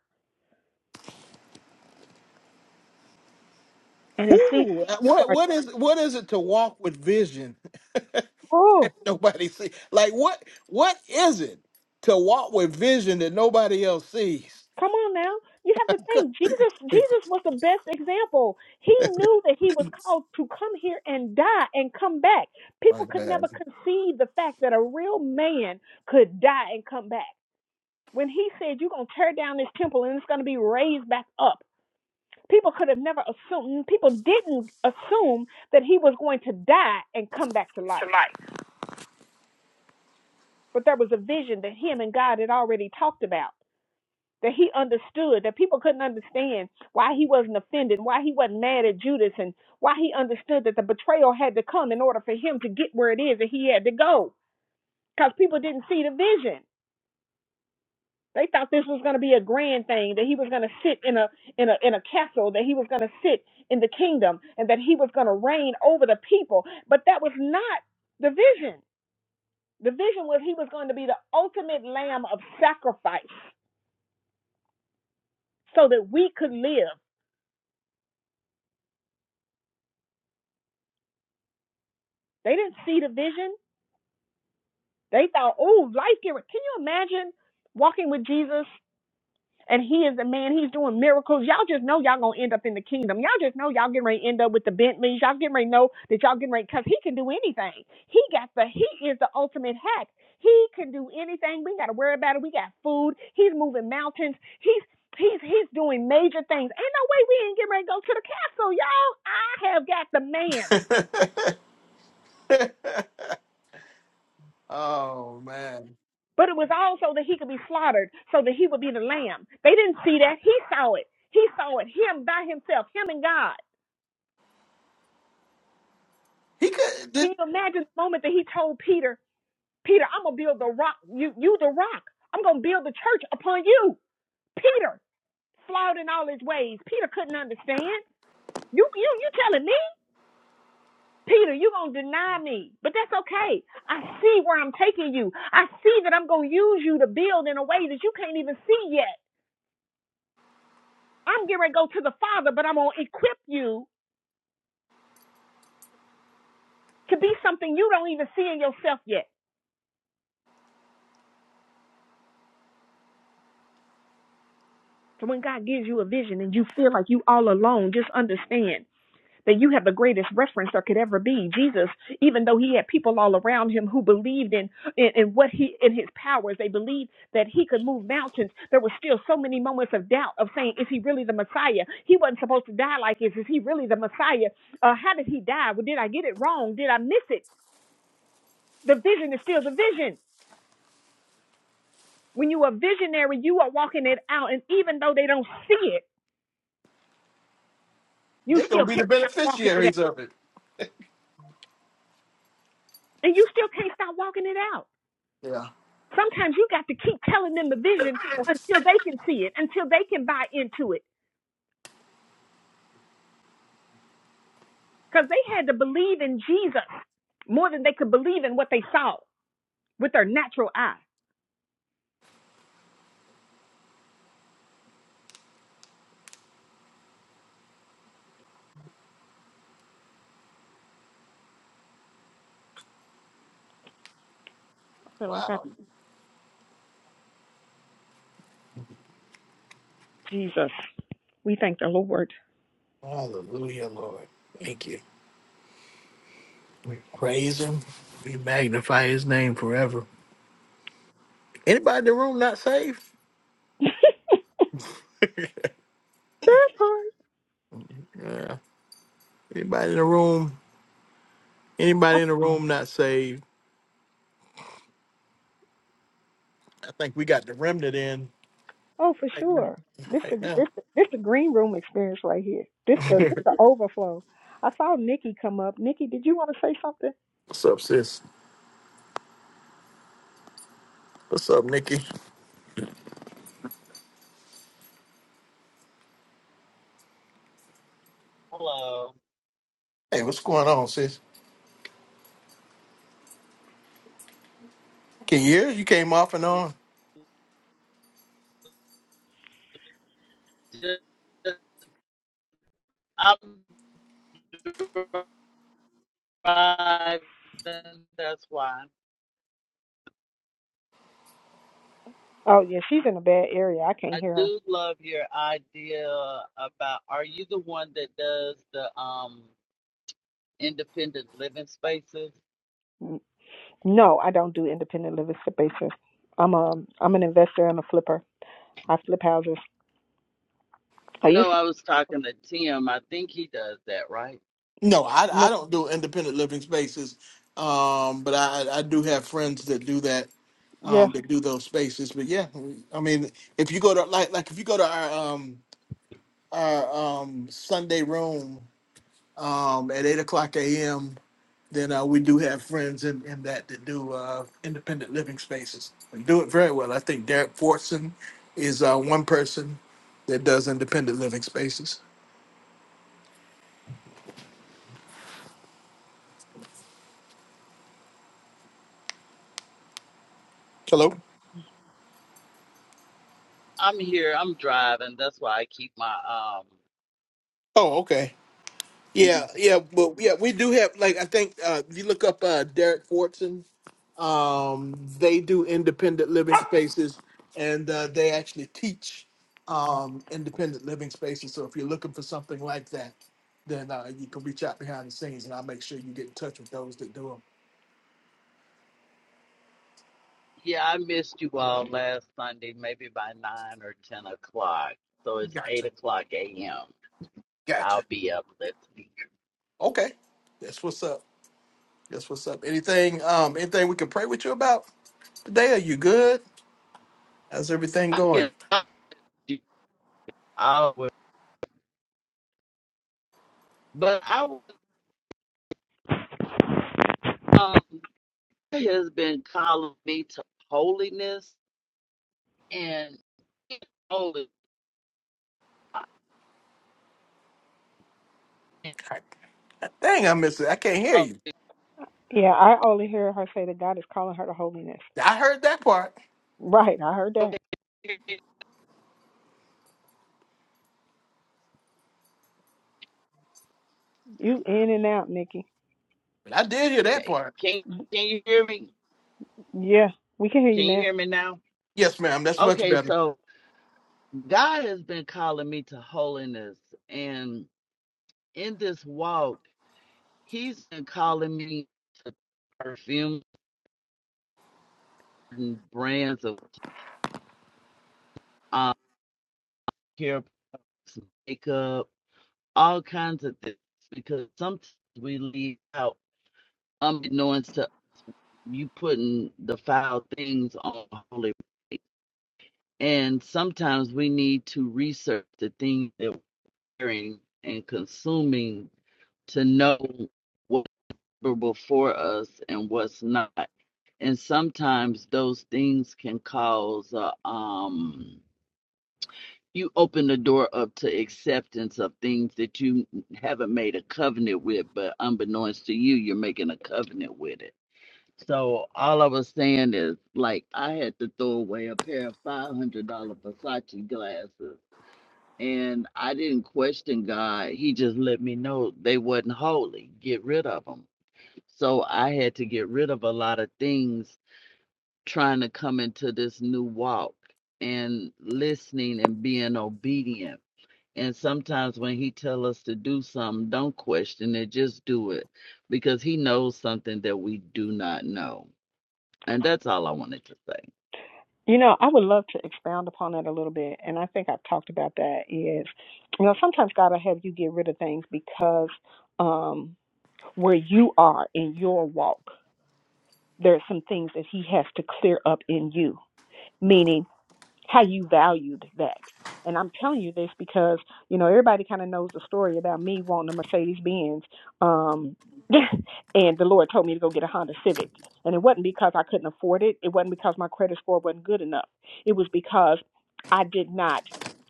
Speaker 4: And it seems
Speaker 1: Whoo,
Speaker 4: like you
Speaker 1: what
Speaker 4: are,
Speaker 1: what is what is it to walk with vision?
Speaker 4: oh,
Speaker 1: Nobody see like what what is it to walk with vision that nobody else sees?
Speaker 4: Come on now. You have to think Jesus Jesus was the best example. He knew that he was called to come here and die and come back. People
Speaker 1: Like
Speaker 4: could never
Speaker 1: that.
Speaker 4: conceive the fact that a real man could die and come back. When he said you're going to tear down this temple and it's going to be raised back up. People could have never assumed people didn't assume that he was going to die and come back to life. But there was a vision that him and God had already talked about. that he understood that people couldn't understand why he wasn't offended, why he wasn't mad at Judas, and why he understood that the betrayal had to come in order for him to get where it is that he had to go. Because people didn't see the vision. They thought this was going to be a grand thing, that he was going to sit in a in a in a castle, that he was going to sit in the kingdom, and that he was going to reign over the people. But that was not the vision. The vision was he was going to be the ultimate lamb of sacrifice so that we could live. They didn't see the vision. They thought, oh, life giver. Can you imagine walking with Jesus and he is the man, he's doing miracles. Y'all just know y'all gonna end up in the kingdom. Y'all just know y'all getting ready to end up with the Bentleys. Y'all getting ready to know that y'all getting ready because he can do anything. He got the he is the ultimate hack. He can do anything. We ain't gotta worry about it. We got food. He's moving mountains. He's he's he's doing major things. Ain't no way we ain't getting ready to go to the castle, y'all. I have got the man.
Speaker 1: oh man,
Speaker 4: But it was all so that he could be slaughtered, so that he would be the lamb. They didn't see that. He saw it. He saw it. Him by himself, him and God.
Speaker 1: he could. They,
Speaker 4: Can you imagine the moment that he told Peter, Peter, I'm gonna build the rock, you you the rock. I'm gonna build the church upon you. Peter, flawed in all his ways. Peter couldn't understand. You you you telling me, Peter, you gonna deny me. But that's okay. I see where I'm taking you. I see that I'm gonna use you to build in a way that you can't even see yet. I'm getting ready to go to the Father, but I'm gonna equip you could be something you don't even see in yourself yet. So when God gives you a vision and you feel like you all alone, just understand that you have the greatest reference there could ever be. Jesus, even though he had people all around him who believed in, in, in what he in his powers, they believed that he could move mountains. There were still so many moments of doubt of saying, is he really the Messiah? He wasn't supposed to die like this. Is he really the Messiah? Uh, how did he die? Well, did I get it wrong? Did I miss it? The vision is still the vision. When you are visionary, you are walking it out, and even though they don't see it you
Speaker 1: they gonna
Speaker 4: still
Speaker 1: be
Speaker 4: can't
Speaker 1: the
Speaker 4: stop walking it out.
Speaker 1: beneficiaries of it.
Speaker 4: And you still can't stop walking it out.
Speaker 1: Yeah.
Speaker 4: Sometimes you got to keep telling them the vision until they can see it, until they can buy into it. Because they had to believe in Jesus more than they could believe in what they saw with their natural eye. I feel like I,
Speaker 1: Wow.
Speaker 4: Jesus, we thank the Lord.
Speaker 1: Hallelujah, Lord. Thank you. We praise Him. We magnify His name forever. Anybody in the room not saved?
Speaker 4: that part.
Speaker 1: Yeah. Anybody in the room? Anybody in the room not saved? I think we got the remnant in
Speaker 4: Oh, for
Speaker 1: right now.
Speaker 4: sure. This the
Speaker 1: Right now.
Speaker 4: this the, this the green room experience right here. This the this the overflow. I saw Nikki come up. Nikki, did you want to say something?
Speaker 1: what's up, sis? What's up, Nikki?
Speaker 9: Hello.
Speaker 1: Hey, what's going on, sis? Can you hear? You came off and on.
Speaker 9: Just- I'm driving. That's why.
Speaker 4: Oh yeah, she's in a bad area. I can't
Speaker 9: I
Speaker 4: hear
Speaker 9: do love your idea about are you the one that does the um independent living spaces?
Speaker 4: her. No, I don't do independent living spaces. I'm a I'm an investor and a flipper. I flip houses. I used
Speaker 9: No,
Speaker 4: to
Speaker 9: I was talking to Tim. I think he does that, right?
Speaker 1: No, I I
Speaker 4: no.
Speaker 1: don't do independent living spaces, um, but I I do have friends that do that
Speaker 4: Yeah.
Speaker 1: um, that do those spaces. But yeah, I mean, if you go to like like if you go to our um, our um, Sunday room um, at eight o'clock a.m., then uh, we do have friends in, in that that do uh, independent living spaces and do it very well. I think Derek Fortson is uh, one person that does independent living spaces. Hello.
Speaker 9: I'm here. I'm driving. That's why I keep my um
Speaker 1: Oh, okay. Yeah,
Speaker 9: mhm.
Speaker 1: yeah, but yeah, we do have like I think uh if you look up uh Derek Fortson, um they do independent living spaces and uh they actually teach um independent living spaces. So if you're looking for something like that, then uh you can reach out behind the scenes and I'll make sure you get in touch with those that do them.
Speaker 9: Yeah, I missed you all last Sunday, maybe by nine or ten o'clock. So it's eight
Speaker 1: Gotcha.
Speaker 9: o'clock AM. I'll
Speaker 1: Gotcha.
Speaker 9: be uplifting.
Speaker 1: Okay. That's what's up. That's what's up. Anything um anything we can pray with you about today? Are you good? How's everything
Speaker 9: I
Speaker 1: going?
Speaker 9: can talk to you always. But I was, um he has been calling me to holiness and holy.
Speaker 1: Dang, I miss it. I can't hear you.
Speaker 4: Yeah, I only hear her say that God is calling her to holiness.
Speaker 1: I heard that part.
Speaker 4: Right, I heard that.
Speaker 9: Okay.
Speaker 4: You in and out, Nikki.
Speaker 1: But I did hear that part.
Speaker 9: Can can you hear me?
Speaker 4: Yeah, we can hear you
Speaker 9: Can you
Speaker 4: now.
Speaker 9: hear me now?
Speaker 1: Yes, ma'am. That's much
Speaker 9: Okay,
Speaker 1: better.
Speaker 9: so God has been calling me to holiness and in this walk, he's been calling me to perfume and brands of um hair makeup all kinds of things because sometimes we leave out unbeknownst to you putting the foul things on the holy plate. and sometimes we need to research the things that we're hearing and consuming to know what's before us and what's not and sometimes those things can cause uh, um you open the door up to acceptance of things that you haven't made a covenant with, but unbeknownst to you, you're making a covenant with it. So all I was saying is, like, I had to throw away a pair of five hundred dollar Versace glasses, and I didn't question God. He just let me know they wasn't holy. Get rid of them. So I had to get rid of a lot of things trying to come into this new walk and listening and being obedient and sometimes when he tell us to do something, don't question it, just do it because he knows something that we do not know. And that's all I wanted to say.
Speaker 4: You know, I would love to expound upon that a little bit, and I think I've talked about that is, you know, sometimes God will have you get rid of things because um where you are in your walk, there are some things that he has to clear up in you. Meaning how you valued that. And I'm telling you this because, you know, everybody kind of knows the story about me wanting a Mercedes Benz. Um, and the Lord told me to go get a Honda Civic. And it wasn't because I couldn't afford it, it wasn't because my credit score wasn't good enough. It was because I did not,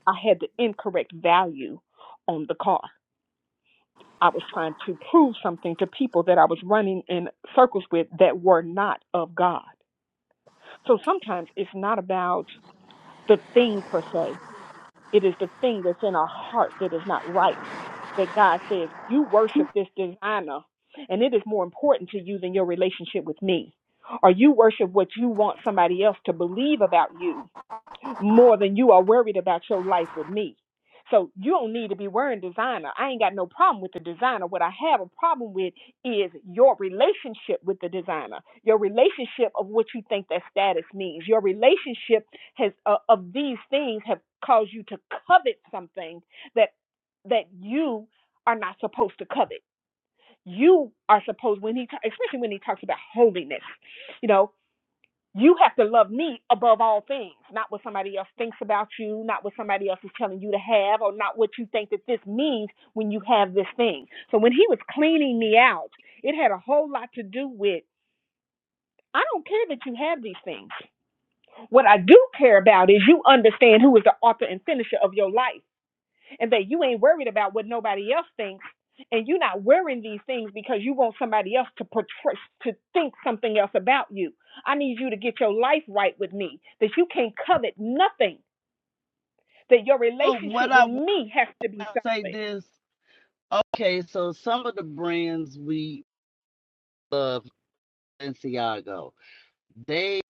Speaker 4: I had the incorrect value on the car. I was trying to prove something to people that I was running in circles with that were not of God. So sometimes it's not about the thing per se, it is the thing that's in our heart that is not right. That God says, You worship this designer, and it is more important to you than your relationship with me. Or you worship what you want somebody else to believe about you more than you are worried about your life with me. So you don't need to be wearing designer. I ain't got no problem with the designer. What I have a problem with is your relationship with the designer. Your relationship of what you think that status means. Your relationship has uh, of these things have caused you to covet something that that you are not supposed to covet. You are supposed when he ta- especially when he talks about holiness. You know, you have to love me above all things, not what somebody else thinks about you, not what somebody else is telling you to have, or not what you think that this means when you have this thing. So when he was cleaning me out, it had a whole lot to do with I don't care that you have these things. What I do care about is you understand who is the author and finisher of your life and that you ain't worried about what nobody else thinks and you're not wearing these things because you want somebody else to portray to think something else about you i need you to get your life right with me that you can't covet nothing that your
Speaker 9: Oh,
Speaker 4: relationship
Speaker 9: what
Speaker 4: with
Speaker 9: I want
Speaker 4: me has to be
Speaker 9: to say
Speaker 4: solid
Speaker 9: this. Okay, so some of the brands we love, Balenciago, they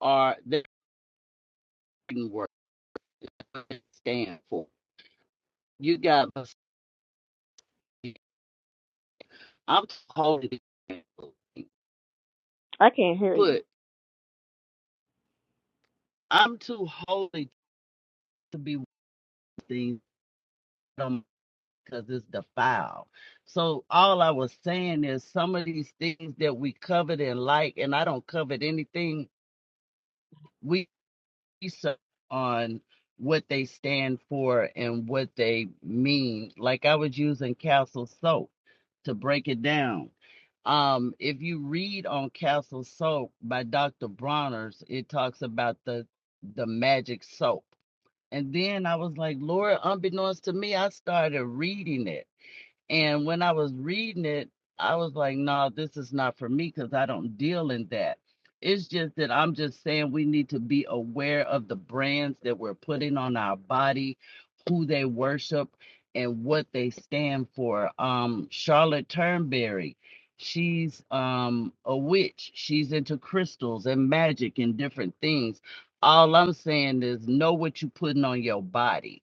Speaker 9: are they can work what they stand for. You got I'm too holy to be-
Speaker 4: i can't hear you
Speaker 9: put. I'm too holy to be things. because it's defiled. So all I was saying is some of these things that we covered and like, and I don't covet anything we research on what they stand for and what they mean. Like I was using Castle Soap to break it down. Um, if you read on Castle Soap by Dr. Bronner's, it talks about the the magic soap. And then I was like, Lord, unbeknownst to me, I started reading it and when I was reading it, I was like, no, this is not for me because I don't deal in that. It's just that I'm just saying we need to be aware of the brands that we're putting on our body, who they worship, and what they stand for. Um, Charlotte Turnberry, she's um, a witch. She's into crystals and magic and different things. All I'm saying is know what you're putting on your body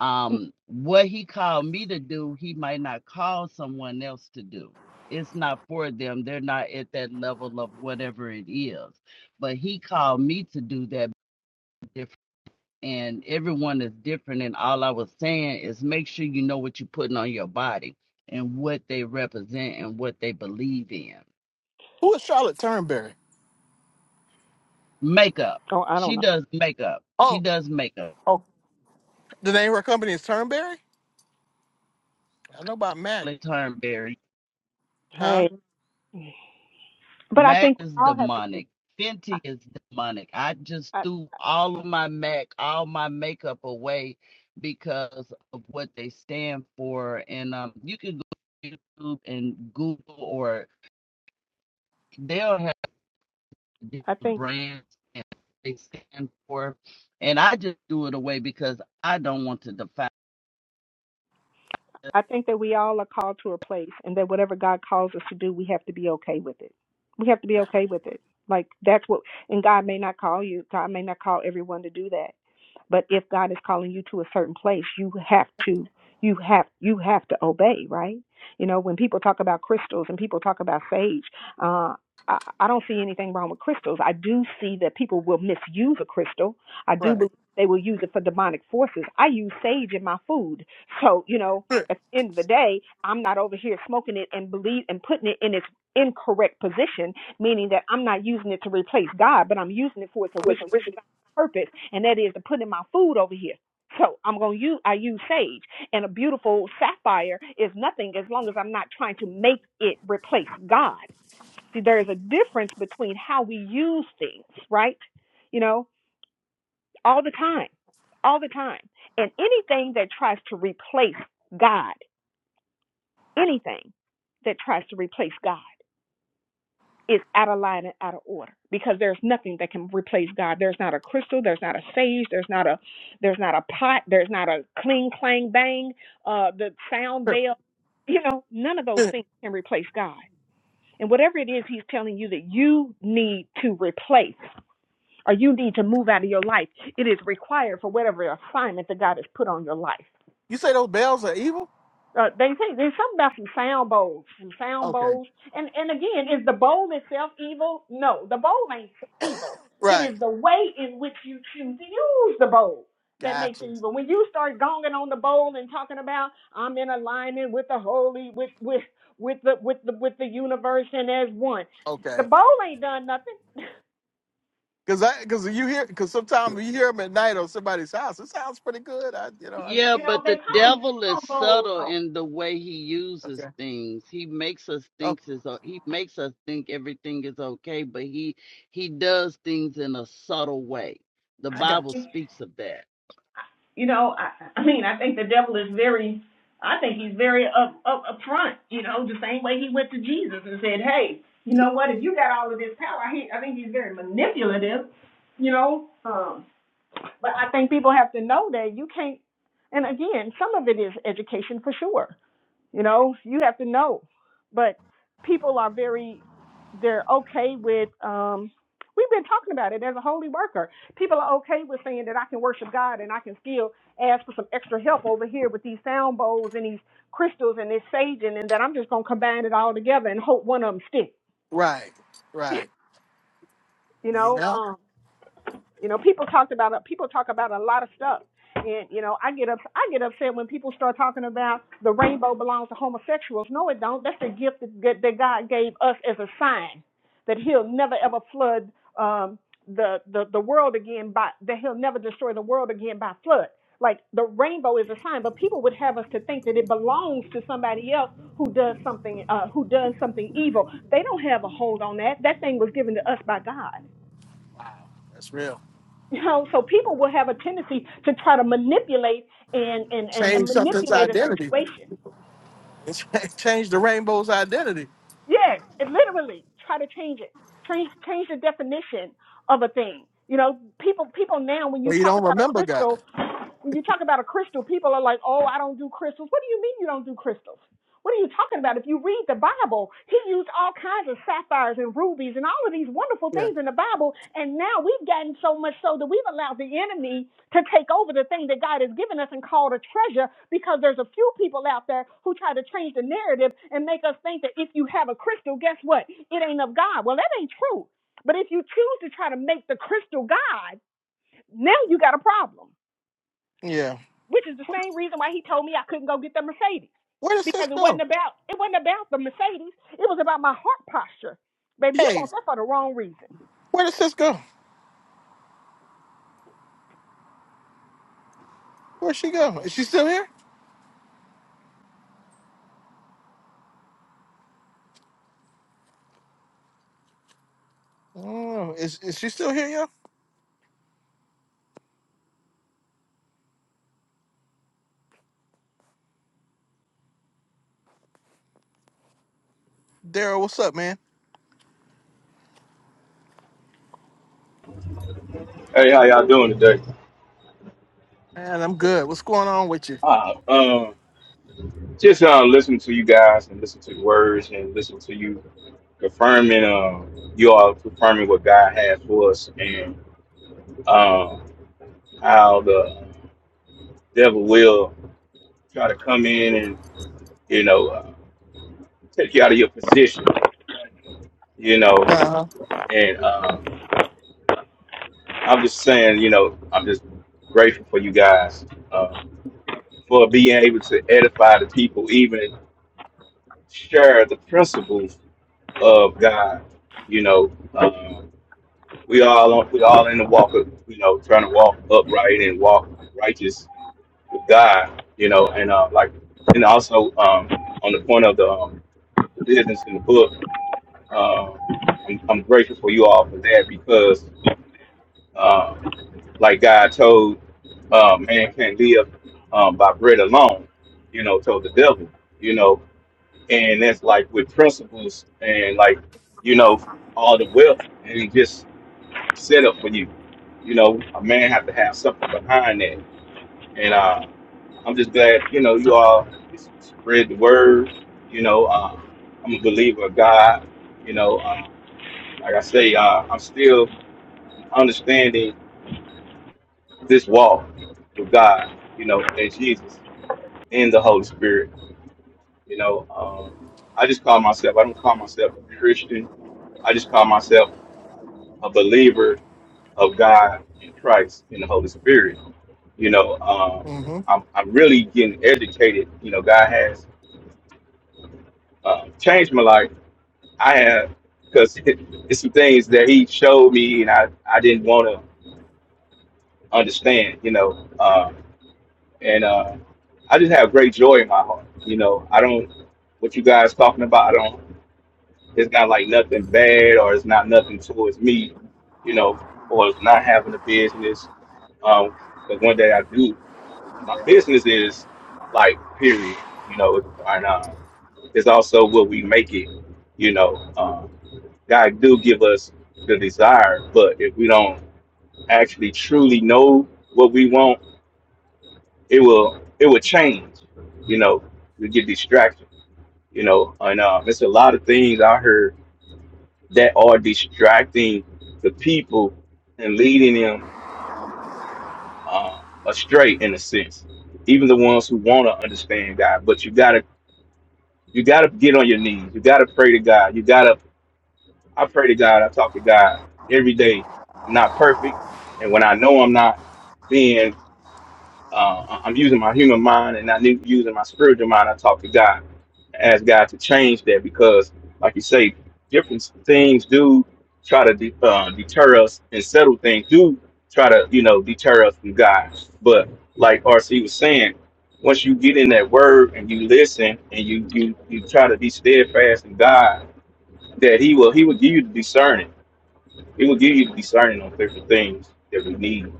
Speaker 9: um what he called me to do he might not call someone else to do it's not for them they're not at that level of whatever it is but he called me to do that different and everyone is different and all i was saying is make sure you know what you're putting on your body and what they represent and what they believe in
Speaker 1: Who is Charlotte Turnberry?
Speaker 9: makeup
Speaker 4: oh i don't
Speaker 9: she
Speaker 4: know
Speaker 9: does makeup she
Speaker 1: Oh,
Speaker 9: does makeup
Speaker 1: oh. The name of her company is Turnberry? I know about Mac.
Speaker 9: Turnberry
Speaker 1: Huh?
Speaker 4: hey but i
Speaker 9: Mac
Speaker 4: think we
Speaker 9: is
Speaker 4: all have to do
Speaker 9: demonic.
Speaker 4: i
Speaker 9: Fenty is demonic. I just
Speaker 4: i,
Speaker 9: threw all of my Mac, all my makeup away because of what they stand for. And um, you can go to YouTube and Google, or they'll have
Speaker 4: I
Speaker 9: different
Speaker 4: think
Speaker 9: brands and what they stand for. And I just threw it away because I don't want to define.
Speaker 4: I think that we all are called to a place, and that whatever God calls us to do, we have to be okay with it. We have to be okay with it. Like that's what, and God may not call you. God may not call everyone to do that but if God is calling you to a certain place, you have to you have you have to obey, right? You know, when people talk about crystals and people talk about sage, uh I, I don't see anything wrong with crystals. I do see that people will misuse a crystal. I do
Speaker 1: Right.
Speaker 4: believe they will use it for demonic forces. I use sage in my food. So, you know, at
Speaker 1: With
Speaker 4: the end of the day, I'm not over here smoking it and believe and putting it in its incorrect position, meaning that I'm not using it to replace God, but I'm using it for its original
Speaker 1: original.
Speaker 4: purpose, and that is to put in my food over here. So I'm gonna use I use sage, and a beautiful sapphire is nothing as long as I'm not trying to make it replace God. See, there is a difference between how we use things, right? You know, all the time, all the time, and anything that tries to replace God, anything that tries to replace God. is out of line and out of order because there's nothing that can replace God. There's not a crystal, there's not a sage, there's not a there's not a pot, there's not a cling clang bang, uh the sound bell. You know, none of those things can replace God. And whatever it is he's telling you that you need to replace or you need to move out of your life, it is required for whatever assignment that God has put on your life.
Speaker 1: You say those bells are evil?
Speaker 4: Uh, they think there's something about some sound bowls, some sound
Speaker 1: Okay.
Speaker 4: bowls, and and again, is the bowl itself evil? No, the bowl ain't evil. It
Speaker 1: Right.
Speaker 4: is the way in which you choose to use the bowl that makes
Speaker 1: Gotcha.
Speaker 4: it evil. When you start gonging on the bowl and talking about I'm in alignment with the holy, with with with the with the with the universe and as one, the
Speaker 1: Okay.
Speaker 4: bowl ain't done nothing.
Speaker 1: Cause I, cause you hear, cause sometimes you hear them at night on somebody's house. It sounds pretty good. I, you know. I,
Speaker 9: Yeah,
Speaker 4: You know
Speaker 9: but
Speaker 4: they
Speaker 9: the
Speaker 4: call them
Speaker 9: devil is
Speaker 4: sound bowls
Speaker 9: subtle
Speaker 4: though.
Speaker 9: in the way he uses
Speaker 1: okay.
Speaker 9: things. He makes us
Speaker 1: Oh,
Speaker 9: think is he makes us think everything is okay, but he he does things in a subtle way. The
Speaker 4: I
Speaker 1: I
Speaker 4: don't
Speaker 9: Bible
Speaker 1: got you.
Speaker 4: think
Speaker 9: speaks of that.
Speaker 4: You know, I, I mean, I think the devil is very, I think he's very up, up, up front, you know, the same way he went to Jesus and said, hey, you know what, if you got all of this power, he, I think he's very manipulative, you know. Um, but I think people have to know that you can't, and again, some of it is education for sure you know, you have to know. But people are very, they're okay with, um, we've been talking about it as a holy worker. People are okay with saying that I can worship God and I can still ask for some extra help over here with these sound bowls and these crystals and this saging and that I'm just going to combine it all together and hope one of them sticks.
Speaker 1: Right. Right.
Speaker 4: you
Speaker 1: You
Speaker 4: know,
Speaker 1: know,
Speaker 4: um, You know, people talked about people talk about a lot of stuff, and you know, I get up I get upset when people start talking about the rainbow belongs to homosexuals. No, it don't. That's the gift that, that God gave us as a sign that He'll never ever flood um, the the the world again by that He'll never destroy the world again by flood. Like the rainbow is a sign, but people would have us to think that it belongs to somebody else who does something uh, who does something evil. They don't have a hold on that. That thing was given to us by God.
Speaker 1: that's real.
Speaker 4: You know, so people will have a tendency to try to manipulate and and and, and
Speaker 1: Change something's
Speaker 4: manipulate a
Speaker 1: identity.
Speaker 4: situation.
Speaker 1: Change the rainbow's identity.
Speaker 4: Yes, and literally try to change it, change change the definition of a thing. You know, people people now when you
Speaker 1: Well, you
Speaker 4: talk
Speaker 1: don't
Speaker 4: about a
Speaker 1: remember God.
Speaker 4: crystal, When you talk about a crystal, people are like, oh, I don't do crystals. What do you mean you don't do crystals? What are you talking about? If you read the Bible, he used all kinds of sapphires and rubies and all of these wonderful
Speaker 1: Yeah.
Speaker 4: things in the Bible. And now we've gotten so much so that we've allowed the enemy to take over the thing that God has given us and called a treasure because there's a few people out there who try to change the narrative and make us think that if you have a crystal, guess what? It ain't of God. Well, that ain't true. But if you choose to try to make the crystal God, now you got a problem
Speaker 1: Yeah.
Speaker 4: which is the same reason why he told me I couldn't go get the Mercedes
Speaker 1: Where does
Speaker 4: because
Speaker 1: sis
Speaker 4: it wasn't
Speaker 1: go?
Speaker 4: about it wasn't about the Mercedes. It was about my heart posture. Baby, you
Speaker 1: Hey,
Speaker 4: want that for the wrong reason.
Speaker 1: where does sis go? Where'd she go? Is she still here? Oh, is is she still here, yo? Daryl, what's up, man?
Speaker 10: Hey, how y'all doing today?
Speaker 1: Man, I'm good. What's going on with you?
Speaker 10: Uh, um, just uh, listening to you guys and listen to the words and listen to you confirming, uh, you all confirming what God has for us and um, how the devil will try to come in and you know uh, take you out of your position, you know.
Speaker 1: Uh huh.
Speaker 10: And um, I'm just saying, you know, I'm just grateful for you guys um, for being able to edify the people, even share the principles of God. You know, um, we all on, we all in the walk of you know trying to walk upright and walk righteous with God. You know, and uh, like and also um, on the point of the um, business in the book, um I'm, I'm grateful for you all for that because uh, like God told uh, man can't live um, by bread alone. You know, told the devil. You know, and that's like with principles and like you know all the wealth and just set up for you. You know, a man have to have something behind that. And uh, I'm just glad, you know, you all s- spread the word. You know, uh, I'm a believer of God. You know, uh, like I say, uh, I'm still understanding this walk with God, you know, and Jesus and the Holy Spirit. You know, um, I just call myself, I don't call myself a Christian. I just call myself a believer of God in Christ in the Holy Spirit you know, um,
Speaker 1: Mm-hmm.
Speaker 10: I'm, I'm really getting educated. You know, God has um, changed my life. I have, because it's some things that He showed me and I, I didn't want to understand, you know. Um, and uh, I just have great joy in my heart. You know, I don't, what you guys talking about, I don't, it's not like nothing bad or it's not nothing towards me, you know, or it's not having a business. Because one day I do. my business is like period you know and uh it's also what we make it you know um god do give us the desire but if we don't actually truly know what we want it will it will change you know we get distracted you know and uh it's a lot of things i heard that are distracting the people and leading them uh astray in a sense even the ones who want to understand god but you got to You gotta get on your knees. You gotta pray to God. You gotta. I pray to God. I talk to God every day. I'm not perfect, and when I know I'm not, then uh, I'm using my human mind and not using my spiritual mind. I talk to God ask God to change that because, like you say, different things do try to de- uh, deter us, and subtle things do try to, you know, deter us from God. But like RC was saying, once you get in that Word and you listen and you you you try to be steadfast in God, that He will He will give you the discerning. He will give you the discerning on different things that we need.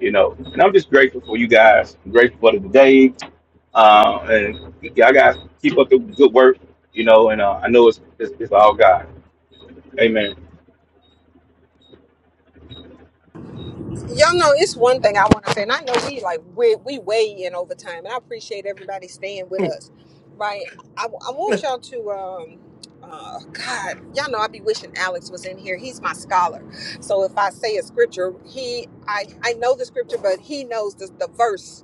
Speaker 10: You know, and I'm just grateful for you guys. I'm grateful for the day. Uh, and y'all guys keep up the good work, you know. And uh, I know it's, it's it's all God. Amen.
Speaker 4: Y'all know it's one thing I want to say, and I know we like we we way in over time, and I appreciate everybody staying with us, right? I, I want y'all to um, uh, God, y'all know I be wishing Alex was in here. He's my scholar, so if I say a scripture, he I I know the scripture, but he knows the the verse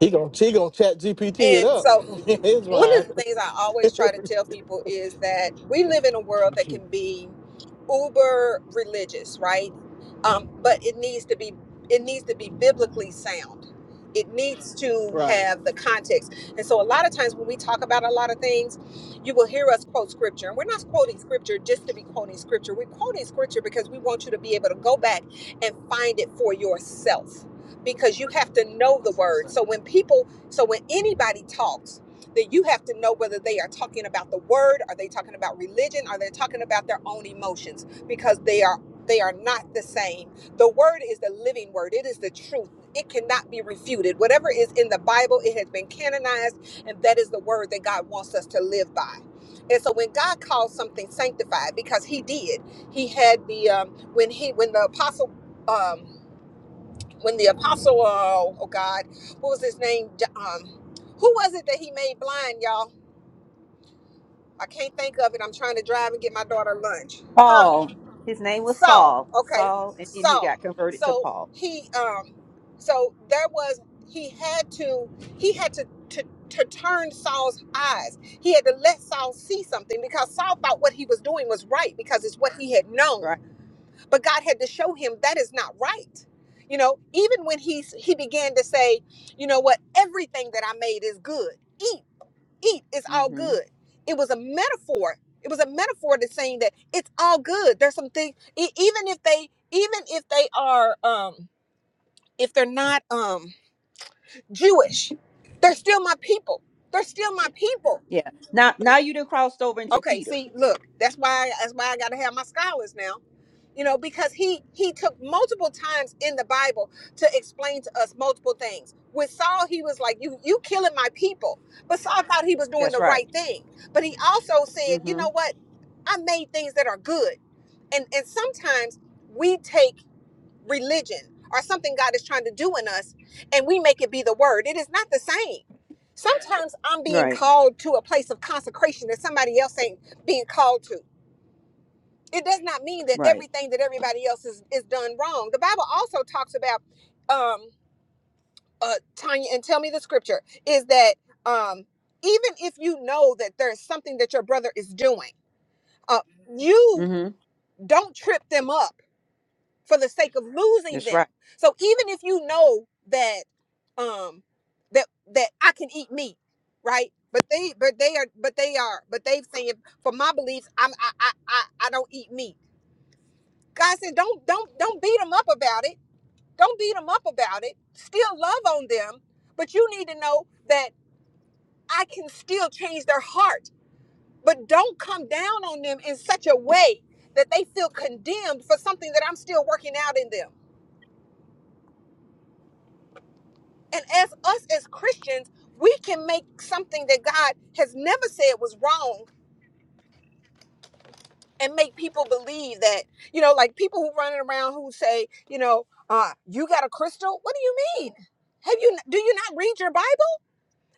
Speaker 1: He gonna he gonna chat GPT it
Speaker 4: And
Speaker 1: up.
Speaker 4: so
Speaker 1: His
Speaker 4: one of
Speaker 1: mind.
Speaker 4: the things I always try to tell people is that we live in a world that can be uber religious, right? Um, but it needs to be it needs to be biblically sound. It needs to
Speaker 1: Right.
Speaker 4: have the context. And so a lot of times when we talk about a lot of things, you will hear us quote scripture. And we're not quoting scripture just to be quoting scripture. We're quoting scripture because we want you to be able to go back and find it for yourself because you have to know the word. So when people so when anybody talks, then you have to know whether they are talking about the word, are they talking about religion, are they talking about their own emotions because they are they are not the same. The word is the living word. It is the truth. It cannot be refuted. Whatever is in the Bible, it has been canonized and that is the word that God wants us to live by. And so when God calls something sanctified because he did, he had the um when he when the apostle um when the apostle, uh, oh God, what was his name? J- Um, who was it that he made blind, y'all? I can't think of it. I'm trying to drive and get my daughter lunch. Huh?
Speaker 6: Paul. His name was
Speaker 4: Saul.
Speaker 6: Saul.
Speaker 4: Okay.
Speaker 6: Saul, and then he
Speaker 4: Saul.
Speaker 6: got converted to
Speaker 4: So
Speaker 6: Paul.
Speaker 4: he, um, so there was he had to he had to to to turn Saul's eyes. He had to let Saul see something because Saul thought what he was doing was right because it's what he had known
Speaker 6: Right.
Speaker 4: but God had to show him that is not right. You know, even when he he began to say, you know what, everything that I made is good. Eat, eat, it's all
Speaker 6: hmm
Speaker 4: good. It was a metaphor. It was a metaphor to saying that it's all good. There's some things, e- even if they, even if they are, um, if they're not um Jewish, they're still my people. They're still my people.
Speaker 6: Yeah. Now, now you done crossed over into
Speaker 4: Okay,
Speaker 6: Peter.
Speaker 4: see, look, that's why that's why I got to have my scholars now. You know, because he he took multiple times in the Bible to explain to us multiple things. With Saul, he was like, "You you killing my people," but Saul thought he was doing
Speaker 6: That's
Speaker 4: the
Speaker 6: right.
Speaker 4: right thing. But he also said, "You
Speaker 6: hmm
Speaker 4: know what? I made things that are good." And and sometimes we take religion or something God is trying to do in us, and we make it be the word. It is not the same. Sometimes I'm being
Speaker 6: Right.
Speaker 4: called to a place of consecration that somebody else ain't being called to. It does not mean that
Speaker 6: Right.
Speaker 4: everything that everybody else is, is done wrong. The Bible also talks about, um, uh, Tanya, and tell me the scripture is that um, even if you know that there's something that your brother is doing, uh, you
Speaker 6: hmm
Speaker 4: don't trip them up for the sake of losing them. So even if you know that um that that I can eat meat, right? But they but they are but they are but they've saying for my beliefs I'm I I I, I don't eat meat. God said don't don't don't beat them up about it. Don't beat them up about it. Still love on them, but you need to know that I can still change their heart. But don't come down on them in such a way that they feel condemned for something that I'm still working out in them And as us as Christians, we can make something that God has never said was wrong and make people believe that, you know, like people who running around who say, you know, uh, you got a crystal? What do you mean? Have you do you not read your Bible?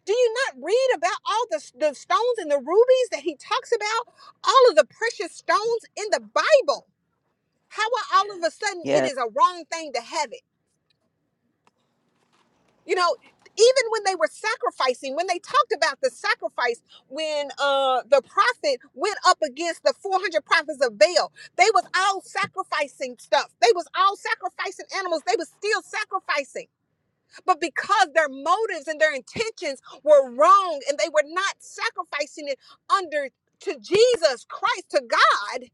Speaker 4: Do you not read about all the, the stones and the rubies that he talks about? All of the precious stones in the Bible. How are all of a sudden it is a wrong thing to have it? You know, even when they were sacrificing, when they talked about the sacrifice, when uh, the prophet went up against the 400 prophets of Baal, they was all sacrificing stuff. They was all sacrificing animals. They was still sacrificing. But because their motives and their intentions were wrong and they were not sacrificing it under to Jesus Christ, to God,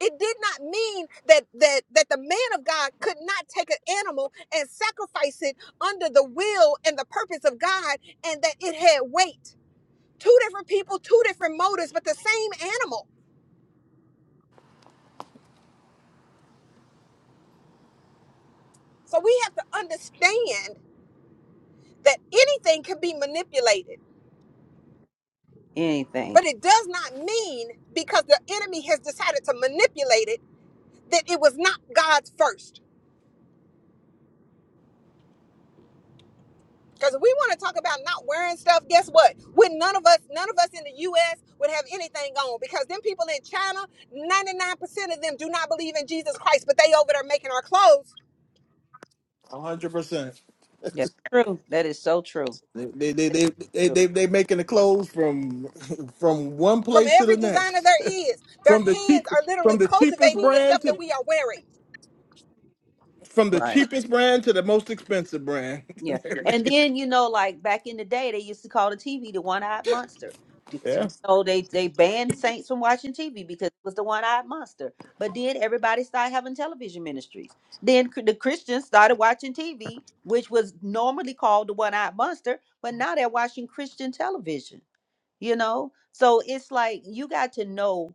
Speaker 4: it did not mean that that that the man of God could not take an animal and sacrifice it under the will and the purpose of God and that it had weight. Two different people, two different motives, but the same animal. So we have to understand that anything can be manipulated,
Speaker 6: Anything.
Speaker 4: but it does not mean because the enemy has decided to manipulate it that it was not God's first. Because if we want to talk about not wearing stuff, guess what? Would none of us, none of us in the U.S. would have anything on because them people in China, 99% of them do not believe in Jesus Christ, but they over there making our clothes
Speaker 1: hundred percent.
Speaker 6: That's true. That is so true.
Speaker 1: They they, they
Speaker 6: That's
Speaker 1: they they
Speaker 6: true.
Speaker 1: they they making the clothes from from one
Speaker 4: from
Speaker 1: place to
Speaker 4: every
Speaker 1: the
Speaker 4: designer
Speaker 1: next.
Speaker 4: there is. Their
Speaker 1: From the
Speaker 4: hands
Speaker 1: cheap
Speaker 4: are literally
Speaker 1: from the cheapest
Speaker 4: cultivating the
Speaker 1: brand
Speaker 4: stuff that
Speaker 1: to
Speaker 4: we are wearing.
Speaker 1: from the
Speaker 6: Right.
Speaker 1: cheapest brand to the most expensive brand.
Speaker 6: Yeah.
Speaker 1: They're
Speaker 6: And
Speaker 1: making-
Speaker 6: then, you know, like back in the day, they used to call the TV the one eyed monster. Do- so,
Speaker 1: yeah.
Speaker 6: You know, they, they banned saints from watching TV because it was the one eyed monster. But then everybody started having television ministries. Then cr- the Christians started watching TV, which was normally called the one eyed monster, but now they're watching Christian television you know so it's like you got to know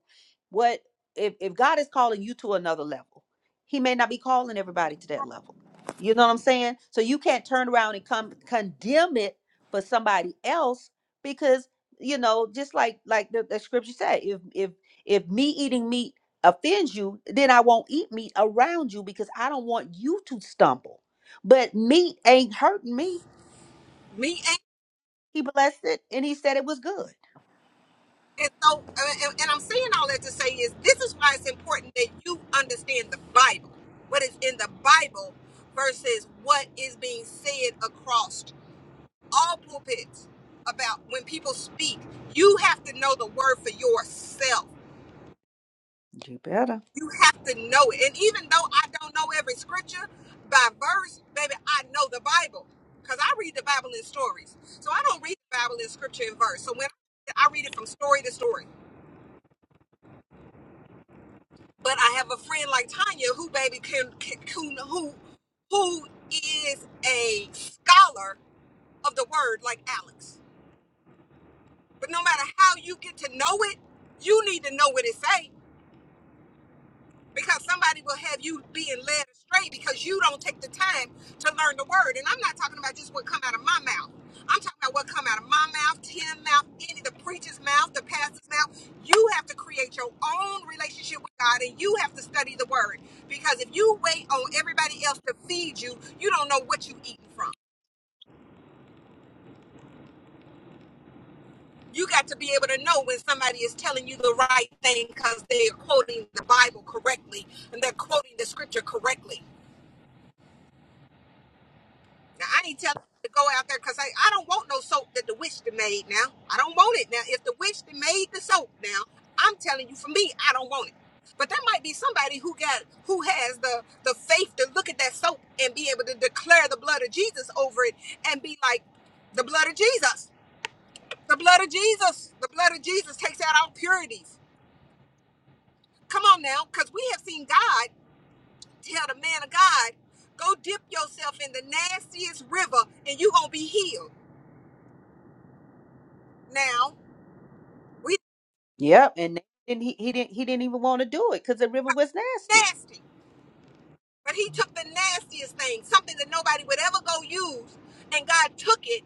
Speaker 6: what if, if god is calling you to another level he may not be calling everybody to that level you know what i'm saying so you can't turn around and come condemn it for somebody else because you know just like like the, the scripture said if if if me eating meat offends you then i won't eat meat around you because i don't want you to stumble but meat ain't hurting me
Speaker 4: Me and
Speaker 6: he blessed it and he said it was good.
Speaker 4: and so, uh, and, and I'm saying all that to say is this is why it's important that you understand the Bible, what is in the Bible versus what is being said across all pulpits about when people speak, you have to know the word for yourself.
Speaker 6: You better.
Speaker 4: You have to know it. And even though I don't know every scripture by verse, baby, I know the Bible because I read the Bible in stories. So I don't read the Bible in scripture and verse. So when I read it from story to story, but I have a friend like Tanya who, baby, can, can who who who is a scholar of the word like Alex. But no matter how you get to know it, you need to know what it says. because somebody will have you being led astray because you don't take the time to learn the word. And I'm not talking about just what come out of my mouth. I'm talking about what come out of my mouth, Tim's mouth, any the preacher's mouth, the pastor's mouth. You have to create your own relationship with God, and you have to study the word because if you wait on everybody else to feed you, you don't know what you eating from. You got to be able to know when somebody is telling you the right thing because they are quoting the Bible correctly and they're quoting the scripture correctly. Now I ain't telling you to go out there because I, I don't want no soap that the witch done made now. I don't want it now. If the witch done made the soap now, I'm telling you for me, I don't want it. But there might be somebody who got who has the the faith to look at that soap and be able to declare the blood of Jesus over it and be like, the blood of Jesus, the blood of Jesus, the blood of Jesus takes out our purities. Come on now, because we have seen God tell the man of God, go dip yourself in the nastiest river and you're gonna be healed. Now We
Speaker 6: Yep. And they- and he, he didn't he didn't even want to do it because the river was nasty.
Speaker 4: nasty. But he took the nastiest thing, something that nobody would ever go use, and God took it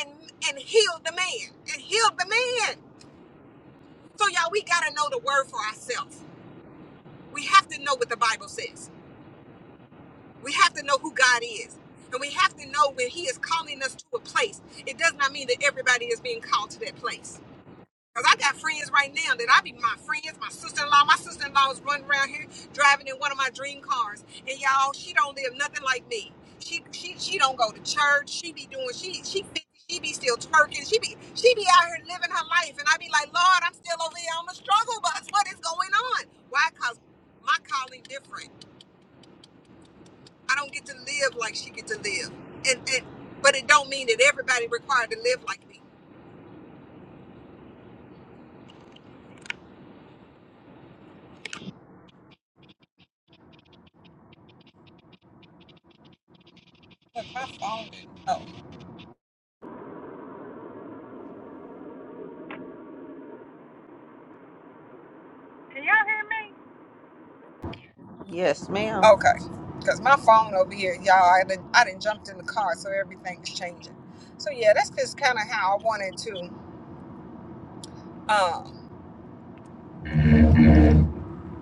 Speaker 4: and and healed the man. And healed the man. So y'all, we gotta know the word for ourselves. We have to know what the Bible says. We have to know who God is. And we have to know when He is calling us to a place. It does not mean that everybody is being called to that place. Cause I got friends right now that I be my friends, my sister-in-law. My sister-in-law is running around here driving in one of my dream cars. And y'all, she don't live nothing like me. She she she don't go to church. She be doing she she be- she be still twerking. She be she be out here living her life. And I be like, Lord, I'm still over here on the struggle bus. What is going on? Why? Cause my calling different. I don't get to live like she get to live. And and but it don't mean that everybody required to live like me. Look, my phone. Oh.
Speaker 6: Yes, ma'am.
Speaker 4: Okay, because my phone over here, y'all, I did I done jumped in the car, so everything's changing. So yeah, that's just kind of how I wanted to. Um,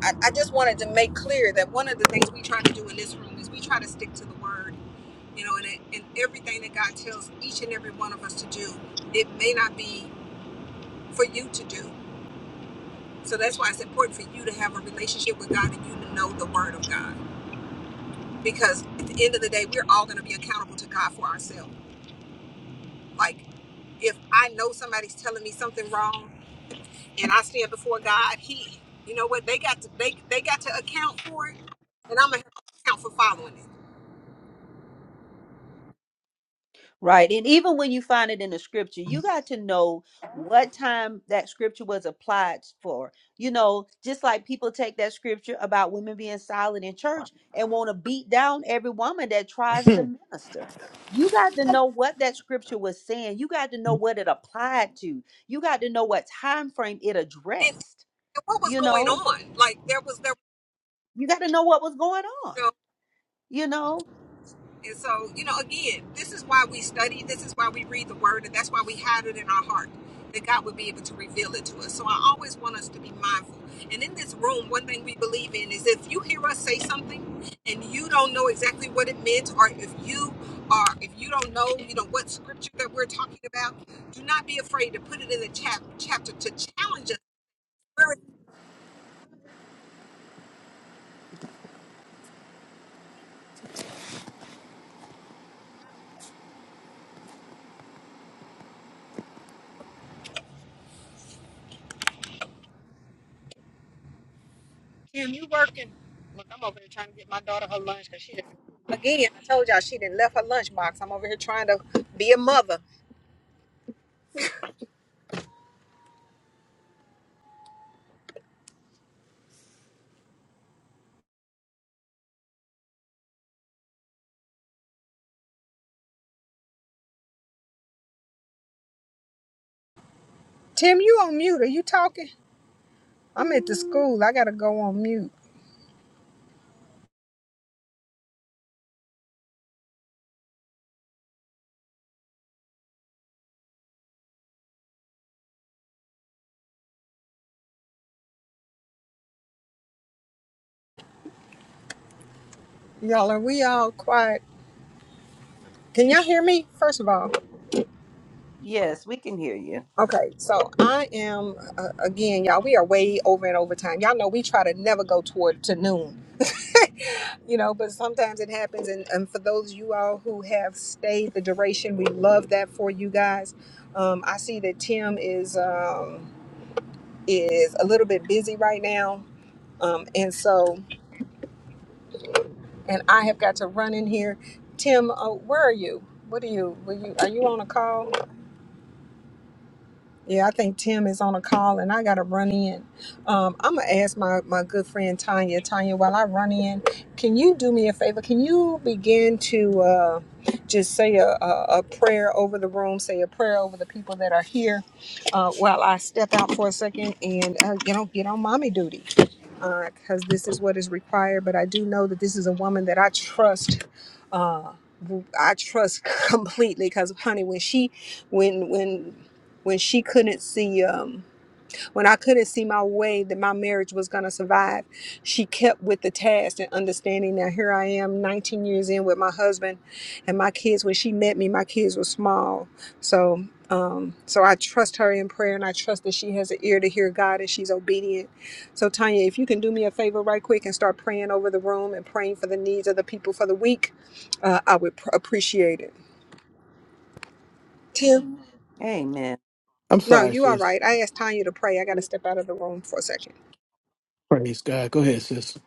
Speaker 4: I, I just wanted to make clear that one of the things we try to do in this room is we try to stick to the word, you know, and, it, and everything that God tells each and every one of us to do, it may not be for you to do. So that's why it's important for you to have a relationship with God and you to know the word of God, because at the end of the day, we're all going to be accountable to God for ourselves Like if I know somebody's telling me something wrong and I stand before God, He, you know what, they got to they they got to account for it, and I'm gonna have to account for following it.
Speaker 6: Right. And even when you find it in the scripture, you got to know what time that scripture was applied for. You know, just like people take that scripture about women being silent in church and want to beat down every woman that tries to minister. You got to know what that scripture was saying. You got to know what it applied to. You got to know what time frame it
Speaker 4: And,
Speaker 6: addressed.
Speaker 4: and what was
Speaker 6: You
Speaker 4: going
Speaker 6: know,
Speaker 4: on? Like there was there.
Speaker 6: you got to know what was going on. You know,
Speaker 4: And so, you know, again, this is why we study, this is why we read the word, and that's why we hide it in our heart that God would be able to reveal it to us. So I always want us to be mindful. And in this room, one thing we believe in is if you hear us say something and you don't know exactly what it meant, or if you are if you don't know, you know, what scripture that we're talking about, do not be afraid to put it in the chap- chapter to challenge us. Where it- Again, I told y'all she didn't left her lunchbox. I'm over here trying to be a mother. Tim, you on mute. Are you talking? I'm at the school. I gotta go on mute. Y'all, are we all quiet? Can y'all hear me? First of all,
Speaker 6: yes, we can hear you.
Speaker 4: okay. So I am uh, again, y'all. We are way over and over time. Y'all know we try to never go toward to noon, you know. But sometimes it happens. And, and for those of you all who have stayed the duration, we love that for you guys. Um, I see that Tim is um, is a little bit busy right now, um, and so. and I have got to run in here. Tim, uh, where are you? What are you? Were you? Are you on a call? Yeah, I think Tim is on a call and I got to run in. Um, I'm going to ask my, my good friend Tanya. Tanya, while I run in, can you do me a favor? Can you begin to uh, just say a, a, a prayer over the room, say a prayer over the people that are here uh, while I step out for a second and, uh, you know, get on mommy duty? Because this is what is required. But I do know that this is a woman that I trust. Uh, I trust completely because, honey, when she, when when when she couldn't see um when I couldn't see my way that my marriage was going to survive she kept with the task and understanding that here I am 19 years in with my husband and my kids when she met me my kids were small so um so I trust her in prayer and I trust that she has an ear to hear God and she's obedient so Tanya if you can do me a favor right quick and start praying over the room and praying for the needs of the people for the week uh, I would pr- appreciate it Tim.
Speaker 6: Amen.
Speaker 1: I'm
Speaker 4: No,
Speaker 1: sorry,
Speaker 4: you are
Speaker 1: sis.
Speaker 4: right. I asked Tanya to pray. I got to step out of the room for a second.
Speaker 1: Praise God. Go ahead, sis.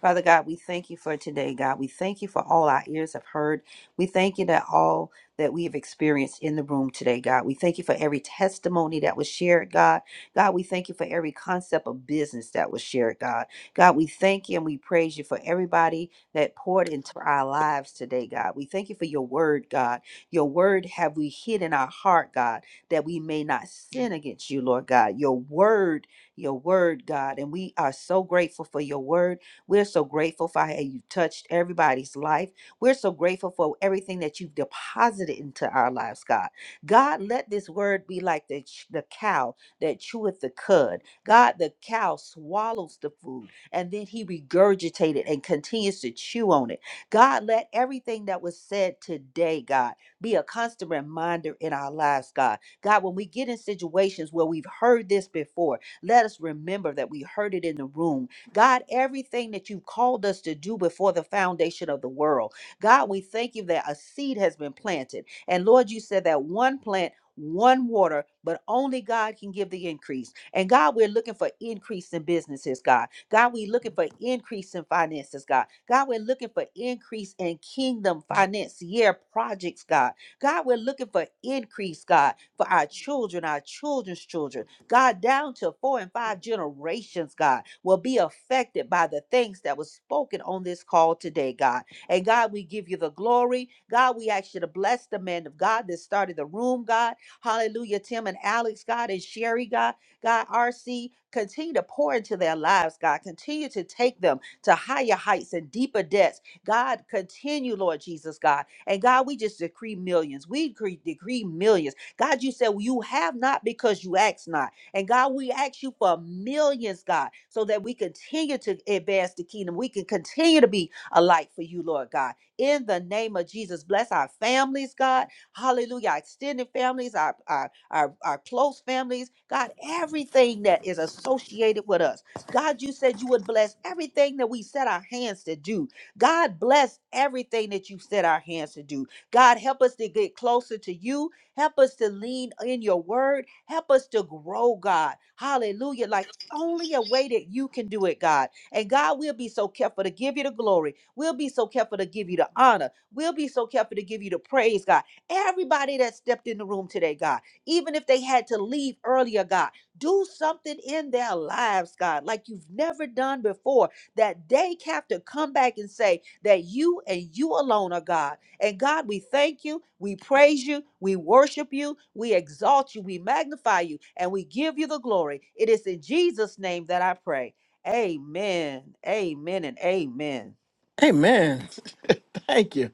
Speaker 6: Father God, we thank you for today, God. We thank you for all our ears have heard. We thank you that all that we have experienced in the room today, God. We thank you for every testimony that was shared, God. God, we thank you for every concept of business that was shared, God. God, we thank you and we praise you for everybody that poured into our lives today, God. We thank you for your word, God. Your word have we hid in our heart, God, that we may not sin against you, Lord God. Your word, your word, God. And we are so grateful for your word. We're so grateful for how you touched everybody's life. We're so grateful for everything that you've deposited into our lives, God. God, let this word be like the, ch- the cow that cheweth the cud. God, the cow swallows the food and then he regurgitated and continues to chew on it. God, let everything that was said today, God, be a constant reminder in our lives, God. God, when we get in situations where we've heard this before, let us remember that we heard it in the room God, everything that you've called us to do before the foundation of the world. God, we thank you that a seed has been planted. And Lord, you said that one plant, one water, but only God can give the increase. And God, we're looking for increase in businesses, God. God, we're looking for increase in finances, God. God, we're looking for increase in kingdom financier projects, God. God, we're looking for increase, God, for our children, our children's children. God, down to four and five generations, God, will be affected by the things that was spoken on this call today, God. And God, we give you the glory. God, we ask you to bless the man of God that started the room, God. Hallelujah, Tim and Alex, God, and Sherry, God. God, RC, continue to pour into their lives, God. Continue to take them to higher heights and deeper depths. God, continue, Lord Jesus, God. And God, we just decree millions. We decree decree millions. God, you said, well, you have not because you ask not. And God, we ask you for millions, God, so that we continue to advance the kingdom. We can continue to be a light for you, Lord God. In the name of Jesus, bless our families, God. Hallelujah. Our extended families, our, our, our, our close families, God, everything that is associated with us. God, you said you would bless everything that we set our hands to do. God, bless everything that you set our hands to do. God, help us to get closer to you Help us to lean in your word. Help us to grow, God. Hallelujah. Like only a way that you can do it, God. And God, we'll be so careful to give you the glory. We'll be so careful to give you the honor. We'll be so careful to give you the praise, God. Everybody that stepped in the room today, God, even if they had to leave earlier, God, do something in their lives, God, like you've never done before, that they have to come back and say that you and you alone are God. And God, we thank you, we praise you, we worship you, we exalt you, we magnify you, and we give you the glory. It is in Jesus' name that I pray. Amen. Amen and amen.
Speaker 1: Amen. Thank you.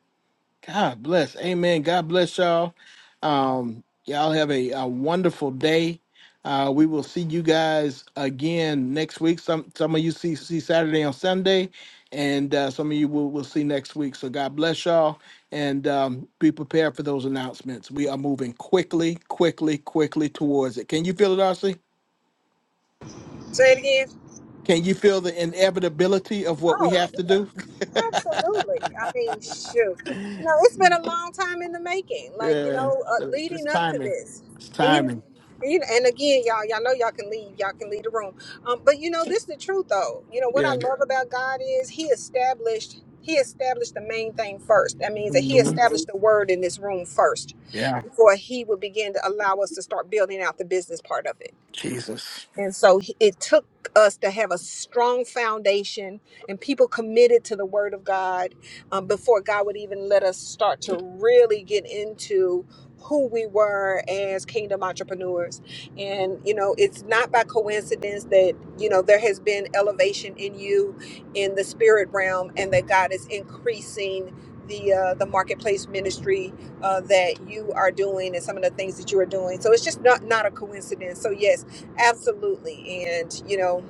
Speaker 1: God bless. Amen. God bless y'all. Um, y'all have a, a wonderful day. Uh, we will see you guys again next week. Some some of you see see Saturday on Sunday, and uh, some of you will will see next week. So God bless y'all, and um, be prepared for those announcements. We are moving quickly, quickly, quickly towards it. Can you feel it, Darcy?
Speaker 4: Say it again.
Speaker 1: Can you feel the inevitability of what we
Speaker 4: Oh,
Speaker 1: have to do?
Speaker 4: absolutely. I mean, shoot. You know, it's been a long time in the making. Like you
Speaker 1: Yeah,
Speaker 4: know, uh,
Speaker 1: uh, it's
Speaker 4: leading up to
Speaker 1: timing.
Speaker 4: this,
Speaker 1: It's
Speaker 4: and you,
Speaker 1: timing.
Speaker 4: and you, and again, y'all, y'all know y'all can leave. Y'all can leave the room. Um, but you know, this is the truth, though. You know what I
Speaker 1: Yeah.
Speaker 4: love about God is He established. He established the main thing first. That means that he
Speaker 1: Mhm.
Speaker 4: established the word in this room first
Speaker 1: Yeah.
Speaker 4: before he would begin to allow us to start building out the business part of it.
Speaker 1: Jesus.
Speaker 4: And so he- it took us to have a strong foundation and people committed to the word of God um, before God would even let us start to really get into who we were as kingdom entrepreneurs. And, you know, it's not by coincidence that, you know, there has been elevation in you in the spirit realm and that God is increasing the, uh, the marketplace ministry uh, that you are doing and some of the things that you are doing. So it's just not, not a coincidence. So yes, Absolutely. And you know,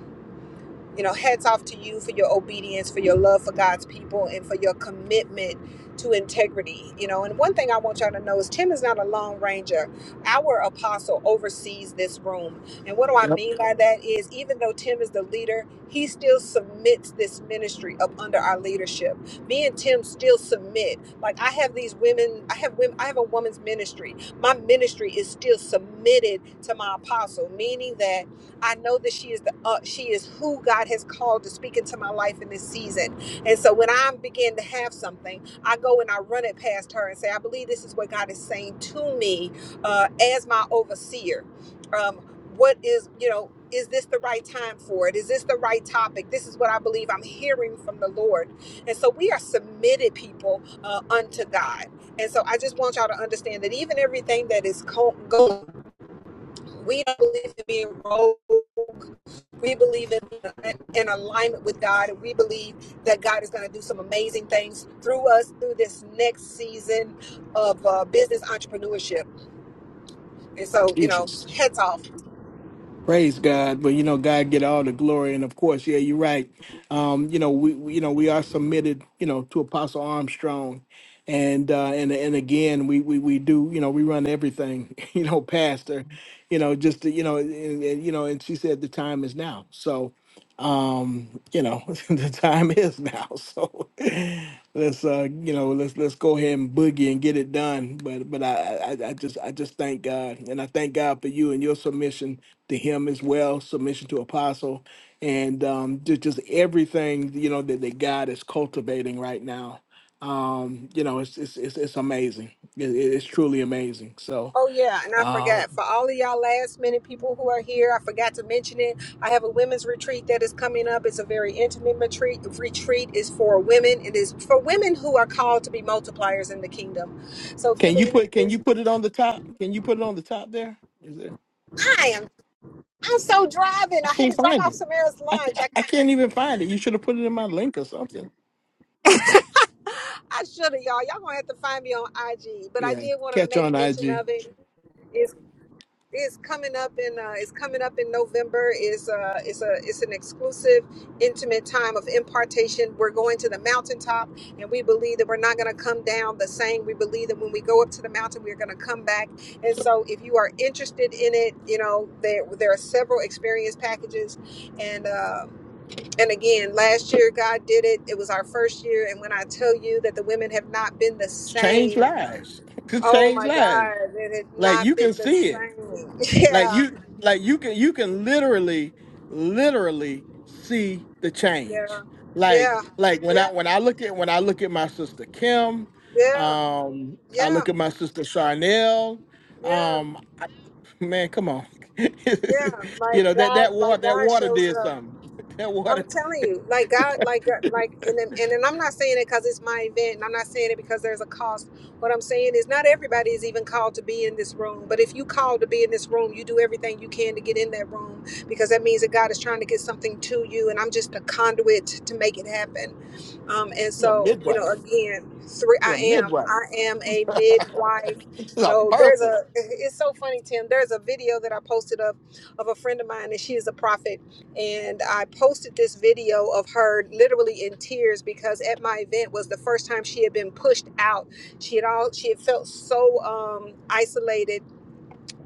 Speaker 4: you know, hats off to you for your obedience, for your love for God's people and for your commitment to integrity. You know, and one thing I want y'all to know is Tim is not a lone ranger. Our apostle oversees this room. And what do I
Speaker 1: Yep.
Speaker 4: mean by that is even though Tim is the leader, he still submits this ministry up under our leadership. Me and Tim still submit. Like I have these women, I have women, I have a woman's ministry. My ministry is still submitted to my apostle, meaning that I know that she is the uh, she is who God has called to speak into my life in this season. And so when I begin to have something, I go and I run it past her and say, I believe this is what God is saying to me uh, as my overseer. Um, what is you know is this the right time for it? Is this the right topic? This is what I believe I'm hearing from the Lord. And so we are submitted people uh, unto God. And so I just want y'all to understand that even everything that is co- going we don't believe in being rogue. We believe in, in alignment with God, and we believe that God is going to do some amazing things through us through this next season of uh, business entrepreneurship. And so, you know, heads off.
Speaker 1: Praise God, but you know God get all the glory, and of course, yeah, you're right. Um, you know we, we- you know we are submitted, you know, to Apostle Armstrong, and uh, and and again we, we we do you know we run everything, you know, pastor, you know, just to, you know, and, and, you know, and she said the time is now, so um, you know the time is now, so let's uh you know let's let's go ahead and boogie and get it done. But but I I, I I just I just thank God, and I thank God for you and your submission to him as well, submission to apostle, and um, just, just everything you know that, that God is cultivating right now. Um, you know, it's it's it's, it's amazing. It, it- it's truly amazing. So,
Speaker 4: Oh, yeah. And I
Speaker 1: um,
Speaker 4: forgot for all of y'all last minute people who are here, I forgot to mention it. I have a women's retreat that is coming up. It's a very intimate retreat. The retreat is for women, it is for women who are called to be multipliers in the kingdom. So if you
Speaker 1: can you
Speaker 4: believe,
Speaker 1: put can you put it on the top? Can you put it on the top there? Is there?
Speaker 4: I am. I'm so driving.
Speaker 1: I
Speaker 4: I had
Speaker 1: can't
Speaker 4: to drop
Speaker 1: find
Speaker 4: off
Speaker 1: it.
Speaker 4: Samara's
Speaker 1: I,
Speaker 4: lunch. I,
Speaker 1: I I can't even find it. You should have put it in my link or something.
Speaker 4: I should have, y'all. Y'all gonna have to find me on IG, but I
Speaker 1: Yeah,
Speaker 4: did want to
Speaker 1: catch
Speaker 4: make
Speaker 1: on
Speaker 4: mention
Speaker 1: IG.
Speaker 4: of it. It's it's coming up in uh, it's coming up in November. It's uh it's a it's an exclusive, intimate time of impartation. We're going to the mountaintop, and we believe that we're not gonna come down the same. We believe that when we go up to the mountain, we're gonna come back. And so, if you are interested in it, you know there there are several experience packages, and. Uh, And again, last year God did it. It was our first year. And when I tell you that the women have not been the
Speaker 1: Change
Speaker 4: same,
Speaker 1: lives. Just
Speaker 4: oh
Speaker 1: change
Speaker 4: my
Speaker 1: lives.
Speaker 4: God, it has
Speaker 1: Like
Speaker 4: not
Speaker 1: you can
Speaker 4: been the
Speaker 1: see it.
Speaker 4: same.
Speaker 1: Like
Speaker 4: Yeah,
Speaker 1: you like you can you can literally literally see the
Speaker 4: yeah,
Speaker 1: change. Like
Speaker 4: yeah,
Speaker 1: like when
Speaker 4: yeah,
Speaker 1: I when I look at when I look at my sister Kim,
Speaker 4: yeah,
Speaker 1: um I
Speaker 4: yeah,
Speaker 1: look at my sister Charnel,
Speaker 4: yeah,
Speaker 1: um I, man come on.
Speaker 4: yeah.
Speaker 1: you
Speaker 4: Like
Speaker 1: know that that
Speaker 4: God, like
Speaker 1: water that
Speaker 4: God
Speaker 1: water
Speaker 4: shows
Speaker 1: did
Speaker 4: up.
Speaker 1: something. That
Speaker 4: I'm
Speaker 1: water
Speaker 4: telling you, like God, like uh, like, and then- and, and I'm not saying it because it's my event, and I'm not saying it because there's a cost. What I'm saying is, not everybody is even called to be in this room. But if you called to be in this room, you do everything you can to get in that room because that means that God is trying to get something to you, and I'm just a conduit to make it happen. Um, and
Speaker 1: You're a
Speaker 4: so, you know,
Speaker 1: midwife.
Speaker 4: again, three,
Speaker 1: You're
Speaker 4: I
Speaker 1: a
Speaker 4: am,
Speaker 1: midwife.
Speaker 4: I am a midwife.
Speaker 1: She's
Speaker 4: You
Speaker 1: a
Speaker 4: know, there's
Speaker 1: birther.
Speaker 4: a, it's so funny, Tim. There's a video that I posted up of a friend of mine, and she is a prophet and I posted this video of her literally in tears because at my event was the first time she had been pushed out. She had all she had felt so um, isolated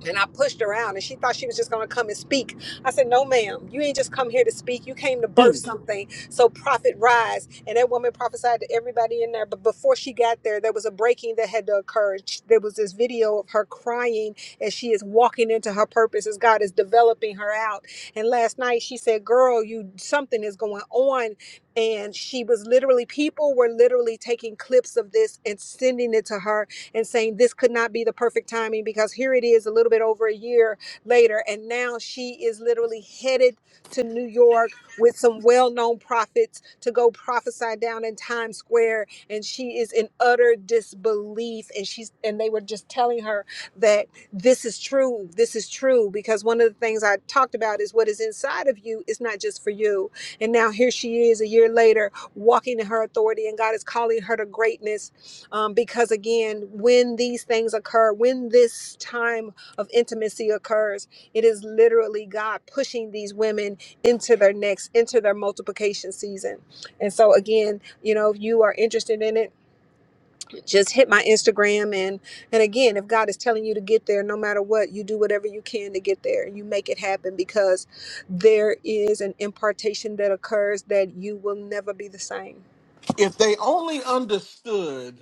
Speaker 4: and I pushed her out, and she thought she was just going to come and speak. I said, No, ma'am, you ain't just come here to speak. You came to birth
Speaker 1: Hmm.
Speaker 4: something. So, prophet, rise. And that woman prophesied to everybody in there. But before she got there, there was a breaking that had to occur. Sh- There was this video of her crying as she is walking into her purpose, as God is developing her out. And last night, she said, Girl, you something is going on. And she was literally, people were literally taking clips of this and sending it to her and saying this could not be the perfect timing because here it is a little bit over a year later. And now she is literally headed to New York with some well known prophets to go prophesy down in Times Square. And she is in utter disbelief. And she's, and they were just telling her that this is true. This is true. Because one of the things I talked about is what is inside of you is not just for you. And now here she is a year later walking in her authority, and God is calling her to greatness um, because again when these things occur when this time of intimacy occurs it is literally god pushing these women into their next into their multiplication season and so again you know if you are interested in it just hit my instagram and and again if god is telling you to get there no matter what you do whatever you can to get there and you make it happen because there is an impartation that occurs that you will never be the same
Speaker 1: If they only understood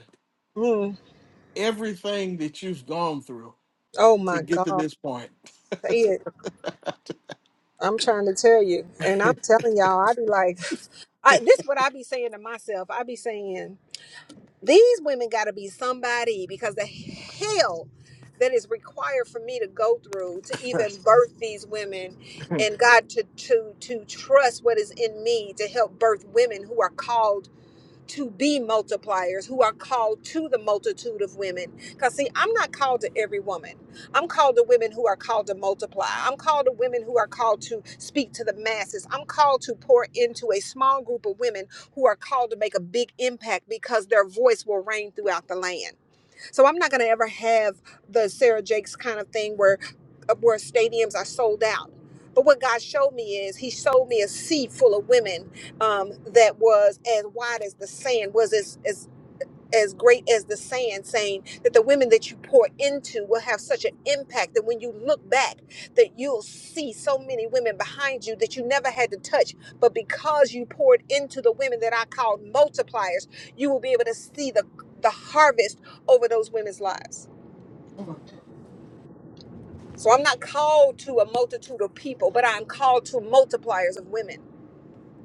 Speaker 4: Mm.
Speaker 1: everything that you've gone through
Speaker 4: oh
Speaker 1: to
Speaker 4: my
Speaker 1: get to
Speaker 4: god
Speaker 1: this point.
Speaker 4: say it I'm trying to tell you, and I'm telling y'all, I be like, I, this what I be saying to myself. I be saying these women got to be somebody because the hell that is required for me to go through to even birth these women, and God to to to trust what is in me to help birth women who are called to be multipliers who are called to the multitude of women. Because, see, I'm not called to every woman. I'm called to women who are called to multiply. I'm called to women who are called to speak to the masses. I'm called to pour into a small group of women who are called to make a big impact because their voice will reign throughout the land. So I'm not going to ever have the Sarah Jakes kind of thing where uh, where stadiums are sold out. But what God showed me is He showed me a sea full of women um, that was as wide as the sand, was as, as as great as the sand, saying that the women that you pour into will have such an impact that when you look back, that you'll see so many women behind you that you never had to touch, but because you poured into the women that I called multipliers, you will be able to see the the harvest over those women's lives. So I'm not called to a multitude of people, but I'm called to multipliers of women.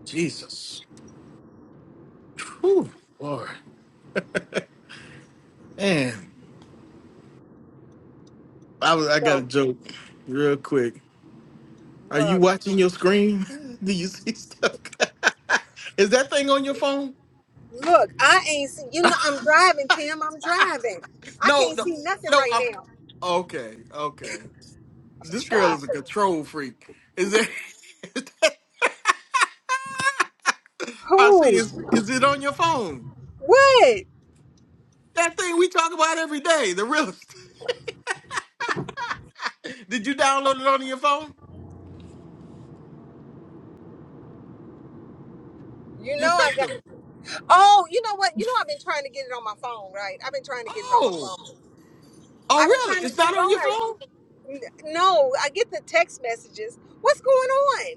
Speaker 1: Jesus. Whew, Lord. Man. I was I got a
Speaker 4: So
Speaker 1: joke real quick. Are you
Speaker 4: look,
Speaker 1: watching your screen? Do you see stuff? Is that thing on your phone?
Speaker 4: look, I ain't see you know I'm driving, Tim. I'm driving. I
Speaker 1: no,
Speaker 4: can't
Speaker 1: no,
Speaker 4: see nothing
Speaker 1: no.
Speaker 4: right
Speaker 1: I'm,
Speaker 4: now.
Speaker 1: okay, okay. This girl
Speaker 4: Try
Speaker 1: is a control freak. Is it? Is that, I see.
Speaker 4: who?
Speaker 1: Is is it on your phone?
Speaker 4: What?
Speaker 1: That thing we talk about every day. The real. Did you download it on your phone?
Speaker 4: You
Speaker 1: Your
Speaker 4: know I got.
Speaker 1: system?
Speaker 4: Oh, you know what? You know I've been trying to get it on my phone, right? I've been trying to get it on my
Speaker 1: Oh,
Speaker 4: phone.
Speaker 1: oh,
Speaker 4: I've been
Speaker 1: really?
Speaker 4: trying to
Speaker 1: It's
Speaker 4: get
Speaker 1: not
Speaker 4: it
Speaker 1: on
Speaker 4: on
Speaker 1: your
Speaker 4: her.
Speaker 1: phone?
Speaker 4: N- No, I get the text messages. What's going on?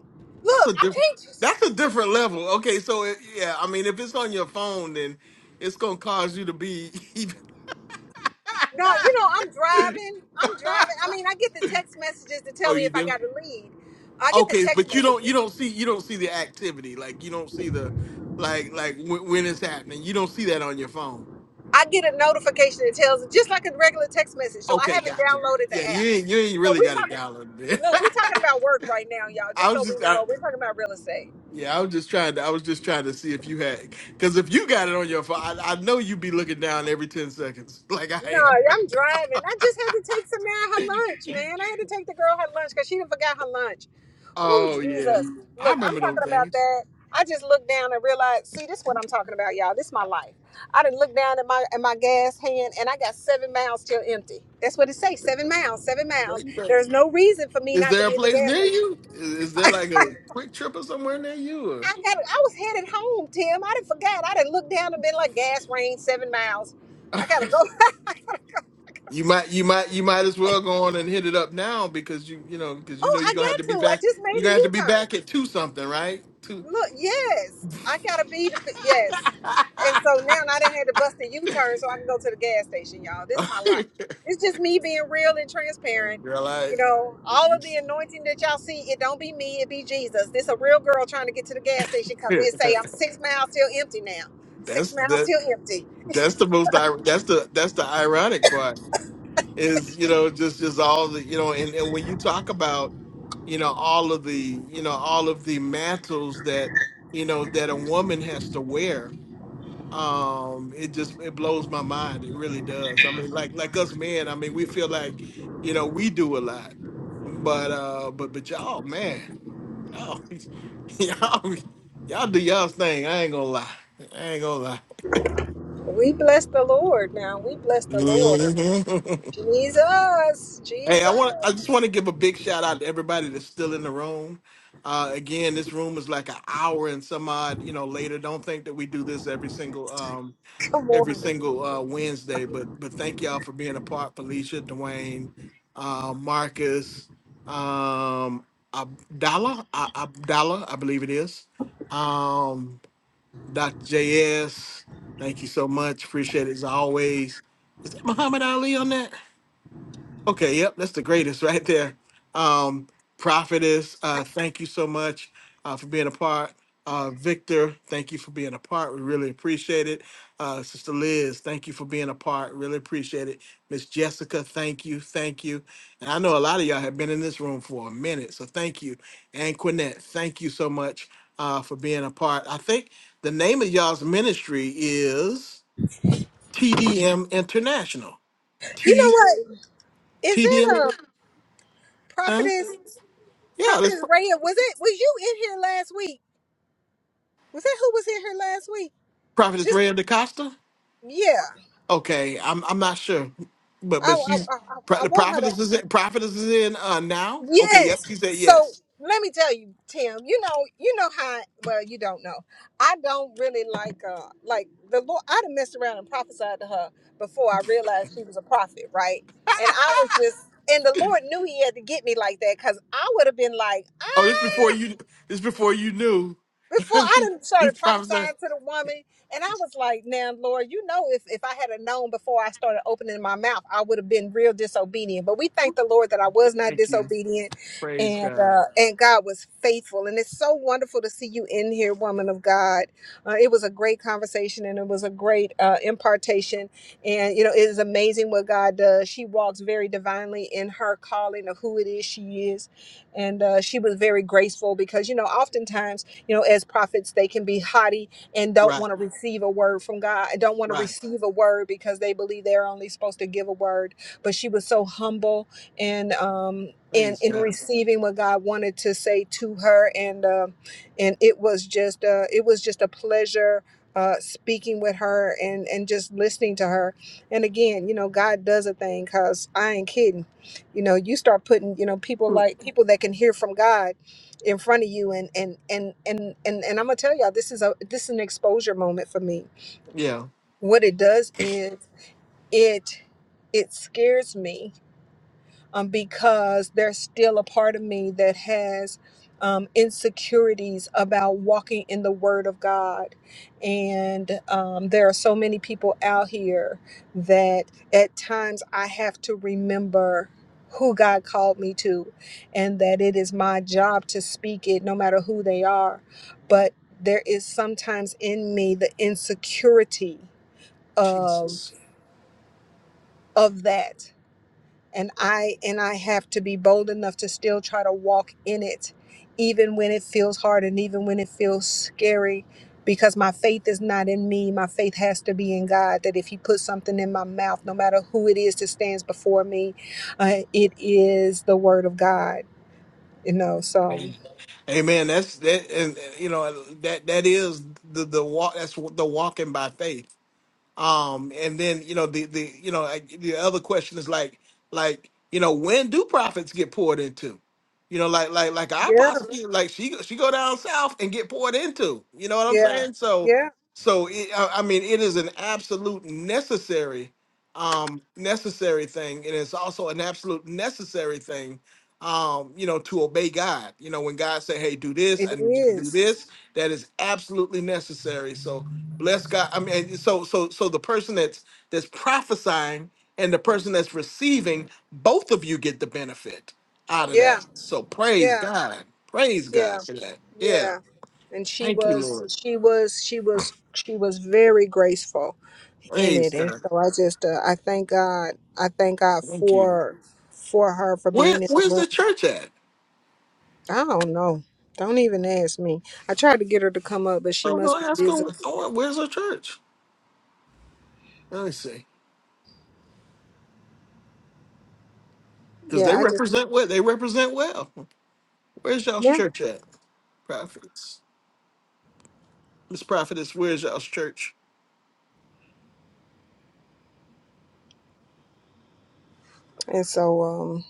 Speaker 1: That's
Speaker 4: Look,
Speaker 1: a
Speaker 4: I'm
Speaker 1: different.
Speaker 4: anxious.
Speaker 1: That's a different level. Okay, so it, yeah, I mean, if it's on your phone, then it's gonna cause you to be even.
Speaker 4: No, you know I'm driving. I'm driving. I mean, I get the text messages to tell
Speaker 1: oh,
Speaker 4: me
Speaker 1: you
Speaker 4: if I
Speaker 1: do?
Speaker 4: got a lead. I get the
Speaker 1: Okay,
Speaker 4: text
Speaker 1: but you don't. You
Speaker 4: messages.
Speaker 1: don't see. You don't see the activity. Like you don't see the, like like when, when it's happening. You don't see that on your phone.
Speaker 4: I get a notification that tells just like a regular text message. So I
Speaker 1: Okay,
Speaker 4: haven't
Speaker 1: gotcha.
Speaker 4: downloaded the
Speaker 1: Yeah, you
Speaker 4: app.
Speaker 1: ain't you ain't
Speaker 4: So
Speaker 1: really
Speaker 4: we
Speaker 1: got it
Speaker 4: talking.
Speaker 1: downloaded. man.
Speaker 4: Look, we're talking about work right now, y'all. Just
Speaker 1: I
Speaker 4: so
Speaker 1: was
Speaker 4: we
Speaker 1: just I,
Speaker 4: know, we're talking about real estate.
Speaker 1: Yeah, I was just trying to. I was just trying to see if you had, because if you got it on your phone, I, I know you'd be looking down every ten seconds, like
Speaker 4: No,
Speaker 1: I am.
Speaker 4: I'm driving. I just had to take Samara her lunch, man. I had to take the girl her lunch because she did forgot her lunch. Oh
Speaker 1: Oh yeah,
Speaker 4: Jesus!
Speaker 1: I
Speaker 4: Look, I'm
Speaker 1: remember those
Speaker 4: talking about
Speaker 1: things.
Speaker 4: that. I just looked down and realized. See, this is what I'm talking about, y'all. This is my life. I didn't look down at my at my gas hand, and I got seven miles still empty. That's what it says. Seven miles. Seven miles.
Speaker 1: Great thing.
Speaker 4: There's no reason for me
Speaker 1: Is
Speaker 4: not to
Speaker 1: there a
Speaker 4: be at the
Speaker 1: place
Speaker 4: gas
Speaker 1: near
Speaker 4: station.
Speaker 1: you? Is, is there like a quick trip or somewhere near you?
Speaker 4: I got I was headed home, Tim. I didn't forgot. I didn't look down and been like gas range seven miles.
Speaker 1: Or
Speaker 4: I gotta go.
Speaker 1: you might, you might, you might as well go on and hit it up now because you, you know, because you know
Speaker 4: oh,
Speaker 1: you're
Speaker 4: I
Speaker 1: gonna have to
Speaker 4: got
Speaker 1: be
Speaker 4: to. I
Speaker 1: back.
Speaker 4: just made
Speaker 1: You're
Speaker 4: a
Speaker 1: gonna have to
Speaker 4: U
Speaker 1: be
Speaker 4: turn.
Speaker 1: back at two something, right? Two.
Speaker 4: Look, yes, I gotta be the yes. And so now I didn't have to bust a U turn so I can go to the gas station, y'all. This
Speaker 1: Uh,
Speaker 4: is my life. It's just me being real and transparent.
Speaker 1: Girl, I.
Speaker 4: You know, all of the anointing that y'all see, it don't be me, it be Jesus. This a real girl trying to get to the gas station because it say I'm six miles till empty now. Six
Speaker 1: That's
Speaker 4: miles
Speaker 1: that.
Speaker 4: till empty.
Speaker 1: That's the most. ir- That's the that's the ironic part is you know just just all the you know and, and when you talk about you know all of the you know all of the mantles that you know that a woman has to wear, um, it just it blows my mind. It really does. I mean, like like us men, I mean, we feel like you know we do a lot, but uh, but but y'all, man, y'all, y'all, y'all do y'all's thing. I ain't gonna lie. I ain't gonna lie.
Speaker 4: We bless the Lord now. We bless the Lord.
Speaker 1: Mhm.
Speaker 4: Jesus,
Speaker 1: Hey, I want.
Speaker 4: Jesus.
Speaker 1: I just want to give a big shout out to everybody that's still in the room. Uh, again, this room is like an hour and some odd, you know, later. Don't think that we do this every single um every single uh Wednesday, but but thank y'all for being a part. Felicia, Dwayne, uh, Marcus, um, Abdallah, uh, Abdallah, I believe it is. Um, Dr. JS, thank you so much. Appreciate it as always. Is that Muhammad Ali on that? Okay, yep, that's the greatest right there. Um, Prophetess, uh, thank you so much uh, for being a part. Uh, Victor, thank you for being a part. We really appreciate it. Uh, Sister Liz, thank you for being a part. Really appreciate it. Miss Jessica, thank you, thank you. And I know a lot of y'all have been in this room for a minute, so thank you. And Quinette, thank you so much uh, for being a part. I think the name of y'all's ministry is TDM International.
Speaker 4: You
Speaker 1: T
Speaker 4: know what? Is that
Speaker 1: TDM.
Speaker 4: a
Speaker 1: Huh?
Speaker 4: prophetess?
Speaker 1: Yeah, this
Speaker 4: Prophetess Raya? Was it? Was you in here last week? Was that who was in here last week?
Speaker 1: prophetess
Speaker 4: Just
Speaker 1: Ray DaCosta.
Speaker 4: yeah.
Speaker 1: Okay, I'm I'm not sure, but
Speaker 4: I
Speaker 1: but
Speaker 4: I,
Speaker 1: she's
Speaker 4: I,
Speaker 1: pro-
Speaker 4: I
Speaker 1: the
Speaker 4: want her to.
Speaker 1: prophetess is in, prophetess is in uh, now. Okay, yep,
Speaker 4: Yes.
Speaker 1: she said
Speaker 4: So
Speaker 1: yes.
Speaker 4: let me tell you, Tim. You know, you know how. Well, you don't know. I don't really like uh like the Lord. I'd have messed around and prophesied to her before I realized she was a prophet, right? And I was just, and the Lord knew He had to get me like that because I would have been like,
Speaker 1: Oh, this before
Speaker 4: ah
Speaker 1: you this before you knew.
Speaker 4: before I done
Speaker 1: you
Speaker 4: started
Speaker 1: prophesied.
Speaker 4: prophesying to the woman, and I was like, "Now, Lord, you know, if if I had a known before I started opening my mouth, I would have been real disobedient." But we thank the Lord that I was not
Speaker 1: Thank you.
Speaker 4: disobedient,
Speaker 1: Praise
Speaker 4: and
Speaker 1: God.
Speaker 4: uh, and God was faithful. And it's so wonderful to see you in here, woman of God. Uh, it was a great conversation, and it was a great uh, impartation. And you know, it is amazing what God does. She walks very divinely in her calling of who it is she is, and uh, she was very graceful because you know, oftentimes you know, as prophets, they can be haughty and don't
Speaker 1: Right,
Speaker 4: want to receive a word from God, don't want to
Speaker 1: right.
Speaker 4: receive a word because they believe they're only supposed to give a word. But she was so humble and um in
Speaker 1: Praise
Speaker 4: in
Speaker 1: God.
Speaker 4: receiving what God wanted to say to her, and um and it was just uh, it was just a pleasure. Uh, speaking with her and and just listening to her and again you know god does a thing because i ain't kidding you know you start putting you know people like people that can hear from god in front of you and and and and and, and i'm gonna tell y'all this is a this is an exposure moment for me
Speaker 1: Yeah.
Speaker 4: what it does is it it scares me um, because there's still a part of me that has um, insecurities about walking in the Word of God. And um, there are so many people out here that at times I have to remember who God called me to and that it is my job to speak it no matter who they are. But there is sometimes in me the insecurity of
Speaker 1: Jesus.
Speaker 4: of that and i and i have to be bold enough to still try to walk in it even when it feels hard and even when it feels scary because my faith is not in me my faith has to be in god that if he puts something in my mouth no matter who it is that stands before me uh, it is the word of god you know so
Speaker 1: Amen. Amen. That's that, and and, you know that that is the the walk. That's the walking by faith. Um, and then you know the the you know like, the other question is like like you know when do profits get poured into? You know, like like like I
Speaker 4: yeah
Speaker 1: possibly like she go- she go down south and get poured into. You know what I'm
Speaker 4: yeah
Speaker 1: saying? So
Speaker 4: yeah
Speaker 1: so it, I, I mean it is an absolute necessary um necessary thing and it's also an absolute necessary thing um you know to obey god you know when god say hey do this
Speaker 4: it
Speaker 1: i need you to do
Speaker 4: is
Speaker 1: this that is absolutely necessary so Bless God. I mean, so so so the person that's that's prophesying and the person that's receiving, both of you get the benefit out of
Speaker 4: yeah
Speaker 1: that. So praise
Speaker 4: yeah
Speaker 1: God. Praise
Speaker 4: yeah
Speaker 1: God for that. Yeah.
Speaker 4: yeah and she
Speaker 1: Thank you,
Speaker 4: was
Speaker 1: Lord.
Speaker 4: she was she was she was very graceful in
Speaker 1: Praise
Speaker 4: it and
Speaker 1: God.
Speaker 4: so i just uh, i thank god i thank god
Speaker 1: Thank you.
Speaker 4: for for her for
Speaker 1: Where
Speaker 4: being in the
Speaker 1: where's
Speaker 4: room
Speaker 1: the church at?
Speaker 4: i don't know don't even ask me i tried to get her to come up but she
Speaker 1: I'm
Speaker 4: must be
Speaker 1: gonna ask her
Speaker 4: busy
Speaker 1: where- where's the church? Let me see. Because they
Speaker 4: yeah i just
Speaker 1: represent well. They represent well. Where's y'all's
Speaker 4: yeah
Speaker 1: church at? Prophets. Miss Prophetess, where's y'all's church?
Speaker 4: and so um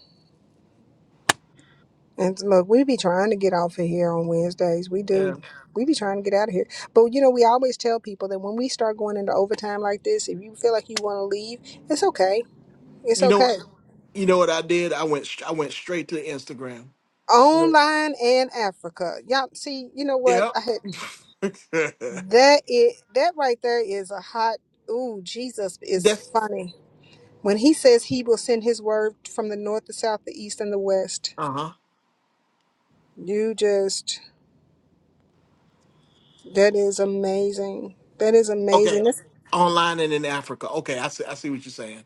Speaker 4: and look we be trying to get off of here on wednesdays we do
Speaker 1: Yeah.
Speaker 4: we be trying to get out of here but you know we always tell people that when we start going into overtime like this if you feel like you want to leave it's okay it's
Speaker 1: You know
Speaker 4: okay
Speaker 1: You know what I did? I went I went straight to Instagram.
Speaker 4: online and africa y'all see you know what
Speaker 1: Yep.
Speaker 4: i had That it that right there is a hot ooh, Jesus is
Speaker 1: That's
Speaker 4: funny. When he says he will send his word from the north, the south, the east, and the west,
Speaker 1: uh huh.
Speaker 4: you just that is amazing. That is
Speaker 1: Okay.
Speaker 4: amazing. That's,
Speaker 1: Online and in Africa. Okay, I see. I see what you're saying.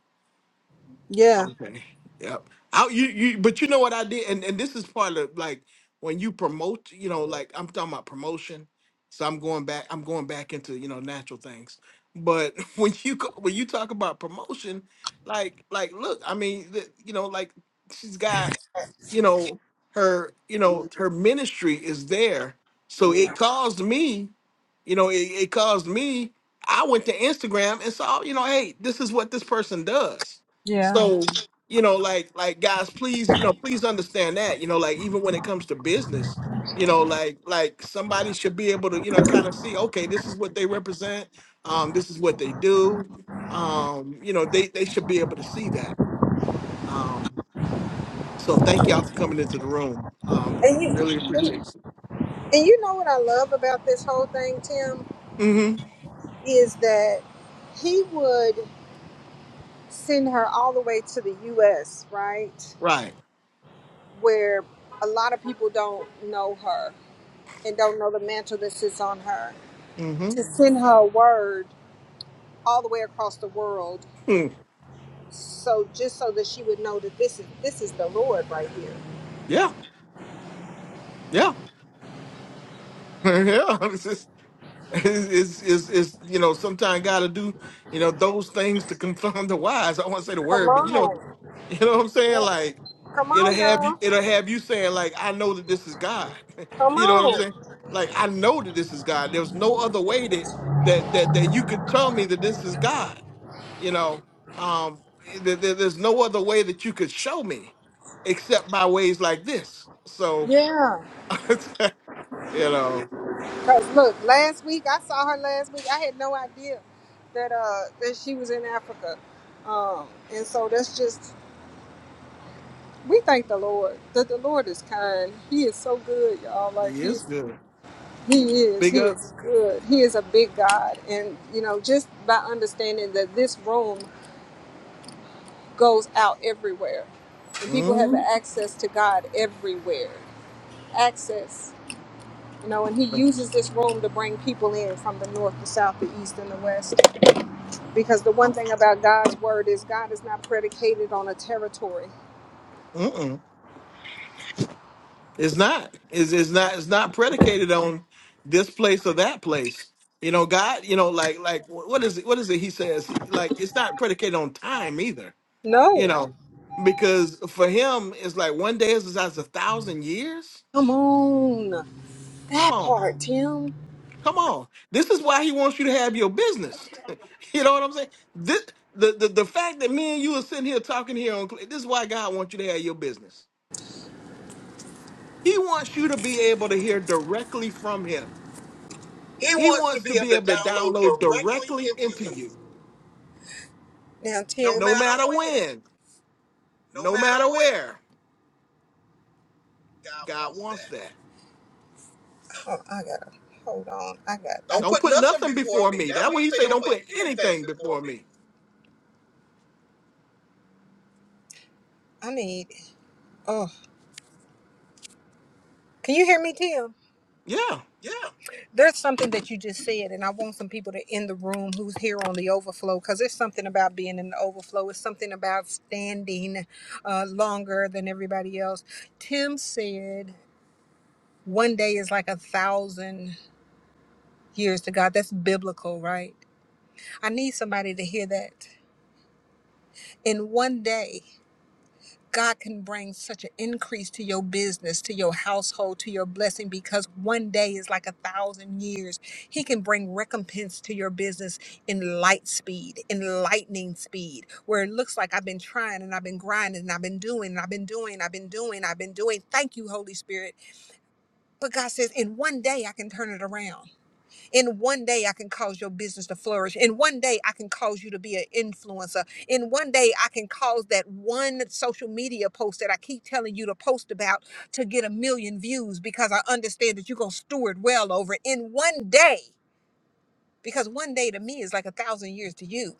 Speaker 4: yeah.
Speaker 1: Okay. Yep. I. you you but you know what I did and and this is part of like when you promote, you know, like I'm talking about promotion. So I'm going back I'm going back into, you know, natural things. But when you co- when you talk about promotion, like like look, I mean, the, you know, like she's got, you know, her, you know, her ministry is there. So it caused me you know, it, it caused me. I went to Instagram and saw, you know, hey, this is what this person does.
Speaker 4: Yeah.
Speaker 1: So, you know, like, like guys, please, you know, please understand that. You know, like even when it comes to business, you know, like, like somebody should be able to, you know, kind of see, okay, this is what they represent. Um, this is what they do. Um, you know, they they should be able to see that. Um, so thank y'all for coming into the room. Um,
Speaker 4: And you
Speaker 1: really appreciate it.
Speaker 4: and you know what I love about this whole thing, Tim,
Speaker 1: Mm-hmm.
Speaker 4: is that he would send her all the way to the US, right?
Speaker 1: Right.
Speaker 4: Where a lot of people don't know her and don't know the mantle that sits on her
Speaker 1: Mm-hmm.
Speaker 4: to send her word all the way across the world
Speaker 1: Hmm.
Speaker 4: so just so that she would know that this is this is the lord right here
Speaker 1: Yeah. Yeah. yeah, it's, just, it's, it's, it's, you know, sometimes got to do, you know, those things to confirm the wise. I want to say the
Speaker 4: come
Speaker 1: word, but you know,
Speaker 4: on
Speaker 1: you know what I'm saying?
Speaker 4: Yeah.
Speaker 1: Like,
Speaker 4: come
Speaker 1: it'll
Speaker 4: on
Speaker 1: have you,
Speaker 4: now
Speaker 1: it'll have you saying, like, I know that this is God.
Speaker 4: come
Speaker 1: you know what I'm saying?
Speaker 4: on
Speaker 1: Like, I know that this is God. There's no other way that, that, that, that you could tell me that this is God. You know, um, eh, there, there- there's no other way that you could show me except by ways like this. So,
Speaker 4: yeah
Speaker 1: you know,
Speaker 4: because look last week i saw her last week i had no idea that uh that she was in africa um and so that's just we thank the lord that the lord is kind he is so good y'all like
Speaker 1: yeah,
Speaker 4: he's.
Speaker 1: it's good.
Speaker 4: He is.
Speaker 1: Big
Speaker 4: He
Speaker 1: up.
Speaker 4: is good. He is a big God. And, you know, just by understanding that this room goes out everywhere and people have
Speaker 1: Mm,
Speaker 4: access to God everywhere. Access. You know, and He uses this room to bring people in from the north, the south, the east, and the west. Because the one thing about God's word is God is not predicated on a territory.
Speaker 1: Mm-mm. It's not. It's, it's not. It's not predicated on this place or that place. You know, God. You know, like like wh- what is it? What is it? He says He- like it's not predicated on time either. You
Speaker 4: No.
Speaker 1: know, because for him, it's like one day is as a thousand years.
Speaker 4: Come on.
Speaker 1: Come
Speaker 4: That
Speaker 1: on,
Speaker 4: part, Tim.
Speaker 1: come on. This is why he wants you to have your business. you know what I'm saying? This the, the the fact that me and you are sitting here talking here on this is why God wants you to have your business. He wants you to be able to hear directly from him.
Speaker 4: He
Speaker 1: He
Speaker 4: wants to
Speaker 1: wants to
Speaker 4: be able
Speaker 1: be
Speaker 4: to
Speaker 1: able to
Speaker 4: download
Speaker 1: download
Speaker 4: directly
Speaker 1: directly
Speaker 4: into
Speaker 1: into
Speaker 4: you,
Speaker 1: you,
Speaker 4: Now, Tim. no
Speaker 1: no
Speaker 4: matter
Speaker 1: matter
Speaker 4: when.
Speaker 1: when,
Speaker 4: no
Speaker 1: no
Speaker 4: matter
Speaker 1: matter
Speaker 4: where.
Speaker 1: where.
Speaker 4: God
Speaker 1: God
Speaker 4: wants
Speaker 1: wants
Speaker 4: that.
Speaker 1: that.
Speaker 4: Oh, I gotta hold on. I got. I Don't
Speaker 1: Don't
Speaker 4: put
Speaker 1: put
Speaker 4: nothing
Speaker 1: nothing
Speaker 4: before
Speaker 1: before
Speaker 4: me.
Speaker 1: me.
Speaker 4: That
Speaker 1: That
Speaker 4: way he
Speaker 1: way he
Speaker 4: say
Speaker 1: say,
Speaker 4: don't
Speaker 1: don't
Speaker 4: put
Speaker 1: put
Speaker 4: anything
Speaker 1: anything
Speaker 4: before
Speaker 1: before
Speaker 4: me.
Speaker 1: me.
Speaker 4: I need. Oh, can you hear me, Tim?
Speaker 1: Yeah.
Speaker 4: Yeah. There's something that you just said, and I want some people to in the room who's here on the overflow because there's something about being in the overflow. It's something about standing uh, longer than everybody else. Tim said, "One day is like a thousand years to God." That's biblical, right? I need somebody to hear that. in one day god can bring such an increase to your business to your household to your blessing because one day is like a thousand years he can bring recompense to your business in light speed in lightning speed where it looks like i've been trying and i've been grinding and i've been doing and i've been doing i've been doing i've been doing thank you holy spirit but god says in one day i can turn it around in one day, I can cause your business to flourish. In one day, I can cause you to be an influencer. In one day, I can cause that one social media post that I keep telling you to post about to get a million views because I understand that you're going to steward well over it in one day. Because one day to me is like a thousand years to you.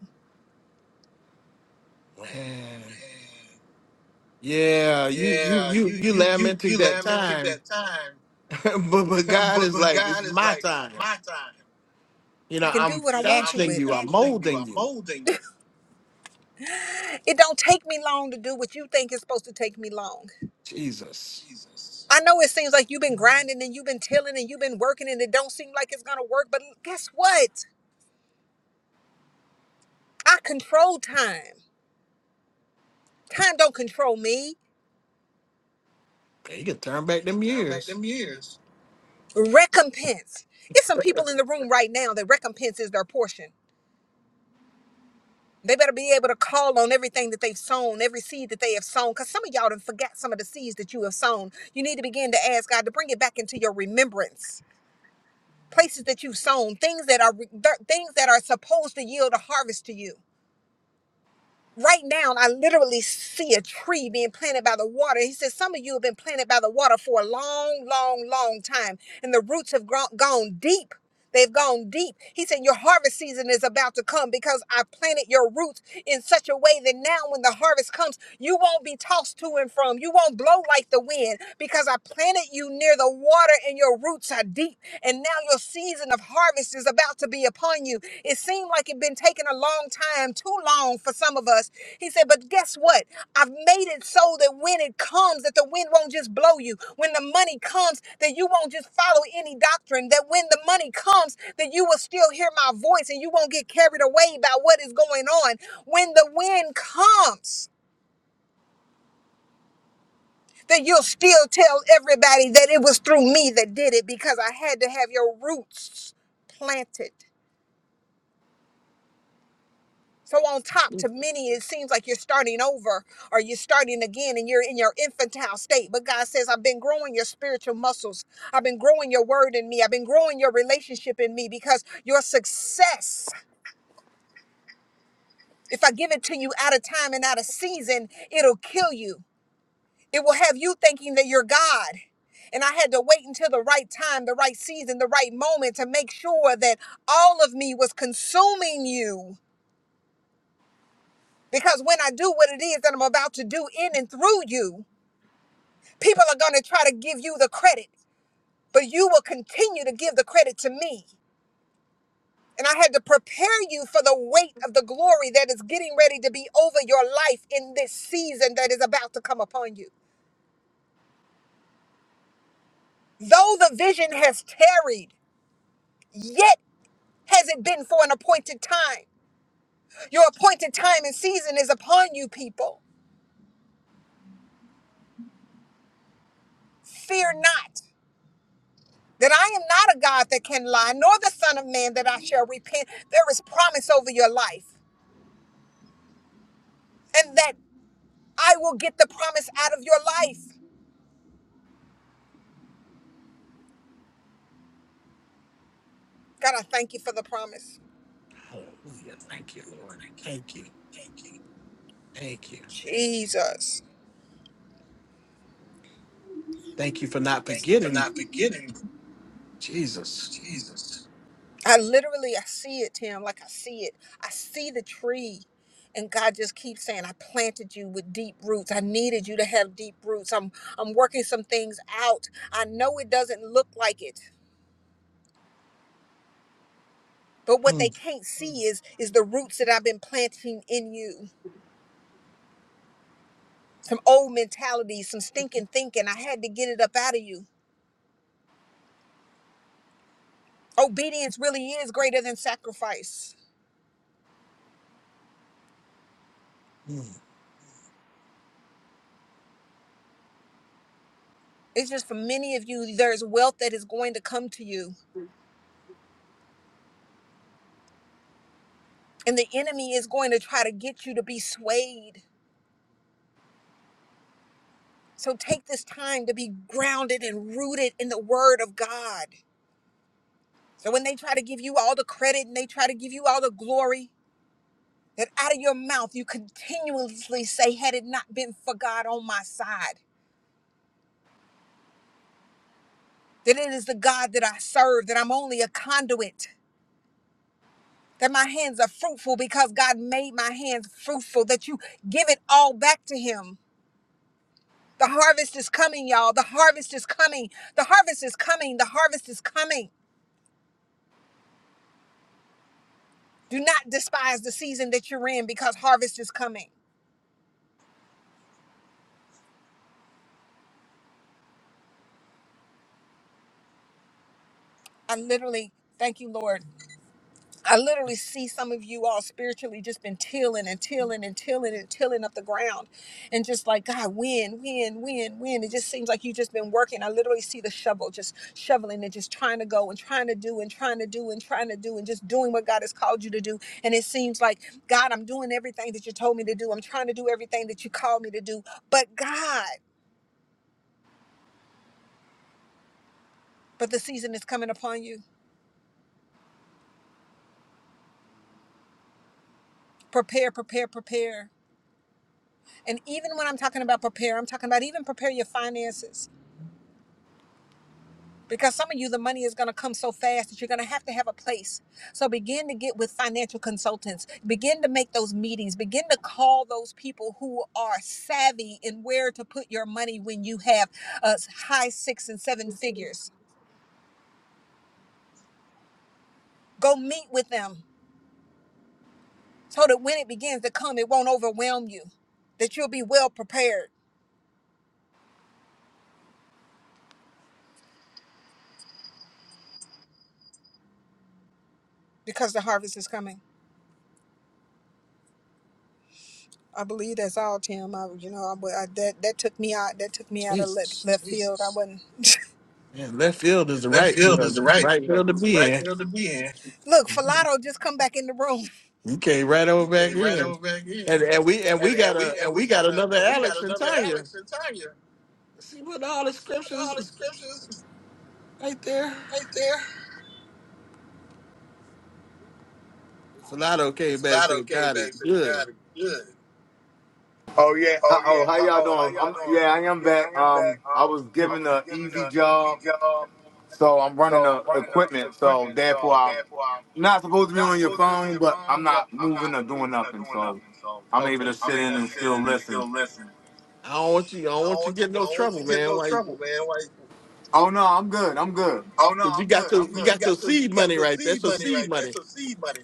Speaker 1: Man. Yeah, you you
Speaker 4: Yeah,
Speaker 1: you
Speaker 4: you
Speaker 1: you
Speaker 4: you you
Speaker 1: lamenting
Speaker 4: you
Speaker 1: that
Speaker 4: lamenting
Speaker 1: time,
Speaker 4: that time,
Speaker 1: but but God
Speaker 4: but
Speaker 1: is
Speaker 4: but
Speaker 1: like, it's
Speaker 4: God is
Speaker 1: my
Speaker 4: like, it's
Speaker 1: time.
Speaker 4: my time.
Speaker 1: You
Speaker 4: I
Speaker 1: know,
Speaker 4: can do
Speaker 1: I'm
Speaker 4: what I You know, want to I'm
Speaker 1: fashioning
Speaker 4: with it.
Speaker 1: you, I'm
Speaker 4: fashioning you,
Speaker 1: molding
Speaker 4: I'm
Speaker 1: you.
Speaker 4: molding you. It don't take me long to do what you think is supposed to take me long.
Speaker 1: Jesus.
Speaker 4: I know it seems like you've been grinding and you've been tilling and you've been working and it don't seem like it's gonna work, but guess what? I control time. Time don't control me.
Speaker 1: Man, you can turn back them years.
Speaker 4: Recompense. It's some people in the room right now that recompense is their portion. They better be able to call on everything that they've sown, every seed that they have sown, because some of y'all done forgot some of the seeds that you have sown. You need to begin to ask God to bring it back into your remembrance. places that you've sown, things that are re- th- things that are supposed to yield a harvest to you. Right now, I literally see a tree being planted by the water. He says some of you have been planted by the water for a long, long, long time, and the roots have grown, gone deep. They've gone deep. He said your harvest season is about to come because I planted your roots in such a way that now when the harvest comes, you won't be tossed to and from. You won't blow like the wind because I planted you near the water and your roots are deep and now your season of harvest is about to be upon you. It seemed like it'd been taking a long time, too long for some of us. He said, but guess what? I've made it so that when it comes, that the wind won't just blow you. When the money comes, that you won't just follow any doctrine. That when the money comes, that you will still hear my voice and you won't get carried away by what is going on. When the wind comes, that you'll still tell everybody that it was through me that did it because I had to have your roots planted So on top to many, it seems like you're starting over or you're starting again and you're in your infantile state. But God says, I've been growing your spiritual muscles. I've been growing your word in me. I've been growing your relationship in me because your success, if I give it to you out of time and out of season, it'll kill you. It will have you thinking that you're God. And I had to wait until the right time, the right season, the right moment to make sure that all of me was consuming you Because when I do what it is that I'm about to do in and through you, people are going to try to give you the credit, but you will continue to give the credit to me. And I had to prepare you for the weight of the glory that is getting ready to be over your life in this season that is about to come upon you. Though the vision has tarried, yet has it been for an appointed time. Your appointed time and season is upon you, people. Fear not. that I am not a God that can lie, nor the Son of Man that I shall repent. There is promise over your life, and that I will get the promise out of your life. God, I thank you for the promise.
Speaker 1: Hallelujah. Thank you, Lord. Thank you. Thank you.
Speaker 4: Jesus.
Speaker 1: Thank you for not
Speaker 4: Thank you for
Speaker 1: forgetting
Speaker 4: not beginning,
Speaker 1: Jesus.
Speaker 4: Jesus. I literally I see it, Tim, like I see it. I see the tree. And God just keeps saying, I planted you with deep roots. I needed you to have deep roots. I'm I'm working some things out. I know it doesn't look like it. But what they
Speaker 1: Mm,
Speaker 4: can't see is is the roots that I've been planting in you. Some old mentality, some stinking thinking. I had to get it up out of you. Obedience really is greater than sacrifice. It's just for many of you, there's wealth that is going to come to you, and the enemy is going to try to get you to be swayed. So take this time to be grounded and rooted in the word of God. So when they try to give you all the credit and they try to give you all the glory, That out of your mouth you continuously say, Had it not been for God on my side, that it is the God that I serve, that I'm only a conduit, that my hands are fruitful because God made my hands fruitful, that you give it all back to Him. The harvest is coming, y'all. The harvest is coming. The harvest is coming. The harvest is coming. Do not despise the season that you're in because harvest is coming. I literally thank you, Lord. I literally see some of you all spiritually just been tilling and tilling and tilling and tilling up the ground and just like, God, win, win, win, win. It just seems like you just been working. I literally see the shovel just shoveling and just trying to go and trying to do and trying to do and trying to do and just doing what God has called you to do. And it seems like, God, I'm doing everything that you told me to do. I'm trying to do everything that you called me to do. But God, but the season is coming upon you. Prepare, prepare, prepare. And even when I'm talking about prepare, I'm talking about even prepare your finances because some of you the money is going to come so fast that you're going to have to have a place so begin to get with financial consultants begin to make those meetings begin to call those people who are savvy in where to put your money when you have uh, high six and seven figures go meet with them so that when it begins to come it won't overwhelm you that you'll be well prepared because the harvest is coming i believe that's all tim I, you know I, I- that, that took me out that took me out of left,
Speaker 1: Jesus.
Speaker 4: left field i wasn't
Speaker 1: And left field is the
Speaker 4: And left
Speaker 1: right
Speaker 4: field is
Speaker 1: field.
Speaker 4: the
Speaker 1: It's the
Speaker 4: right
Speaker 1: right
Speaker 4: field.
Speaker 1: field to
Speaker 4: It's the
Speaker 1: be
Speaker 4: right
Speaker 1: in.
Speaker 4: field to be in. Look, Falato just come back in the room.
Speaker 1: You came right
Speaker 4: You
Speaker 1: over back
Speaker 4: came right
Speaker 1: in.
Speaker 4: over back in.
Speaker 1: And and we and
Speaker 4: And,
Speaker 1: we
Speaker 4: and
Speaker 1: got
Speaker 4: we
Speaker 1: a
Speaker 4: and
Speaker 1: and
Speaker 4: we
Speaker 1: we
Speaker 4: got
Speaker 1: got
Speaker 4: a
Speaker 1: another
Speaker 4: and we got
Speaker 1: Alex and
Speaker 4: another
Speaker 1: Tanya.
Speaker 4: Alex and Tanya.
Speaker 1: See what all the
Speaker 4: See what
Speaker 1: scriptures
Speaker 4: all the
Speaker 1: is
Speaker 4: scriptures
Speaker 1: right there?
Speaker 4: right there.
Speaker 1: Fernando came back and
Speaker 4: Falato
Speaker 1: said,
Speaker 4: came
Speaker 1: God
Speaker 4: back
Speaker 1: is
Speaker 4: and said, God
Speaker 1: good.
Speaker 4: is good.
Speaker 7: Oh yeah.
Speaker 4: Oh
Speaker 7: How,
Speaker 4: yeah.
Speaker 7: oh, how
Speaker 4: Uh
Speaker 7: y'all
Speaker 4: oh. How
Speaker 7: doing?
Speaker 4: y'all
Speaker 7: I'm,
Speaker 4: doing?
Speaker 7: yeah,
Speaker 4: I'm,
Speaker 7: I am
Speaker 4: yeah,
Speaker 7: back.
Speaker 4: I am
Speaker 7: Um,
Speaker 4: back.
Speaker 7: I
Speaker 4: Um,
Speaker 7: was
Speaker 4: I
Speaker 7: given
Speaker 4: was
Speaker 7: an
Speaker 4: given
Speaker 7: easy
Speaker 4: an easy
Speaker 7: job.
Speaker 4: job,
Speaker 7: So I'm running
Speaker 4: so
Speaker 7: the
Speaker 4: I'm running a
Speaker 7: equipment. So
Speaker 4: equipment.
Speaker 7: therefore,
Speaker 4: So
Speaker 7: I'm
Speaker 4: therefore, I'm
Speaker 7: not supposed to be
Speaker 4: not
Speaker 7: on your
Speaker 4: supposed to be on
Speaker 7: phone,
Speaker 4: your
Speaker 7: but I'm
Speaker 4: phone, but
Speaker 7: not
Speaker 4: I'm
Speaker 7: moving
Speaker 4: not
Speaker 7: or doing
Speaker 4: moving or
Speaker 7: nothing.
Speaker 4: doing
Speaker 7: So
Speaker 4: nothing. So
Speaker 7: I'm
Speaker 1: okay.
Speaker 7: able to
Speaker 4: I'm
Speaker 7: sit
Speaker 4: able to
Speaker 7: in
Speaker 4: Okay.
Speaker 7: and
Speaker 4: sit
Speaker 7: still
Speaker 4: in and
Speaker 7: listen.
Speaker 4: still listen.
Speaker 1: I don't want you I
Speaker 4: I
Speaker 1: don't
Speaker 4: don't
Speaker 1: want you to get
Speaker 4: want
Speaker 1: in
Speaker 4: you. I
Speaker 1: no
Speaker 4: don't want you
Speaker 1: trouble,
Speaker 4: to get
Speaker 1: man.
Speaker 4: no
Speaker 1: Why
Speaker 4: trouble, man. Like
Speaker 7: Oh no, I'm good. I'm good.
Speaker 4: Oh
Speaker 1: Because
Speaker 4: no,
Speaker 1: you, 'cause you
Speaker 4: I'm good.
Speaker 1: got your
Speaker 4: I'm
Speaker 1: you
Speaker 4: good. you
Speaker 1: got your
Speaker 4: got your
Speaker 1: seed
Speaker 4: you got
Speaker 1: money
Speaker 4: your
Speaker 1: right there. That's
Speaker 4: seed
Speaker 1: your
Speaker 4: money right.
Speaker 1: seed
Speaker 4: there.
Speaker 1: money.
Speaker 4: That's your seed money.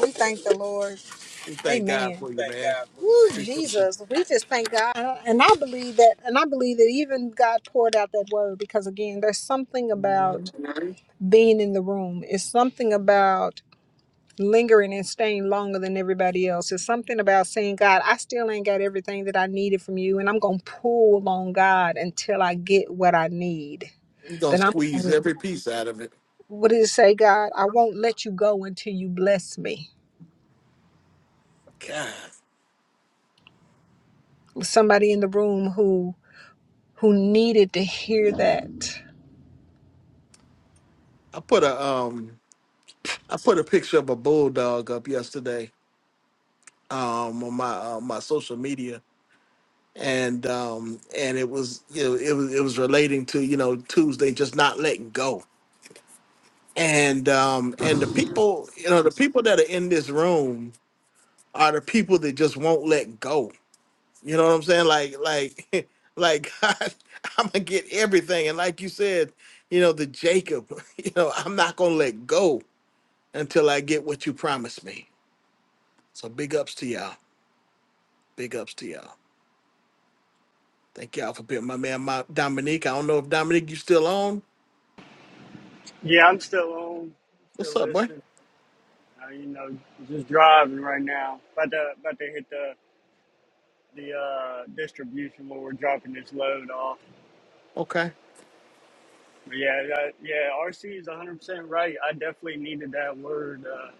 Speaker 4: We thank the Lord.
Speaker 1: We thank God
Speaker 4: Amen.
Speaker 1: for you,
Speaker 4: Thank
Speaker 1: man.
Speaker 4: God for Woo, it, man.
Speaker 1: Appreciate you.
Speaker 4: Jesus. We just thank God. And I believe that, and I believe that even God poured out that word because, again, there's something
Speaker 1: Mhm.
Speaker 4: about being in the room. It's something about lingering and staying longer than everybody else. It's something about saying, God, I still ain't got everything that I needed from you, and I'm going to pull on God until I get what I need.
Speaker 1: We gonna
Speaker 4: Then I'm,
Speaker 1: squeeze every piece out of it.
Speaker 4: what did it say, God? I won't let you go until you bless me.
Speaker 1: God,
Speaker 4: Somebody in the room who who needed to hear that.
Speaker 1: I put a um, I put a picture of a bulldog up yesterday um on my uh, my social media, and um and it was you know it was it was relating to you know Tuesday just not letting go, and um and the people you know the people that are in this room are the people that just won't let go You know what I'm saying? Like, like, like God, I'm gonna get everything. And like you said, you know, the Jacob, you know, I'm not gonna let go until I get what you promised me. So big ups to y'all. Big ups to y'all. Thank y'all for being my man, my Dominique. I don't know if Dominique, you still on.
Speaker 11: Yeah, I'm still on, still
Speaker 1: What's up, boy?
Speaker 11: listening. Uh, you know, just driving right now. About to about to hit the the uh, distribution where we're dropping this load off.
Speaker 1: Okay.
Speaker 11: But yeah, that, yeah. RC is 100 percent right. I definitely needed that word uh,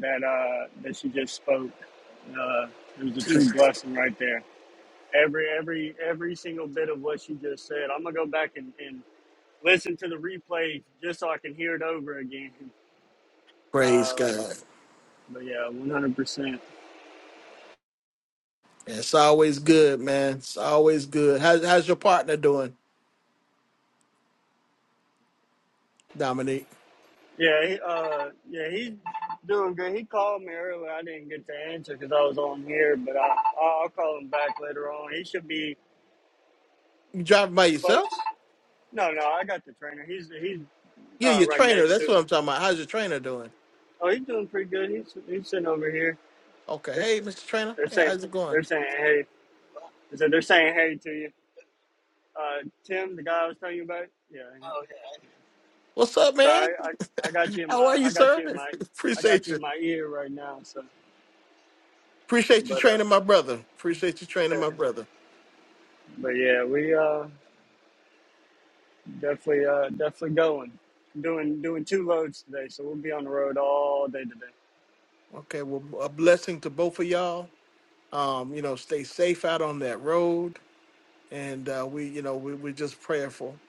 Speaker 11: that uh, that she just spoke. Uh, it was a true
Speaker 1: Jesus.
Speaker 11: blessing right there. Every every every single bit of what she just said. I'm gonna go back and, and listen to the replay just so I can hear it over again.
Speaker 1: Praise
Speaker 11: Uh,
Speaker 1: God.
Speaker 11: but yeah, 100%.
Speaker 1: Yeah, It's always good, man. It's always good. How's, how's your partner doing, Dominique?
Speaker 11: Yeah, he, uh, yeah, he's doing good. He called me earlier. I didn't get to answer because I was on here, but I, I'll I'll call him back later on. He should be
Speaker 1: You driving by
Speaker 11: close.
Speaker 1: yourself?
Speaker 11: No, no, I got the trainer. He's he's
Speaker 1: Yeah,
Speaker 11: uh,
Speaker 1: your
Speaker 11: right
Speaker 1: trainer.
Speaker 11: next to
Speaker 1: That's
Speaker 11: me.
Speaker 1: what I'm talking about. How's your trainer doing?
Speaker 11: Oh, he's doing pretty good. He's he's sitting over here.
Speaker 1: Okay.
Speaker 11: They're,
Speaker 1: Hey, Mr. Trainer.
Speaker 11: they're
Speaker 1: Hey,
Speaker 11: saying
Speaker 1: how's it going?
Speaker 11: they're saying hey. They said they're saying hey to you. Uh, Tim, the guy I was telling you about. Yeah.
Speaker 1: What's up,
Speaker 11: So
Speaker 1: man?
Speaker 11: I, I I got you in
Speaker 1: How
Speaker 11: my
Speaker 1: are you,
Speaker 11: I got
Speaker 1: sir?
Speaker 11: you in my I got
Speaker 1: Appreciate
Speaker 11: you in
Speaker 1: you.
Speaker 11: my ear right now. So,
Speaker 1: Appreciate you
Speaker 11: but uh,
Speaker 1: training my brother. Appreciate you training my brother.
Speaker 11: but yeah, we uh. Definitely, uh, definitely going. Doing doing two loads today, so we'll be on the road all day today.
Speaker 1: Okay, well, a blessing to both of y'all. Um, you know, stay safe out on that road, and uh, we, you know, we, we're just prayerful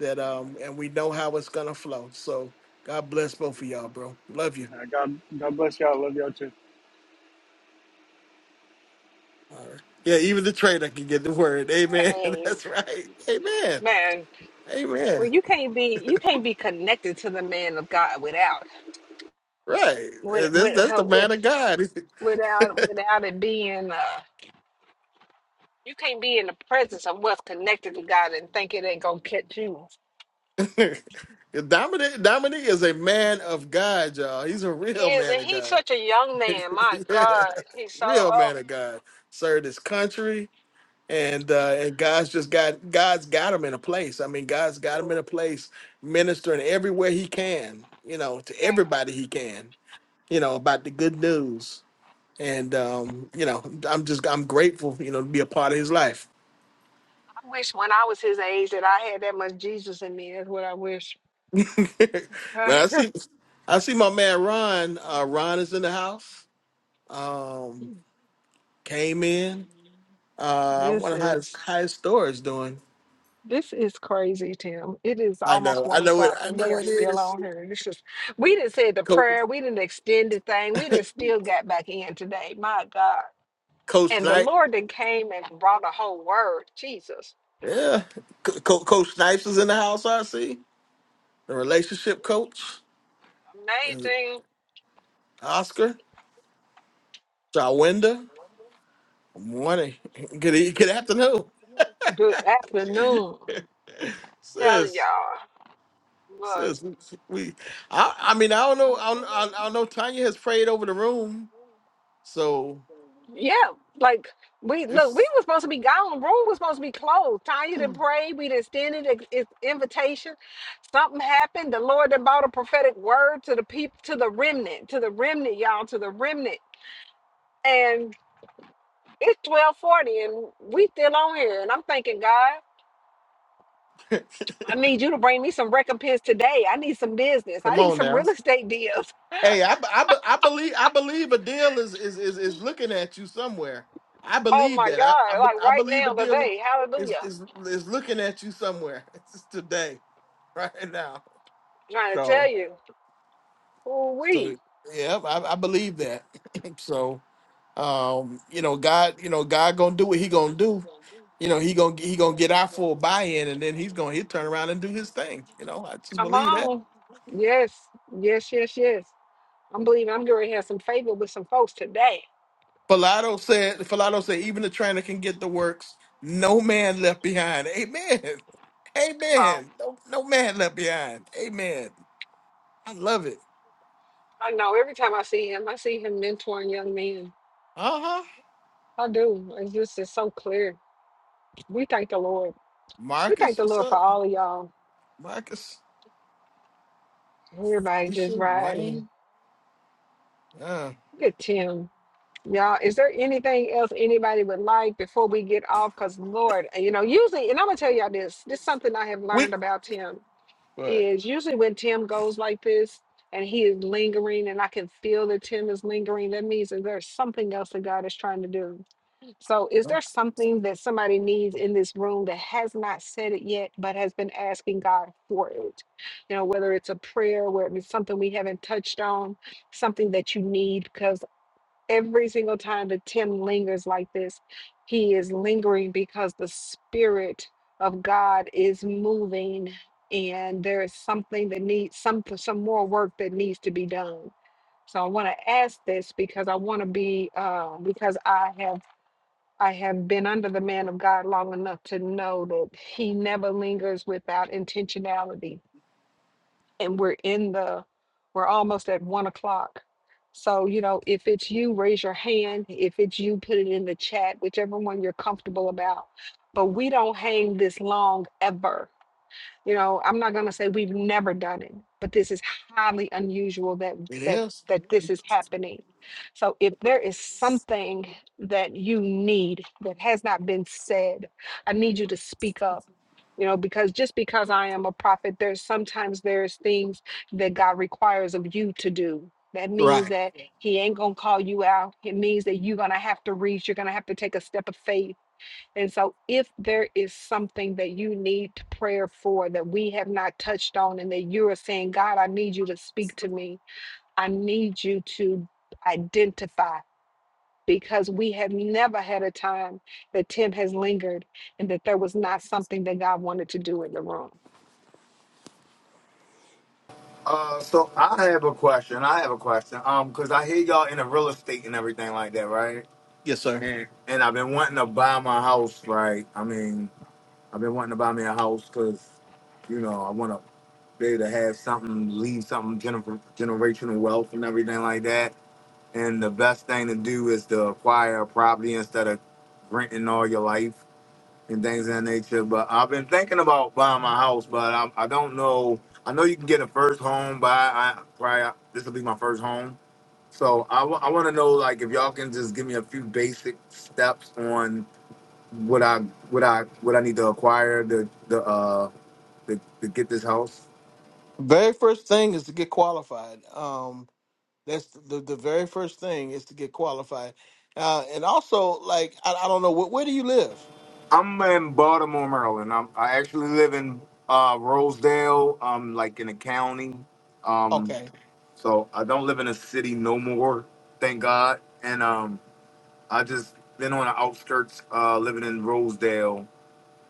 Speaker 1: that, um, and we know how it's gonna flow. So, God bless both of y'all, bro. Love you.
Speaker 11: Uh, God God bless y'all. Love y'all too.
Speaker 1: All right. Yeah, even the trainer can get the word. Amen. That's right. Amen.
Speaker 4: man well
Speaker 1: Amen.
Speaker 4: you can't be you can't be connected to the man of god without
Speaker 1: Right.
Speaker 4: with
Speaker 1: That's
Speaker 4: with
Speaker 1: that's
Speaker 4: uh,
Speaker 1: the
Speaker 4: with
Speaker 1: man of God.
Speaker 4: without without it being uh you can't be in the presence of what's connected to god and think it ain't gonna catch you
Speaker 1: Dominic Dominic is a man of God, y'all. He's a
Speaker 4: he
Speaker 1: real
Speaker 4: is
Speaker 1: man
Speaker 4: and
Speaker 1: of
Speaker 4: he's
Speaker 1: God.
Speaker 4: such a young man my
Speaker 1: yeah.
Speaker 4: god he's so
Speaker 1: Real
Speaker 4: oh
Speaker 1: man of God. Served his country. And uh, and God's just got God's got him in a place. I mean, God's got him in a place, ministering everywhere he can, you know, to everybody he can, you know, about the good news. And um, you know, I'm just I'm grateful, you know, to be a part of his life.
Speaker 4: i wish when i was his age that i had that much jesus in me that's what i wish
Speaker 1: when I see I see my man Ron, uh, Ron is in the house. Um, came in. Uh, I
Speaker 4: This
Speaker 1: wonder how his,
Speaker 4: is
Speaker 1: how his store is doing.
Speaker 4: this is crazy, Tim. It is
Speaker 1: I
Speaker 4: almost
Speaker 1: know, I
Speaker 4: one
Speaker 1: know it.
Speaker 4: o'clock
Speaker 1: I
Speaker 4: and we
Speaker 1: know
Speaker 4: are
Speaker 1: it
Speaker 4: still
Speaker 1: is.
Speaker 4: on here. This is we didn't say the
Speaker 1: Coach,
Speaker 4: prayer, we didn't extend the thing, we didn't still got back in today. My God.
Speaker 1: Coach
Speaker 4: And the
Speaker 1: Snipe.
Speaker 4: Lord that came and brought a whole word. Jesus.
Speaker 1: Yeah, Co- Co- Coach Snipes is in the house. I see the relationship coach, and
Speaker 4: Amazing.
Speaker 1: Oscar, Jawinda. Good morning. Good e- good afternoon,
Speaker 4: Good afternoon. Tell
Speaker 1: sis.
Speaker 4: y'all. Look.
Speaker 1: Sis, we, we- I, I mean, I don't know. I don't, I don't know. Tanya has prayed over the room, so
Speaker 4: Yeah, like we
Speaker 1: if
Speaker 4: look, we were supposed to be gone. The Room was supposed to be closed. Tanya didn't pray. We didn't send it ex- ex- invitation. Something happened. The Lord done brought a prophetic word to the people, to the remnant, to the remnant, y'all, to the remnant. And it's twelve forty, and we still on here. And I'm thinking, God, I need you to bring me some recompense today. I need some business. I
Speaker 1: come
Speaker 4: need
Speaker 1: on
Speaker 4: some
Speaker 1: now.
Speaker 4: real estate deals.
Speaker 1: Hey, I, I, I believe I believe a deal is is, is is looking at you somewhere. I
Speaker 4: Oh
Speaker 1: believe
Speaker 4: my
Speaker 1: that. I I,
Speaker 4: God!
Speaker 1: be-
Speaker 4: Like
Speaker 1: I
Speaker 4: right
Speaker 1: believe a
Speaker 4: now,
Speaker 1: deal
Speaker 4: today.
Speaker 1: is
Speaker 4: Hallelujah.
Speaker 1: is is looking at you somewhere. It's today, right now. So so yeah, I, I believe that. so um, you know, God, you know, God gonna do what He gonna do. You know, He gonna He gonna get our full buy-in, and then He's gonna He turn around and do His thing. You know, I just
Speaker 4: Come
Speaker 1: believe that.
Speaker 4: on. Yes. Yes. Yes. Yes. I'm believing I'm going to have some favor with some folks today.
Speaker 1: Philato said, Philato said, even the trainer can get the works. No man left behind. Amen. Amen. No, no man left behind. Amen. I love it.
Speaker 4: I know I see him mentoring young men.
Speaker 1: Uh huh.
Speaker 4: I do. It's just it's so clear. We thank the Lord. We thank
Speaker 1: Marcus,
Speaker 4: the
Speaker 1: what's
Speaker 4: Lord for
Speaker 1: up?
Speaker 4: all of y'all.
Speaker 1: Marcus,
Speaker 4: Everybody just
Speaker 1: Lisa,
Speaker 4: riding.
Speaker 1: Wayne. Uh,
Speaker 4: Look at Tim. Y'all, is there anything?
Speaker 1: we, but
Speaker 4: It's- And he so,
Speaker 1: you know,
Speaker 4: you know, with on some need because. every single time that Tim lingers like this, he is lingering because the Spirit of God is moving and there is something that needs some some more work that needs to be done. So I want to ask this because I want to be uh, because I have I have been under the man of God long enough to know that he never lingers without intentionality and we're in the we're almost at one o'clock so you know if it's you raise your hand if it's you put it in the chat whichever one you're comfortable about but we don't hang this long ever you know i'm not going to say we've never done it but this is highly unusual that
Speaker 1: it
Speaker 4: that
Speaker 1: is
Speaker 4: that this is happening so if there is something that you need that has not been said i need you to speak up you know because just because i am a prophet there's sometimes there's things that god requires of you to do that means
Speaker 1: right.
Speaker 4: that he ain't gonna call you out it means that you're gonna have to reach you're gonna have to take a step of faith and so, if there is something that you need to prayer for that we have not touched on, and that you are saying, God, I need you to speak to me, I need you to identify, because we have never had a time that Tim has lingered and that there was not something that God wanted to do in the room.
Speaker 7: Uh, so I have a question. I have a question. Um, cause I hear y'all in the real estate and everything like that, right?
Speaker 1: Yes, sir.
Speaker 7: And and I've been wanting to buy my house, right? I mean, I've been wanting to buy me a house, cause you know I want to be able to have something, leave something gener- generational wealth and everything like that And the best thing to do is to acquire a property instead of renting all your life and things of that nature. But I've been thinking about buying my house, but I, I don't know. I know you can get a first home, but I, I probably this will be my first home. So I want to know like if y'all can just give me a few basic steps on what I what I what I need to acquire to the uh to, to get this house.
Speaker 1: Very first thing is to get qualified. Um, that's the the very first thing is to get qualified. Uh, and also, like, I, I don't know, where, where do you live?
Speaker 7: I'm in Baltimore, Maryland. I'm, I actually live in uh, Rosedale, um, like in the county. Um,
Speaker 1: Okay
Speaker 7: so I don't live in a city no more, thank God. And um, I just been on the outskirts, uh, living in Rosedale.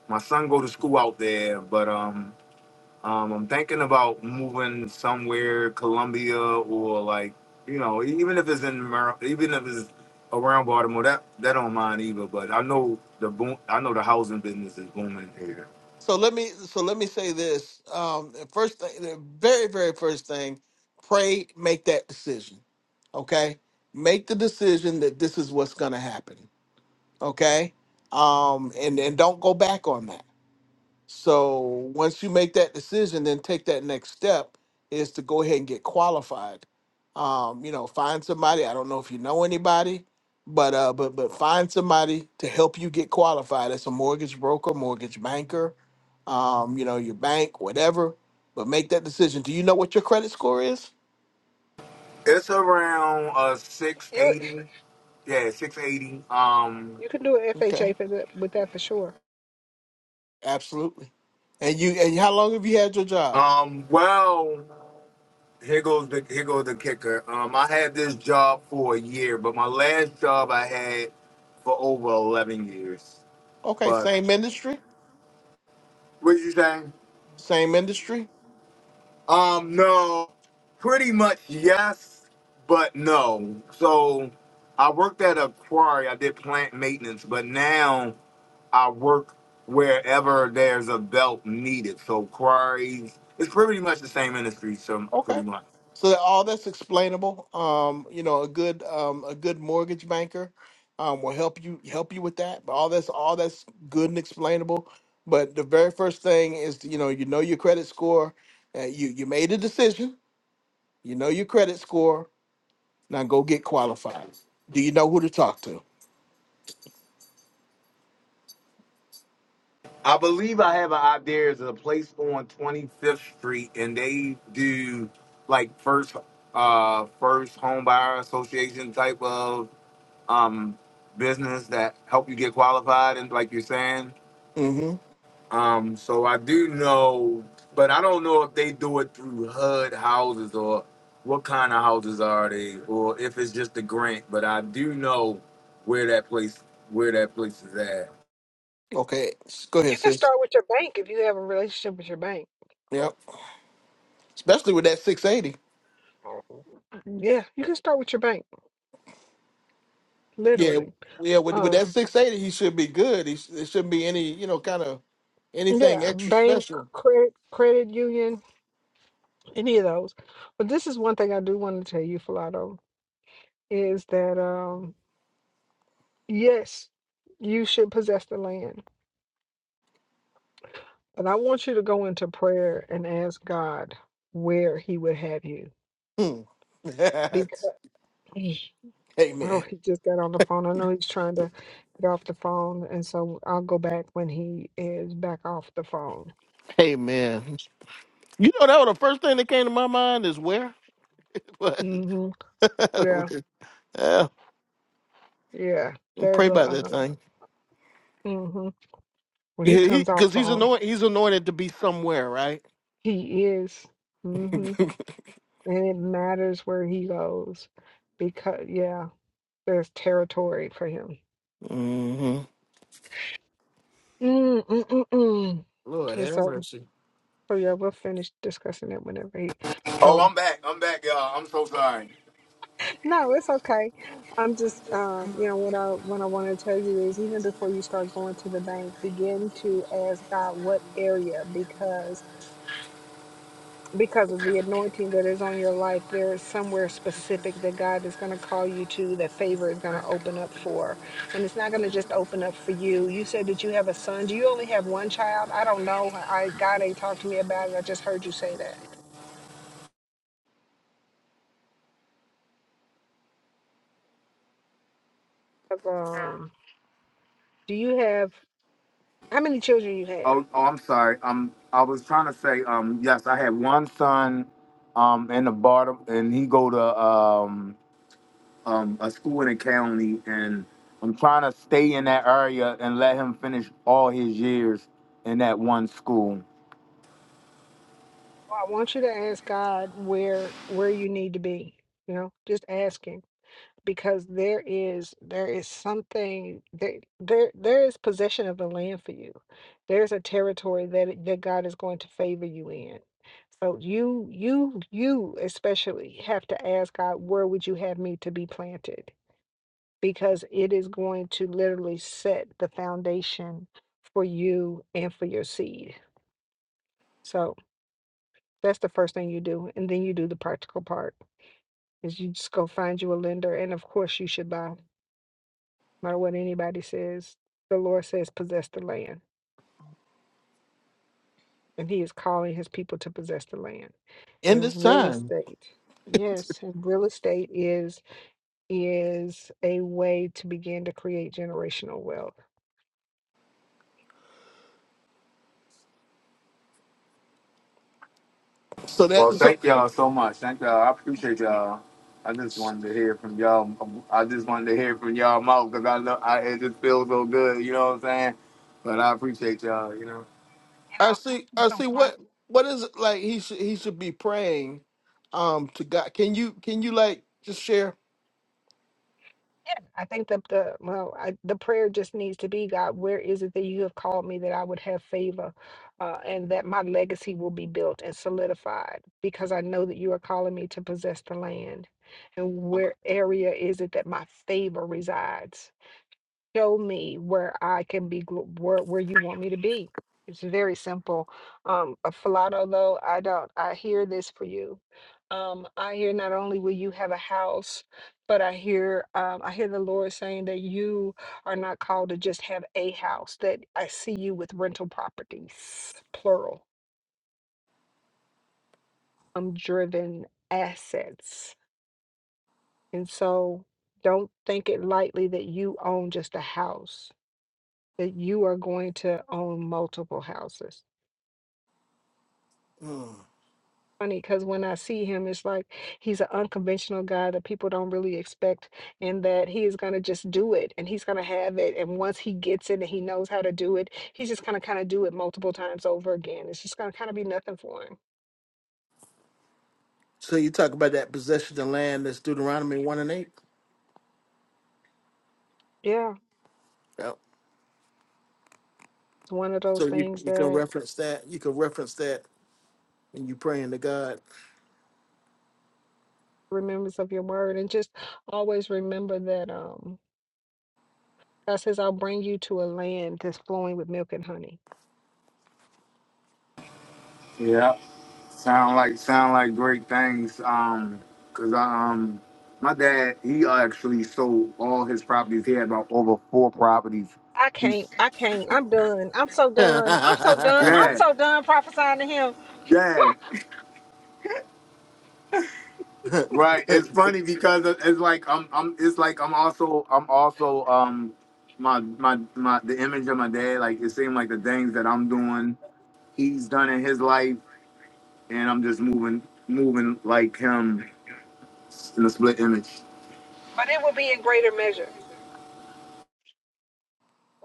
Speaker 7: My son go to school out there, but um, um, I'm thinking about moving somewhere, Columbia or like, you know, even if it's in Mar- even if it's around Baltimore, that that don't mind either. But I know the boom, I know the housing business is booming here.
Speaker 1: So let me so let me say this. Um, the first thing, the very very first thing, pray, make that decision. Okay, make the decision that this is what's going to happen. Okay, um, and and don't go back on that. So once you make that decision, then take that next step is to go ahead and get qualified. Um, you know, find somebody. I don't know if you know anybody, but uh, but but find somebody to help you get qualified. It's a mortgage broker, mortgage banker um, you know, your bank, whatever. But make that decision. Do you know what your credit score is?
Speaker 7: It's around uh
Speaker 4: You
Speaker 7: 680. Yeah, 680. Um,
Speaker 4: you can do an
Speaker 1: Okay,
Speaker 4: FHA for that, with that for sure.
Speaker 1: absolutely. And you and how long have you had your job?
Speaker 7: um, well, here goes the here goes the kicker. Um, I had this job for a year, but my last job I had for over eleven years.
Speaker 1: Okay,
Speaker 7: But
Speaker 1: same industry,
Speaker 7: what did you say?
Speaker 1: same industry.
Speaker 7: Um, no, pretty much yes, but no. So I worked at a quarry. I did plant maintenance, but now I work wherever there's a belt needed. So quarries, it's pretty much the same industry. So pretty
Speaker 1: Okay,
Speaker 7: much.
Speaker 1: so that all that's explainable. Um, you know, a good um, a good mortgage banker um, will help you help you with that. But all that's all that's good and explainable. But the very first thing is you know you know your credit score. Uh, you you made a decision. You know your credit score Now go get qualified. Do you know who to talk to?
Speaker 7: I believe I have an idea. There's a place on 25th Street, and they do like first, uh, first home buyer association type of um, business that help you get qualified, and like you're saying.
Speaker 1: Mm-hmm.
Speaker 7: Um, so I do know, but I don't know if they do it through HUD houses or what kind of houses are they, or if it's just a grant. But I do know where that place where that place is at.
Speaker 1: Okay. s- Go ahead,
Speaker 4: You can
Speaker 1: sis. Yep. Especially with that 680. Yeah. Yeah. With, with that 680, he should be good. He sh- it shouldn't be any, you know, kind of anything extra
Speaker 4: Lynn,
Speaker 1: special.
Speaker 4: Cran, any of those. But this is one thing I do want to tell you, Falato, is that um, yes, you should possess the land, but I want you to go into prayer and ask God where He would have you
Speaker 1: Hmm.
Speaker 4: because. Oh,
Speaker 1: Amen.
Speaker 4: he just got on the phone. I know he's trying to get off the phone, and so I'll go back when he is back off the phone.
Speaker 1: Amen. You know, that was the first thing that came to my mind is where. uh,
Speaker 4: Yeah, yeah.
Speaker 1: pray
Speaker 4: There's a
Speaker 1: about that
Speaker 4: uh,
Speaker 1: thing.
Speaker 4: hmm when he
Speaker 1: Yeah, he
Speaker 4: comes off
Speaker 1: because he's
Speaker 4: phone,
Speaker 1: anointed. He's anointed to be somewhere, right?
Speaker 4: he is, hmm and it matters where he goes because yeah, there's territory for him.
Speaker 1: hmm
Speaker 4: Mm-mm-mm-mm.
Speaker 1: Lord
Speaker 4: And
Speaker 1: have
Speaker 4: so,
Speaker 1: mercy.
Speaker 4: so yeah, we'll finish discussing it whenever he. oh.
Speaker 7: Oh, I'm back. I'm back, y'all. I'm so sorry.
Speaker 4: No, it's okay. I'm just, um, you know, what I what I want to tell you is even before you start going to the bank, begin to ask God what area because because of the anointing that is on your life, there is somewhere specific that God is going to call you to that favor is going to open up for, and it's not going to just open up for you. You said that you have a son. Do you only have one? child? I got it. Um,
Speaker 7: Oh, oh I'm sorry. Um, I was trying to say, um, yes, I had one son, um, in the bar, and he go to um um, a school in the county, and I'm trying to stay in that area and let him finish all his years in that one school.
Speaker 4: I want you to ask God where where you need to be. You know, just asking. because there is there is something there there there is possession of the land for you. There's a territory that that God is going to favor you in. So you you you especially did, because it is going to literally set the foundation for you and for your seed. So that's the first thing you do. And then you do the practical part is you just go find you a lender. And of course you should buy, no matter what anybody says. The Lord says possess the land. and he is calling his people to possess the land
Speaker 1: In
Speaker 4: and
Speaker 1: this
Speaker 4: real
Speaker 1: time.
Speaker 4: estate. Yes, and real estate is is you
Speaker 1: So that
Speaker 7: Well,
Speaker 1: so
Speaker 7: thank y'all so much. Thank y'all. I appreciate y'all. I just wanted to hear from y'all. I just wanted to hear from y'all mouth because I know I, it just feels so good. You know what I'm saying? But I appreciate y'all. You know.
Speaker 4: know
Speaker 1: I
Speaker 4: and
Speaker 1: see
Speaker 4: it's
Speaker 1: I
Speaker 4: so
Speaker 1: see
Speaker 4: fun.
Speaker 1: what what is it like he should he should be praying um to God. Can you can you like just share?
Speaker 4: Yeah, I think that the well, I, the prayer just needs to be God. Where is it that you have called me that I would have favor, uh, and that my legacy will be built and solidified? Because I know that you are calling me to possess the land. And
Speaker 1: Okay.
Speaker 4: where area is it that my favor resides? show me where I can be, gl- where, where you want me to be. It's very simple. Um, uh, Falado, though, I don't, I hear this for you. Um, I hear not only will you have a house, but I hear, um, I hear the Lord saying that you are not called to just have a house, that I see you with rental properties, plural, um, driven assets. And so don't think it lightly that you own just a house that you are going to own multiple houses. Funny, because when I see him, it's like he's an unconventional guy that people don't really expect, and that he is going to just do it and he's going to have it. And once he gets it and he knows how to do it, he's just going to kind of do it multiple times over again. It's just going to kind of be nothing for him.
Speaker 1: So you talk about that possession of land that's Deuteronomy one and eight.
Speaker 4: Yeah,
Speaker 1: Yeah.
Speaker 4: it's one of
Speaker 1: So
Speaker 4: those
Speaker 1: you
Speaker 4: things
Speaker 1: you can
Speaker 4: that
Speaker 1: reference that. You can reference that when you praying to God.
Speaker 4: remembers of your word, and just always remember that um, God says, I'll bring you to a land that's flowing with milk and honey.
Speaker 7: Yeah. Sound like sound like great things. Um, cause I, um, my dad he actually sold all his properties. He had about over four properties.
Speaker 4: I
Speaker 7: He-
Speaker 4: can't. I can't. I'm done. I'm so done. I'm so done. I'm
Speaker 7: yeah,
Speaker 4: so done prophesying to him.
Speaker 7: yeah, right. It's funny because it- it's like I'm, I'm. It's like I'm also, I'm also, um, my my my the image of my dad. Like it seemed like the things that I'm doing, he's done in his life, and I'm just moving, moving like him in a split image.
Speaker 4: But it will be in greater measure.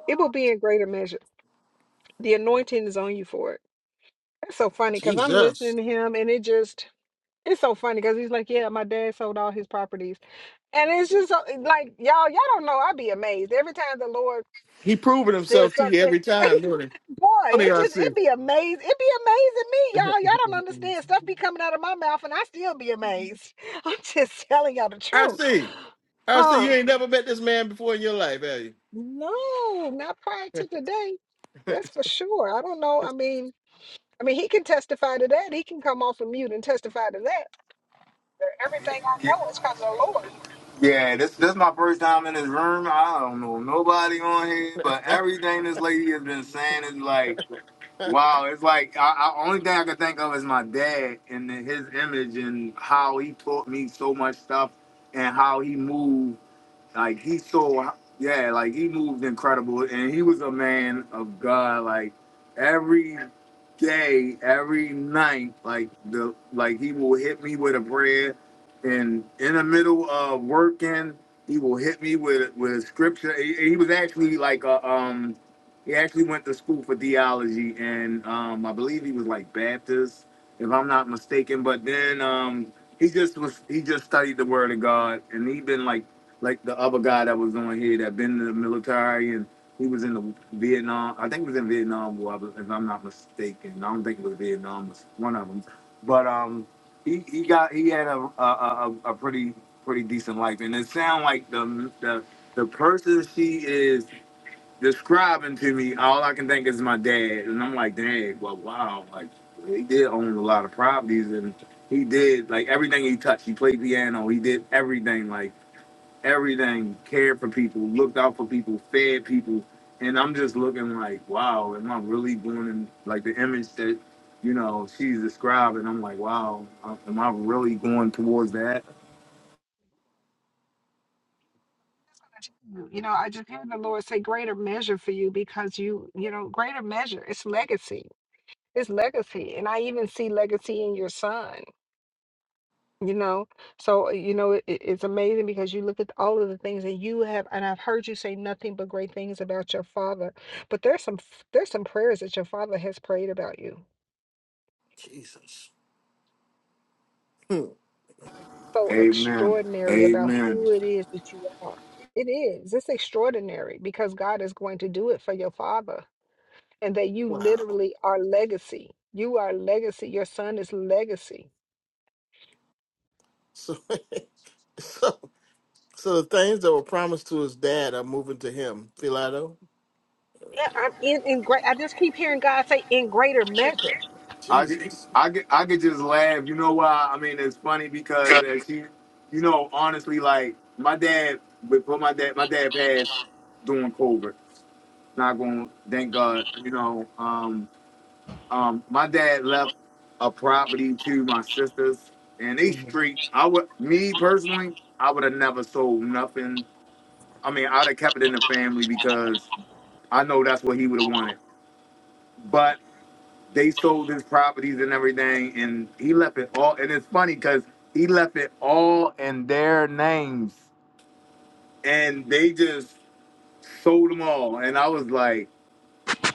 Speaker 4: It will be in greater measure. The anointing is on you for it. It's so funny because I'm
Speaker 1: Jesus.
Speaker 4: listening to him and it just, it's so funny because he's like, yeah, my dad sold all his properties. And it's just so- like, y'all, y'all don't know. I'd be amazed every time the Lord
Speaker 1: He proving
Speaker 4: said
Speaker 1: himself to you
Speaker 4: something.
Speaker 1: every time, don't he?
Speaker 4: Boy,
Speaker 1: Don't he,
Speaker 4: it
Speaker 1: I
Speaker 4: just
Speaker 1: see.
Speaker 4: it be amazing. It be amazing me, y'all. Y'all don't understand. Stuff be coming out of my mouth and I still be amazed. I'm just telling y'all the
Speaker 1: I
Speaker 4: truth.
Speaker 1: see. I see you
Speaker 4: Uh
Speaker 1: ain't never met this man before in your life, have
Speaker 4: no, not prior to today.
Speaker 1: you?
Speaker 4: That's for sure. I don't know. I mean, I mean, he can testify to that. He can come off of mute and testify to that. Everything I know is because of the Lord.
Speaker 7: Yeah, this this my first time in this room. I don't know nobody on here, but everything this lady has been saying is like, wow. It's like I, I only thing I can think of is my dad and his image and how he taught me so much stuff and how he moved like he so yeah, like he moved incredible, and he was a man of God. Like every day, every night, like the like he will hit me with a prayer, and in the middle of working, he will hit me with with a scripture. He, he was actually like a um, he actually went to school for theology, and um, I believe he was like Baptist, if I'm not mistaken. But then um, he just was he just studied the Word of God, and he been like like the other guy that was on here that been in the military and he was in the Vietnam. I think it was in Vietnam War, if I'm not mistaken. I don't think it was Vietnam. It was one of them. But um, he, he got he had a a, a a pretty pretty decent life, and it sound like the the the person she is describing to me. All I can think is my dad, and I'm like, dang, well, wow, like he did own a lot of properties, and he did like everything he touched. He played piano. He did everything like everything, cared for people, looked out for people, fed people. And I'm just looking like, wow, am I really doing in, like the image that, you know, she's describing? I'm like, wow, uh, am I really going towards that?
Speaker 4: You know, I just hear the Lord say, "Greater measure for you," because you, you know, greater measure. It's legacy it's legacy and i even see legacy in your son you know so uh, you know it, it- it's amazing because you look at all of the things that you have and i've heard you say nothing but great things about your father but there's some f- there's some prayers that your father has prayed about you
Speaker 1: Jesus. Hmm.
Speaker 4: so
Speaker 7: Amen.
Speaker 4: extraordinary about
Speaker 7: Amen.
Speaker 4: who it is that you are it is it's extraordinary because god is going to do it for your father and that you
Speaker 1: Wow.
Speaker 4: literally are legacy you are legacy your son is legacy
Speaker 1: So, so, so the things that were promised to his dad are moving to him, Philado.
Speaker 4: Yeah, I'm in in great. I just keep hearing God say, "In greater measure."
Speaker 7: I, ju-
Speaker 1: Jesus.
Speaker 7: I, could- I could just laugh. You know why? I mean, it's funny because as she, you know, honestly, like my dad, before my dad, my dad passed doing COVID. Not going, to thank God, you know. Um, Um, my dad left a property to my sisters, and they
Speaker 1: Mhm.
Speaker 7: street. I would, me personally, I would have never sold nothing. I mean, I'd have kept it in the family because I know that's what he would have wanted. But they sold his properties and everything, and he left it all. And it's funny because he left it all in their names, and they just sold them all. And I was like.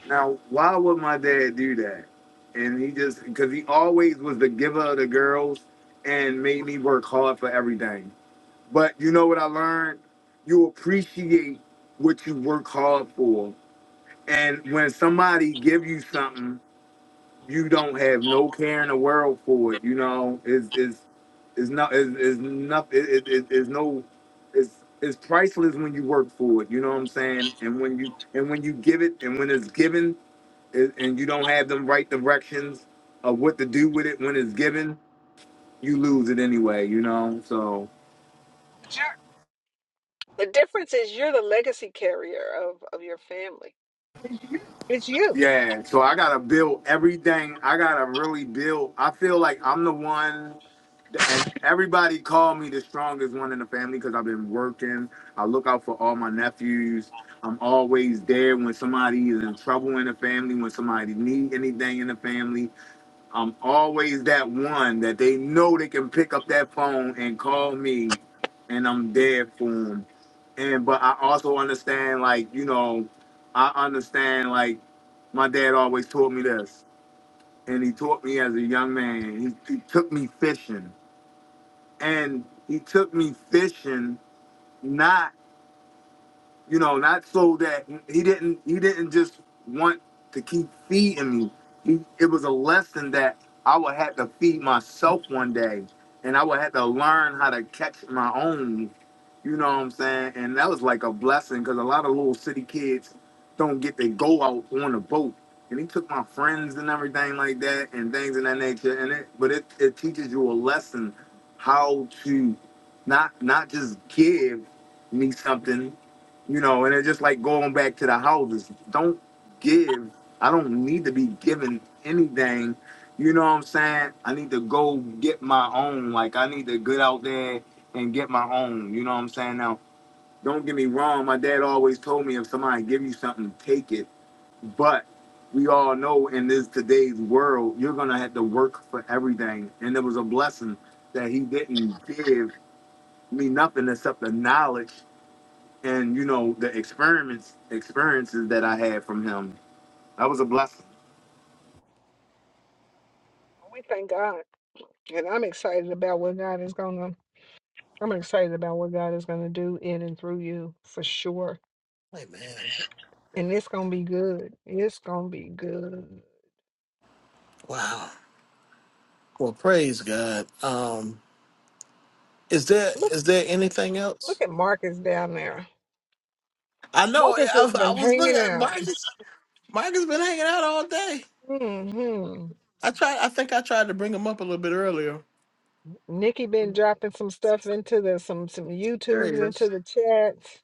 Speaker 7: Now, why would my dad do that? And he just because he always was the giver of the girls and made me work hard for everything. But you know what I learned? You appreciate what you work hard for. And when somebody give you something, you don't have no care in the world for it. You know, is is is not is is not it, it, it- it's no it's it's priceless when you work for it. You know what I'm saying? And when you and when you give it and when it's given and and you don't have them right directions of what to do with it when it's given, you lose it anyway, you know? So,
Speaker 4: The difference is you're the legacy carrier of, of your family. It's you.
Speaker 7: yeah. So I got to build everything. I got to really build. I feel like I'm the one, and everybody called me the strongest one in the family because I've been working. I look out for all my nephews. I'm always there when somebody is in trouble in the family, when somebody need anything in the family I'm always that one that they know they can pick up that phone and call me, and I'm there for them. And but I also understand, like you know, I understand like my dad always taught me this, and he taught me as a young man. He, he took me fishing, and he took me fishing not you know, not so that he didn't he didn't just want to keep feeding me. He, it was a lesson that I would have to feed myself one day, and I would have to learn how to catch my own. You know what I'm saying? And that was like a blessing because a lot of little city kids don't get to go out on a boat. And he took my friends and everything like that, and things of that nature. And it, but it, it teaches you a lesson how to not not just give me something you know, and it's just like going back to the houses. Don't give. I don't need to be given anything. You know what I'm saying? I need to go get my own. Like I need to get out there and get my own. You know what I'm saying? Now, don't get me wrong. My dad always told me if somebody give you something, take it. But we all know in this today's world, you're gonna have to work for everything. And it was a blessing that he didn't give me nothing except the knowledge and you know the experiments experiences that I had from him. That was a blessing.
Speaker 4: We thank God. And I'm excited about what God is gonna. I'm excited about what God is gonna do in and through you for sure.
Speaker 1: Amen.
Speaker 4: And it's gonna be good. It's gonna be good.
Speaker 1: Wow. Well, praise God. Um, is there is there anything
Speaker 4: Look
Speaker 1: else?
Speaker 4: at Marcus down there.
Speaker 1: I know.
Speaker 4: Marcus has
Speaker 1: I, I
Speaker 4: been
Speaker 1: was
Speaker 4: hanging
Speaker 1: looking at
Speaker 4: out.
Speaker 1: Marcus. Micah's been hanging out all day.
Speaker 4: Hmm.
Speaker 1: I tried. I think I tried to bring him up a little bit earlier.
Speaker 4: Nikki been dropping some stuff into the some some
Speaker 1: There he
Speaker 4: YouTubes
Speaker 1: is.
Speaker 4: into the chats.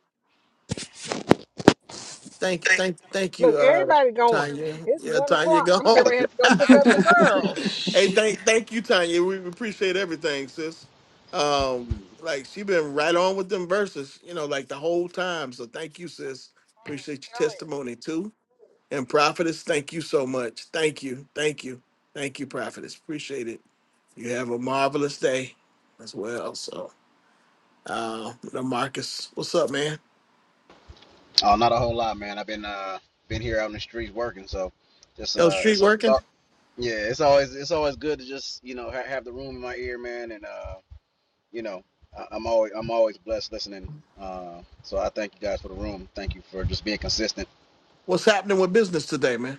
Speaker 1: Thank, thank, thank
Speaker 4: Look,
Speaker 1: you, uh,
Speaker 4: everybody going.
Speaker 1: Tanya.
Speaker 4: It's
Speaker 1: Yeah,
Speaker 4: one
Speaker 1: Tanya,
Speaker 4: o'clock.
Speaker 1: go
Speaker 4: I'm getting
Speaker 1: home.
Speaker 4: ready to have to go pick up the girls.
Speaker 1: hey,
Speaker 4: Shh,
Speaker 1: thank, thank you, Tanya. We appreciate everything, sis. Um, like she been right on with them verses, you know, like the whole time. So thank you, sis. Appreciate
Speaker 4: I'm
Speaker 1: your
Speaker 4: telling you.
Speaker 1: testimony too. And prophetess, thank you so much. Thank you, thank you, thank you, prophetess. Appreciate it. You have a marvelous day as well. So. Uh, Marcus, what's up, man?
Speaker 12: Oh, not a whole lot, man. I've been uh been here out in the streets working, so just
Speaker 1: Yo,
Speaker 12: uh
Speaker 1: street
Speaker 12: it's a
Speaker 1: working.
Speaker 12: uh, yeah, it's always it's always good to just you know ha- have the room in my ear, man, and uh you know I- I'm always I'm always blessed listening. Uh, so I thank you guys for the room. Thank you for just being consistent.
Speaker 1: What's happening with business today, man?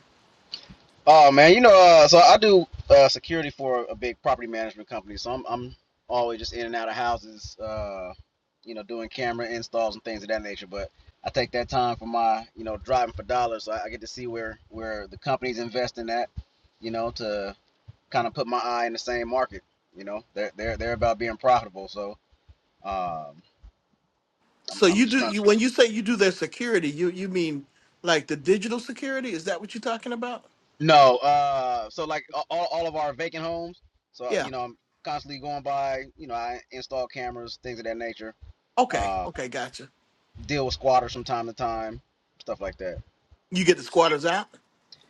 Speaker 12: Oh man, you know, uh, so I do uh, security for a big property management company. So I'm I'm always just in and out of houses, uh, you know, doing camera installs and things of that nature. But I take that time for my, you know, driving for dollars. So I, I get to see where where the company's investing at, you know, to kind of put my eye in the same market. You know, they're they're they're about being profitable. So um, I'm
Speaker 1: So
Speaker 12: I'm
Speaker 1: you
Speaker 12: just
Speaker 1: do
Speaker 12: trying.
Speaker 1: you when you say you do their security, you you mean like the digital security? Is that what you're talking about?
Speaker 12: No, uh, so like a- all, all of our vacant homes. So
Speaker 1: Yeah.
Speaker 12: you know, I'm constantly going by. You know, I install cameras, things of that nature.
Speaker 1: Okay.
Speaker 12: Uh,
Speaker 1: Okay. Gotcha.
Speaker 12: deal with squatters from time to time, stuff like that.
Speaker 1: You get the squatters out.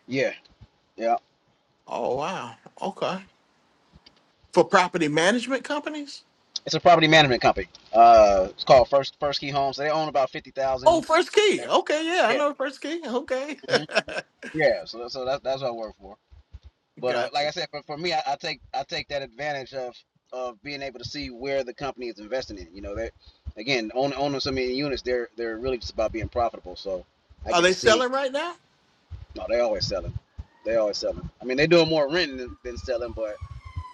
Speaker 12: Yeah, yeah.
Speaker 1: Oh wow. Okay. For property management companies.
Speaker 12: It's a property management company. Uh, it's called First First Key Homes. They own about fifty
Speaker 1: Oh,
Speaker 12: thousand.
Speaker 1: First Key. Okay. Yeah, I
Speaker 12: Yeah,
Speaker 1: know First Key. Okay.
Speaker 12: hmm yeah. So so that, that's what I work for. But uh,
Speaker 1: gotcha.
Speaker 12: like I said, for, for me, I, I take I take that advantage of of being able to see where the company is investing in. You know, that again, own, owning so many units, they're they're really just about being profitable. So I
Speaker 1: Are
Speaker 12: get to
Speaker 1: they
Speaker 12: see.
Speaker 1: selling right now?
Speaker 12: No, they always selling. They always selling. I mean, they doing more renting than, than selling, but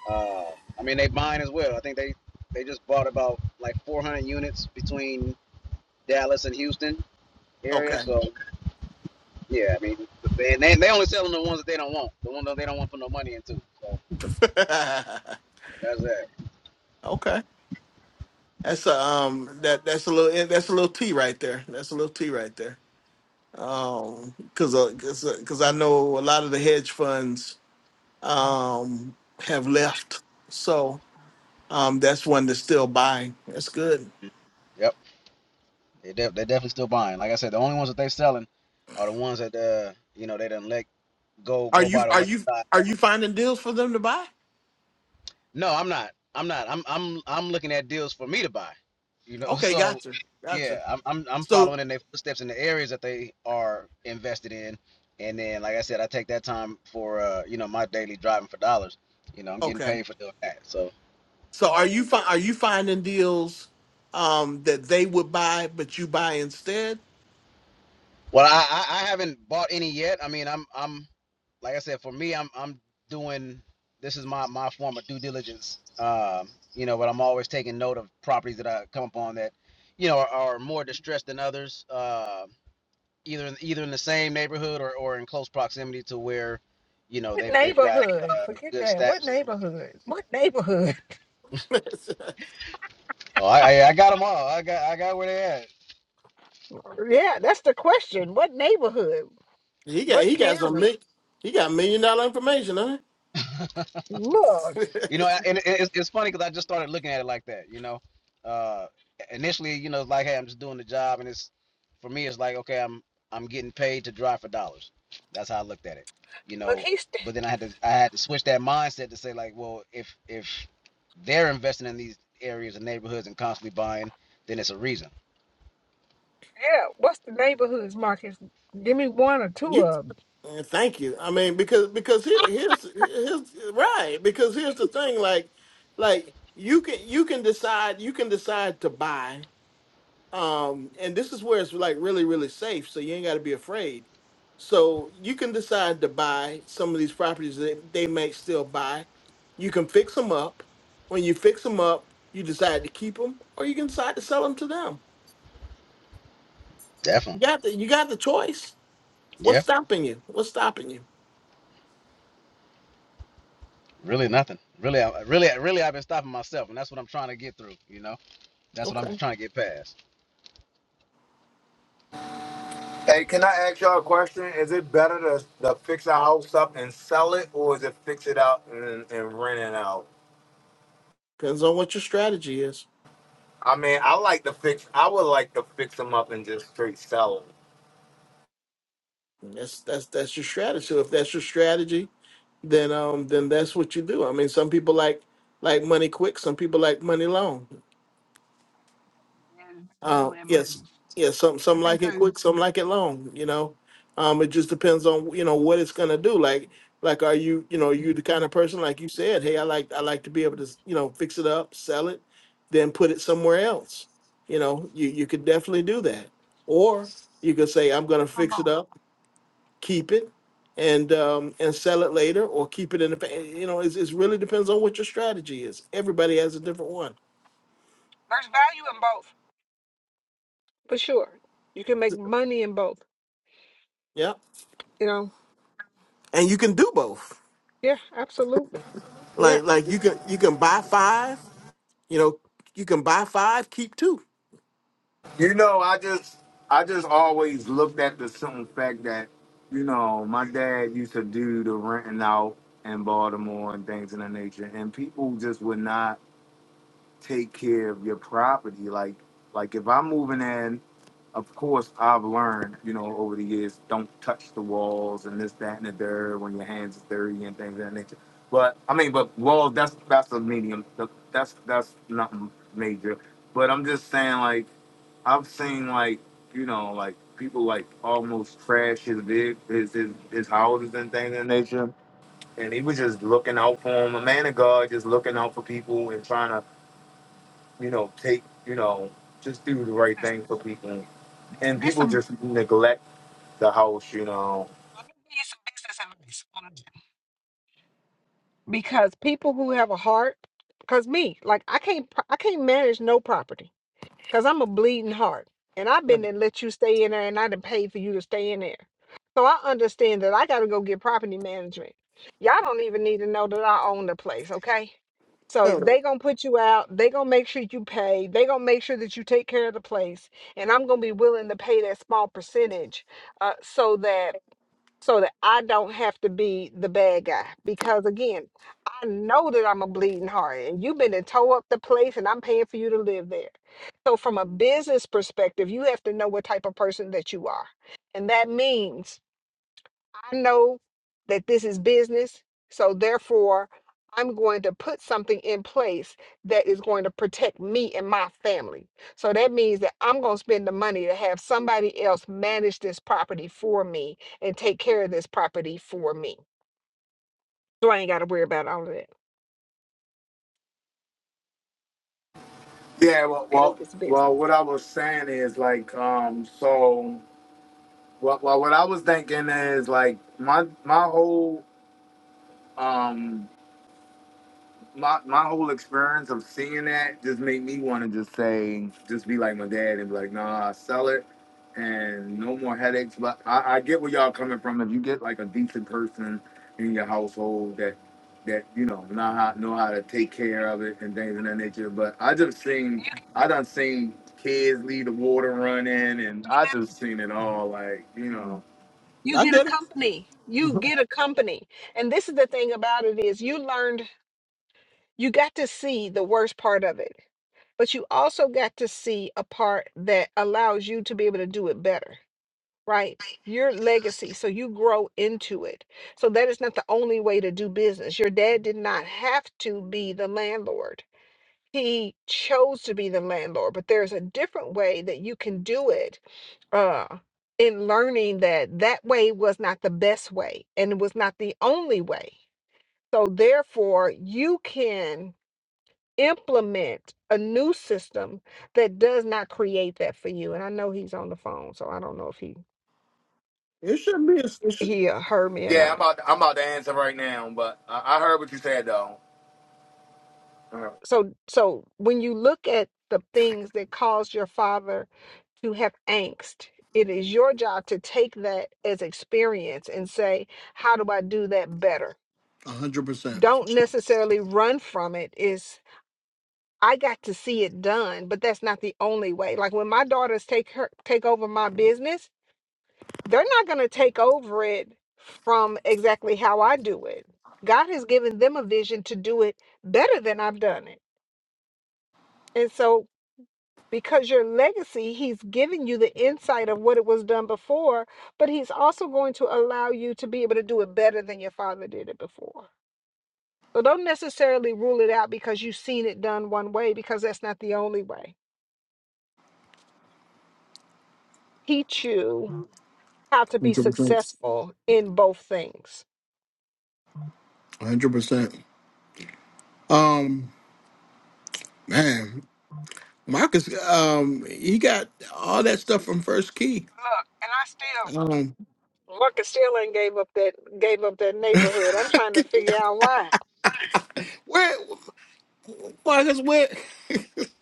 Speaker 12: uh, I mean, they buying as well. I think they they just bought about like 400 units between Dallas and Houston area.
Speaker 1: Okay.
Speaker 12: So yeah, I mean, they they, they only selling the ones that they don't want, the ones that they don't want to put no money into. So that's that.
Speaker 1: okay. That's a um that that's a little that's a little T right there. That's a little T right there. Um, cause uh, cause, uh, 'cause I know a lot of the hedge funds um have left, so um that's one that's still buying. That's good.
Speaker 12: Yep. They def- they definitely still buying. Like I said, the only ones that they selling are the ones that uh you know they done let go
Speaker 1: Are
Speaker 12: go
Speaker 1: you
Speaker 12: by the
Speaker 1: are you
Speaker 12: wayside.
Speaker 1: are you finding deals for them to buy?
Speaker 12: No, I'm not. I'm not. I'm I'm I'm looking at deals for me to buy. You know,
Speaker 1: Okay,
Speaker 12: so
Speaker 1: gotcha, gotcha.
Speaker 12: yeah, I'm I'm I'm
Speaker 1: So
Speaker 12: following in their footsteps in the areas that they are invested in. And then like I said, I take that time for uh, you know, my daily driving for dollars. You know, I'm getting
Speaker 1: okay,
Speaker 12: paid for doing that. So
Speaker 1: so are you fi- are you finding deals um that they would buy but you buy instead?
Speaker 12: well I, I I haven't bought any yet. I mean I'm I'm like I said, for me, I'm I'm doing this is my my form of due diligence. Um, you know, but I'm always taking note of properties that I come upon that, you know, are, are more distressed than others. Uh, either in, either in the same neighborhood or, or in close proximity to where, you know,
Speaker 4: What
Speaker 12: they've they've got
Speaker 4: neighborhood?
Speaker 12: uh,
Speaker 4: Forget
Speaker 12: good
Speaker 4: that. What
Speaker 12: steps.
Speaker 4: neighborhood? What neighborhood?
Speaker 12: Oh, I I I got them all. I got I got where they
Speaker 4: Yeah, that's the question. What neighborhood?
Speaker 1: he got
Speaker 4: What
Speaker 1: he got some
Speaker 4: county?
Speaker 1: mi- he got million dollar information, huh?
Speaker 12: at.
Speaker 4: Look,
Speaker 12: You know, and it- it's, it's funny because I just started looking at it like that. You know, uh, initially, you know, it's like, hey, I'm just doing the job, and it's for me, it's like, okay, I'm I'm getting paid to drive for dollars. That's how I looked at it. You know,
Speaker 4: he's
Speaker 12: but then I had to I had to switch that mindset to say like, well, if if they're investing in these areas and neighborhoods and constantly buying, then it's a reason.
Speaker 4: yeah. What's the neighborhoods, Marcus? Give me one or two
Speaker 1: you,
Speaker 4: of them.
Speaker 1: uh, thank you. I mean, because because here, here's here's right. Because here's the thing, like like you can you can decide you can decide to buy. Um, and this is where it's like really really safe, so you ain't got to be afraid. So you can decide to buy some of these properties that they may still buy. You can fix them up. When you fix them up, you decide to keep them, or you can decide to sell them to them. You
Speaker 12: Definitely.
Speaker 1: got the you got the choice. What's
Speaker 12: Yeah.
Speaker 1: stopping you? What's stopping you?
Speaker 12: Really nothing. Really, I, really, really, I've been stopping myself, and that's what I'm trying to get through. You know, that's what I'm
Speaker 1: Okay.
Speaker 12: trying to get past.
Speaker 7: Hey, can I ask y'all a question? Is it better to, to fix a house up and sell it, or is it fix it out and, and rent it out?
Speaker 1: Depends on what your strategy is.
Speaker 7: I mean, I like to fix. I would like to fix them up and just straight sell them.
Speaker 1: That's that's that's your strategy. So if that's your strategy, then um then that's what you do. I mean, some people like like money quick, some people like money long.
Speaker 4: Yeah,
Speaker 1: Uh
Speaker 4: you in
Speaker 1: yes.
Speaker 4: both.
Speaker 1: yes. some
Speaker 4: I
Speaker 1: some
Speaker 4: think
Speaker 1: like it
Speaker 4: there's in
Speaker 1: quick, some like it long, you know. Um it just depends on you know what it's gonna do. Like like are you you know, you the kind of person like you said, hey, I like I like to be able to, you know, fix it up, sell it, then put it somewhere else. You know, you you could definitely do that. Or you could say, I'm gonna fix it
Speaker 4: both.
Speaker 1: up keep it and um, and sell it later, or keep it in the fa- you know it's, it really depends on what your strategy is. Everybody has a different one.
Speaker 4: There's value in both, for sure. You can make money in both.
Speaker 1: Yeah,
Speaker 4: You know?
Speaker 1: and you can do both.
Speaker 4: Yeah, absolutely. Yeah.
Speaker 1: Like like you can you can buy five. You know you can buy five, keep two.
Speaker 7: You know, I just, I just always looked at the simple fact that, you know, my dad used to do the renting out in Baltimore and things of that nature, and people just would not. take care of your property. Like like if I'm moving in, of course I've learned, you know, over the years, don't touch the walls and this, that, and the dirt when your hands are dirty and things of that nature. But I mean, but walls that's that's a medium. Th- That's that's nothing major. But I'm just saying like I've seen like you know like people like almost trash his big his his, his houses and things of that nature. And he was just looking out for him, a man of God, just looking out for people and trying to you know, take, you know, just do the right thing for people.
Speaker 4: This,
Speaker 7: And
Speaker 4: this,
Speaker 7: people just neglect the house, you know.
Speaker 4: Let me give advice on Because people who have a heart, because me, like I can't, pro- I can't manage no property because I'm a bleeding heart, and I've been and let you stay in there, and I didn't pay for you to stay in there. So I understand that I got to go get property management. Y'all don't even need to know that I own the place, okay? So
Speaker 1: Sure.
Speaker 4: they gonna put you out. They gonna make sure you pay. They gonna make sure that you take care of the place, and I'm gonna be willing to pay that small percentage, uh, so that so that I don't have to be the bad guy. Because again, I know that I'm a bleeding heart and you've been to tow up the place and I'm paying for you to live there. So, from a business perspective, you have to know what type of person that you are. And that means I know that this is business, so therefore I'm going to put something in place that is going to protect me and my family. So that means that I'm going to spend the money to have somebody else manage this property for me and take care of this property for me. So I ain't got to worry about all of that
Speaker 7: Yeah, well,
Speaker 4: out of
Speaker 7: well,
Speaker 4: this
Speaker 7: well
Speaker 4: business.
Speaker 7: what I was saying is like, um, so, well, well, what I was thinking is like, my my whole, um. my my whole experience of seeing that just made me want to just say, just be like my dad and be like, nah, sell it and no more headaches. But I, I get where y'all coming from. If you get like a decent person in your household that that you know know how know how to take care of it and things of that nature. But I just seen I done seen kids leave the water running and I just seen it all like, you
Speaker 4: Yeah.
Speaker 7: know.
Speaker 4: You
Speaker 1: I
Speaker 4: get a
Speaker 1: get it.
Speaker 4: company. You
Speaker 1: Mhm.
Speaker 4: get a company. And this is the thing about it is you learned you got to see the worst part of it. but you also got to see a part that allows you to be able to do it better, right? Your legacy. So you grow into it. So that is not the only way to do business. Your dad did not have to be the landlord. He chose to be the landlord, but there's a different way that you can do it. Uh, in learning that that way was not the best way and it was not the only way. So therefore, you can implement a new system that does not create that for you. And I know he's on the phone, so I don't know if he
Speaker 1: It shouldn't be. A, it should.
Speaker 4: he uh, heard me or
Speaker 7: Yeah,
Speaker 4: not.
Speaker 7: I'm out I'm out to answer right now, but I, I heard what you said though.
Speaker 4: So so when you look at the things that cause your father to have angst, it is your job to take that as experience and say, how do I do that better?
Speaker 1: A hundred percent.
Speaker 4: Don't necessarily run from it. Is I got to see it done, but that's not the only way. Like when my daughters take her take over my business, they're not going to take over it from exactly how I do it. God has given them a vision to do it better than I've done it. And so, because your legacy, He's given you the insight of what it was done before, but He's also going to allow you to be able to do it better than your father did it before. So, don't necessarily rule it out because you've seen it done one way, because that's not the only way. Teach you how to be successful in both things.
Speaker 1: A hundred percent. Um, man, Marcus, um, he got all that stuff from First Key.
Speaker 4: Look, and I still
Speaker 1: Um,
Speaker 4: Marcus still ain't gave up that gave up that neighborhood. I'm trying to figure out why.
Speaker 1: where, Marcus, where?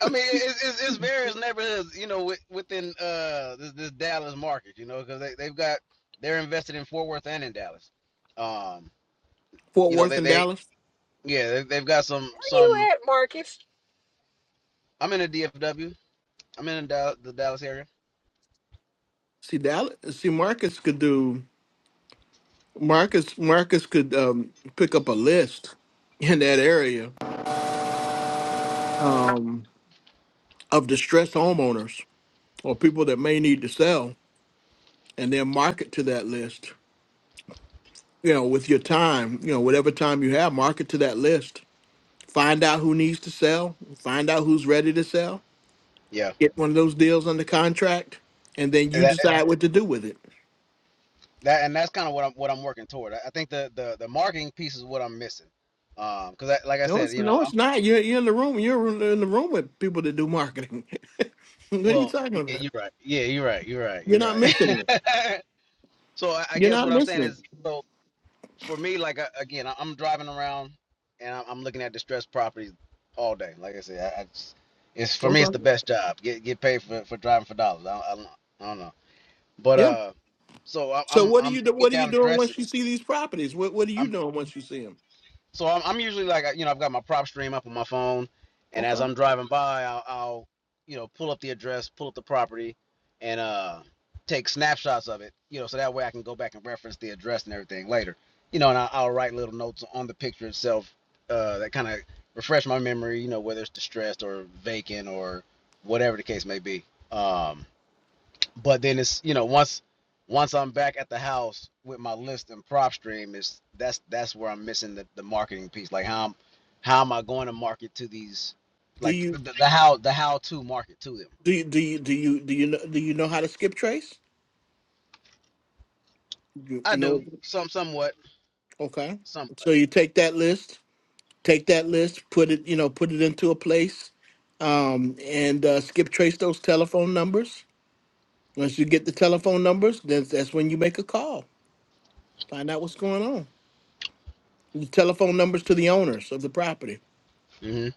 Speaker 12: I mean, it's, it's, it's various neighborhoods, you know, with, within uh this, this Dallas market, you know, because they they've got they're invested in Fort Worth and in Dallas. Um,
Speaker 1: Fort
Speaker 12: you know,
Speaker 1: Worth
Speaker 12: they
Speaker 1: and
Speaker 12: they
Speaker 1: Dallas.
Speaker 12: yeah they, they've got some
Speaker 4: Where you
Speaker 12: some.
Speaker 4: at, Marcus?
Speaker 12: I'm in the DFW. I'm in the, the Dallas area.
Speaker 1: See Dallas. See Marcus could do Marcus. Marcus could um, pick up a list in that area um, of distressed homeowners or people that may need to sell, and then market to that list. You know, with your time, you know, whatever time you have, market to that list. Find out who needs to sell. Find out who's ready to sell.
Speaker 12: Yeah,
Speaker 1: Get one of those deals under contract, and then
Speaker 12: and
Speaker 1: you
Speaker 12: that
Speaker 1: decide what to do with it.
Speaker 12: that and that's kind of what I'm what I'm working toward. I, I think the, the the marketing piece is what I'm missing. Um, because I, like I
Speaker 1: No,
Speaker 12: said,
Speaker 1: it's
Speaker 12: you know,
Speaker 1: no,
Speaker 12: I'm
Speaker 1: it's not. You're you're in the room. You're in the room with people that do marketing. what are you
Speaker 12: well.
Speaker 1: talking
Speaker 12: Yeah,
Speaker 1: about?
Speaker 12: you're right. Yeah, you're right. You're right.
Speaker 1: You're
Speaker 12: You're
Speaker 1: not missing it.
Speaker 12: right. so I, I
Speaker 1: You're
Speaker 12: guess
Speaker 1: not
Speaker 12: what I'm
Speaker 1: missing
Speaker 12: saying
Speaker 1: it.
Speaker 12: is so. for me, like I, again, I- am driving around and I'm looking at distressed properties all day. Like I said, I, I just, it's for me, it's
Speaker 1: Okay.
Speaker 12: the best job. Get get paid for, for driving for dollars. I, don't- I, I don't know, but
Speaker 1: Yeah.
Speaker 12: uh, so I,
Speaker 1: So
Speaker 12: I'm
Speaker 1: what do
Speaker 12: I'm
Speaker 1: you do?
Speaker 12: taking
Speaker 1: What are you
Speaker 12: down
Speaker 1: doing once you
Speaker 12: addresses.
Speaker 1: see these properties? What What are
Speaker 12: I'm.
Speaker 1: you doing once you see them?
Speaker 12: So I'm, I'm usually like, you know, I've got my prop stream up on my phone, and
Speaker 1: Okay.
Speaker 12: as I'm driving by, I'll, I'll you know, pull up the address, pull up the property, and uh, take snapshots of it, you know, so that way I can go back and reference the address and everything later, you know, and I, I'll write little notes on the picture itself uh, that kind of refresh my memory, you know, whether it's distressed or vacant or whatever the case may be. Um, but then it's you know once once I'm back at the house with my list and prop stream is that's that's where I'm missing the, the marketing piece. Like how I'm, how am I going to market to these
Speaker 1: Do
Speaker 12: like
Speaker 1: you
Speaker 12: the, the, the how the how to market to them?
Speaker 1: do you, do you do you do you know, do you know how to skip trace? You,
Speaker 12: I
Speaker 1: you
Speaker 12: do
Speaker 1: know.
Speaker 12: some somewhat
Speaker 1: Okay.
Speaker 12: somewhat.
Speaker 1: So you take that list, take that list, put it you know put it into a place, um, and uh, skip trace those telephone numbers Once you get the telephone numbers, that's, that's when you make a call. Find out what's going on. The telephone numbers to the owners of the property.
Speaker 12: hmm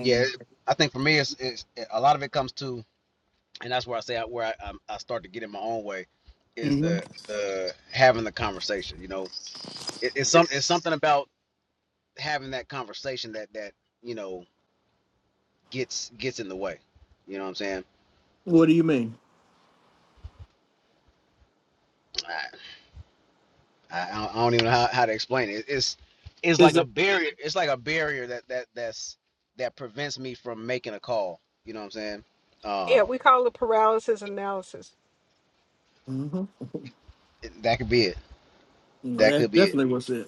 Speaker 12: Yeah, I think for me it's, it's a lot of it comes to and that's where I say I, where I, I I start to get in my own way is
Speaker 1: mhm.
Speaker 12: the the having the conversation. You know, it, it's some it's something about having that conversation that that you know gets gets in the way. You know what I'm saying?
Speaker 1: What do you mean?
Speaker 12: I, I, I don't even know how, how to explain it. It's it's
Speaker 1: Is
Speaker 12: like a
Speaker 1: it?
Speaker 12: barrier. It's like a barrier that that that's that prevents me from making a call. You know what I'm saying? Um,
Speaker 4: Yeah, we call it paralysis analysis.
Speaker 1: hmm
Speaker 12: it- that could be it.
Speaker 1: No,
Speaker 12: That
Speaker 1: that's
Speaker 12: could be it.
Speaker 1: definitely what's it.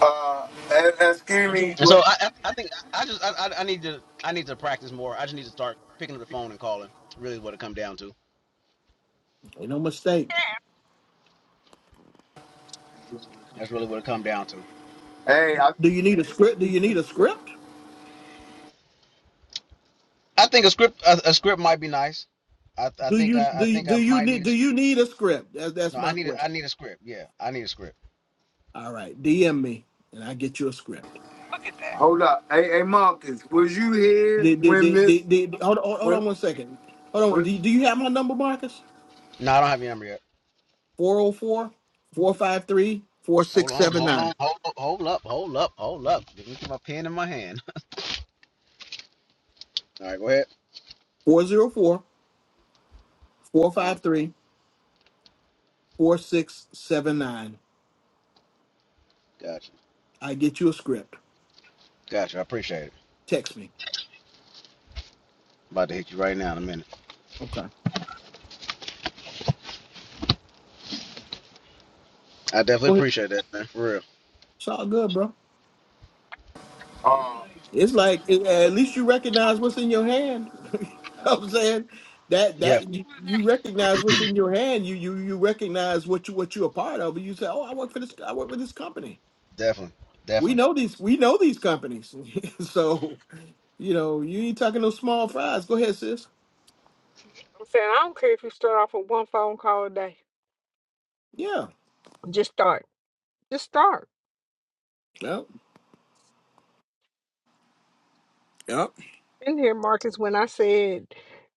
Speaker 7: Uh, and, and Skinny,
Speaker 12: And so
Speaker 7: what-
Speaker 12: I I, I think I just I, I I need to I need to practice more. I just need to start picking up the phone and calling. Really, what it come down to.
Speaker 1: Ain't no mistake.
Speaker 12: That's really what it come down to.
Speaker 7: hey, I,
Speaker 1: Do you need a script? Do you need a script?
Speaker 12: I think a script a, a script might be nice. I I
Speaker 1: Do
Speaker 12: think
Speaker 1: you
Speaker 12: I, I
Speaker 1: do you,
Speaker 12: think I
Speaker 1: do you
Speaker 12: might
Speaker 1: need
Speaker 12: need
Speaker 1: do
Speaker 12: a,
Speaker 1: you need a script? That's that's
Speaker 12: no. I
Speaker 1: my
Speaker 12: need a,
Speaker 1: question.
Speaker 12: I need a script. Yeah, I need a script.
Speaker 1: All right, DM me and I get you a script.
Speaker 4: Look at
Speaker 12: I
Speaker 4: that.
Speaker 7: hold up, hey, hey, Marcus, was you here
Speaker 1: Did, did,
Speaker 7: when
Speaker 1: did,
Speaker 7: this,
Speaker 1: did, did, hold, hold, hold on
Speaker 7: when,
Speaker 1: one second. Hold on.
Speaker 7: when,
Speaker 1: Do, do you have my number, Marcus?
Speaker 12: No, I don't have your number yet.
Speaker 1: Four zero four four five three four
Speaker 12: Hold
Speaker 1: six
Speaker 12: on,
Speaker 1: seven
Speaker 12: hold
Speaker 1: nine.
Speaker 12: on, hold up, hold up, hold up, hold up. Let me get my pen in my hand. All right, go ahead.
Speaker 1: 404 four
Speaker 12: Uh,
Speaker 1: five three 4679.
Speaker 12: gotcha,
Speaker 1: I get you a script.
Speaker 12: gotcha. I appreciate it.
Speaker 1: Text me.
Speaker 12: About to hit you right now in a minute.
Speaker 1: Okay.
Speaker 12: I definitely
Speaker 1: Go ahead.
Speaker 12: appreciate that, man. For real.
Speaker 1: It's all good, bro.
Speaker 7: uh,
Speaker 1: It's like it- at least you recognize what's in your hand. You know what I'm saying that
Speaker 12: Yeah,
Speaker 1: that you, you recognize what's in your hand. You you you recognize what you what you're a part of. You say, "Oh, I work for this. I work with this company.
Speaker 12: definitely,
Speaker 1: We
Speaker 12: definitely.
Speaker 1: know these. We know these companies." so you know you ain't talking no small fries. Go ahead, sis.
Speaker 4: I'm saying I don't care if you start off with one phone call a day.
Speaker 1: Yeah.
Speaker 4: Just start. Just start.
Speaker 1: Yep. Yep.
Speaker 4: In here, Marcus, when I said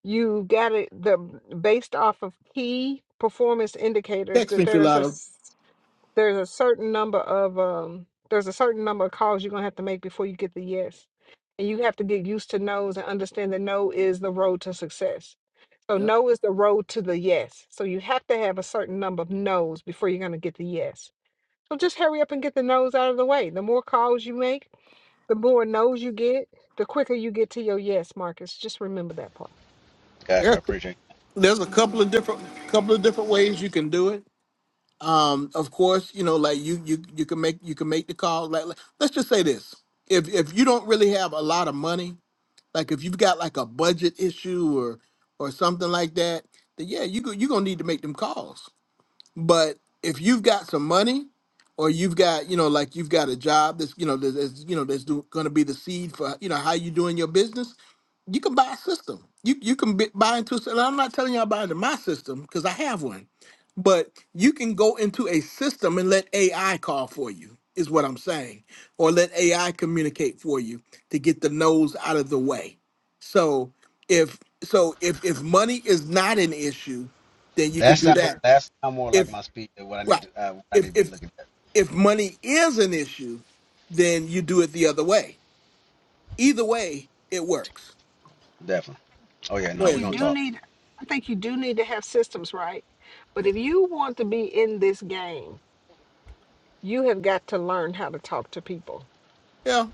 Speaker 4: you got it the based off of key performance indicators
Speaker 1: Text
Speaker 4: that
Speaker 1: me,
Speaker 4: there's a
Speaker 1: Philato.
Speaker 4: there's a certain number of um there's a certain number of calls you're gonna have to make before you get the yes. And you have to get used to no's and understand that no is the road to success. So
Speaker 1: Yep.
Speaker 4: no is the road to the yes. So you have to have a certain number of no's before you're gonna get the yes. So just hurry up and get the no's out of the way. The more calls you make, the more no's you get, the quicker you get to your yes, Marcus. Just remember that part.
Speaker 12: Gotcha, I appreciate.
Speaker 1: there's a couple of different couple of different ways you can do it. Um, of course, you know, like you you you can make you can make the call. Like, like- let's just say this: if if you don't really have a lot of money, like if you've got like a budget issue or or something like that, then yeah, you go, you're gonna need to make them calls. But if you've got some money, or you've got you know like you've got a job that's you know that's that's, you know that's do, gonna be the seed for you know how you doing your business you can buy a system. You you can bi- buy into. And I'm not telling y'all buy into my system because I have one, but you can go into a system and let AI call for you. Is what I'm saying, or let AI communicate for you to get the no's out of the way. So if so if if money is not an issue, then
Speaker 12: It.
Speaker 1: you
Speaker 12: That
Speaker 1: can do
Speaker 12: sound
Speaker 1: that.
Speaker 12: that sound more like
Speaker 1: If
Speaker 12: my speed than what I
Speaker 1: right
Speaker 12: need to uh, what I need
Speaker 1: if
Speaker 12: to be
Speaker 1: if
Speaker 12: looking at.
Speaker 1: if money is an issue, then you do it the other way. Either way, it works.
Speaker 12: Definitely. Oh
Speaker 4: I
Speaker 12: yeah,
Speaker 1: Go
Speaker 12: no,
Speaker 4: think
Speaker 12: we are
Speaker 1: ahead,
Speaker 4: you
Speaker 12: gonna
Speaker 1: Susan.
Speaker 4: do
Speaker 12: talk.
Speaker 4: need I think you do need to have systems, right? But if you want to be in this game, you have got to learn how to talk to people.
Speaker 1: Yeah.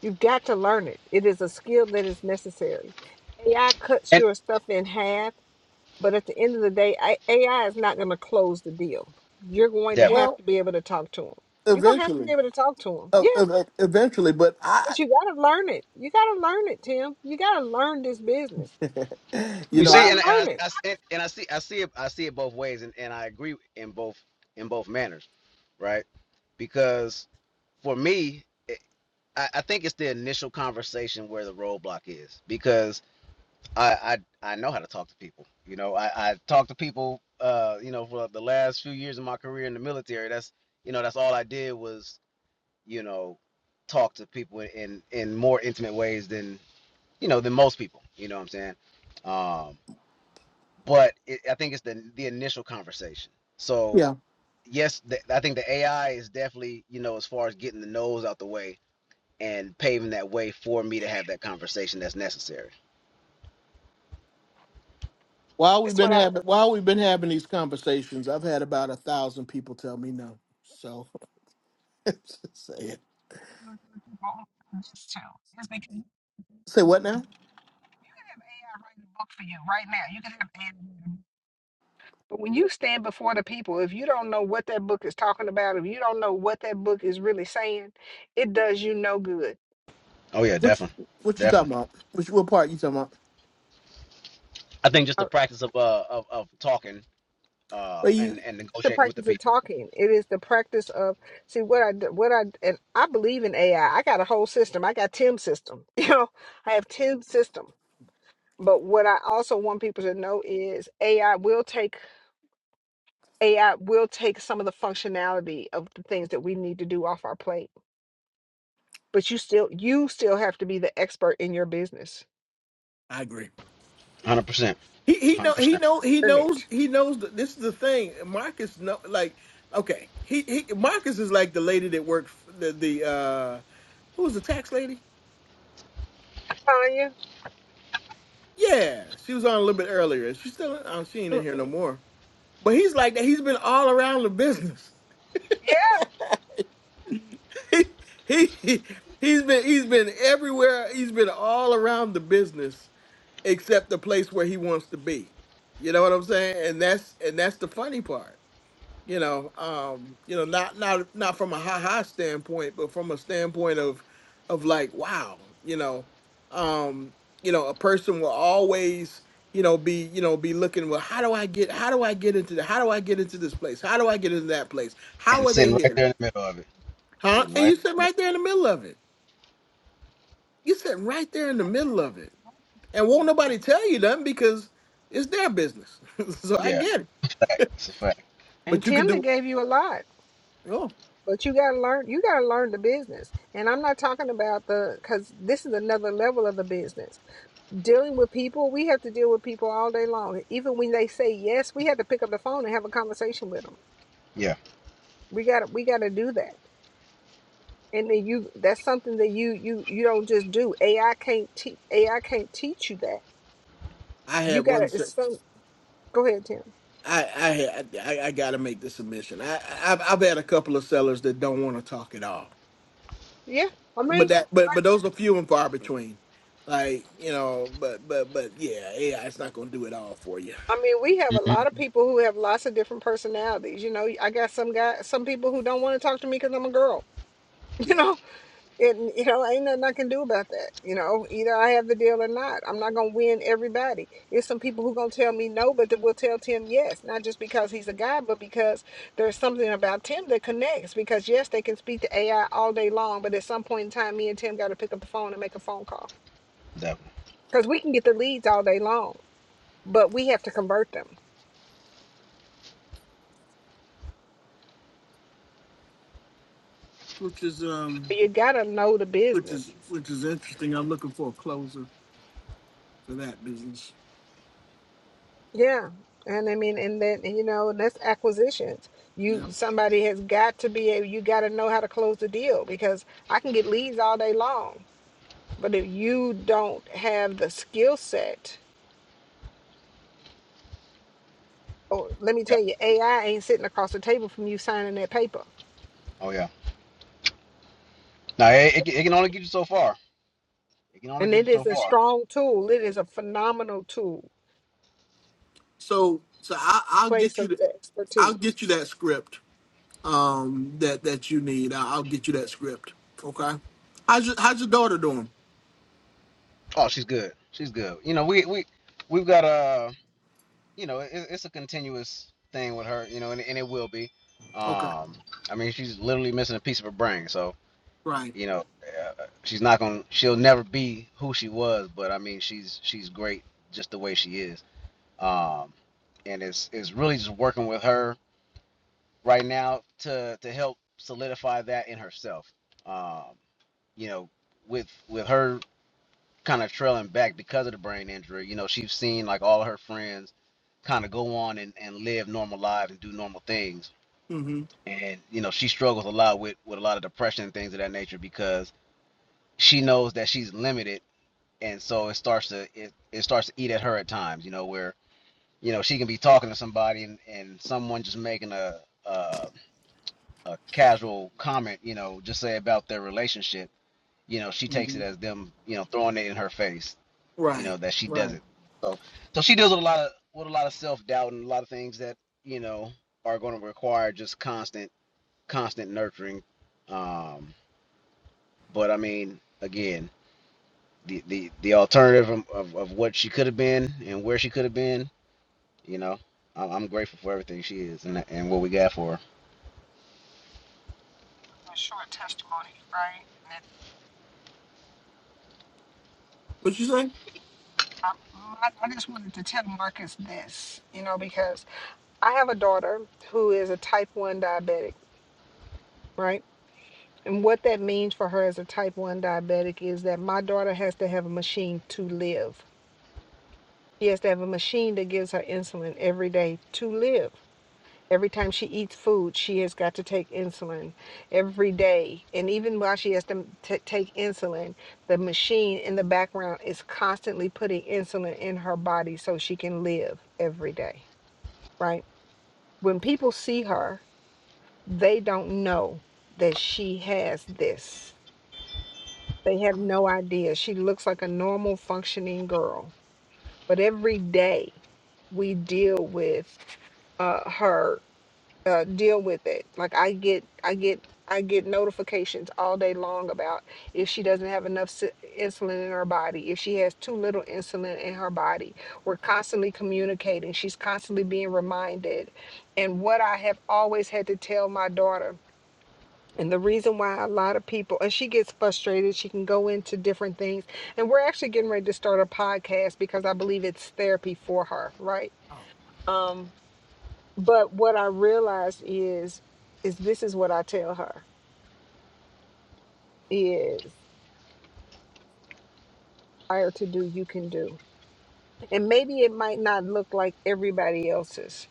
Speaker 4: You've got to learn it. It is a skill that is necessary. AI cuts
Speaker 12: And
Speaker 4: your stuff in half, but at the end of the day, I- AI is not going to close the deal. You're going
Speaker 12: definitely.
Speaker 4: to have to be able to talk to them. You're going to have to be
Speaker 1: eventually,
Speaker 4: able to talk to them.
Speaker 1: Uh,
Speaker 4: Yeah,
Speaker 1: uh, eventually. But I,
Speaker 4: but you got to learn it. You got to learn it, Tim. You got to learn this business.
Speaker 1: you
Speaker 12: You
Speaker 4: You
Speaker 1: know,
Speaker 4: got
Speaker 12: see,
Speaker 1: I
Speaker 4: to
Speaker 12: and, and
Speaker 4: learn it.
Speaker 12: I, I see- and I see I see it I see it both ways, and, and I agree in both in both manners, right? Because for me, it, I, I think it's the initial conversation where the roadblock is, because I I, I know how to talk to people. You know, I, I talk to people. Uh, you know, for the last few years of my career in the military, that's you know that's all I did was you know talk to people in in more intimate ways than you know than most people. You know what I'm saying? Um, but it, I think it's the the initial conversation. So
Speaker 1: yeah.
Speaker 12: yes, the, I think the AI is definitely you know as far as getting the nose out the way and paving that way for me to have that conversation that's necessary.
Speaker 1: While we've
Speaker 4: That's what
Speaker 1: been
Speaker 4: I.
Speaker 1: having while we've been having these conversations, I've had about a thousand people tell me no. So just say it.
Speaker 4: This too is because you
Speaker 1: Say what now?
Speaker 4: can have AI write a book for you right now. You can have AI. But when you stand before the people, if you don't know what that book is talking about, if you don't know what that book is really saying, it does you no good.
Speaker 12: Oh yeah,
Speaker 1: What
Speaker 12: definitely,
Speaker 1: you, what you talking
Speaker 12: definitely.
Speaker 1: about? Which what part you talking about?
Speaker 12: I think just
Speaker 4: Uh,
Speaker 12: the practice of uh of, of talking uh
Speaker 1: Are
Speaker 12: and
Speaker 1: you?
Speaker 12: and
Speaker 4: The
Speaker 12: negotiating with the
Speaker 4: practice of
Speaker 12: people,
Speaker 4: talking, it is the practice of see what I d- what I and I believe in AI. I I got a whole system. I got Tim system. You know, I have Tim system. But what I also want people to know is AI will take AI will take some of the functionality of the things that we need to do off our plate. But you still you still have to be the expert in your business.
Speaker 1: I agree.
Speaker 12: hundred percent,
Speaker 1: He he
Speaker 12: hundred
Speaker 1: know he
Speaker 12: percent,
Speaker 1: know he
Speaker 4: Earn
Speaker 1: knows
Speaker 4: it.
Speaker 1: he knows that this is the thing. Marcus know like okay. He he Marcus is like the lady that worked f- the the uh who was the tax lady?
Speaker 4: Tanya.
Speaker 1: Yeah, she was on a little bit earlier. She's still oh, she ain't in here no more. But he's like that. He's been all around the business.
Speaker 4: Yeah.
Speaker 1: he, he he- he's been he's been everywhere. He's been all around the business except the place where he wants to be. You know what I'm saying? And that's and that's the funny part. you know um you know not not not from a ha ha standpoint but from a standpoint of of like wow you know um you know a person will always you know be you know be looking well how do i get how do i get into the how do i get into this place how do i get into that place how
Speaker 12: and
Speaker 1: are they
Speaker 12: sitting right
Speaker 1: here
Speaker 12: there in the middle of it,
Speaker 1: huh
Speaker 12: sitting
Speaker 1: and
Speaker 12: right.
Speaker 1: you sit
Speaker 12: In the middle.
Speaker 1: right there in the middle of it you sit right there in the middle of it and won't nobody tell you nothing because it's their business so i
Speaker 12: Yeah,
Speaker 1: get it
Speaker 12: fact. It's a fact.
Speaker 4: And
Speaker 1: but you could
Speaker 4: Timna
Speaker 1: do
Speaker 4: gave you a lot,
Speaker 1: oh
Speaker 4: but you gotta learn. You gotta learn the business. And I'm not talking about the because this is another level of the business. Dealing with people, we have to deal with people all. Even when they say yes, we have to pick up the phone and have a conversation with them.
Speaker 12: Yeah,
Speaker 4: We gotta we gotta do that. And then you that's something that you you you don't just do. AI can't teach AI can't teach you that.
Speaker 1: i
Speaker 4: You
Speaker 1: had
Speaker 4: gotta
Speaker 1: one
Speaker 4: it's some. Go ahead, Tim.
Speaker 1: I I I, I got to make the submission. I, I have I've had a couple of sellers that don't want to talk at all,
Speaker 4: Yeah. I
Speaker 1: but
Speaker 4: mean.
Speaker 1: that but but those are few and far between. Like you know, but but but yeah, yeah, it's not going to do it all for you.
Speaker 4: I mean, we have a
Speaker 12: hmm
Speaker 4: lot of people who have lots of different personalities. You know, I got some guy, some people who don't want to talk to me because I'm a girl. You
Speaker 1: Yeah,
Speaker 4: know, and you know, ain't nothing I can do about that. You know, either I have the deal or not. I'm not gonna win everybody. There's some people who gonna tell me no, but they will tell Tim yes, not just because he's a guy, but because there's something about Tim that connects. Because yes, they can speak to AI all day long, but at some point in time, me and Tim got to pick up the phone and make a phone call
Speaker 12: definitely.
Speaker 4: because we can get the leads all day long, but we have to convert them.
Speaker 1: which is um,
Speaker 4: You gotta know the
Speaker 1: which
Speaker 4: business
Speaker 1: is which is interesting. I'm looking for a closer for that business.
Speaker 4: Yeah. And I mean, and then, and, you know, that's acquisitions. You,
Speaker 1: Yeah.
Speaker 4: somebody has got to be able, you got to know how to close the deal because I can get leads all day long. But if you don't have the skill set, oh, let me tell
Speaker 12: Yep.
Speaker 4: you, AI ain't sitting across the table from you signing that paper.
Speaker 12: Oh yeah. Now it, it, can- it can only get you so far. It can only
Speaker 4: And
Speaker 12: get
Speaker 4: it
Speaker 12: you
Speaker 4: is
Speaker 12: so
Speaker 4: a
Speaker 12: far.
Speaker 4: strong tool. It is a phenomenal tool,
Speaker 1: So so I, I'll
Speaker 4: place
Speaker 1: get you
Speaker 4: of
Speaker 1: the, I'll
Speaker 4: expertise.
Speaker 1: get you that script um that that you need. I, I'll get you that script. Okay. How's your How's your daughter doing?
Speaker 12: Oh, she's good. She's good. You know, we we we've got a you know it, it's a continuous thing with her. You know, and, and it will be.
Speaker 1: Okay.
Speaker 12: Um, I mean, she's literally missing a piece of her brain. So
Speaker 1: Right.
Speaker 12: you know, uh, she's not gonna. She'll never be who she was. But I mean, she's she's great just the way she is. Um, and it's it's really just working with her right now to to help solidify that in herself. Um, you know, with with her kind of trailing back because of the brain injury. You know, she's seen like all her friends kind of go on and, and live normal lives and do normal things.
Speaker 1: Mm-hmm.
Speaker 12: And, you know, she struggles a lot with, with a lot of depression and things of that nature because she knows that she's limited. And so it starts to it, it starts to eat at her at times, you know, where, you know, she can be talking to somebody and, and someone just making a, a a casual comment, you know, just say about their relationship, you know, she takes it
Speaker 1: hmm
Speaker 12: as them, you know, throwing it in her face you
Speaker 1: Right,
Speaker 12: know that she
Speaker 1: right.
Speaker 12: doesn't so so she deals with a lot of with a lot of self-doubt and a lot of things that you know are going to require just constant constant nurturing um but i mean again the the, the alternative of, of, of what she could have been and where she could have been you know i'm, I'm grateful for everything she is and and what we got for her
Speaker 4: A short testimony, right? And
Speaker 1: What you say?
Speaker 4: I, I I just wanted to tell Marcus this, you know, because I have a daughter who is a type 1 diabetic, right? And what that means for her as a type 1 diabetic is that my daughter has to have a machine to live. She has to have a machine that gives her insulin every day to live. Every time she eats food, she has got to take insulin every day. And even while she has to t- take insulin, the machine in the background is constantly putting insulin in her body so she can live every day, right? When people see her, they don't know that she has this. They have no idea. She looks like a normal functioning girl. But every day we deal with uh her uh deal with it. Like I get I get I get notifications all day long about if she doesn't have enough si- insulin in her body, if she has too little insulin in her body. We're constantly communicating. She's constantly being reminded. And what I have always had to tell my daughter and the reason why a lot of people, and she gets frustrated, she can go into different things. And we're actually getting ready to start a podcast because I believe it's therapy for her, right? Um, but what I realized is, is this is what I tell her is higher to do, you can do. And maybe it might not look like everybody else's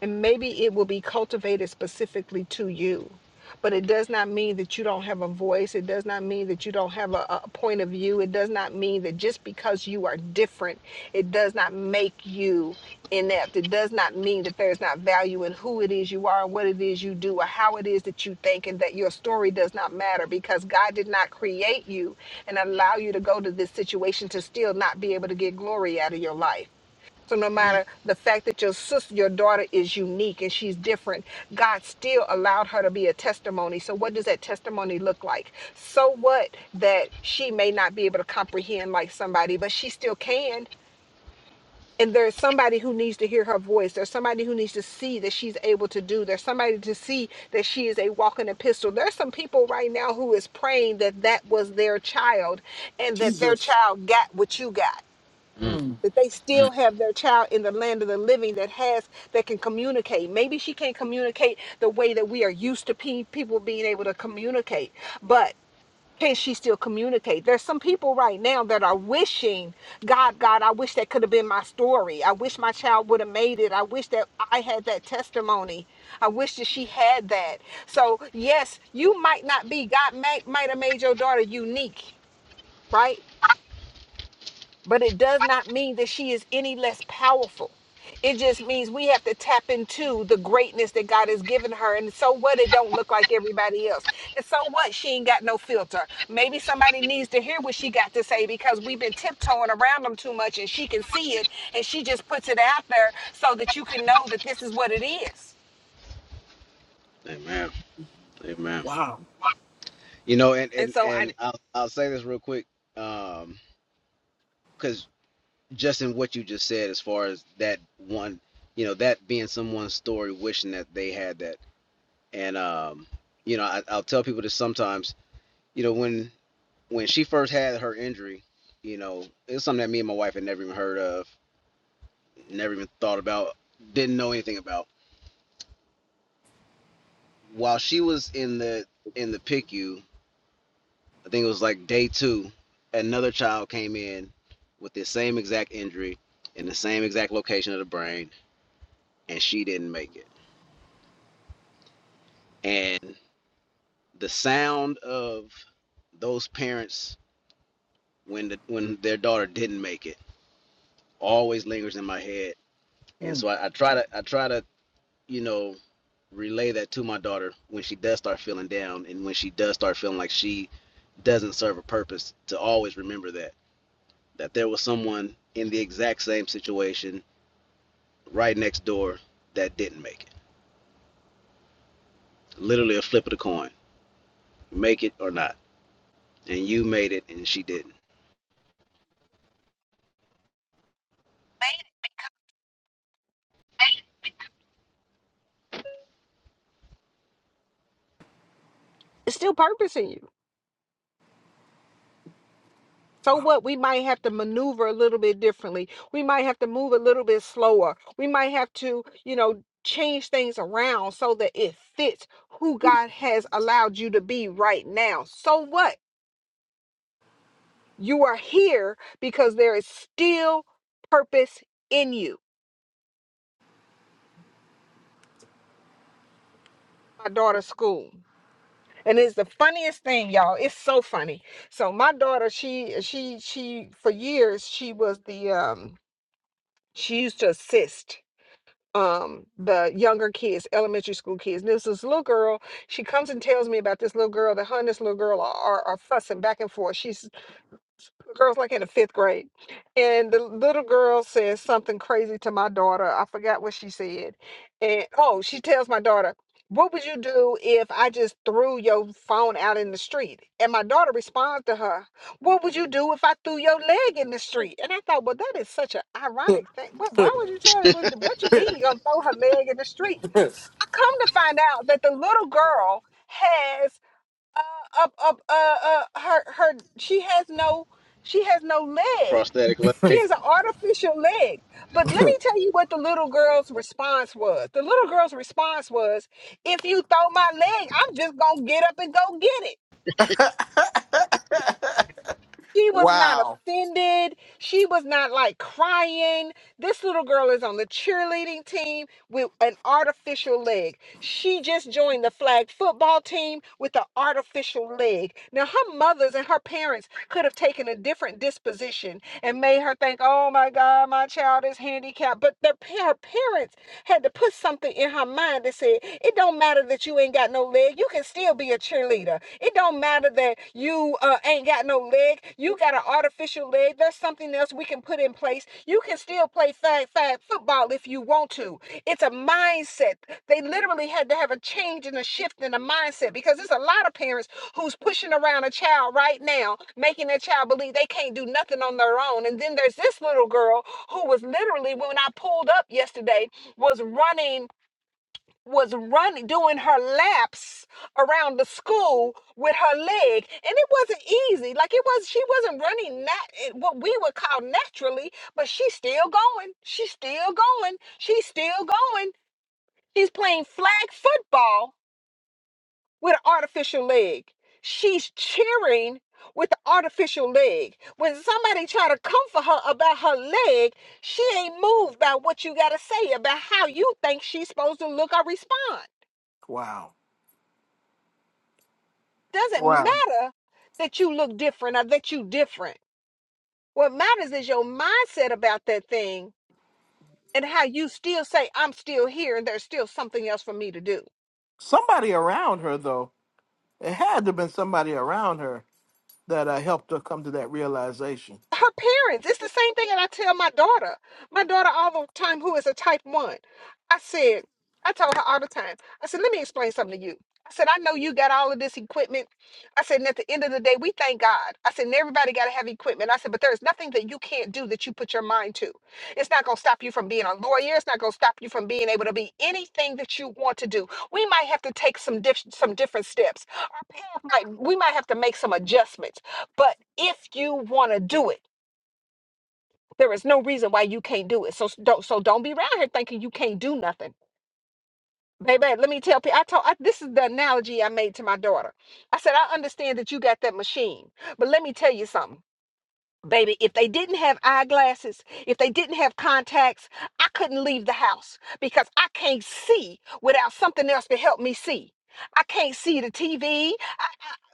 Speaker 4: and maybe it will be cultivated specifically to you but it does not mean that you don't have a voice it does not mean that you don't have a, a point of view it does not mean that just because you are different it does not make you inept it does not mean that there's not value in who it is you are and what it is you do or how it is that you think and that your story does not matter because god did not create you and allow you to go to this situation to still not be able to get glory out of your life so no matter the fact that your sister, your daughter is unique and she's different, God still allowed her to be a testimony. So what does that testimony look like? So what that she may not be able to comprehend like somebody, but she still can. And there's somebody who needs to hear her voice. There's somebody who needs to see that she's able to do. There's somebody to see that she is a walking epistle. There's some people right now who is praying that that was their child and that their
Speaker 1: Jesus.
Speaker 4: child got what you got
Speaker 12: mm,
Speaker 1: Mm,
Speaker 4: that they
Speaker 12: mm.
Speaker 4: still have their child in the land of the living that has that can communicate. Maybe she can't communicate the way that we are used to pe- people being able to communicate, but can she still communicate? There's some people right now that are wishing, God, God, I wish that could have been my story. I wish my child would have made it. I wish that I had that testimony. I wish that she had that. So, yes, you might not be, God might, might have made your daughter unique, right? but it does not mean that she is any less powerful. It just means we have to tap into the greatness that God has given her. And so what? It don't look like everybody else. And so what? She ain't got no filter. Maybe somebody needs to hear what she got to say because we've been tiptoeing around them too much and she can see it and she just puts it out there so that you can know that this is what it is.
Speaker 12: amen amen
Speaker 1: wow.
Speaker 12: you know and
Speaker 4: And
Speaker 12: and
Speaker 4: so
Speaker 12: and
Speaker 4: I,
Speaker 12: i'll, I'll say this real quick because. just in what you just said as far as that one you know that being someone's story wishing that they had that and um you know I, i'll tell people this sometimes you know when when she first had her injury you know it's something that me and my wife had never even heard of never even thought about didn't know anything about while she was in the in the picu i C U, I think it was like day two another child came in with the same exact injury in the same exact location of the brain and she didn't make it and the sound of those parents when the, when their daughter didn't make it always lingers in my head, and
Speaker 1: Mm,
Speaker 12: so I, I try to I try to you know relay that to my daughter when she does start feeling down and when she does start feeling like she doesn't serve a purpose to always remember that that there was someone in the exact same situation right next door that didn't make it. Literally a flip of the coin, make it or not, and you made it and she didn't.
Speaker 4: it's still purpose in you. So
Speaker 1: wow.
Speaker 4: what? We might have to maneuver a little bit differently. We might have to move a little bit slower. We might have to, you know, change things around so that it fits who God has allowed you to be right now. So what? You are here because there is still purpose in you. My daughter's school. And it's the funniest thing, y'all. It's so funny. So my daughter, she she she for years she was the um she used to assist um the younger kids elementary school kids And there's this little girl she comes and tells me about this little girl that her and this little girl are, are, are fussing back and forth she's the girls like in the fifth grade and the little girl says something crazy to my daughter i forgot what she said and oh she tells my daughter what would you do if i just threw your phone out in the street and my daughter responds to her what would you do if i threw your leg in the street and i thought well that is such a thing why would you tell her what what you mean you gonna throw her in the street I come As, uh, up, up, uh, uh, her, her, she has no, she has no leg.
Speaker 12: Prosthetic
Speaker 4: She has an artificial leg. But let me tell you what the little girl's response was. The little girl's response was, if you throw my leg, I'm just going to get up and go get it. She was not
Speaker 1: wow.
Speaker 4: offended. She was not like crying. This little girl is on the cheerleading team with an artificial leg. She just joined the flag football team with an artificial leg. Now, her mothers and her parents could have taken a different disposition and made her think, oh my God, my child is handicapped. But the, pa- her parents had to put something in her mind that said, it don't matter that you ain't got no leg, you can still be a cheerleader. It don't matter that you uh, ain't got no leg. You got an artificial leg. There's something else we can put in place. You can still play fag fag football if you want to. It's a mindset. They literally had to have a change and a shift in the mindset because there's a lot of parents who's pushing around a child right now, making that child believe they can't do nothing on their own. And then there's this little girl who was literally, when I pulled up yesterday, was running was running doing her laps around the school with her leg and it wasn't easy like it was she wasn't running nat what we would call naturally but she's still going she's still going she's still going she's playing flag football with an artificial leg she's cheering with the artificial leg when somebody try to comfort her about her leg she ain't moved by what you gotta say about how you think she's supposed to look or respond
Speaker 1: Wow.
Speaker 4: doesn't
Speaker 1: Wow.
Speaker 4: matter that you look different or that you different. What matters is your mindset about that thing and how you still say, I'm still here and there's still something else for me to do.
Speaker 1: Somebody around her, though. It had to have been somebody around her that uh, helped her come to that realization.
Speaker 4: her parents. It's the same thing that I tell my daughter. My daughter all the time, who is a type one. I said, I told her all the time. I said, let me explain something to you. I said, I know you got all of this equipment. I said, and at the end of the day, we thank God. I said, and everybody got to have equipment. I said, but there's nothing that you can't do that you put your mind to. It's not going to stop you from being a lawyer. It's not going to stop you from being able to be anything that you want to do. We might have to take some dif- some different steps. Our path might, we might have to make some adjustments. But if you want to do it, there is no reason why you can't do it. So s- don't so don't be around here thinking you can't do nothing. Baby, let me tell people. I told I, this is the analogy I made to my daughter. I said, I understand that you got that machine, but let me tell you something. Baby, if they didn't have eyeglasses, if they didn't have contacts, I couldn't leave the house because I can't see without something else to help me see. I can't see the TV.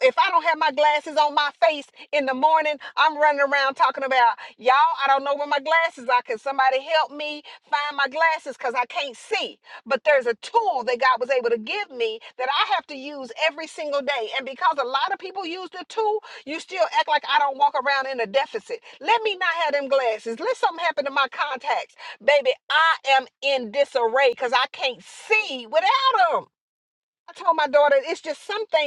Speaker 4: if I don't have my glasses on my face in the morning, I'm running around talking about, y'all, I don't know where my glasses are. Can somebody help me find my glasses? Because I can't see. But there's a tool that God was able to give me that I have to use every single day. And because a lot of people use the tool, you still walk around in a deficit. Let me not have contacts. Baby, I am in disarray because I can't see without them. I told my daughter it's just something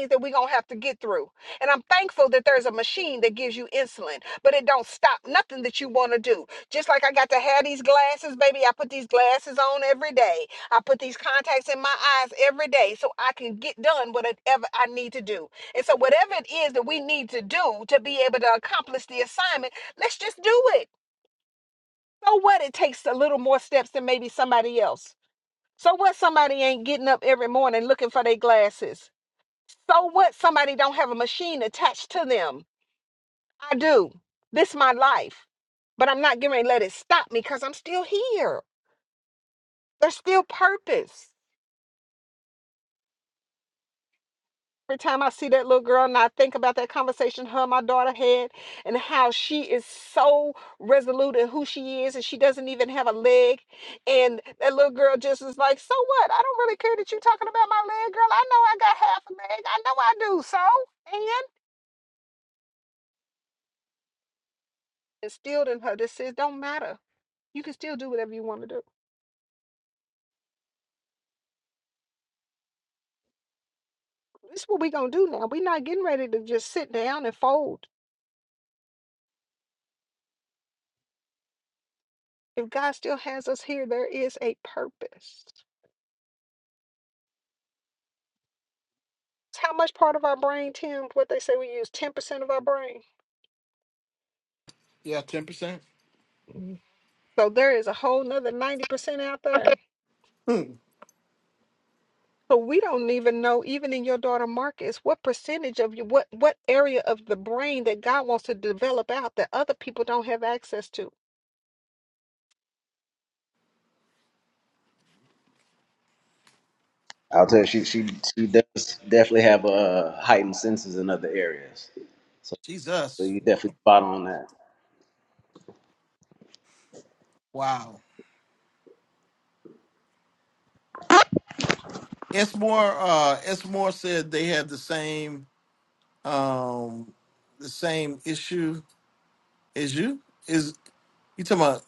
Speaker 4: through. And I'm thankful that there's a machine that gives you insulin, but it don't stop nothing that you want to do. Just like I got to have these glasses, baby, I put these glasses on every day. I put these contacts in my eyes every day so I can get done what I do. And so here's the time. Let's just do it. So what? It takes a little more steps than maybe somebody else So what somebody ain't getting up every morning looking for their glasses? So what somebody don't have a machine attached to them? I do. This my life. But I'm not getting ready to let it stop me because I'm still here. There's still purpose. Every time I see that little girl and I think about that conversation her and my daughter had and how she is so resolute in who she is and she doesn't even have a leg. And that little girl just is like, so what? I don't really care that you're talking about my leg, girl. I know I got half a leg. I know I do. So? And? instilled in her that says, don't matter. You can still do whatever you want to do. This is what we're going to do now. We're not getting ready to just sit down and fold. If God still has us here, there is a purpose. It's How much part of our brain, Tim, what they say we use 10% of our brain?
Speaker 1: Yeah, 10%.
Speaker 4: Mhm. So there is a whole nother 90% out there.
Speaker 1: Hmm.
Speaker 4: So we don't even know, even in your daughter Marcus, what percentage of you, what what area of the brain that God wants to develop out that other people don't have access to.
Speaker 12: I'll tell you, she she she does definitely have uh heightened senses in other areas. So, so
Speaker 1: Jesus.
Speaker 12: you definitely spot on that.
Speaker 1: Wow. It's more uh it's more said they had the same um the same issue as you. Is you talking about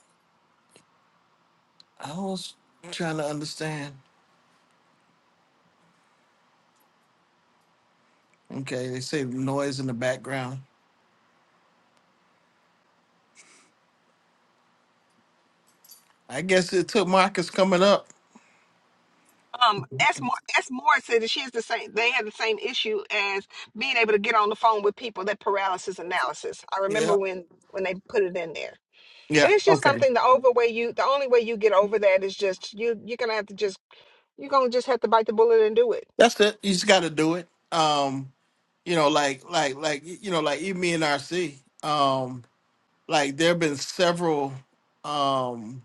Speaker 1: I was trying to understand. Okay, they say noise in the background. I guess it took Marcus coming up.
Speaker 4: um S. Moore as Morris said that she has the same they had the same issue as being able to get on the phone with people that paralysis analysis i remember
Speaker 1: Yeah.
Speaker 4: when when they put it in there and
Speaker 1: Yeah.
Speaker 4: it's just
Speaker 1: Okay.
Speaker 4: something the over way you the only way you get over that is just you you're gonna have to just you're gonna just have to bite the bullet and do it
Speaker 1: That's it. You just gotta do it. Um, you know, like like like you know, like even me and RC. Um, like there have been several um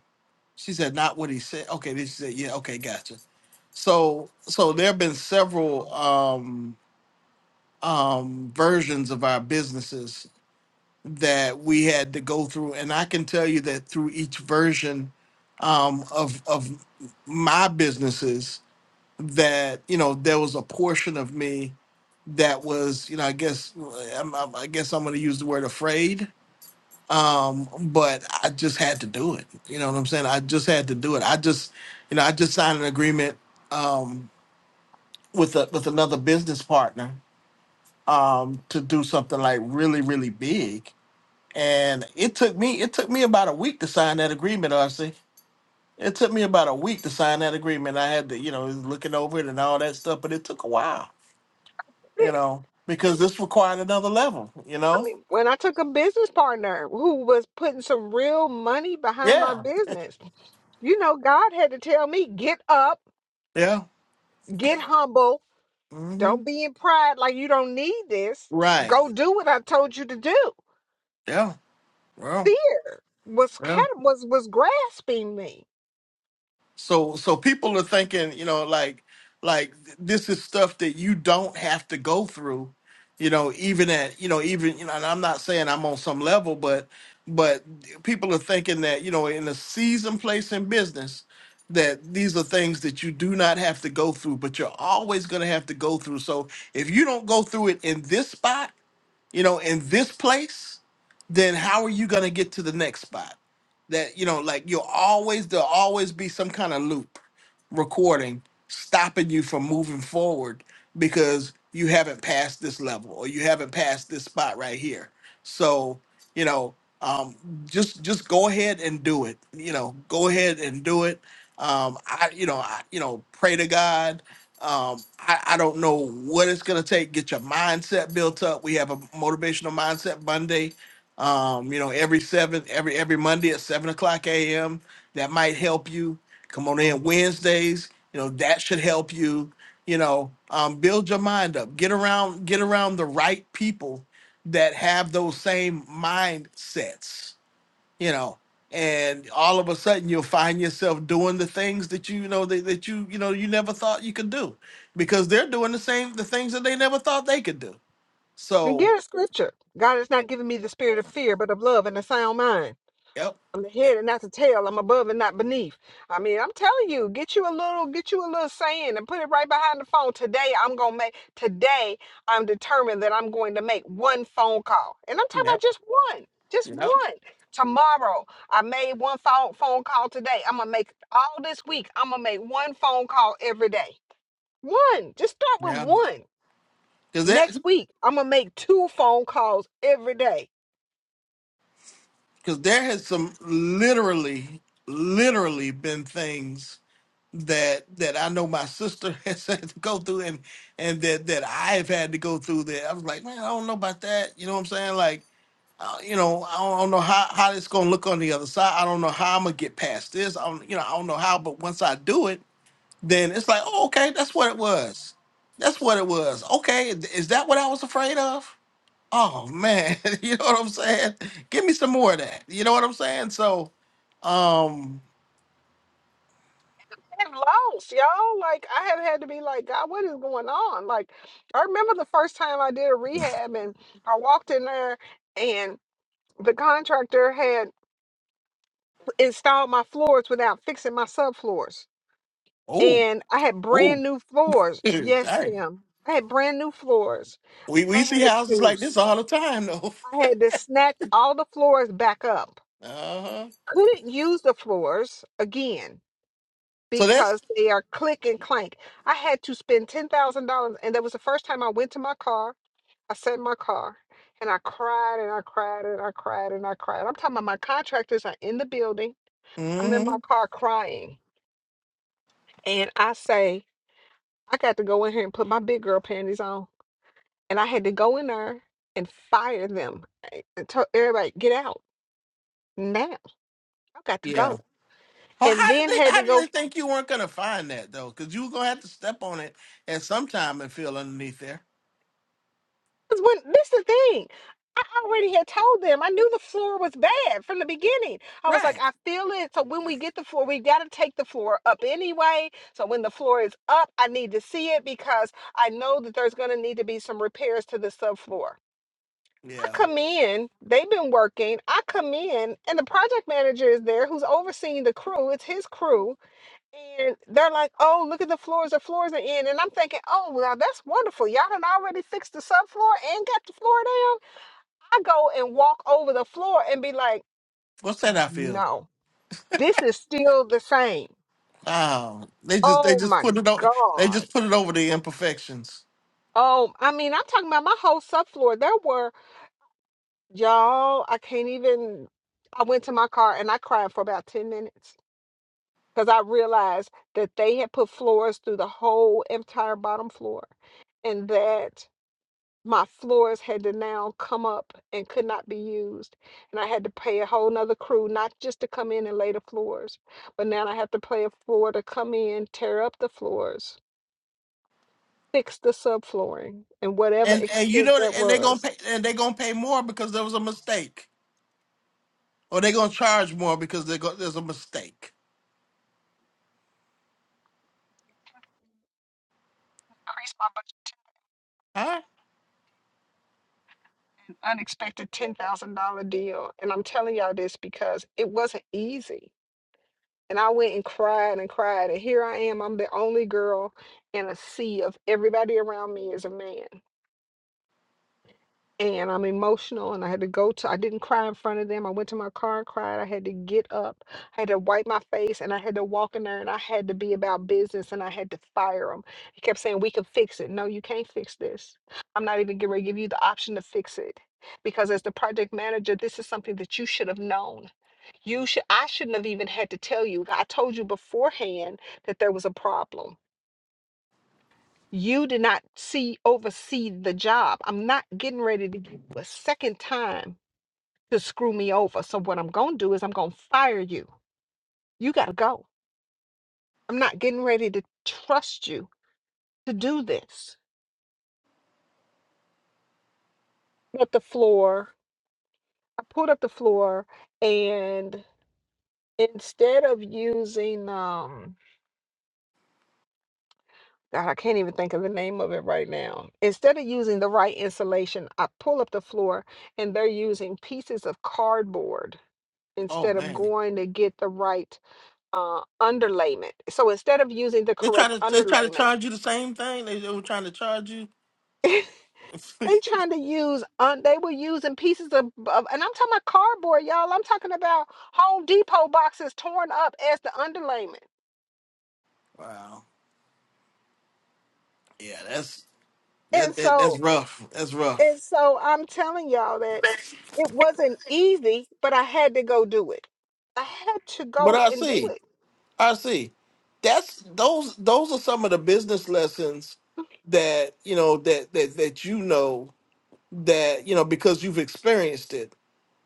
Speaker 1: she said not what he said. Okay, then she said, yeah, okay, gotcha. So so there have been several um um versions of our businesses that we had to go through. And I can tell you that through each version um, of of my businesses, that you know there was a portion of me that was, you know, I guess I'm, I'm, I guess I'm going to use the word afraid, um, but I just had to do it. You know what I'm saying? I just had to do it. I just, you know, I just signed an agreement um, with a, with another business partner um, to do something like really, really big and it took me it took me about a week to sign that agreement, RC. It took me about a week to sign that agreement. I had to, you know, looking over it and all that stuff, but it took a while, you
Speaker 4: Yeah,
Speaker 1: know, because this required another level, you
Speaker 4: I
Speaker 1: know?
Speaker 4: mean, when I took a business partner who was putting some really behind,
Speaker 1: Yeah.
Speaker 4: us, you know,
Speaker 1: Yeah.
Speaker 4: get humble.
Speaker 1: hmm
Speaker 4: Don't be in pride like you don't need this.
Speaker 1: Right.
Speaker 4: Go do what I told you to do.
Speaker 1: Yeah. Well.
Speaker 4: Was kind
Speaker 1: Yeah.
Speaker 4: of was was grasping me
Speaker 1: So so people are thinking, you know, like like this is stuff that you don't have to go through, you know, even at, you know, even you know, and I'm not saying I'm on some level, but but people are thinking that, you know, in a seasoned place in business, that these are things that you do not have to go through, but you're always gonna have to go through. So if you don't go through it in this spot, you know, in this place, then how are you gonna get to the next spot? That you know, like you'll always there'll always be some kind of loop recording stopping you from moving forward because you haven't passed this level or you haven't passed this spot right here. So, you know, um, just just go ahead and do it. You know, go ahead and do it. Um, I you know, I you know, pray to God um, I, I don't know what it's gonna take. Get your mindset built up. We have a motivational mindset Monday. Um, you know, every seven, every every Monday at seven o'clock a.m. That might help you. Come on in Wednesdays. You know that should help you. You know, um, build your mind up. Get around, get around the right people that have those same mindsets you know and all of a sudden you'll find yourself doing the things that you, you know that, that you you know you never thought you could do because they're doing the same the things that they never thought they could do
Speaker 4: And
Speaker 1: so
Speaker 4: get a scripture. God has not given me the spirit of fear, but of love and a sound mind.
Speaker 1: yep
Speaker 4: I'm the
Speaker 1: yeah,
Speaker 4: head and not the tail. I'm above and not beneath. I'm you. Don't make today. I'm determined that I'm going to make one phone call, and I'm talking about
Speaker 1: yep
Speaker 4: just one, just
Speaker 1: yep
Speaker 4: one. Tomorrow, I made one phone phone call today. I'm gonna make all this week. I'm gonna make one phone call every day. One. Just start with
Speaker 1: yeah
Speaker 4: one.
Speaker 1: because that
Speaker 4: Next week, I'm gonna make two phone calls every day.
Speaker 1: because there has some literally literally been things that that I know my sister has had to go through and and that that I've had to go through that I was like man I don't know about that you know what I'm saying like. uh, you know, I don't, I don't know how how it's gonna look on the other side. I don't know how I'm gonna get past this. I don't, you know, I don't know how. But once I do it, then it's like, oh, okay, that's what it was. That's what it was. Okay, is that what I was afraid of? Oh man, you know what I'm saying? Give me some more of that. You know what I'm saying? So, um,
Speaker 4: am lost, y'all. Like I have had to be like, God, what is going on? Like I remember the first time I did a rehab and I walked in there and the contractor had installed my floors without fixing my subfloors.
Speaker 1: oh,
Speaker 4: And I had
Speaker 1: oh,
Speaker 4: brand new floors. Yes,
Speaker 1: dang,
Speaker 4: Tim. I had brand new floors.
Speaker 1: we
Speaker 4: I
Speaker 1: we
Speaker 4: had
Speaker 1: see houses
Speaker 4: to
Speaker 1: like this
Speaker 4: s-
Speaker 1: all the time though.
Speaker 4: I had to snatch all the floors back up.
Speaker 1: Uh huh.
Speaker 4: Couldn't use the floors again
Speaker 1: So that's,
Speaker 4: because they are click and clank. I had to spend ten thousand dollars, and that was the first time I went to my car. I sat in my car and I cried and I cried and I cried and I cried. I'm talking about my contractors are in the building. I'm in my
Speaker 1: mm-hmm.
Speaker 4: car crying, and I say I got to put my phone and I her and fire them and tell everybody get out now. I got to
Speaker 1: yeah.
Speaker 4: go,
Speaker 1: Well,
Speaker 4: and
Speaker 1: how did
Speaker 4: then
Speaker 1: they?
Speaker 4: had
Speaker 1: How
Speaker 4: to
Speaker 1: did
Speaker 4: go.
Speaker 1: they think you weren't gonna find that though? Because you were gonna have to step on it at some time and feel underneath there.
Speaker 4: 'cause When this is the thing. I already had told them. I knew the floor was bad from the beginning. I was like,
Speaker 1: Right.
Speaker 4: I feel it. So when we get the floor, we got to take the floor up anyway. So when the floor is up, I need to see it because I know that there's going to need to be some repairs to the subfloor. I
Speaker 1: Yeah.
Speaker 4: come in, they've been working. I come in, and the project manager is there who's overseeing the crew. It's his crew. And they're like, oh, look at the floors. The floors are in. And I'm thinking, oh, well, that's wonderful. Y'all done already fixed the subfloor and got the floor down I go and walk over the floor and be like,
Speaker 1: What's that? I feel.
Speaker 4: no, this is still the same.
Speaker 1: Oh, they just they
Speaker 4: Oh
Speaker 1: just
Speaker 4: my
Speaker 1: put it over. They
Speaker 4: God.
Speaker 1: just put it over the imperfections.
Speaker 4: Oh, I mean, I'm talking about my whole subfloor. There were, y'all, I can't even. I went to my car and I cried for about 10 minutes because I realized that they had put floors through the whole entire bottom floor and that my floors had to now come up and could not be used. And I had to pay a whole nother crew, not just to come in and lay the floors, but now I have to pay a floor to come in, tear up the floors, fix the subflooring, and whatever
Speaker 1: And and you
Speaker 4: extent
Speaker 1: know
Speaker 4: that
Speaker 1: and they gonna
Speaker 4: was.
Speaker 1: pay and they gonna pay more because there was a mistake, or they gonna charge more because they go, there's a mistake.
Speaker 4: Increased my budget to
Speaker 1: Huh?
Speaker 4: an unexpected $10,000 deal. And I'm telling y'all this because it wasn't easy. And I went and cried and cried. And here I am. I'm the only girl in a sea of everybody around me is a man. and I'm emotional and I had to go to I didn't cry in front of them. I went to my car and cried. I had to get up. I had to wipe my face and I had to walk in there and I had to be about business and I had to fire them. He kept saying, "We can fix it." No, you can't fix this. I'm not even going to give you the option to fix it. Because as the project manager, this is something that you should have known. You should I shouldn't have even had to tell you. I told you beforehand that there was a problem you did not see oversee the job. I'm not getting ready to give you a second time to screw me over. So what I'm gonna do is I'm gonna fire you. You gotta go. I'm not getting ready to trust you to do this. Put the floor. I pulled up the floor and instead of using um God, I can't even think of the name of it right now. Instead of using the right insulation, I pull up the floor and they're using pieces of cardboard
Speaker 1: Oh
Speaker 4: instead of
Speaker 1: man.
Speaker 4: going to get the right uh, underlayment. So instead of using the
Speaker 1: They try
Speaker 4: correct
Speaker 1: to they try to
Speaker 4: underlayment,
Speaker 1: charge you the same thing. They, they were trying to charge you.
Speaker 4: they trying to use un- they were using pieces of, of and I'm talking about cardboard, y'all. I'm talking about Home Depot boxes torn up as the underlayment.
Speaker 1: wow. Yeah. That's
Speaker 4: And
Speaker 1: that, that that's
Speaker 4: so
Speaker 1: rough. That's rough.
Speaker 4: and so I'm telling y'all that it wasn't easy, but I had to go do it. I had to
Speaker 1: But
Speaker 4: go
Speaker 1: I
Speaker 4: and do
Speaker 1: see,
Speaker 4: it.
Speaker 1: I see. That's those those are some of the business lessons that you know that that that you know that you know because you've experienced it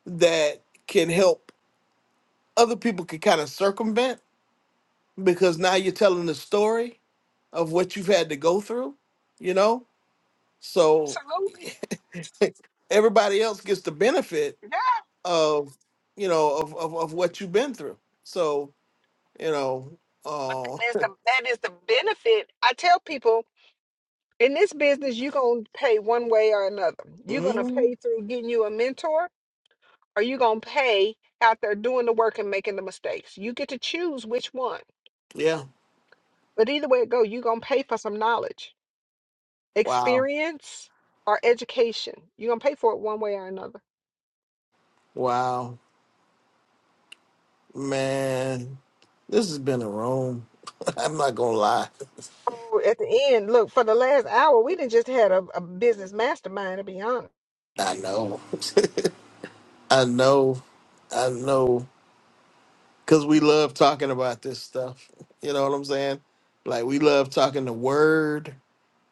Speaker 1: that can help other people can kind of circumvent because now you're telling the story of what you've had to go through, you know. So
Speaker 4: Absolutely.
Speaker 1: everybody else gets the benefit
Speaker 4: Yeah.
Speaker 1: of you know of of, of what you've been through. So you know,
Speaker 4: But
Speaker 1: uh,
Speaker 4: that is the that is the benefit. I tell people in this business, you're gonna pay one way or another. You're gonna
Speaker 1: mm,
Speaker 4: pay through getting you a mentor, or you're gonna pay out there doing the work and making the mistakes. You get to choose which one.
Speaker 1: yeah,
Speaker 4: But either way it go, you're gonna pay for some knowledge,
Speaker 1: wow.
Speaker 4: experience, or education. You're gonna pay for it one way or another.
Speaker 1: Wow, man, this has been a room. I'm not gonna lie.
Speaker 4: So at the end, look, for the last hour, we didn't just had a, a business mastermind to be honest.
Speaker 1: I know, I know, I know, because we love talking about this stuff. You know what I'm saying? Like, we love talking the word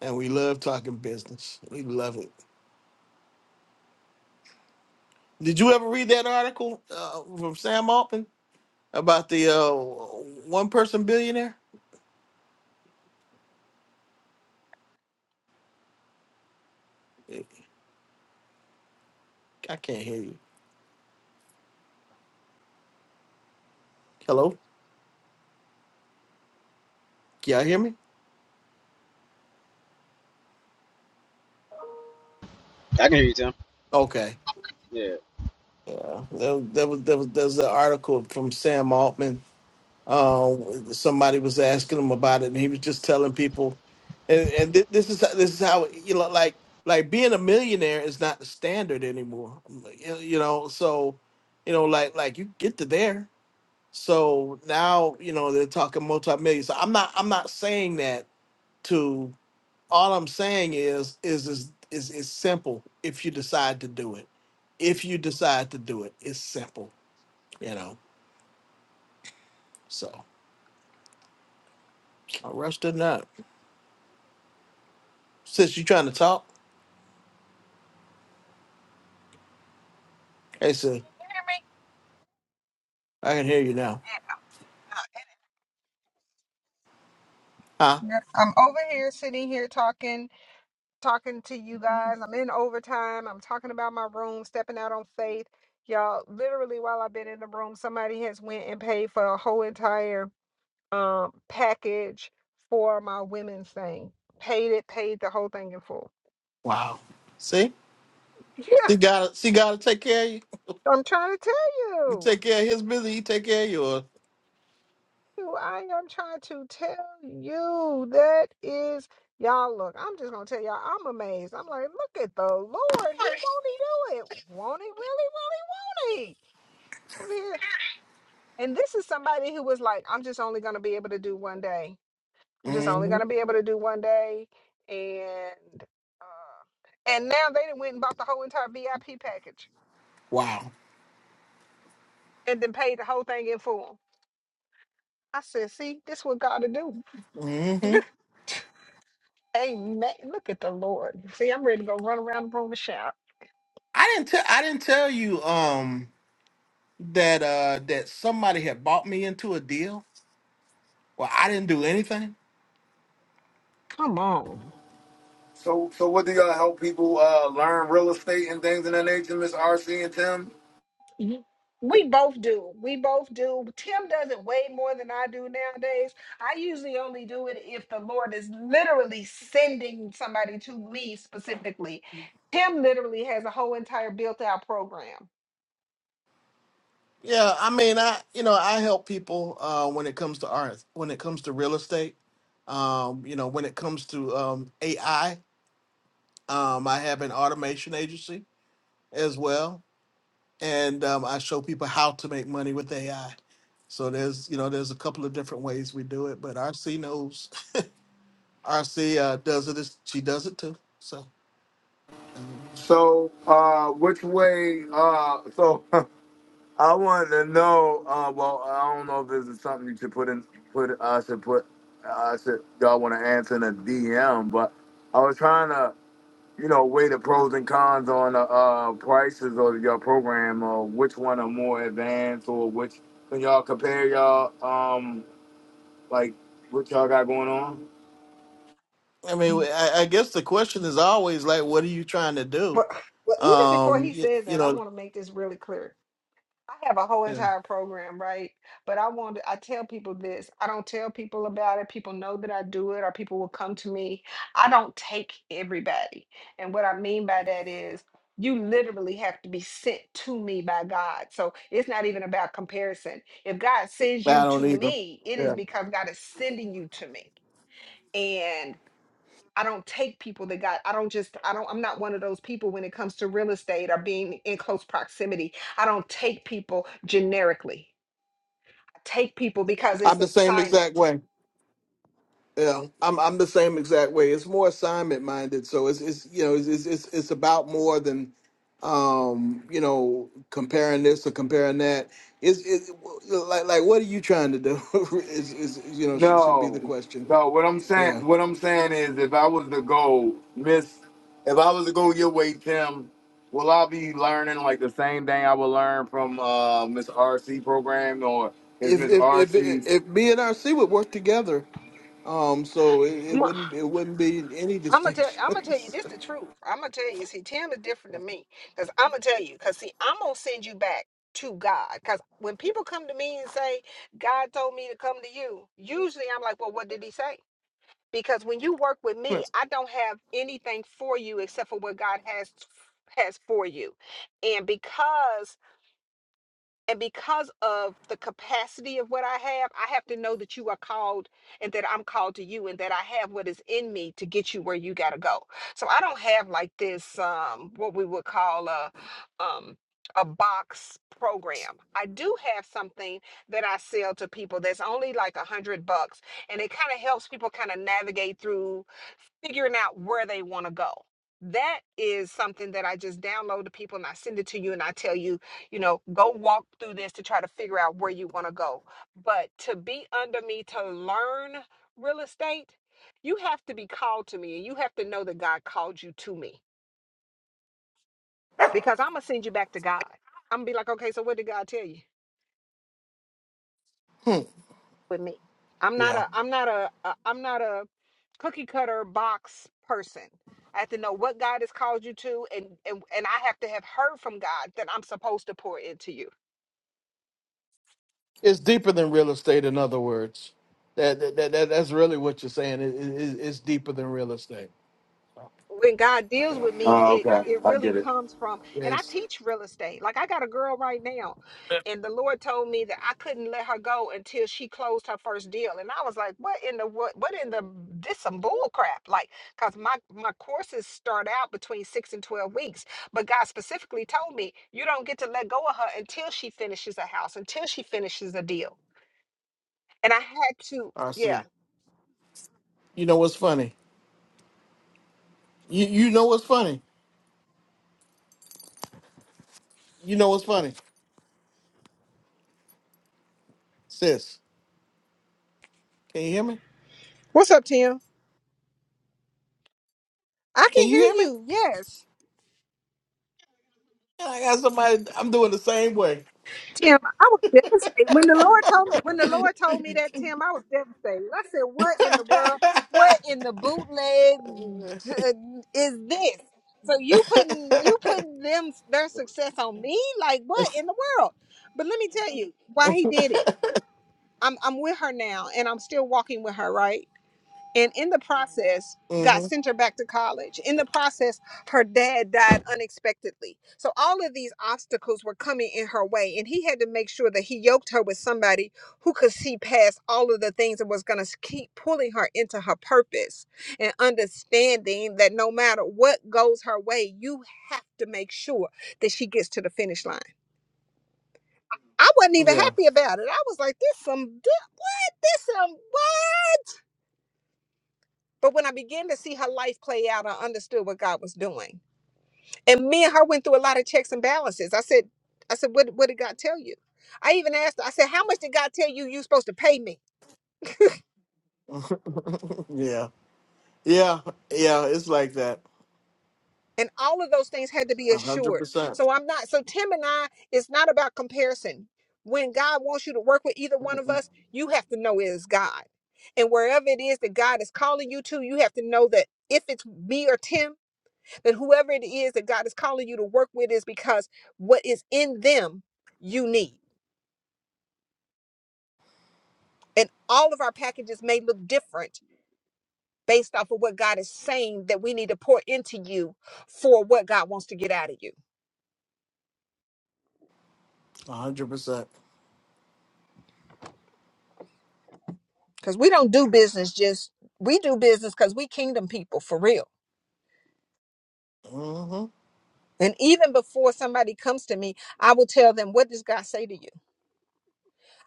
Speaker 1: and we love talking business. We love it. Did you ever read that article uh, from Sam Altman about the uh, one person billionaire? I can't hear you. Hello? Can y'all hear me?
Speaker 12: I can hear you, Tim.
Speaker 1: Okay.
Speaker 12: Yeah.
Speaker 1: Yeah, there, there was there was there's an article from Sam Altman. Uh, somebody was asking him about it, and he was just telling people, and, and thi- this is this is how you know, like like being a millionaire is not the standard anymore. You you know, so you know, like like you get to there. So now you know they're talking multi millions. So I'm not I'm not saying that to. All I'm saying is is is is it's simple if you decide to do it. If you decide to do it, it's simple you know. So I rushed it up. Sis, you trying to talk? Hey, sis, I can hear you now. Huh?
Speaker 4: Yeah, I'm over here sitting here talking. talking to you guys. I'm in overtime. I'm talking about my room, stepping out on faith. Y'all, literally while I've been in the room, somebody has went and paid for a whole entire um package for my women's thing. Paid it, paid the whole thing in full.
Speaker 1: Wow. See,
Speaker 4: Yeah,
Speaker 1: see, God, see, got to take care of you.
Speaker 4: I'm trying to tell
Speaker 1: You
Speaker 4: you.
Speaker 1: take care of His business. He take care of yours.
Speaker 4: You I am trying to tell you that is y'all look, I'm just gonna tell y'all I'm amazed. I'm like, look at the Lord. He won't he do it. Won't he Will he? won't he? will he? Over here And this is somebody who was like, I'm just only going to be able to do one day. I'm just only
Speaker 1: hmm
Speaker 4: going to be able to do one day. And uh, and now they done went and bought the whole entire VIP package
Speaker 1: Wow.
Speaker 4: and then paid the whole thing in full. I said, see, this what God to do.
Speaker 1: hmm
Speaker 4: Amen. Look at the Lord. See, I'm ready to go run around the room and shout.
Speaker 1: I didn't tell. I didn't tell you um that uh that somebody had bought me into a deal. Well, I didn't do anything.
Speaker 4: Come on.
Speaker 7: so, so what do y'all help people uh learn real estate and things in that nature, Miss RC and Tim?
Speaker 4: Mhm. We both do. We both do. Tim does it way more than I do nowadays. I usually only do it if the Lord is literally sending somebody to me specifically. Tim literally has a whole entire built out program.
Speaker 1: Yeah, I mean, I you know I help people uh, when it comes to art, when it comes to real estate, um, you know, when it comes to um, AI. Um, I have an automation agency as well, and um, I show people how to make money with AI. So there's, you know, there's a couple of different ways we do it, but RC knows. RC uh, does it. as- She does it too. So, um,
Speaker 7: So, uh, which way, uh, so I wanted to know, uh, well, I don't know if this is something you should put in, put, I should put, I should, y'all want to answer in a DM, but I was trying to. you know, weigh the pros and cons on the uh, prices of your program, or which one are more advanced, or which when y'all compare y'all um like what y'all got going on?
Speaker 1: I mean, we- I, I guess the question is always like, what are you trying to do?
Speaker 4: But well, even before
Speaker 1: Um,
Speaker 4: he
Speaker 1: you,
Speaker 4: says
Speaker 1: you
Speaker 4: that, I
Speaker 1: know,
Speaker 4: want to make this really clear. I have a whole
Speaker 1: yeah.
Speaker 4: entire program, right? But I want I tell people this. I don't tell people about it. People know that I do it or people will come to me. I don't take everybody. And what I mean by that is you literally have to be sent to me by God. So it's not even about comparison. If God sends you
Speaker 1: I don't
Speaker 4: to
Speaker 1: either.
Speaker 4: me, it is
Speaker 1: Yeah,
Speaker 4: because God is sending you to me. I don't take people that got, I don't just, I don't, I'm not one of those people when it comes to real estate or being in close proximity. I don't take people generically. I take people because it's
Speaker 1: I'm the same exact
Speaker 4: assignment.
Speaker 1: way. Yeah, I'm I'm the same exact way. It's more assignment minded, so it's it's you know it's it's it's it's about more than um you know comparing this or comparing that. It's it well, like like what are you trying to do? is is you know should, should be the
Speaker 7: No,
Speaker 1: question.
Speaker 7: no. What I'm
Speaker 1: Yeah,
Speaker 7: saying, what I'm saying is, if I was to go, Miss, if I was to go your way, Tim, will I be learning like the same thing I would learn from uh, Miss RC program, or is
Speaker 1: if
Speaker 7: Miss
Speaker 1: if if
Speaker 7: RC?
Speaker 1: if B and RC would work together, um, so it, it wouldn't it wouldn't be any
Speaker 4: I'm gonna tell I'm gonna tell you
Speaker 1: distinctions.
Speaker 4: this the truth. I'm gonna tell you, see, Tim is different than me. Cause I'm gonna tell you, cause see, I'm gonna send you back to God. Cause when people come to me and say, God told me to come to you, usually I'm like, Well, what did he say? because when you work with me i don't have anything for you except for what god has has for you and because and because of the capacity of what i have i have to know that you are called and that i'm called to you and that i have what is in me to get you where you got to go so i don't have like this um what we would call a um a box program i do have something that i sell to people that's only like a hundred bucks and it kind of helps people kind of navigate through figuring out where they want to go. That is something that I just download to people and I send it to you and I tell you, you know, go walk through this to try to figure out where you want to go. But to be under me to learn real estate, you have to be called to me and you have to know that God called you to me because I'm going to send you back to God. I'm going to be like, okay, so what did God tell you?
Speaker 1: Hmm.
Speaker 4: with me. I'm not
Speaker 1: Yeah.
Speaker 4: a I'm not a, a I'm not a cookie cutter box person. I have to know what God has called you to and and and I have to have heard from God that I'm supposed to pour into you.
Speaker 1: It's deeper than real estate, in other words. That, that, that, that- that's really what you're saying. It, it, it- it's deeper than real estate.
Speaker 4: when God deals
Speaker 1: Yeah.
Speaker 4: with me,
Speaker 7: Oh,
Speaker 4: it
Speaker 7: okay,
Speaker 4: it
Speaker 7: I
Speaker 4: really
Speaker 7: get it.
Speaker 4: comes from and I
Speaker 1: Yes.
Speaker 4: teach real estate. Like I got a girl right now, and the Lord told me that I couldn't let her go until she closed her first deal. And I was like, what in the what what in the this some bull crap? Like, cause my my courses start out between six and twelve weeks. But God specifically told me you don't get to let go of her until she finishes a house, until she finishes a deal. And I had to,
Speaker 1: I see.
Speaker 4: yeah.
Speaker 1: You know what's funny? You you know what's funny? You know what's funny? Sis, can you hear me?
Speaker 4: What's up, Tim? I can
Speaker 1: Can you
Speaker 4: hear
Speaker 1: hear me?
Speaker 4: you. Yes.
Speaker 1: Yeah, I got somebody. I'm doing the same way.
Speaker 4: Tim, I was devastated when the Lord told me when the Lord told me that Tim, I was devastated. I said, "What in the world? What in the bootleg t- is this?" So you putting you putting them their success on me? Like what in the world? But let me tell you why he did it. I'm I'm with her now, and I'm still walking with her, right? and in the process God
Speaker 1: hmm
Speaker 4: sent her back to college. In the process, her dad died unexpectedly. So all of these obstacles were coming in her way, and he had to make sure that he yoked her with somebody who could see past all of the things that was going to keep pulling her into her purpose and understanding that no matter what goes her way, you have to make sure that she gets to the finish line. I wasn't even
Speaker 1: Yeah.
Speaker 4: happy about it. I was like, this some this some But when I began to see her life play out, I understood what God was doing. And me and her went through a lot of checks and balances. I said, I said, what, what did God tell you? I even asked her, I said, how much did God tell you you're supposed to pay me?
Speaker 1: yeah. Yeah. Yeah. It's like that.
Speaker 4: And all of those things had to be
Speaker 1: A hundred
Speaker 4: assured.
Speaker 1: percent.
Speaker 4: So I'm not, so Tim and I, it's not about comparison. When God wants you to work with either one of us, you have to know it is God. And wherever it is that God is calling you to, you have to know that if it's me or Tim, that whoever it is that God is calling you to work with is because what is in them you need. And all of our packages may look different based off of what God is saying that we need to pour into you for what God wants to get out of you.
Speaker 1: A hundred percent.
Speaker 4: Because we don't do business just, we do business because we kingdom people for real.
Speaker 1: hmm
Speaker 4: And even before somebody comes to me, I will tell them, What does God say to you?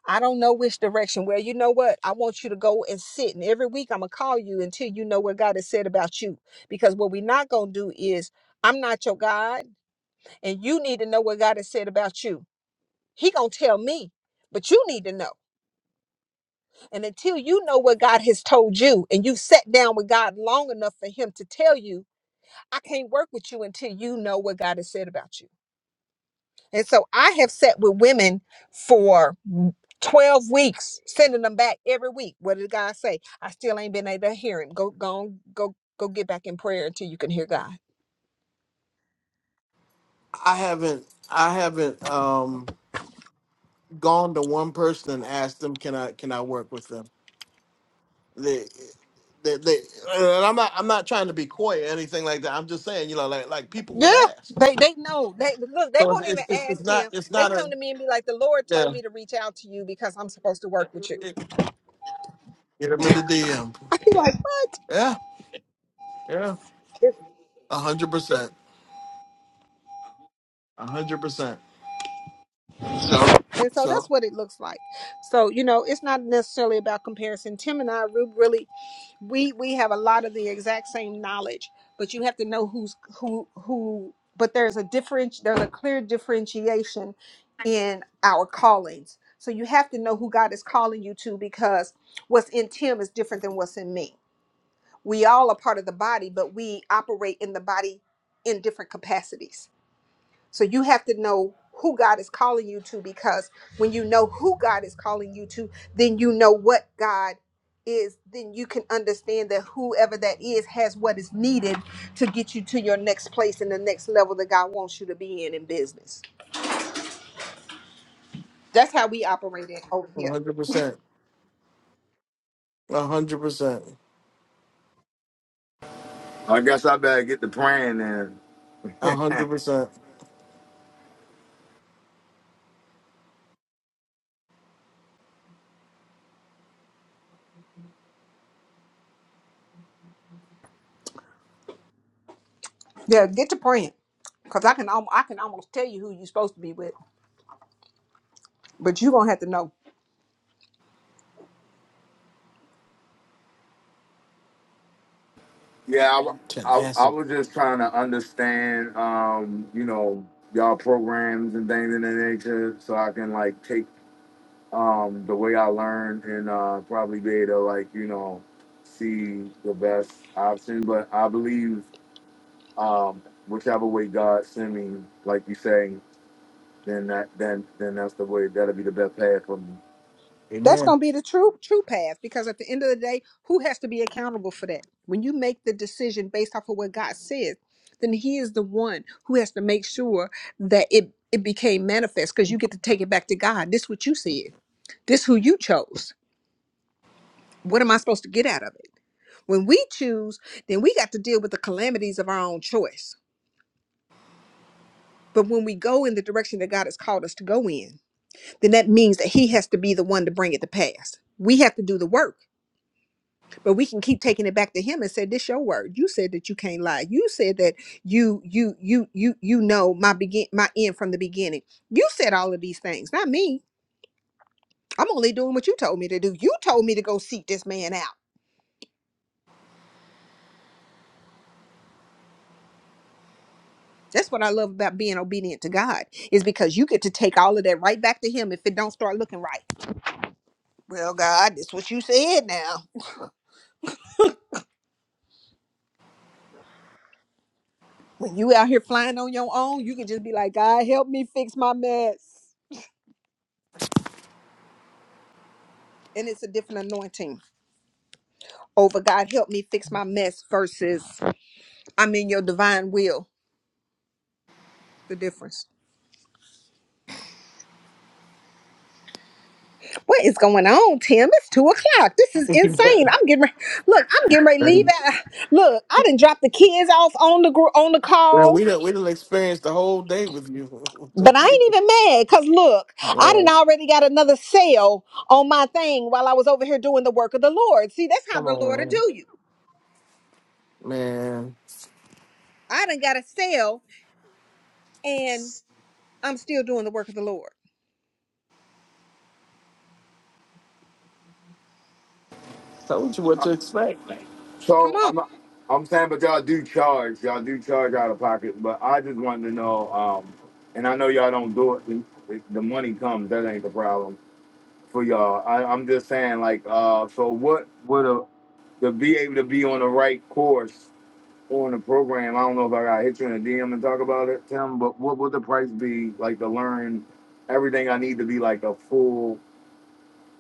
Speaker 4: I don't know which direction. Well, you know what? I want you to go and sit. And every week I'm going to call you until you know what God has said about you. Because what we're not going to do is, I'm not your God, and you need to know what God has said about you. He going to tell me, but you need to know. And until you know what God has told you and you've sat down with God long enough for Him to tell you, I can't work with you until you know what God has said about you. And so I have sat with women for 12 weeks, sending them back every week. What did God say? I still ain't been able to hear Him. Go, go, on, go. Go get back in prayer until you can hear God.
Speaker 1: I haven't I haven't um gone to one person and asked them can I can I work with them. They, they, they and I'm not I'm not trying to be coy or anything like that. I'm just saying you know like like people
Speaker 4: Yeah.
Speaker 1: will ask.
Speaker 4: They they know. They look, they
Speaker 1: So it's
Speaker 4: won't even
Speaker 1: it's, it's,
Speaker 4: ask
Speaker 1: it's not
Speaker 4: him.
Speaker 1: it's
Speaker 4: They
Speaker 1: not
Speaker 4: come
Speaker 1: a
Speaker 4: to me and be like, the Lord told
Speaker 1: yeah.
Speaker 4: me to reach out to you because I'm supposed to work with you.
Speaker 1: It- Get them in the DM. Yeah yeah a hundred percent a hundred percent.
Speaker 4: And so that's
Speaker 1: So
Speaker 4: what it looks like. So, you know, it's not necessarily about comparison. Tim and I we really we we have a lot of the exact same knowledge, but you have to know who's who who but there's a different there's a clear differentiation in our callings. So you have to know who God is calling you to because what's in Tim is different than what's in me. We all are part of the body, but we operate in the body in different capacities. So you have to know who God is calling you to because when you know who God is calling you to, then you know what God is, then you can understand that whoever that is has what is needed to get you to your next place and the next level that God wants you to be in in business. That's how we operate it over
Speaker 1: a
Speaker 4: here.
Speaker 1: hundred percent a hundred percent
Speaker 7: I guess I better get the praying then.
Speaker 1: a hundred percent
Speaker 4: Yeah, get to praying because I can alm- I can almost tell you who you're supposed to be with, but you're gonna have to know.
Speaker 7: Yeah, I, wa- I, I
Speaker 1: tenacity.
Speaker 7: was just trying to understand, um, you know, y'all programs and things in that nature, so I can like take um, the way I learned and uh, probably be able to like you know see the best option. But I believe um, whichever way God send me, like you say, then that then then that's the way that'll be the best path for me.
Speaker 4: That's
Speaker 1: Amen.
Speaker 4: going to be the true true path because at the end of the day, who has to be accountable for that? When you make the decision based off of what God says, then he is the one who has to make sure that it it became manifest because you get to take it back to God. This what you said. This who you chose. What am I supposed to get out of it? When we choose, then we got to deal with the calamities of our own choice. But when we go in the direction that God has called us to go in, then that means that he has to be the one to bring it to pass. We have to do the work but we can keep taking it back to him and say this your word you said that you can't lie you said that you you you you you know my begin my end from the beginning you said all of these things not me i'm only doing what you told me to do you told me to go seek this man out that's what i love about being obedient to god is because you get to take all of that right back to him if it don't start looking right well god this what you said now when you out here flying on your own you can just be like god help me fix my mess and it's a different anointing over God help me fix my mess versus I'm in your divine will. What is going on, Tim? It's two o'clock. This is insane. I'm getting ready. Look, I'm getting ready to leave. At, look, I didn't drop the kids off on the gr- on the
Speaker 1: Well,
Speaker 4: call,
Speaker 1: we done, we done experienced the whole day with you.
Speaker 4: but I
Speaker 1: okay.
Speaker 4: ain't even mad because look, I
Speaker 1: Yeah,
Speaker 4: didn't already got another sale on my thing while I was over here doing the work of the Lord. See, that's how
Speaker 1: come
Speaker 4: the
Speaker 1: on,
Speaker 4: Lord will
Speaker 1: man.
Speaker 4: do you.
Speaker 1: Man,
Speaker 4: I know. And
Speaker 1: told you what to expect.
Speaker 7: So I'm I'm saying, but y'all do charge, y'all do charge out of pocket. But I just wanted to know, um, and I know y'all don't do it. The the money comes, that ain't the problem for y'all. I, I'm just saying, like, uh, so what would a to be able to be on the right course on the program? I don't know if I got to hit you in a DM and talk about it, Tim. But what would the price be like to learn everything I need to be like a full,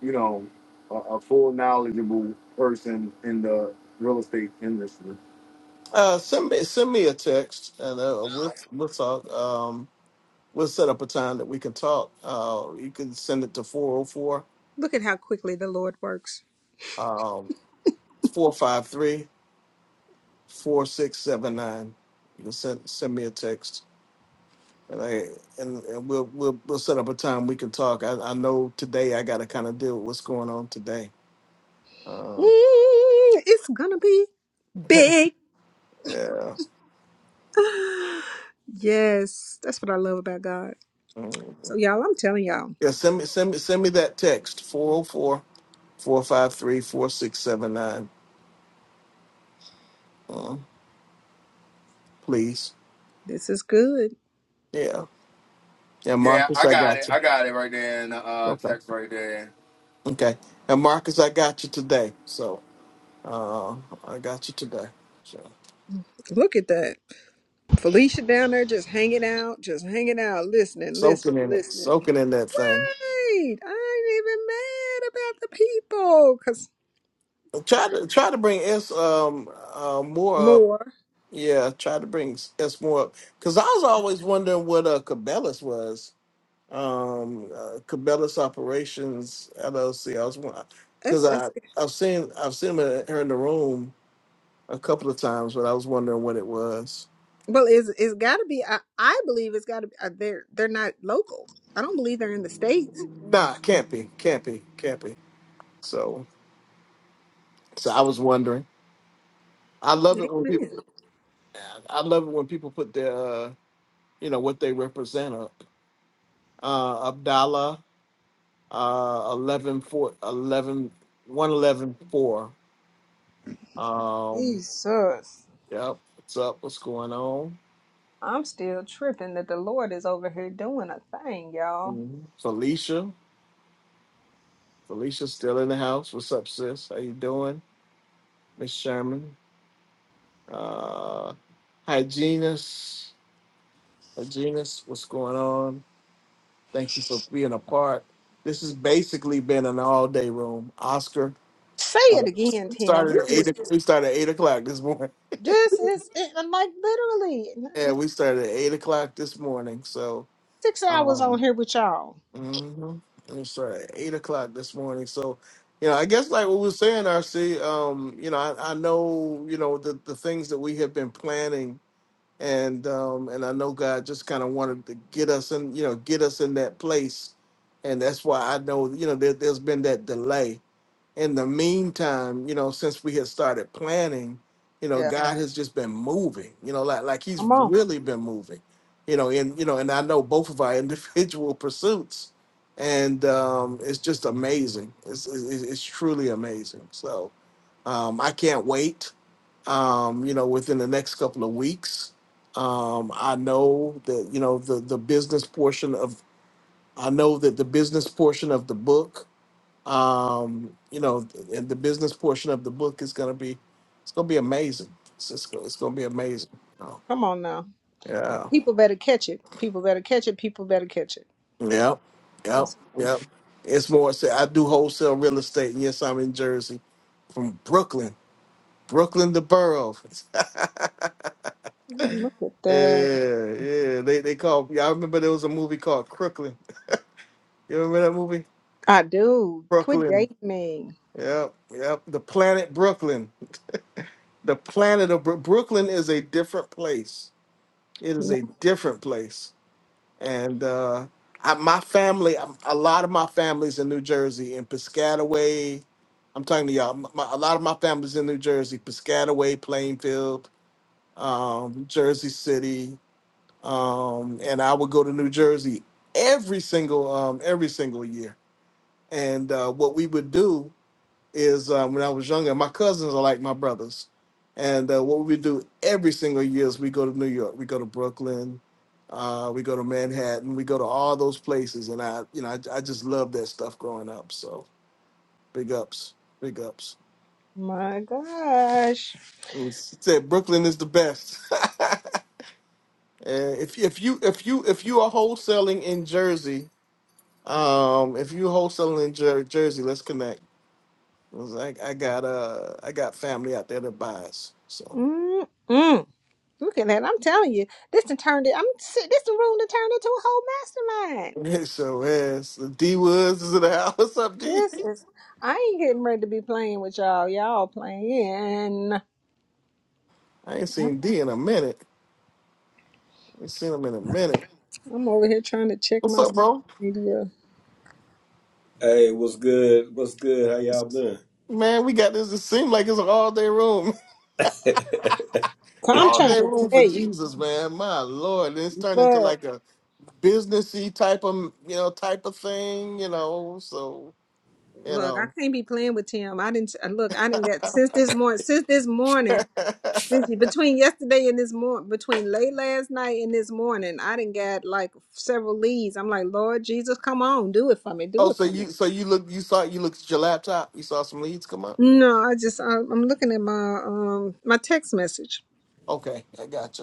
Speaker 7: you know, a, a full knowledgeable person in the real estate industry?
Speaker 1: Uh, send me send me a text, and uh, we'll we'll talk. Um, we'll set up a time that we can talk. Uh, you can send it to 404
Speaker 4: look at how quickly the Lord works.
Speaker 1: um 453 You can send send me a text, and I and, and we'll we'll we'll set up a time we can talk. I, I know today I got to kind of deal with what's going on today.
Speaker 4: Mm,
Speaker 1: Um,
Speaker 4: it's gonna be big.
Speaker 1: yeah.
Speaker 4: Yes, that's what I love about God.
Speaker 1: Yeah,
Speaker 4: So, y'all, I'm telling y'all,
Speaker 1: send me send me send me that text four zero four four five three four six seven nine, 453 Please.
Speaker 4: this is good.
Speaker 1: Yeah. Yeah,
Speaker 7: Yeah,
Speaker 1: Marcus,
Speaker 7: I
Speaker 1: I
Speaker 7: got it.
Speaker 1: got you.
Speaker 7: I got it right there in the uh,
Speaker 1: Okay.
Speaker 7: text right there.
Speaker 1: Okay. And Marcus, I got you today. So uh I got you today. So
Speaker 4: Look at that. Felicia down there just hanging.
Speaker 1: soaking in it, soaking in that thing. Try to try to bring S um uh more up. Yeah, try to bring S more up. Cause I was always wondering what uh Cabela's was. um, uh, Cabela's Operations LLC. I was because I I've seen I've seen her her in the room a couple of times, but I was wondering what it was. Nah, can't be, can't be, can't be. So so I was wondering. I love it when people. I love it when people put their uh, you know what they represent up. Uh, Abdallah, uh, 11, four, eleven one eleven four. Um,
Speaker 4: Jesus.
Speaker 1: yep, what's up? What's going on?
Speaker 4: I'm still tripping that the Lord is over here doing a thing, y'all.
Speaker 1: Mhm. Felicia. Felicia's still in the house. What's up, sis? How you doing? Miss Sherman. Uh hi Genus. Hi, Genus, what's going on? Thank you for being a part. This has basically been an all-day room. Oscar.
Speaker 4: Say
Speaker 1: uh,
Speaker 4: it again, Tim. We
Speaker 1: Started at eight
Speaker 4: just,
Speaker 1: o- we started at eight o'clock this morning.
Speaker 4: this is it, like literally
Speaker 1: Yeah, we started at eight o'clock this morning. So
Speaker 4: six hours on
Speaker 1: um
Speaker 4: here with y'all.
Speaker 1: Mm-hmm. It's uh, eight o'clock this morning. So, you know, I guess like what we were saying, RC, um, you know, I, I know, you know, the, the things that we have been planning and um and I know God just kind of wanted to get us in, you know, get us in that place. And that's why I know, you know, there, there's been that delay in the meantime, you know, since we had started planning, you know,
Speaker 4: Yeah.
Speaker 1: God has just been moving, you know, like like he's
Speaker 4: Come on.
Speaker 1: really been moving, you know, and you know, and I know both of our individual pursuits, and um, it's just amazing. It's, it's it's truly amazing. So um, I can't wait. Um, you know, within the next couple of weeks, um, I know that you know the the business portion of I know that the business portion of the book um, you know, and the business portion of the book is going to be, it's going to be amazing. It's just, go- it's going to be amazing. Oh,
Speaker 4: Come on now.
Speaker 1: yeah.
Speaker 4: People, that-
Speaker 1: Yep. Yep. Yep. It's more, so I do wholesale real estate. And yes, I'm in Jersey from Brooklyn, Brooklyn, the borough. yeah.
Speaker 4: look at that.
Speaker 1: Yeah. They, they call, yeah, I remember there was a movie called Crooklyn. You remember that movie?
Speaker 4: I do. Quit
Speaker 1: Brooklyn.
Speaker 4: dating me.
Speaker 1: Yep. Yep. The planet Brooklyn. The planet of Bro- Brooklyn is a different place. It
Speaker 4: You
Speaker 1: is
Speaker 4: know,
Speaker 1: a different place and uh, I, my family, um, a lot of my family's in New Jersey, in Piscataway. I'm talking to y'all. My, a lot of my family's in New Jersey, Piscataway, Plainfield, um, Jersey City, um, and I would go to New Jersey every single um, every single year. And uh, what we would do is um, when I was younger, my cousins are like my brothers. And uh, what we do every single year is we go to New York, we go to Brooklyn, uh, we go to Manhattan, we go to all those places. And I, you know, I, I just love that stuff growing up. So big ups, big ups.
Speaker 4: my gosh.
Speaker 1: And we said Brooklyn is the best. And if if you if you if you are wholesaling in Jersey, um, if you wholesaling in Jer- Jersey, let's connect. 'Cause I, I got uh I got family out there that buys. So
Speaker 4: Mm-mm. Look at that. I'm telling you, this done turned it. I'm si- this the room to turn into a whole mastermind.
Speaker 1: It's your ass. D Woods is in the house. What's up, D?
Speaker 4: This is. I ain't getting ready to be playing with y'all. Y'all playing.
Speaker 1: I ain't seen D in a minute. I ain't seen him in a minute.
Speaker 4: I'm over here trying to check
Speaker 1: What's
Speaker 4: my
Speaker 1: up,
Speaker 4: social
Speaker 1: bro?
Speaker 4: media.
Speaker 13: Hey, what's good? What's good? How y'all been?
Speaker 1: Man, we got this. It seems like it's an all day room.
Speaker 4: So, I'm
Speaker 1: All
Speaker 4: trying
Speaker 1: day
Speaker 4: to
Speaker 1: room for
Speaker 4: tell you.
Speaker 1: Jesus, man. My Lord. It's turned into
Speaker 4: Look,
Speaker 1: like a businessy type of, you know, type of thing, you know. So, you
Speaker 4: look. I
Speaker 1: know.
Speaker 4: can't be playing with Tim. I didn't uh, look. I didn't get since this morning. Since this morning. Since between yesterday and this morning, between late last night and this morning, I didn't get like several leads. I'm like, Lord Jesus, come on, do it for me, do
Speaker 1: oh,
Speaker 4: it
Speaker 1: so
Speaker 4: for me.
Speaker 1: you so you look you saw you looked at your laptop, you saw some leads come up?
Speaker 4: No, I just I, I'm looking at my um my text message.
Speaker 1: Okay, I gotcha.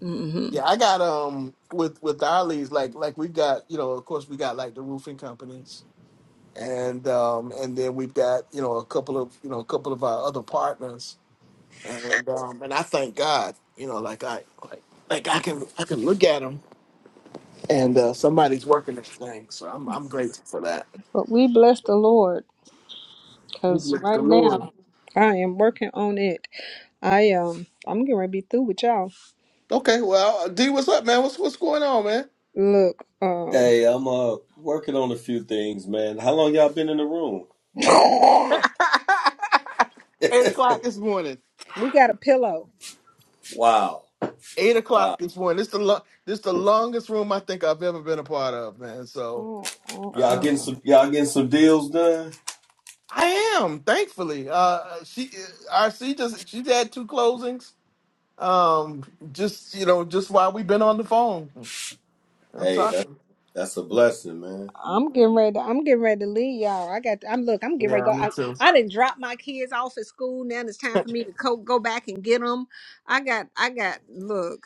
Speaker 4: hmm
Speaker 1: Yeah, I got um with with our leads, like like we've got, you know, of course we got like the roofing companies and um and then we've got, you know, a couple of you know, a couple of our other partners and um and I thank God, you know, like I like like I can I can look at them and uh somebody's working this thing. So I'm I'm grateful for that.
Speaker 4: But we bless the Lord
Speaker 1: We
Speaker 4: because
Speaker 1: bless The
Speaker 4: right
Speaker 1: Lord.
Speaker 4: now I am working on it. I um I'm getting
Speaker 1: Okay, well, D, what's up, man? What's what's going on, man?
Speaker 13: Hey, I'm uh working on a few things, man. How long y'all been in the room?
Speaker 1: Eight o'clock this morning.
Speaker 13: Wow,
Speaker 1: eight
Speaker 13: wow.
Speaker 1: o'clock this morning. This the lo- this the longest room I think I've ever been a part of, man. So
Speaker 13: Y'all getting
Speaker 1: um,
Speaker 13: some y'all getting some deals done?
Speaker 1: I am thankfully. Uh, she RC just she's had two closings. Um, just you know, just while we've been on the phone, I'm
Speaker 13: Hey, that's
Speaker 1: talking.
Speaker 13: that's a blessing, man.
Speaker 4: I'm getting ready. To, I'm getting ready to leave y'all. I got I'm look. I'm getting ready to
Speaker 1: Yeah,
Speaker 4: go.
Speaker 1: me
Speaker 4: I,
Speaker 1: too.
Speaker 4: I didn't drop my kids off at school. Now it's time for me to co- go back and get them. I got I got look.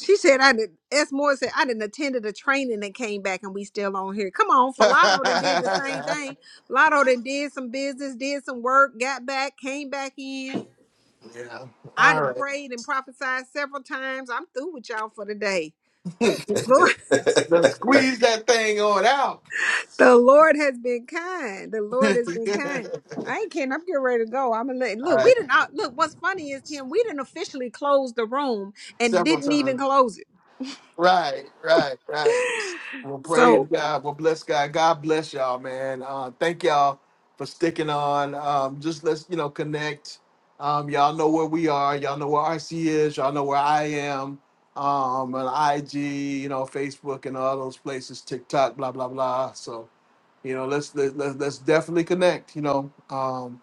Speaker 4: She said, I did. S. Moore said, I didn't attended a training and came back and we still on here. Come on, Falato done did the same
Speaker 1: yeah.
Speaker 4: thing. Falato done did some business, did some work, got back, came back in. I
Speaker 1: All
Speaker 4: done
Speaker 1: right.
Speaker 4: prayed and prophesied several times. I'm through with y'all for the day. Lord,
Speaker 1: Now squeeze that thing on out.
Speaker 4: the Lord has been kind. The Lord has been kind. I ain't kidding. I'm getting ready to go. I'm gonna let,
Speaker 1: All
Speaker 4: look. We
Speaker 1: right.
Speaker 4: didn't look. What's funny is Tim. We didn't officially close the room and
Speaker 1: Several
Speaker 4: didn't even
Speaker 1: times.
Speaker 4: close it.
Speaker 1: Right, right, right. Well,
Speaker 4: So.
Speaker 1: praise God. Well, bless God. God bless y'all, man. Uh, thank y'all for sticking on. Um, just let's you know connect. Um, y'all know where we are. Y'all know where RC is. Y'all know where I am. Um, on IG, you know, Facebook, and all those places, TikTok, blah blah blah. So you know, let's let's let's, let's definitely connect. You know, um,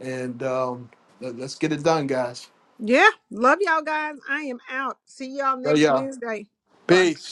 Speaker 1: and um, let, let's get it done, guys.
Speaker 4: Yeah. Love y'all guys. I am out. See y'all
Speaker 1: So
Speaker 4: next
Speaker 1: yeah,
Speaker 4: Wednesday. Bye.
Speaker 1: peace.